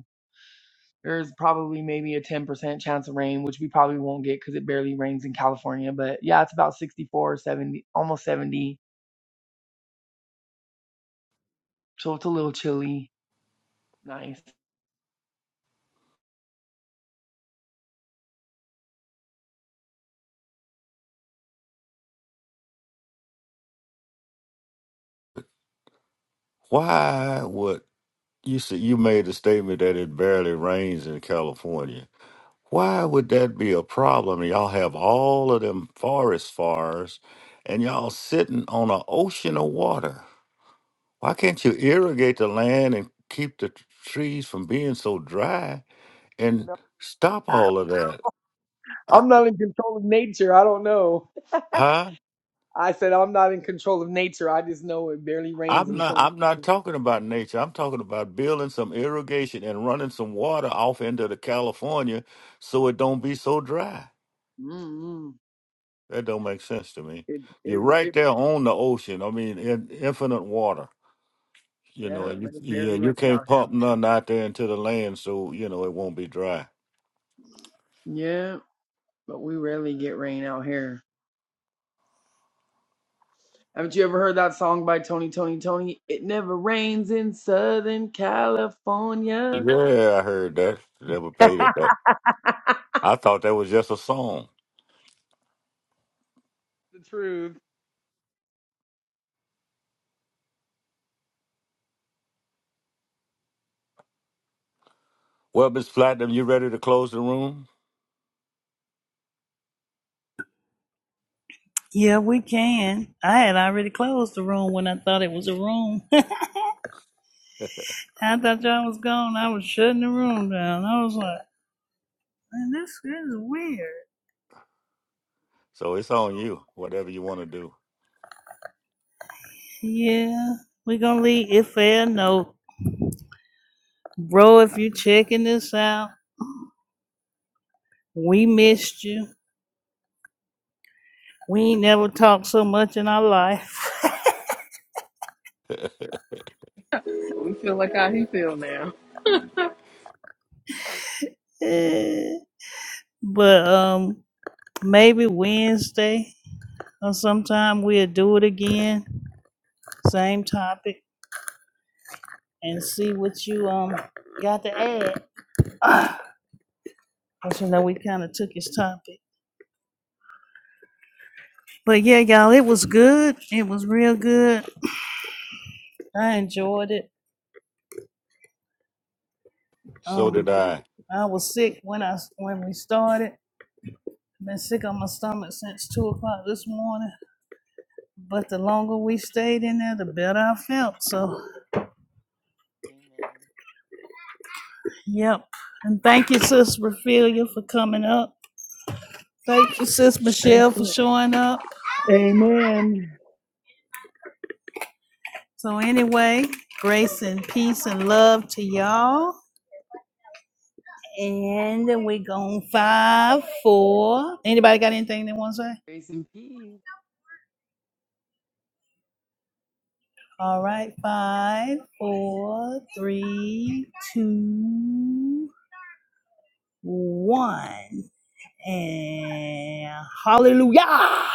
There's probably maybe a 10% chance of rain, which we probably won't get because it barely rains in California. But yeah, it's about 64, 70, almost 70. So it's a little chilly. Nice.
Why would you say You made the statement that it barely rains in California Why would that be a problem? Y'all have all of them forest fires and y'all sitting on an ocean of water. Why can't you irrigate the land and keep the t- trees from being so dry
You
and
know,
stop all of that? Uh,
I'm not in control of nature. I don't know.
Huh?
I said I'm not in control of nature. I just know it barely rains
I'm
in
not
Southern
I'm not
California.
talking about nature. I'm talking about building some irrigation and running some water off into the California so it don't be so dry.
Mm-hmm.
That don't make sense to me.
It
You're
it
right
it
there on the ocean. I mean, in infinite water. You
yeah,
know, and you
man, it
yeah,
barely
and you
rains
can't
out here.
pump nothing out there into the land, so you know it won't be dry.
Yeah, but we rarely get rain out here. Haven't you ever heard that song by Tony Tony Tony? It never rains in Southern California.
Yeah, I heard that. Never paid it. That I thought that was just a song.
The truth.
Well, Miss Platinum, you ready to close the room?
Yeah, we can. I had already closed the room when I thought it was a room. I thought y'all was gone. I was shutting the room down. I was like, man, this is weird.
So it's on you. Whatever you want to do.
Yeah, we're gonna leave it fair note. Bro, if you are checking this out, We missed you. We ain't never talked so much in our life.
We feel like how he feel now.
but um maybe Wednesday or sometime we'll do it again. Same topic and see what you um got to add. Cause you know we kinda took his topic. But yeah, y'all, it was good. It was real good. I enjoyed it.
So
Um
did I.
I was sick when I when we started. I've Been sick on my stomach since two o'clock this morning. But the longer we stayed in there, the better I felt. So, yep. And thank you, Sis Raphelia, for coming up. Thank you, Sis
Thank
Michelle, for
you.
showing up.
Amen. Amen.
So, anyway, grace and peace and love to y'all. And we gone five, four. Anybody got anything they want to say?
Grace and peace.
All right, five, four, three, two, one. And hallelujah.